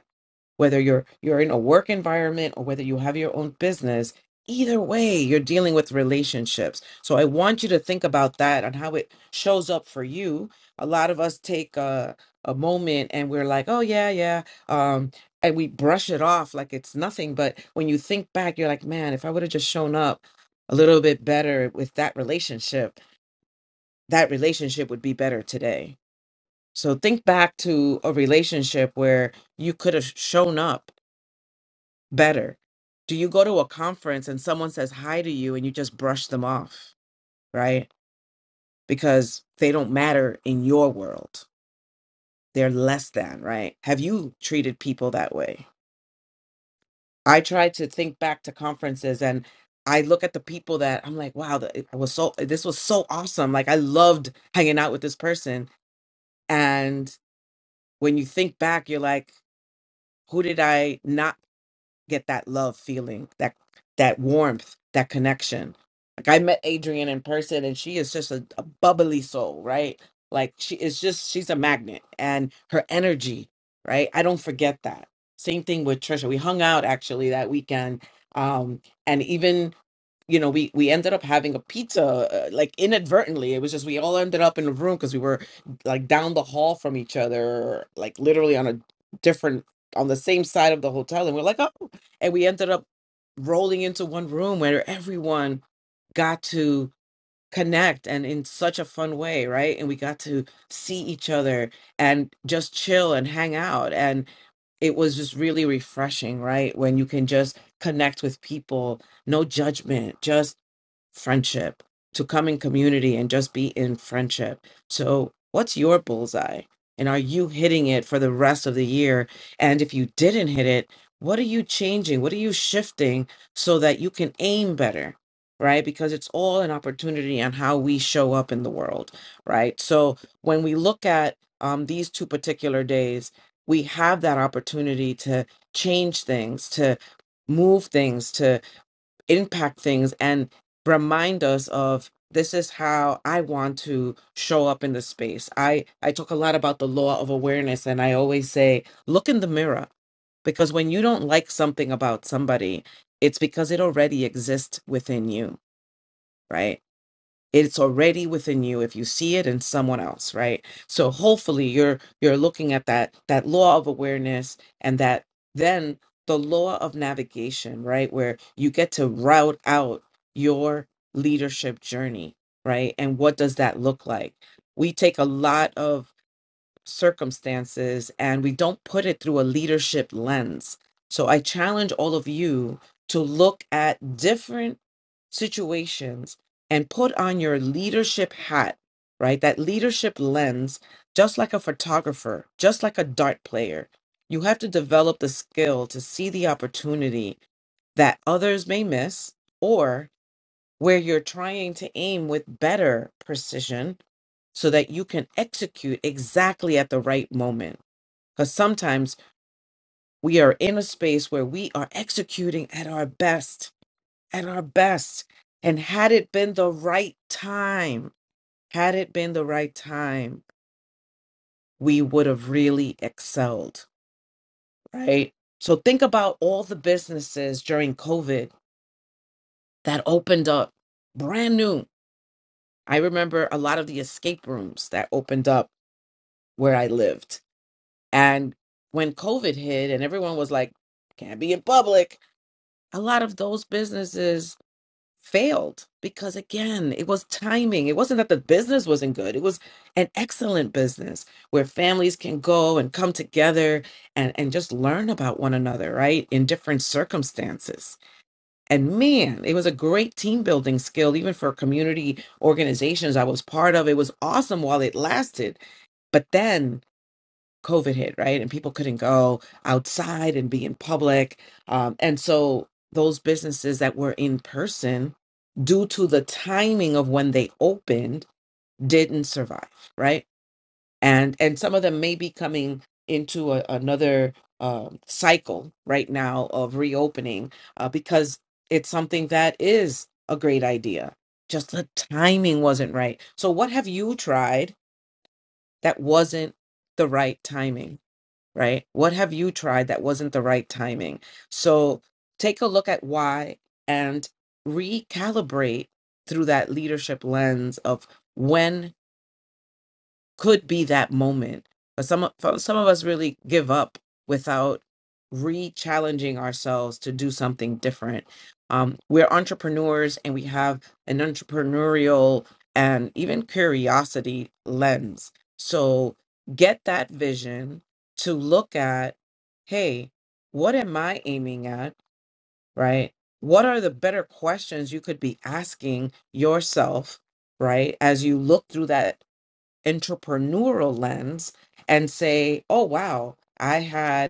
[SPEAKER 24] whether you're you're in a work environment or whether you have your own business either way you're dealing with relationships so i want you to think about that and how it shows up for you a lot of us take a, a moment and we're like oh yeah yeah um and we brush it off like it's nothing but when you think back you're like man if i would have just shown up a little bit better with that relationship that relationship would be better today so think back to a relationship where you could have shown up better? Do you go to a conference and someone says hi to you and you just brush them off, right? Because they don't matter in your world. They're less than, right? Have you treated people that way? I try to think back to conferences and I look at the people that I'm like, wow, that- I was so this was so awesome. Like I loved hanging out with this person. And when you think back, you're like, who did I not get that love feeling, that that warmth, that connection. Like I met Adrienne in person and she is just a, a bubbly soul, right? Like she is just she's a magnet and her energy, right? I don't forget that. Same thing with Trisha. We hung out actually that weekend. Um and even you know we we ended up having a pizza uh, like inadvertently it was just we all ended up in a room because we were like down the hall from each other like literally on a different on the same side of the hotel and we're like oh and we ended up rolling into one room where everyone got to connect and in such a fun way, right? And we got to see each other and just chill and hang out. And it was just really refreshing, right? When you can just connect with people, no judgment, just friendship, to come in community and just be in friendship. So, what's your bullseye? And are you hitting it for the rest of the year? And if you didn't hit it, what are you changing? What are you shifting so that you can aim better? Right? Because it's all an opportunity on how we show up in the world. Right. So, when we look at um, these two particular days, we have that opportunity to change things, to move things, to impact things and remind us of this is how I want to show up in the space. I I talk a lot about the law of awareness and I always say look in the mirror because when you don't like something about somebody, it's because it already exists within you, right? it's already within you if you see it in someone else right so hopefully you're you're looking at that that law of awareness and that then the law of navigation right where you get to route out your leadership journey right and what does that look like we take a lot of circumstances and we don't put it through a leadership lens. So I challenge all of you to look at different situations and put on your leadership hat, right? That leadership lens, just like a photographer, just like a dart player. You have to develop the skill to see the opportunity that others may miss or where you're trying to aim with better precision so that you can execute exactly at the right moment. Because sometimes we are in a space where we are executing at our best, at our best. And had it been the right time, had it been the right time, we would have really excelled, right? So think about all the businesses during COVID that opened up brand new. I remember a lot of the escape rooms that opened up where I lived And when COVID hit and everyone was like, can't be in public, a lot of those businesses failed because, again, it was timing. It wasn't that the business wasn't good, it was an excellent business where families can go and come together and, and just learn about one another, right? In different circumstances. And man, it was a great team building skill, even for community organizations I was part of. It was awesome while it lasted. But then COVID hit, right? And people couldn't go outside and be in public. Um, and so those businesses that were in person, due to the timing of when they opened, didn't survive, right? And and some of them may be coming into a, another um cycle right now of reopening uh, because it's something that is a great idea. Just the timing wasn't right. So what have you tried that wasn't the right timing? right? What have you tried that wasn't the right timing? So take a look at why and recalibrate through that leadership lens of when could be that moment. But some of- for- some of us really give up without re-challenging ourselves to do something different. Um, we're entrepreneurs and we have an entrepreneurial and even curiosity lens. So get that vision to look at, hey, what am I aiming at? Right? What are the better questions you could be asking yourself, right? As you look through that entrepreneurial lens and say, oh, wow, I had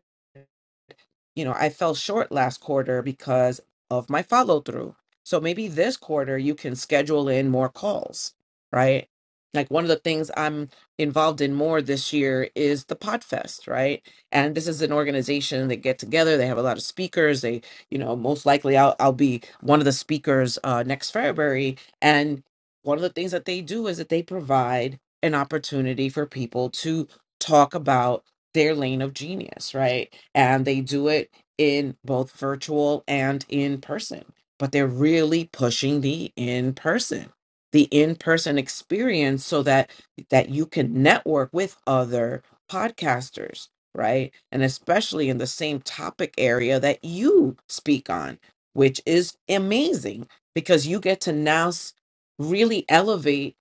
[SPEAKER 24] you know, I fell short last quarter because of my follow through. So maybe this quarter you can schedule in more calls, right? Like one of the things I'm involved in more this year is the Podfest, right? And this is an organization that get together. They have a lot of speakers. They, you know, most likely I'll, I'll be one of the speakers uh, next February. And one of the things that they do is that they provide an opportunity for people to talk about their lane of genius, right? And they do it in both virtual and in person, but they're really pushing the in person the in-person experience so that that you can network with other podcasters right and especially in the same topic area that you speak on which is amazing because you get to now s- really elevate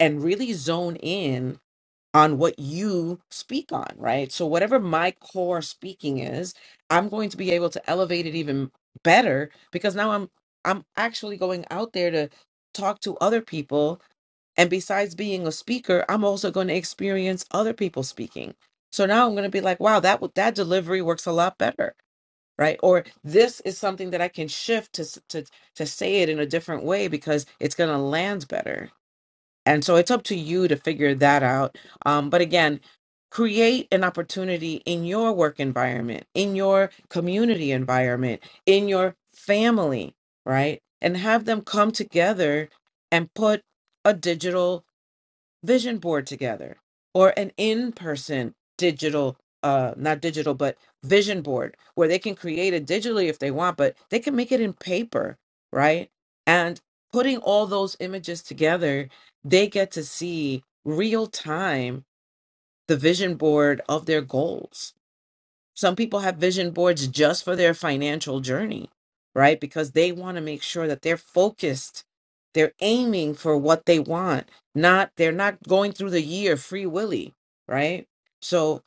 [SPEAKER 24] and really zone in on what you speak on, right? So, whatever my core speaking is, I'm going to be able to elevate it even better because now I'm I'm actually going out there to talk to other people and besides being a speaker, I'm also going to experience other people speaking. So now I'm going to be like, wow, that w- that delivery works a lot better, right? Or this is something that I can shift to s- to to say it in a different way because it's going to land better and so it's up to you to figure that out. Um, but again, create an opportunity in your work environment, in your community environment, in your family, right? And have them come together and put a digital vision board together or an in-person digital uh not digital but vision board where they can create it digitally if they want but they can make it in paper right and putting all those images together they get to see real time the vision board of their goals some people have vision boards just for their financial journey, right? Because they want to make sure that they're focused. They're aiming for what they want. Not they're not going through the year free willy, right? So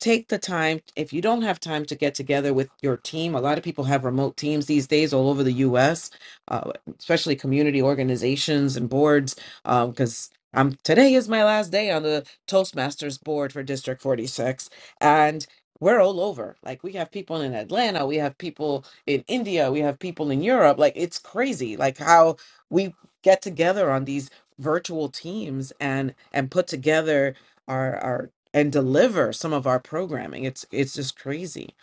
[SPEAKER 24] take the time if you don't have time to get together with your team a lot of people have remote teams these days all over the us uh, especially community organizations and boards because um, today is my last day on the toastmasters board for district 46 and we're all over like we have people in atlanta we have people in india we have people in europe like it's crazy like how we get together on these virtual teams and and put together our our and deliver some of our programming it's it's just crazy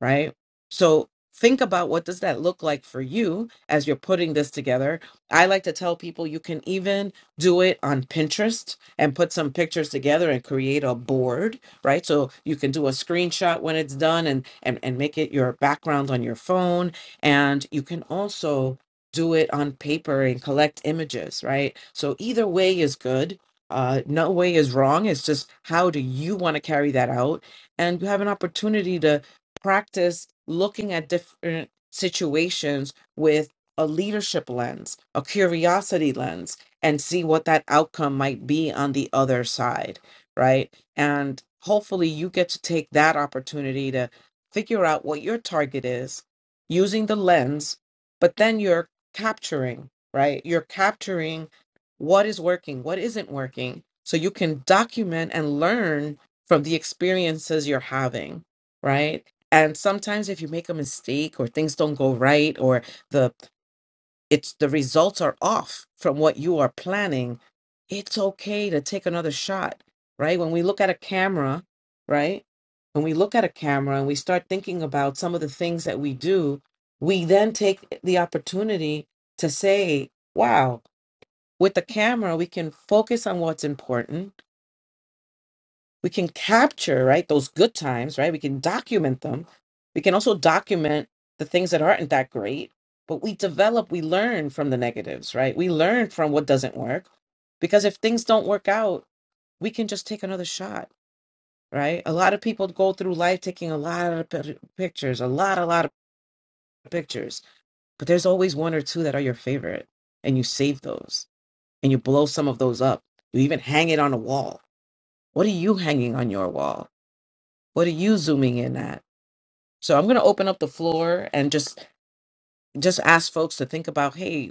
[SPEAKER 24] right so think about what does that look like for you as you're putting this together i like to tell people you can even do it on pinterest and put some pictures together and create a board right so you can do a screenshot when it's done and and, and make it your background on your phone and you can also do it on paper and collect images right so either way is good uh, no way is wrong. It's just how do you want to carry that out? And you have an opportunity to practice looking at different situations with a leadership lens, a curiosity lens, and see what that outcome might be on the other side, right? And hopefully you get to take that opportunity to figure out what your target is using the lens, but then you're capturing, right? You're capturing what is working, what isn't working, so you can document and learn from the experiences you're having, right? And sometimes if you make a mistake or things don't go right or the it's the results are off from what you are planning, it's okay to take another shot, right? When we look at a camera, right? When we look at a camera and we start thinking about some of the things that we do, we then take the opportunity to say, wow, with the camera we can focus on what's important we can capture right those good times right we can document them we can also document the things that aren't that great but we develop we learn from the negatives right we learn from what doesn't work because if things don't work out we can just take another shot right a lot of people go through life taking a lot of pi- pictures a lot a lot of pictures but there's always one or two that are your favorite and you save those and you blow some of those up you even hang it on a wall What are you hanging on your wall? What are you zooming in at? So I'm going to open up the floor and just just ask folks to think about, hey,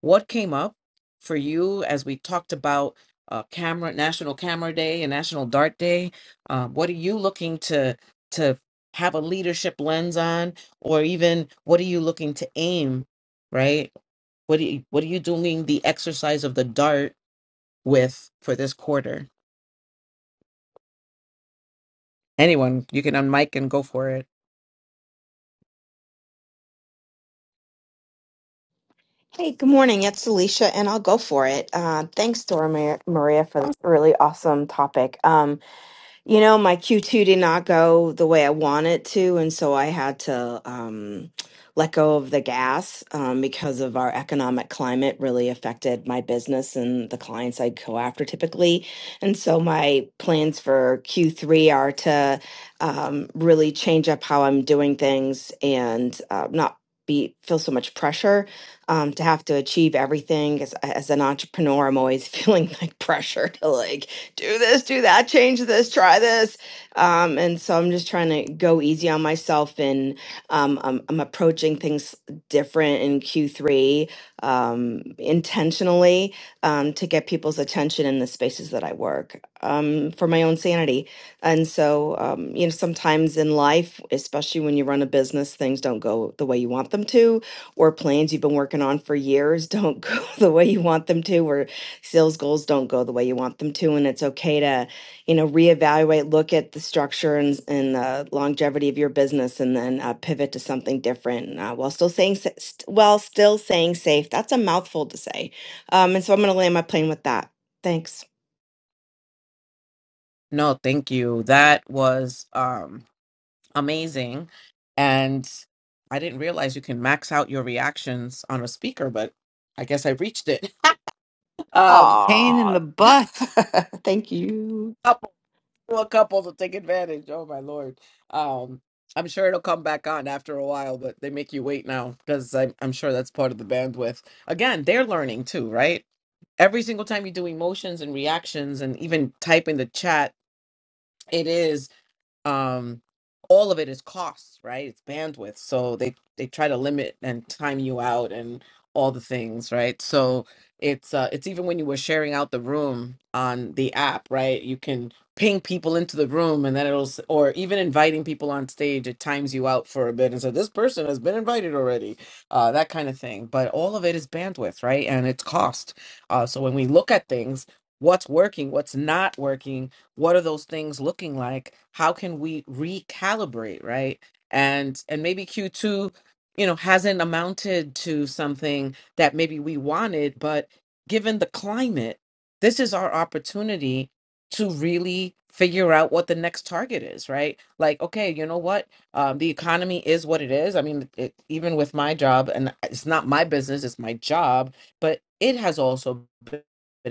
[SPEAKER 24] what came up for you as we talked about uh, camera National Camera Day and National Dart Day? Um, what are you looking to to have a leadership lens on, or even what are you looking to aim, right? What do you, what are you doing the exercise of the dart with for this quarter? Anyone, you can unmic and go for it.
[SPEAKER 25] Hey, good morning. It's Alicia, and I'll go for it. Uh, thanks, Dora Mar- Maria, for the really awesome topic. Um, you know, my Q2 did not go the way I wanted it to. And so I had to um, let go of the gas um, because of our economic climate really affected my business and the clients I'd go after typically. And so my plans for Q3 are to um, really change up how I'm doing things and uh, not be feel so much pressure um, to have to achieve everything as, as an entrepreneur i'm always [LAUGHS] feeling like pressure to like do this, do that, change this, try this. Um, and so I'm just trying to go easy on myself and um, I'm, I'm approaching things different in Q3 um, intentionally um, to get people's attention in the spaces that I work um, for my own sanity. And so, um, you know, sometimes in life, especially when you run a business, things don't go the way you want them to, or plans you've been working on for years don't [LAUGHS] go the way you want them to, or sales goals don't go the way you want them to and it's okay to you know reevaluate look at the structure and, and the longevity of your business and then uh, pivot to something different uh, while still saying sa- st- while still saying safe that's a mouthful to say um, and so i'm going to land my plane with that thanks
[SPEAKER 24] No, thank you. That was um amazing. And I didn't realize you can max out your reactions on a speaker, but I guess I reached it. [LAUGHS] um
[SPEAKER 3] Pain in
[SPEAKER 25] Aw,
[SPEAKER 3] the butt.
[SPEAKER 25] thank you.
[SPEAKER 24] couple well, couple to take advantage. Oh my lord. Um I'm sure it'll come back on after a while, but they make you wait now because I'm, I'm sure that's part of the bandwidth. Again, they're learning too, right? Every single time you do emotions and reactions and even type in the chat, um all of it is costs right it's bandwidth so they they try to limit and time you out and all the things right so it's uh it's even when you were sharing out the room on the app right you can ping people into the room and then it'll s- or even inviting people on stage it times you out for a bit and so this person has been invited already uh that kind of thing but all of it is bandwidth right and it's cost uh so when we look at things what's working what's not working what are those things looking like how can we recalibrate right and and maybe q2 you know hasn't amounted to something that maybe we wanted but given the climate this is our opportunity to really figure out what the next target is right like okay you know what um, the economy is what it is i mean it, even with my job and it's not my business it's my job but it has also been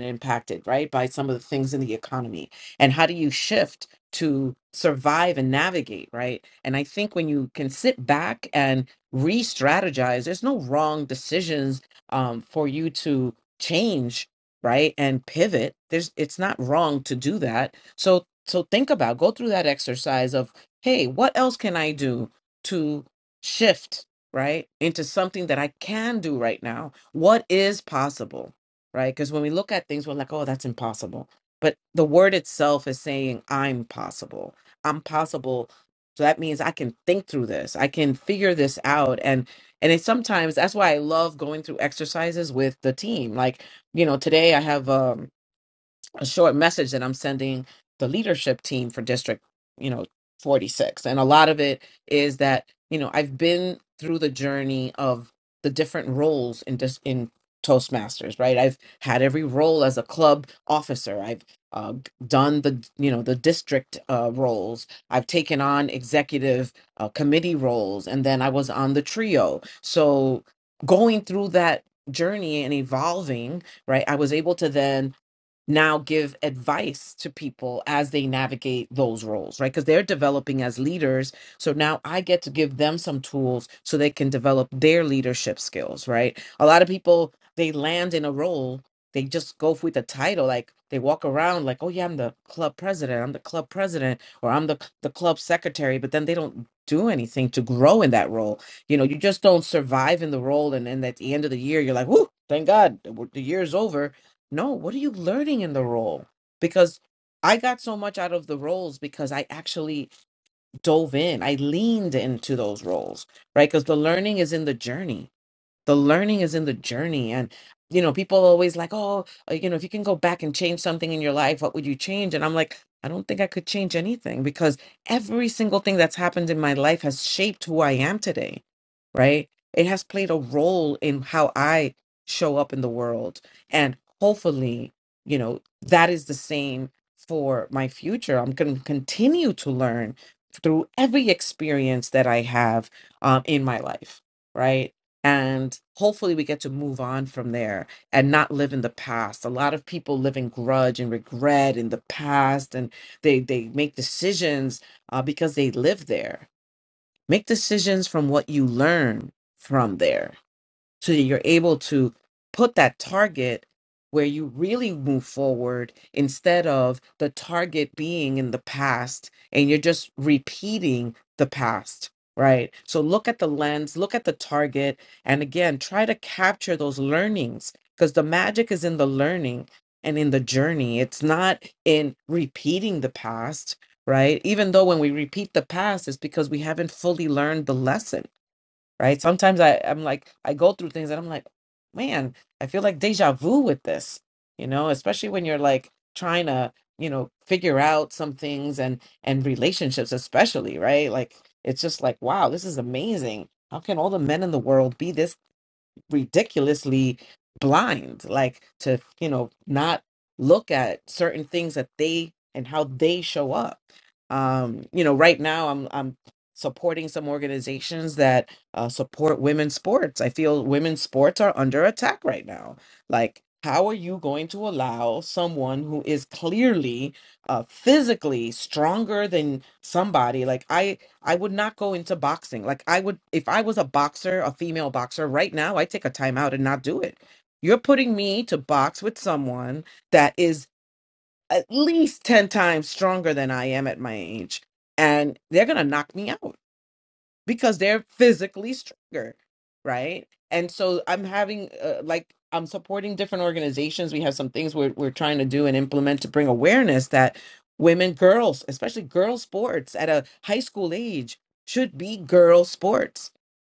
[SPEAKER 24] impacted right by some of the things in the economy and how do you shift to survive and navigate right and i think when you can sit back and re-strategize there's no wrong decisions um, for you to change right and pivot there's it's not wrong to do that so so think about go through that exercise of hey what else can i do to shift right into something that i can do right now what is possible right because when we look at things we're like oh that's impossible but the word itself is saying i'm possible i'm possible so that means i can think through this i can figure this out and and it sometimes that's why i love going through exercises with the team like you know today i have um a short message that I'm sending the leadership team for district, you know, 46. And a lot of it is that, you know, I've been through the journey of the different roles in dis- in Toastmasters, right? I've had every role as a club officer. I've uh, done the, you know, the district uh, roles. I've taken on executive uh, committee roles, and then I was on the trio. So going through that journey and evolving, right? I was able to then now give advice to people as they navigate those roles, right? Because they're developing as leaders. So now I get to give them some tools so they can develop their leadership skills, right? A lot of people, they land in a role, they just go with the title. Like they walk around like, oh, yeah, I'm the club president, I'm the club president, or I'm the, the club secretary, but then they don't do anything to grow in that role. You know, you just don't survive in the role. And then at the end of the year, you're like, whoo, thank God the year's over no, what are you learning in the role? Because I got so much out of the roles because I actually dove in. I leaned into those roles, right? Because the learning is in the journey the learning is in the journey and you know people always like oh uh, you know if you can go back and change something in your life what would you change and i'm like i don't think i could change anything because every single thing that's happened in my life has shaped who i am today right it has played a role in how i show up in the world and hopefully you know that is the same for my future i'm going to continue to learn through every experience that i have um, in my life right and hopefully we get to move on from there and not live in the past a lot of people live in grudge and regret in the past and they they make decisions uh, because they live there make decisions from what you learn from there so that you're able to put that target where you really move forward instead of the target being in the past and you're just repeating the past right so look at the lens look at the target and again try to capture those learnings because the magic is in the learning and in the journey it's not in repeating the past right even though when we repeat the past it's because we haven't fully learned the lesson right? Sometimes I, I'm like, I go through things and I'm like, man, I feel like deja vu with this, you know, especially when you're like trying to, you know, figure out some things and and relationships especially, right? Like it's just like, wow, this is amazing. How can all the men in the world be this ridiculously blind like to you know not look at certain things that they and how they show up um you know right now i'm i'm supporting some organizations that uh, support women's sports i feel women's sports are under attack right now like how are you going to allow someone who is clearly uh, physically stronger than somebody like i I would not go into boxing. Like I would if I was a boxer, a female boxer right now, I take a timeout and not do it. You're putting me to box with someone that is at least 10 times stronger than I am at my age and they're going to knock me out because they're physically stronger, right? And so I'm having uh, like I'm supporting different organizations. We have some things we're we're trying to do and implement to bring awareness that women, girls, especially girl sports at a high school age, should be girl sports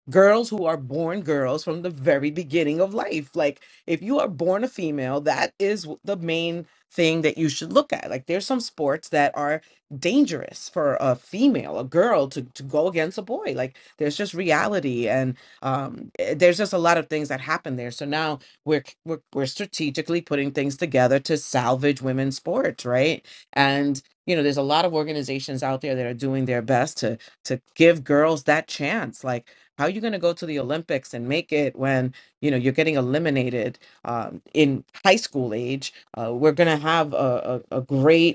[SPEAKER 24] girls who are born girls from the very beginning of life. Like, if you are born a female, that is w- the main thing that you should look at. Like, there's some sports that are dangerous for a female, a girl to, to go against a boy. Like, there's just reality, and um, eh, there's just a lot of things that happen there. So now we're, c- we're we're strategically putting things together to salvage women's sports, right? And you know, there's a lot of organizations out there that are doing their best to to give girls that chance. Like how are you going to go to the olympics and make it when you know you're getting eliminated um, in high school age uh, we're going to have a, a, a great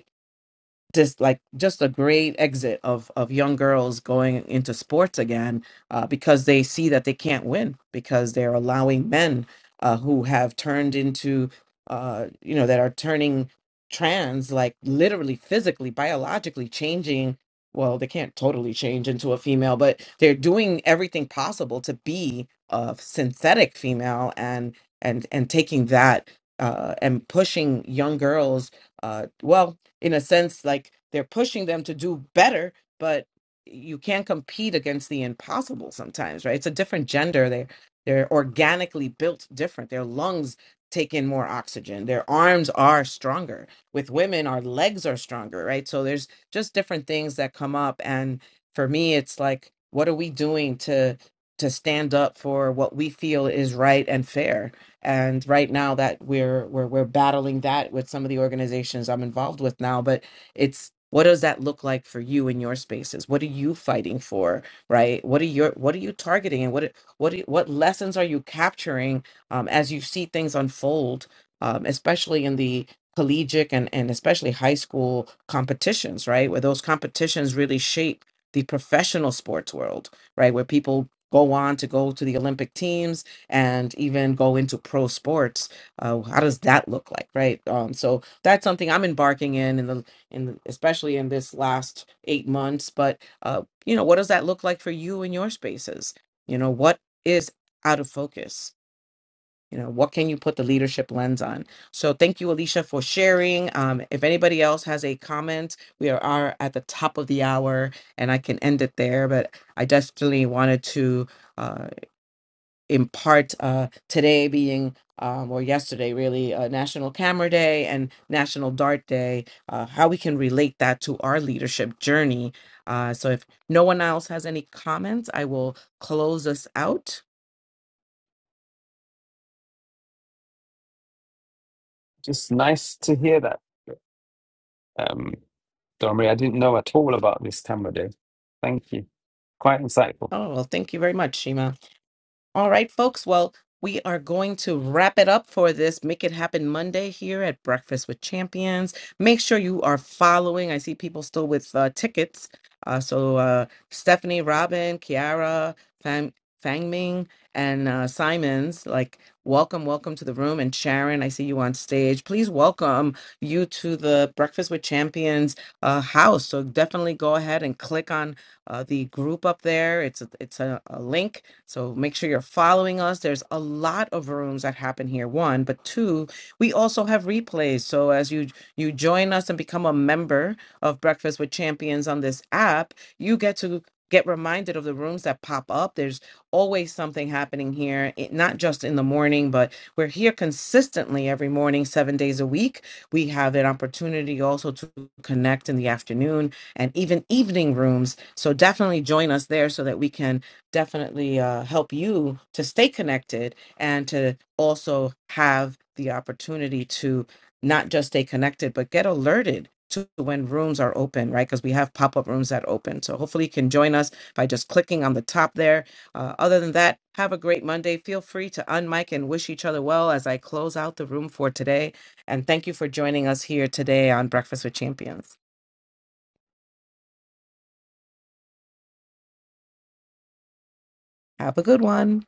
[SPEAKER 24] just like just a great exit of of young girls going into sports again uh, because they see that they can't win because they're allowing men uh, who have turned into uh, you know that are turning trans like literally physically biologically changing well they can't totally change into a female but they're doing everything possible to be a synthetic female and and and taking that uh, and pushing young girls uh, well in a sense like they're pushing them to do better but you can't compete against the impossible sometimes right it's a different gender they're they're organically built different their lungs take in more oxygen their arms are stronger with women our legs are stronger right so there's just different things that come up and for me it's like what are we doing to to stand up for what we feel is right and fair and right now that we're we're we're battling that with some of the organizations I'm involved with now but it's what does that look like for you in your spaces what are you fighting for right what are your what are you targeting and what what are- what lessons are you capturing um, as you see things unfold um, especially in the collegiate and, and especially high school competitions right where those competitions really shape the professional sports world right where people go on to go to the olympic teams and even go into pro sports uh, how does that look like right um, so that's something i'm embarking in in the in the, especially in this last eight months but uh, you know what does that look like for you in your spaces you know what is out of focus you know what can you put the leadership lens on so thank you alicia for sharing um, if anybody else has a comment we are, are at the top of the hour and i can end it there but i definitely wanted to uh, in part uh, today being um, or yesterday really uh, national camera day and national dart day uh, how we can relate that to our leadership journey uh, so if no one else has any comments i will close us out
[SPEAKER 16] Just nice to hear that. Um, Domri, I didn't know at all about this camera day. Thank you. Quite insightful.
[SPEAKER 24] oh well thank you very much shima All right, folks. Well, we are going to wrap it up for this Make It Happen Monday here at Breakfast with Champions. Make sure you are following. I see people still with uh, tickets. Uh, so uh, Stephanie, Robin, Kiara, Fang, Fangming, and uh, Simons, like, welcome, welcome to the room. And Sharon, I see you on stage. Please welcome you to the Breakfast with Champions uh, house. So definitely go ahead and click on uh, the group up there. It's a, it's a, a link, so make sure you're following us. There's a lot of rooms that happen here. One, but two, we also have replays. So as you you join us and become a member of Breakfast with Champions on this app, you get to get reminded of the rooms that pop up. There's always something happening here, it, not just in the morning, but we're here consistently every morning, seven days a week. We have an opportunity also to connect in the afternoon and even evening rooms. So definitely join us there so that we can definitely uh, help you to stay connected and to also have the opportunity to not just stay connected, but get alerted to when rooms are open, right? Because we have pop up rooms that open. So hopefully you can join us by just clicking on the top there. Uh, other than that, have a great Monday. Feel free to unmic and wish each other well as I close out the room for today. And thank you for joining us here today on Breakfast with Champions. Have a good one.